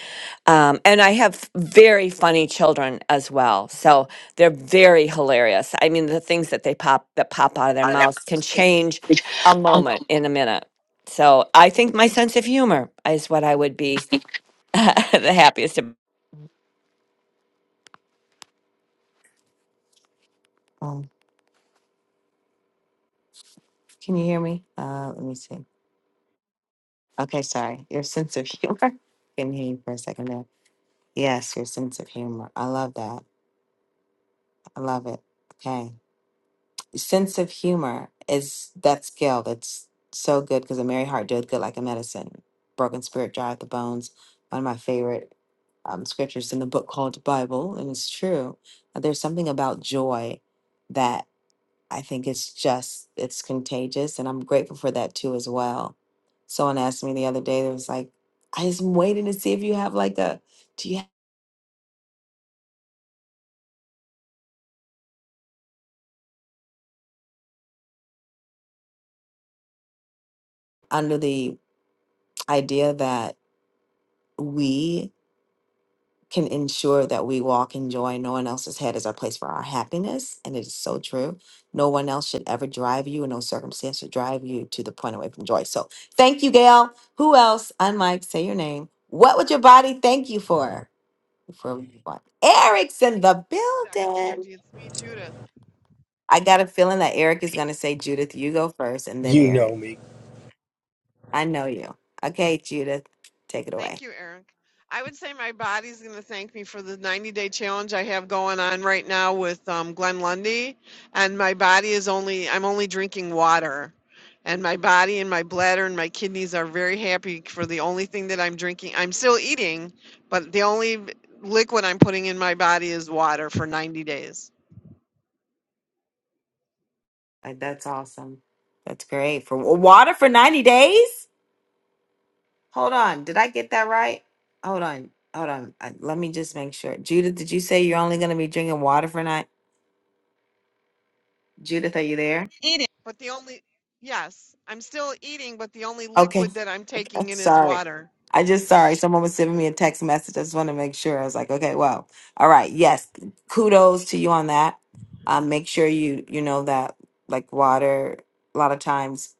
Speaker 27: Um, and I have very funny children as well, so they're very hilarious. I mean, the things that they pop that pop out of their
Speaker 23: Alright,
Speaker 27: mouths can change a
Speaker 23: I'm
Speaker 27: moment in a minute. So I think my sense of humor is what I would be the happiest
Speaker 23: Um, um, can you hear me? Uh, let me see. Okay, sorry. Your sense of humor. Couldn't hear you for a second there. Yes, your sense of humor. I love that. I love it. Okay. sense of humor is that skill that's so good because a merry heart doeth good like a medicine. Broken spirit dryeth the bones. One of my favorite um, scriptures in the book called the Bible, and it's true. Uh, There's something about joy that I think it's just it's contagious, and I'm grateful for that too as well. Someone asked me the other day, they was like, "I just waiting to see if you have like a do you have, under the idea that we." can ensure that we walk in joy. No one else's head is our place for our happiness. And it is so true. No one else should ever drive you, and no circumstance should drive you to the point away from joy. So thank you, Gail. Who else? Unmike, say your name. What would your body thank you for? Before we move on, Eric's in the
Speaker 28: Dr.
Speaker 23: building.
Speaker 28: Tangi. It's me, Judith.
Speaker 23: I got a feeling that Eric is going to say, Judith, you go first, and then
Speaker 29: You know
Speaker 23: Eric.
Speaker 29: me.
Speaker 23: I know you. Okay, Judith, take it away.
Speaker 28: Thank you, Eric. I would say my body's going to thank me for the 90 day challenge I have going on right now with um, Glenn Lundy. And my body is only, I'm only drinking water. And my body and my bladder and my kidneys are very happy for the only thing that I'm drinking. I'm still eating, but the only v- liquid I'm putting in my body is water for 90 days.
Speaker 23: Like, that's awesome. That's great. For water for 90 days? Hold on. Did I get that right? Hold on. Hold on. Uh, Let me just make sure. Judith, did you say you're only going to be drinking water for night? Judith, are you there?
Speaker 28: But the only, yes, I'm still eating, but the only
Speaker 23: Okay.
Speaker 28: liquid that I'm
Speaker 23: I'm
Speaker 28: taking in is
Speaker 23: sorry.
Speaker 28: water.
Speaker 23: I just sorry. Someone was sending me a text message. I just want to make sure. I was like, okay, well, all right. Yes. Kudos to you on that. Um, make sure you, you know, that like water, a lot of times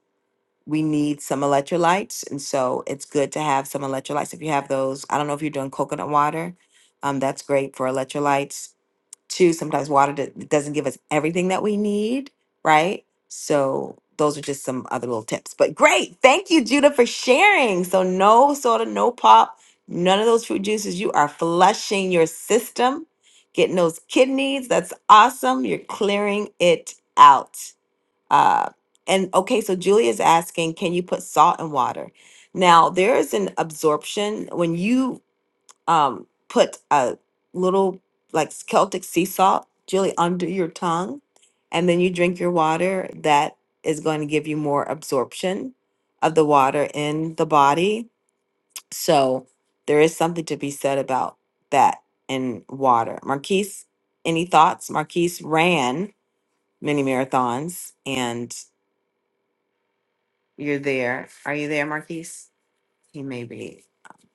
Speaker 23: we need some electrolytes. And so it's good to have some electrolytes. If you have those, I don't know if you're doing coconut water. Um, that's great for electrolytes Two, sometimes water do- doesn't give us everything that we need, right? So those are just some other little tips. But great. Thank you, Judah, for sharing. So no soda, no pop, none of those fruit juices. You are flushing your system, getting those kidneys. That's awesome. You're clearing it out. Uh, and okay, so Julia's asking, can you put salt in water? Now, there is an absorption when you um, put a little like Celtic sea salt, Julie, under your tongue, and then you drink your water. That is going to give you more absorption of the water in the body. So there is something to be said about that in water. Marquise, any thoughts? Marquise ran many marathons, and you're there. Are you there, Marquise? He may be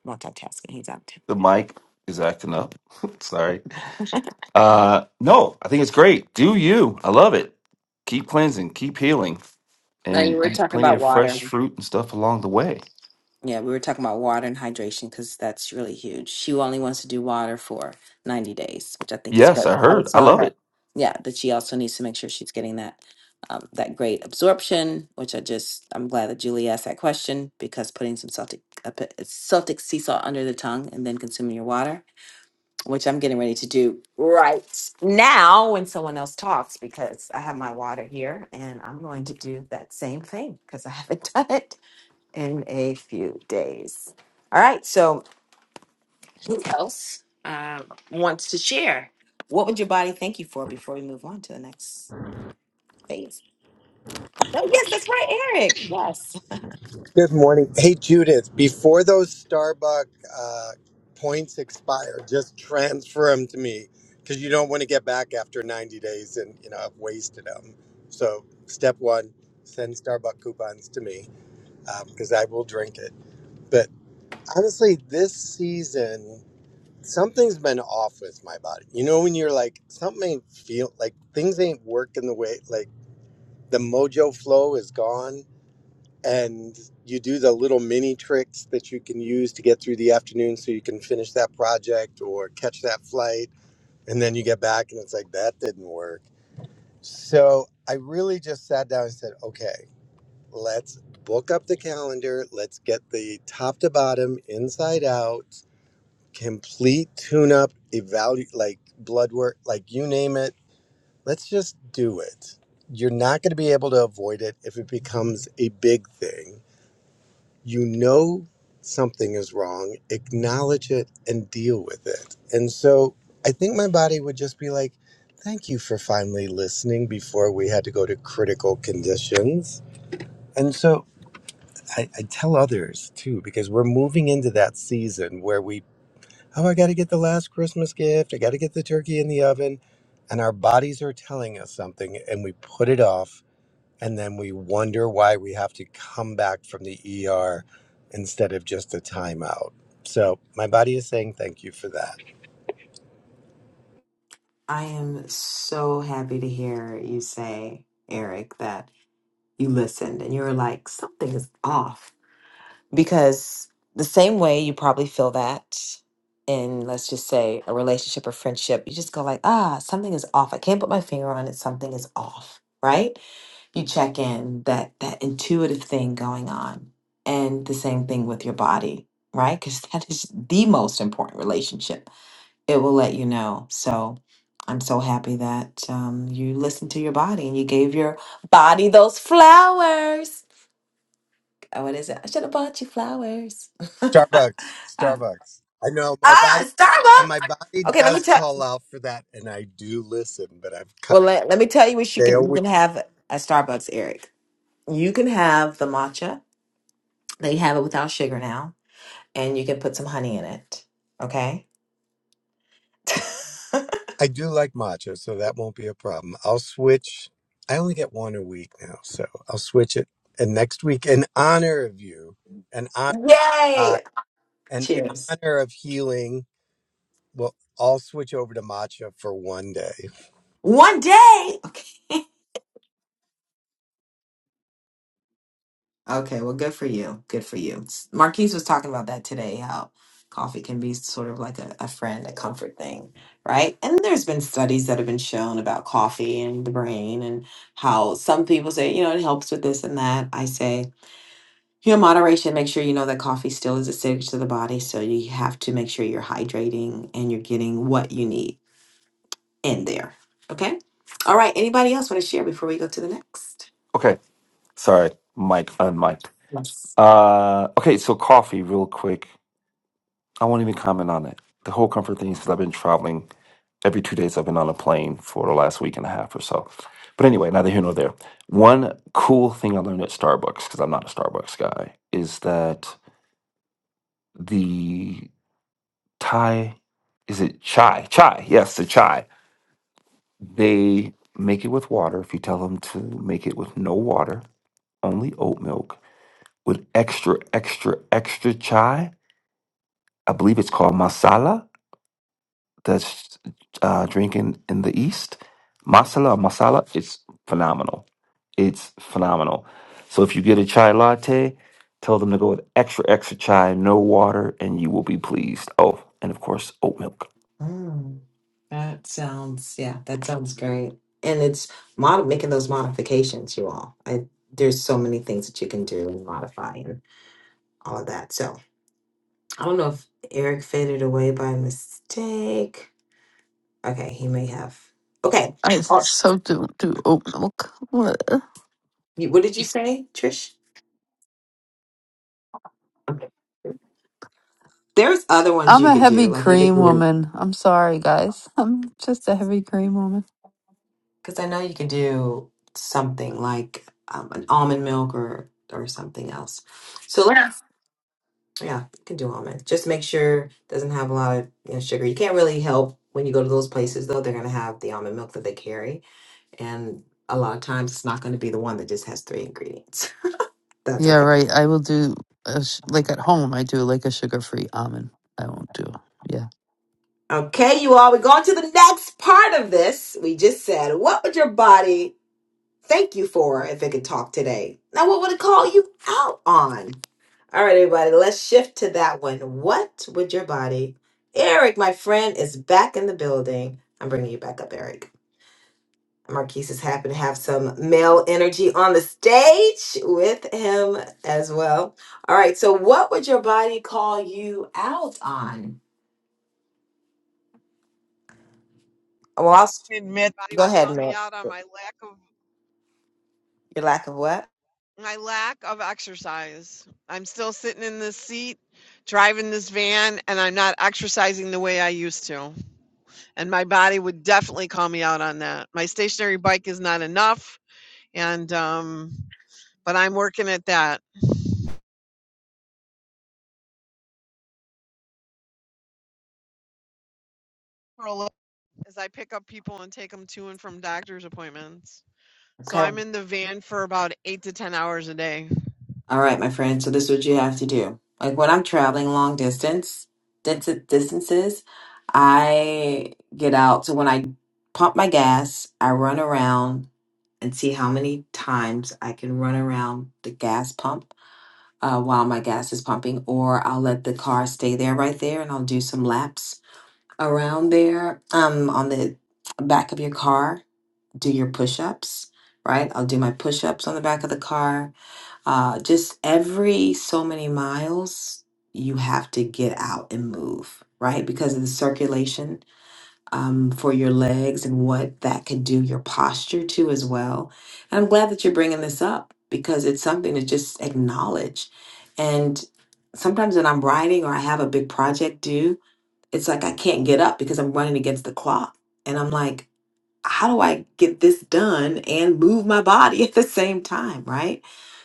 Speaker 23: multitasking. He's out. too.
Speaker 26: The mic is acting up. Sorry. Uh, no, I think it's great. Do you? I love it. Keep cleansing, keep healing,
Speaker 23: Now you
Speaker 26: and
Speaker 23: were
Speaker 26: eat
Speaker 23: talking
Speaker 26: plenty
Speaker 23: about
Speaker 26: of
Speaker 23: water.
Speaker 26: fresh fruit and stuff along the way.
Speaker 23: Yeah, we were talking about water and hydration because that's really huge. She only wants to do water for 90 days, which I think is
Speaker 26: Yes, I
Speaker 23: good. I would
Speaker 26: heard. I
Speaker 23: tell
Speaker 26: love
Speaker 23: her,
Speaker 26: it.
Speaker 23: yeah, that she also needs to make sure she's getting that um, that great absorption, which I just I'm glad that Julie asked that question because putting some Celtic uh, p- Celtic sea salt under the tongue and then consuming your water, which I'm getting ready to do right now when someone else talks because I have my water here and I'm going to do that same thing because I haven't done it in a few days. All right. So, who else uh, wants to share? What would your body thank you for before we move on to the next phase? Oh, yes, that's right, Eric. Yes.
Speaker 29: Good morning. Hey, Judith, before those Starbucks uh, points expire, just transfer them to me because you don't want to get back after 90 days and, you know, I've wasted them. So, step one, send Starbucks coupons to me because I will drink it. But honestly, this season, something's been off with my body. You know, when you're like, something ain't feel like things ain't working the way, like the mojo flow is gone and you do the little mini tricks that you can use to get through the afternoon so you can finish that project or catch that flight and then you get back and it's like that didn't work so i really just sat down and said okay let's book up the calendar let's get the top to bottom inside out complete tune up evaluate like blood work like you name it let's just do it you're not going to be able to avoid it if it becomes a big thing you know something is wrong, acknowledge it and deal with it. And so I think my body would just be like, thank you for finally listening before we had to go to critical conditions. And so I, I tell others too, because we're moving into that season where we, oh, I got to get the last Christmas gift, I got to get the turkey in the oven. And our bodies are telling us something and we put it off and then we wonder why we have to come back from the ER instead of just a timeout. So my body is saying thank you for that.
Speaker 23: I am so happy to hear you say, Eric, that you listened and you were like, something is off. because the same way you probably feel that in let's just say a relationship or friendship you just go like ah something is off i can't put my finger on it something is off right you check in that that intuitive thing going on and the same thing with your body right because that is the most important relationship it will let you know so i'm so happy that um, you listened to your body and you gave your body those flowers uh, what is it? I should have bought you flowers.
Speaker 29: Starbucks,
Speaker 23: um,
Speaker 29: Starbucks. I know my
Speaker 23: ah,
Speaker 29: body, and my body
Speaker 23: Starbucks. Okay, let me
Speaker 29: does
Speaker 23: tell.
Speaker 29: call out for that, and I do listen, but I've cut
Speaker 23: Well, let, let me tell you what
Speaker 29: a
Speaker 23: you
Speaker 29: day a
Speaker 23: can you
Speaker 29: week.
Speaker 23: can have at Starbucks, Eric. You can have the matcha. They have it without sugar now, and you can put some honey in it. Okay.
Speaker 29: I do like matcha, so that won't be a problem. I'll switch. I only get one a week now, so I'll switch it. And next week, in honor of you, and honor
Speaker 23: Yay!
Speaker 29: God, in
Speaker 23: Cheers.
Speaker 29: honor of healing Well, I'll switch over to matcha for one day.
Speaker 23: One day. Okay. Okay, well, good for you. Good for you. S- Marquise was talking about that today, how coffee can be sort of like a, a friend, a comfort thing, right? And there's been studies that have been shown about coffee and the brain and how some people say, you know, it helps with this and that. I say, you know, moderation, make sure you know that coffee still is acidic to the body. So you have to make sure you're hydrating and you're getting what you need in there. Okay. All right. Anybody else want to share before we go to the next?
Speaker 26: Okay. Sorry. Mic unmiked.
Speaker 23: Yes.
Speaker 26: Uh, okay, so coffee, real quick. I won't even comment on it. The whole comfort thing is 'cause I've been traveling every two days. I've been on a plane for the last week and a half or so. But anyway, neither here nor there. One cool thing I learned at Starbucks, because I'm not a Starbucks guy, is that the Thai, is it chai? Chai, yes, the chai. They make it with water. If you tell them to make it with no water, only oat milk, with extra, extra, extra chai. I believe it's called masala that's uh, drinking in the East, masala or masala, it's phenomenal. It's phenomenal. So if you get a chai latte, tell them to go with extra, extra chai, no water, and you will be pleased. Oh, and of course, oat milk.
Speaker 23: That sounds, yeah, that sounds great. And it's mod making those modifications, you all. I, there's so many things that you can do and modify and all of that. So I don't know if Eric faded away by mistake. Okay, he may have. Okay.
Speaker 2: I
Speaker 23: Or,
Speaker 2: so do do oat milk. What?
Speaker 23: you- what did you say, Trish? Okay. There's other ones
Speaker 2: I'm
Speaker 23: you
Speaker 2: a
Speaker 23: could do.
Speaker 2: heavy
Speaker 23: Like you could
Speaker 2: cream
Speaker 23: do,
Speaker 2: woman. I'm sorry, guys. I'm just a heavy cream woman.
Speaker 23: because I know you could do something like um, an almond milk or or something else. So let's. Yeah, you can do almond. Just make sure it doesn't have a lot of you know, sugar. You can't really help when you go to those places though. They're gonna have the almond milk that they carry, and a lot of times it's not gonna be the one that just has three ingredients. That's
Speaker 2: Yeah,
Speaker 23: okay.
Speaker 2: right. I will do a sh- like at home. I do like a sugar free almond. I won't do. Yeah,
Speaker 23: Okay, you all. We're going to the next part of this. We just said, what would your body thank you for if it could talk today? Now, what would it call you out on? All right, everybody. Let's shift to that one. What would your body? Eric, my friend, is back in the building. I'm bringing you back up, Eric. Marquise is happy to have some male energy on the stage with him as well. All right. So, what would your body call you out on? Well, I'll s-
Speaker 28: Admit Body
Speaker 23: go
Speaker 28: would
Speaker 23: ahead,
Speaker 28: call me
Speaker 23: Matt.
Speaker 28: out on my lack of
Speaker 23: Your lack of what?
Speaker 28: my lack of exercise. I'm still sitting in this seat, driving this van, and I'm not exercising the way I used to. And my body would definitely call me out on that. My stationary bike is not enough, and um, but I'm working at that as I pick up people and take them to and from doctor's appointments. So
Speaker 23: Okay.
Speaker 28: I'm in the van for about eight to 10 hours a day.
Speaker 23: All right, my friend. So this is what you have to do. Like when I'm traveling long distance, dis- distances, I get out. So when I pump my gas, I run around and see how many times I can run around the gas pump uh, while my gas is pumping, or I'll let the car stay there right there and I'll do some laps around there um, on the back of your car. Do your push ups, right? I'll do my push ups on the back of the car. Uh, just every so many miles, you have to get out and move, right? Because of the circulation um, for your legs and what that could do your posture to as well. And I'm glad that you're bringing this up because it's something to just acknowledge. And sometimes when I'm writing or I have a big project due, it's like I can't get up because I'm running against the clock. And I'm like, how do I get this done and move my body at the same time, right?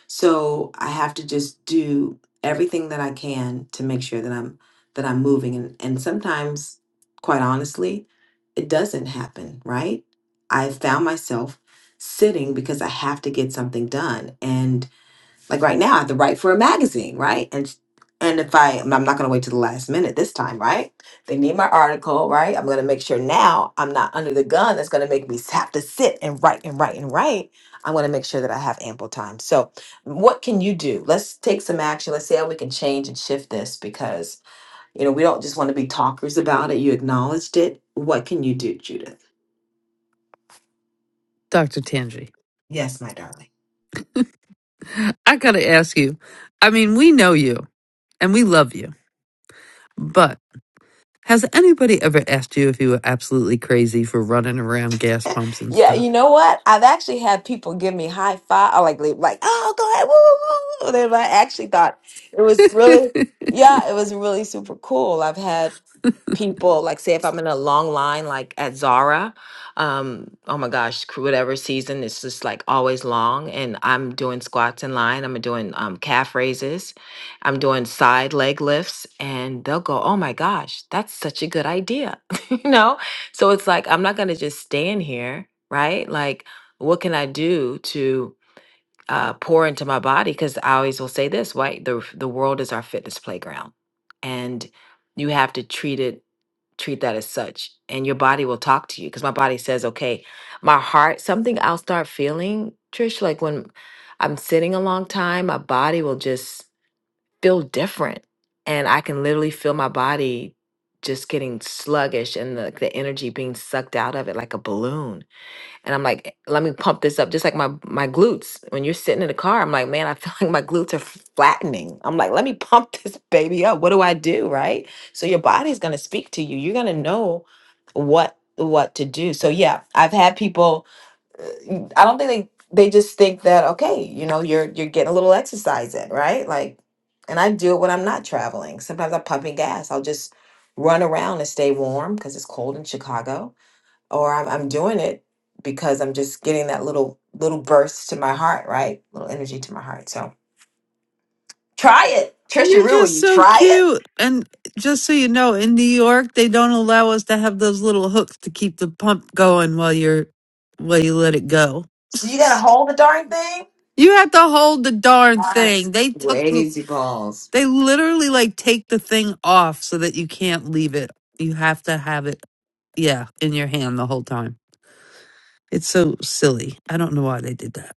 Speaker 23: So I have to just do everything that I can to make sure that I'm that I'm moving and and sometimes quite honestly, it doesn't happen, right? I found myself sitting because I have to get something done and like right now i have to write for a magazine right and and if i i'm not going to wait to the last minute this time right they need my article right i'm going to make sure now i'm not under the gun that's going to make me have to sit and write and write and write i'm going to make sure that i have ample time so what can you do let's take some action let's see how we can change and shift this because you know we don't just want to be talkers about it you acknowledged it what can you do judith
Speaker 2: Doctor Tangi.
Speaker 23: yes my darling
Speaker 2: I gotta ask you. I mean, we know you and we love you, but. Has anybody ever asked you if you were absolutely crazy for running around gas pumps and
Speaker 23: Yeah,
Speaker 2: stuff?
Speaker 23: you know what? I've actually had people give me high five, or like, leave, like, oh, go ahead, woo, woo, woo. And I actually thought it was really, yeah, it was really super cool. I've had people like say if i'm in a long line like at zara um oh my gosh cr- whatever season it's just like always long and i'm doing squats in line i'm doing um, calf raises i'm doing side leg lifts and they'll go oh my gosh that's such a good idea you know so it's like i'm not gonna just stand here right like what can i do to uh, pour into my body because i always will say this right the, the world is our fitness playground and you have to treat it treat that as such and your body will talk to you because my body says okay my heart something i'll start feeling trish like when i'm sitting a long time my body will just feel different and i can literally feel my body just getting sluggish and the, the energy being sucked out of it like a balloon and I'm like, let me pump this up, just like my my glutes. When you're sitting in the car, I'm like, man, I feel like my glutes are flattening. I'm like, let me pump this baby up. What do I do, right? So your body's gonna speak to you. You're gonna know what what to do. So yeah, I've had people. uh, I don't think they they just think that okay, you know, you're you're getting a little exercise in, right? Like, and I do it when I'm not traveling. Sometimes I'm pumping gas. I'll just run around and stay warm because it's cold in Chicago or I'm, I'm doing it because I'm just getting that little little burst to my heart, right? Little energy to my heart. So try it, Trisha
Speaker 2: You're
Speaker 23: Rue. Will
Speaker 2: just
Speaker 23: you
Speaker 2: so
Speaker 23: try it?
Speaker 2: cute. And just so you know, in New York, they don't allow us to have those little hooks to keep the pump going while you're while you let it go.
Speaker 23: So you gotta hold the darn thing.
Speaker 2: You have to hold the darn
Speaker 23: That's
Speaker 2: thing. They took the,
Speaker 23: crazy balls.
Speaker 2: they literally like take the thing off so that you can't leave it. You have to have it yeah, in your hand the whole time. It's so silly. I don't know why they did that.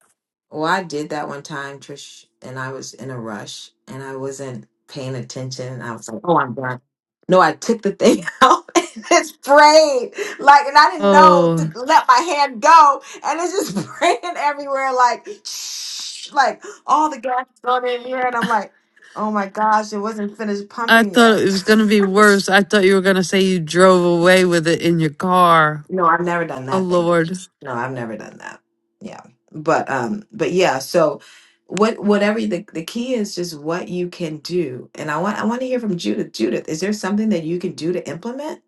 Speaker 23: Well, I did that one time, Trish, and I was in a rush and I wasn't paying attention. I was like, oh, I'm done. No, I took the thing out and it sprayed. Like, and I didn't know
Speaker 2: Oh,
Speaker 23: to let my hand go. And it's just spraying everywhere, like, like all the gas is going in here. And I'm like, oh my gosh, it wasn't finished
Speaker 2: I
Speaker 23: pumping
Speaker 2: thought it
Speaker 23: yet.
Speaker 2: was going to be worse. I thought you were going to say you drove away with it in your car.
Speaker 23: No, I've never done
Speaker 2: Oh,
Speaker 23: that. Thank
Speaker 2: Lord.
Speaker 23: goodness. No, I've never done that. Yeah, but um, but yeah. So, what whatever the the key is, just what you can do. And I want I want to hear from Judith. Judith, is there something that you can do to implement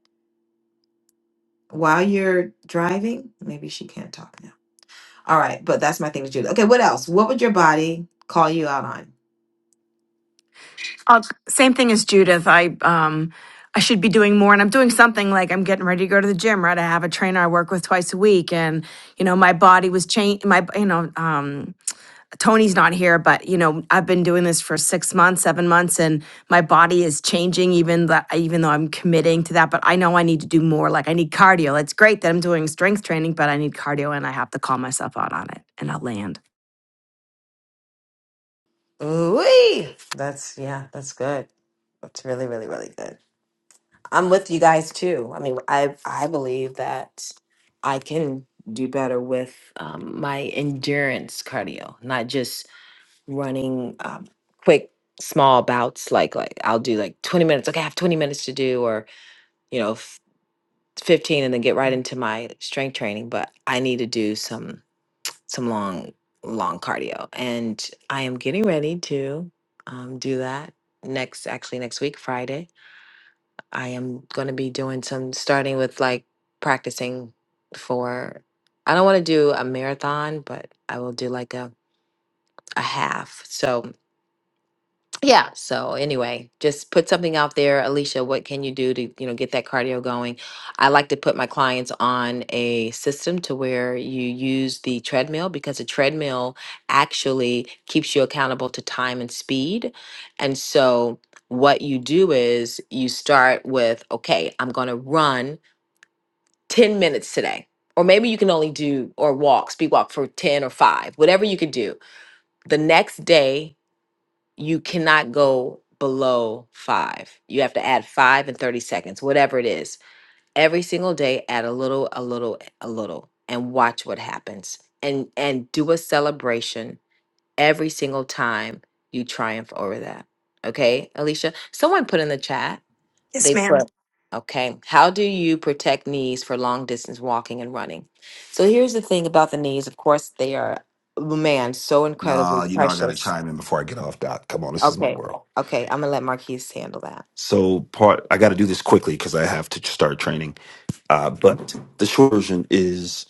Speaker 23: while you're driving? Maybe she can't talk now. All right, but that's my thing to Judith. Okay, what else? What would your body call you out on?
Speaker 22: Uh, same thing as Judith. I um I should be doing more, and I'm doing something like I'm getting ready to go to the gym. Right, I have a trainer I work with twice a week, and you know my body was changed. My you know um Tony's not here, but you know I've been doing this for six months, seven months, and my body is changing. Even that, even though I'm committing to that, but I know I need to do more. Like I need cardio. It's great that I'm doing strength training, but I need cardio, and I have to call myself out on it, and I'll land.
Speaker 23: Ooh, that's yeah, that's good. That's really, really, really good. I'm with you guys too. I mean, I I believe that I can do better with um, my endurance cardio, not just running um, quick small bouts. Like like I'll do like 20 minutes. Okay, I have 20 minutes to do, or you know, f- 15, and then get right into my strength training. But I need to do some some long long cardio, and I am getting ready to um, do that next. Actually, next week, Friday I am going to be doing some starting with like practicing for I don't want to do a marathon, but I will do like a a half. So yeah so anyway just put something out there alicia what can you do to you know get that cardio going i like to put my clients on a system to where you use the treadmill because a treadmill actually keeps you accountable to time and speed and so what you do is you start with okay i'm going to run 10 minutes today or maybe you can only do or walk speed walk for 10 or 5 whatever you can do the next day you cannot go below five. You have to add five and 30 seconds, whatever it is. Every single day, add a little, a little, a little, and watch what happens. And and do a celebration every single time you triumph over that. Okay, Alicia? Someone put in the chat.
Speaker 22: Yes,
Speaker 23: They
Speaker 22: ma'am.
Speaker 23: put Okay. How do you protect knees for long distance walking and running? So here's the thing about the knees. Of course, they are man, so incredibly
Speaker 26: Nah, you know I gotta
Speaker 23: precious
Speaker 26: chime in before I get off, Doc. Come on, this is my
Speaker 23: Okay.
Speaker 26: world.
Speaker 23: Okay. I'm gonna let Marquise handle that.
Speaker 26: So part I gotta do this quickly because I have to start training. Uh, but the short version is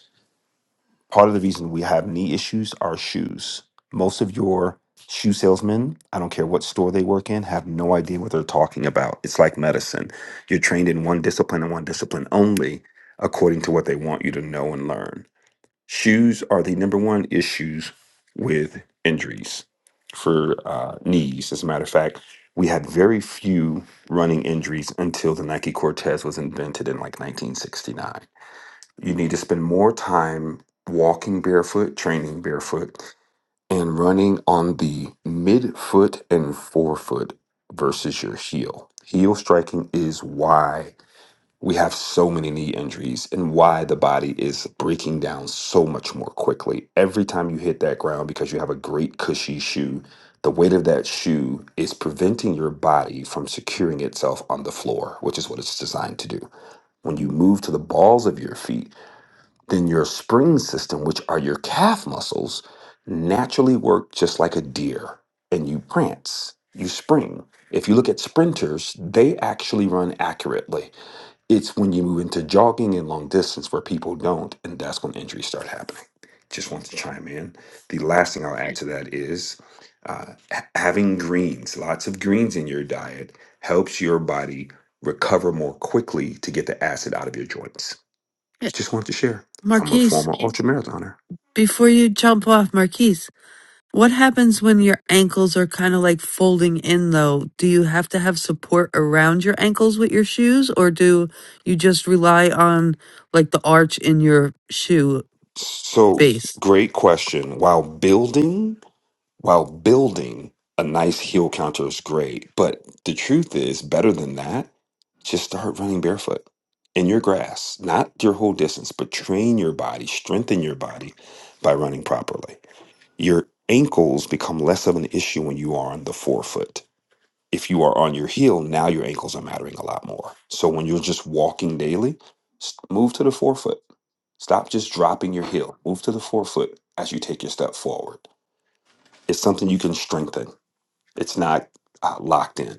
Speaker 26: part of the reason we have knee issues are shoes. Most of your shoe salesmen, I don't care what store they work in, have no idea what they're talking about. It's like medicine. You're trained in one discipline and one discipline only according to what they want you to know and learn. Shoes are the number one issues with injuries for uh, knees. As a matter of fact, we had very few running injuries until the Nike Cortez was invented in like 1969 you need to spend more time walking barefoot, training barefoot, and running on the midfoot and forefoot versus your heel. Heel striking is why we have so many knee injuries and why the body is breaking down so much more quickly. Every time you hit that ground, because you have a great cushy shoe, the weight of that shoe is preventing your body from securing itself on the floor, which is what it's designed to do. When you move to the balls of your feet, then your spring system, which are your calf muscles, naturally work just like a deer and you prance, you spring. If you look at sprinters, they actually run accurately. It's when you move into jogging and long distance where people don't, and that's when injuries start happening. Just want to chime in. The last thing I'll add to that is uh, ha- having greens, lots of greens in your diet, helps your body recover more quickly to get the acid out of your joints. Just wanted to share from a
Speaker 2: Marquise,
Speaker 26: former ultramarathoner.
Speaker 2: before you jump off, Marquise, what happens when your ankles are kind of like folding in, though? Do you have to have support around your ankles with your shoes, or do you just rely on like the arch in your shoe
Speaker 26: So
Speaker 2: base?
Speaker 26: great question. While building, while building a nice heel counter is great, but the truth is better than that, just start running barefoot in your grass, not your whole distance, but train your body, strengthen your body by running properly. Your ankles become less of an issue when you are on the forefoot if you are on your heel, now your ankles are mattering a lot more. So when you're just walking daily, s- move to the forefoot. Stop just dropping your heel. Move to the forefoot as you take your step forward. It's something you can strengthen. It's not uh, locked in.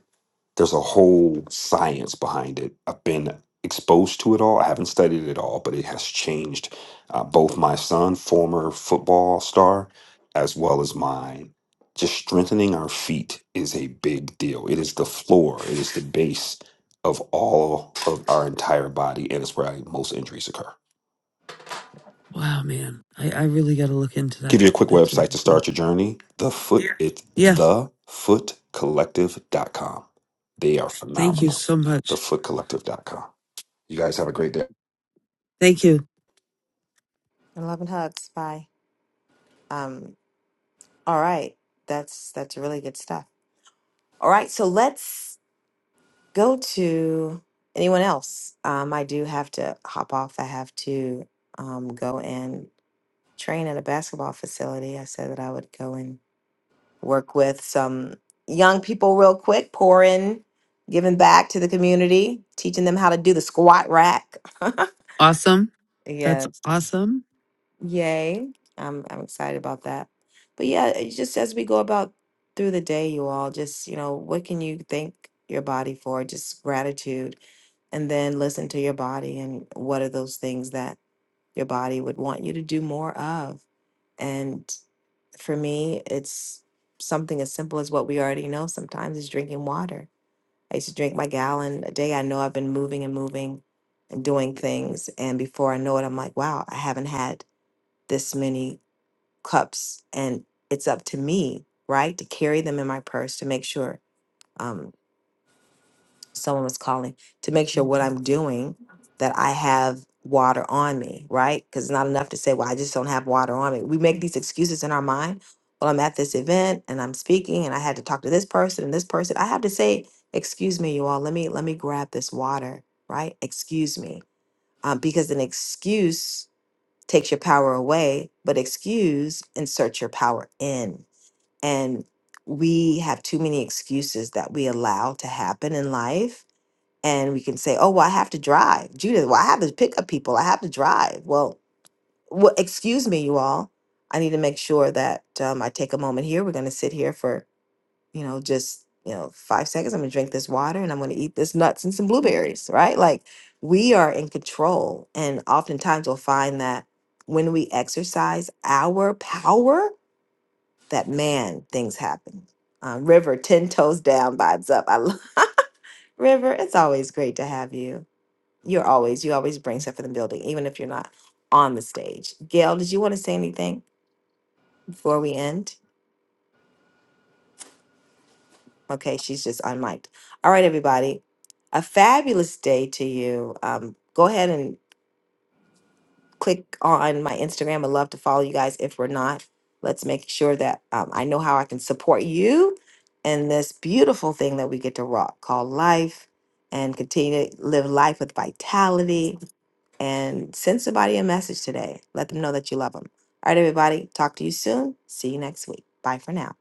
Speaker 26: There's a whole science behind it. I've been exposed to it all. I haven't studied it all, but it has changed uh, both my son, former football star, as well as mine. Just strengthening our feet is a big deal. It is the floor, it is the base of all of our entire body, and it's where most injuries occur.
Speaker 2: Wow, man. I, I really got to look into
Speaker 26: Give
Speaker 2: that.
Speaker 26: you a quick
Speaker 2: That's
Speaker 26: website
Speaker 2: really
Speaker 26: to
Speaker 2: cool.
Speaker 26: start your journey. The foot, Yeah. it's
Speaker 2: Yeah.
Speaker 26: thefootcollective.com. They are
Speaker 2: Thank you
Speaker 26: phenomenal.
Speaker 2: so
Speaker 26: The
Speaker 2: much.
Speaker 26: Thefootcollective.com. You guys have a great day.
Speaker 2: Thank you.
Speaker 23: And love and hugs. Bye. Um, all right. That's that's really good stuff. All right, so let's go to anyone else. Um, I do have to hop off. I have to um, go and train at a basketball facility. I said that I would go and work with some young people real quick, pouring, giving back to the community, teaching them how to do the squat rack.
Speaker 2: Awesome. That's
Speaker 23: yes.
Speaker 2: awesome.
Speaker 23: Yay. I'm I'm excited about that. But yeah, it's just as we go about through the day, you all just, you know, what can you thank your body for? Just gratitude and then listen to your body and what are those things that your body would want you to do more of? And for me, it's something as simple as what we already know sometimes is drinking water. I used to drink my gallon a day. I know I've been moving and moving and doing things. And before I know it, I'm like, wow, I haven't had this many cups. And it's up to me, right, to carry them in my purse to make sure. um, someone was calling to make sure what I'm doing that I have water on me, right? Because it's not enough to say, well, I just don't have water on me. We make these excuses in our mind. Well, I'm at this event and I'm speaking and I had to talk to this person and this person. I have to say, excuse me, you all, let me let me grab this water, right? Excuse me. Um, because an excuse takes your power away, but excuse inserts your power in. And we have too many excuses that we allow to happen in life and we can say, "Oh, well, I have to drive, Judith. Well, I have to pick up people. I have to drive." Well, well, excuse me, you all. I need to make sure that um, I take a moment here. We're going to sit here for you know just you know five seconds. I'm going to drink this water and I'm going to eat this nuts and some blueberries. Right? Like we are in control, and oftentimes we'll find that when we exercise our power, that man things happen. Um, River, ten toes down, vibes up. I love River. It's always great to have you. You're always, you always bring stuff for the building, even if you're not on the stage. Gail, did you want to say anything before we end? Okay, she's just unmiked. All right, everybody. A fabulous day to you. Um, go ahead and click on my Instagram. I'd love to follow you guys if we're not. Let's make sure that um, I know how I can support you in this beautiful thing that we get to rock called life and continue to live life with vitality and send somebody a message today. Let them know that you love them. All right, everybody. Talk to you soon. See you next week. Bye for now.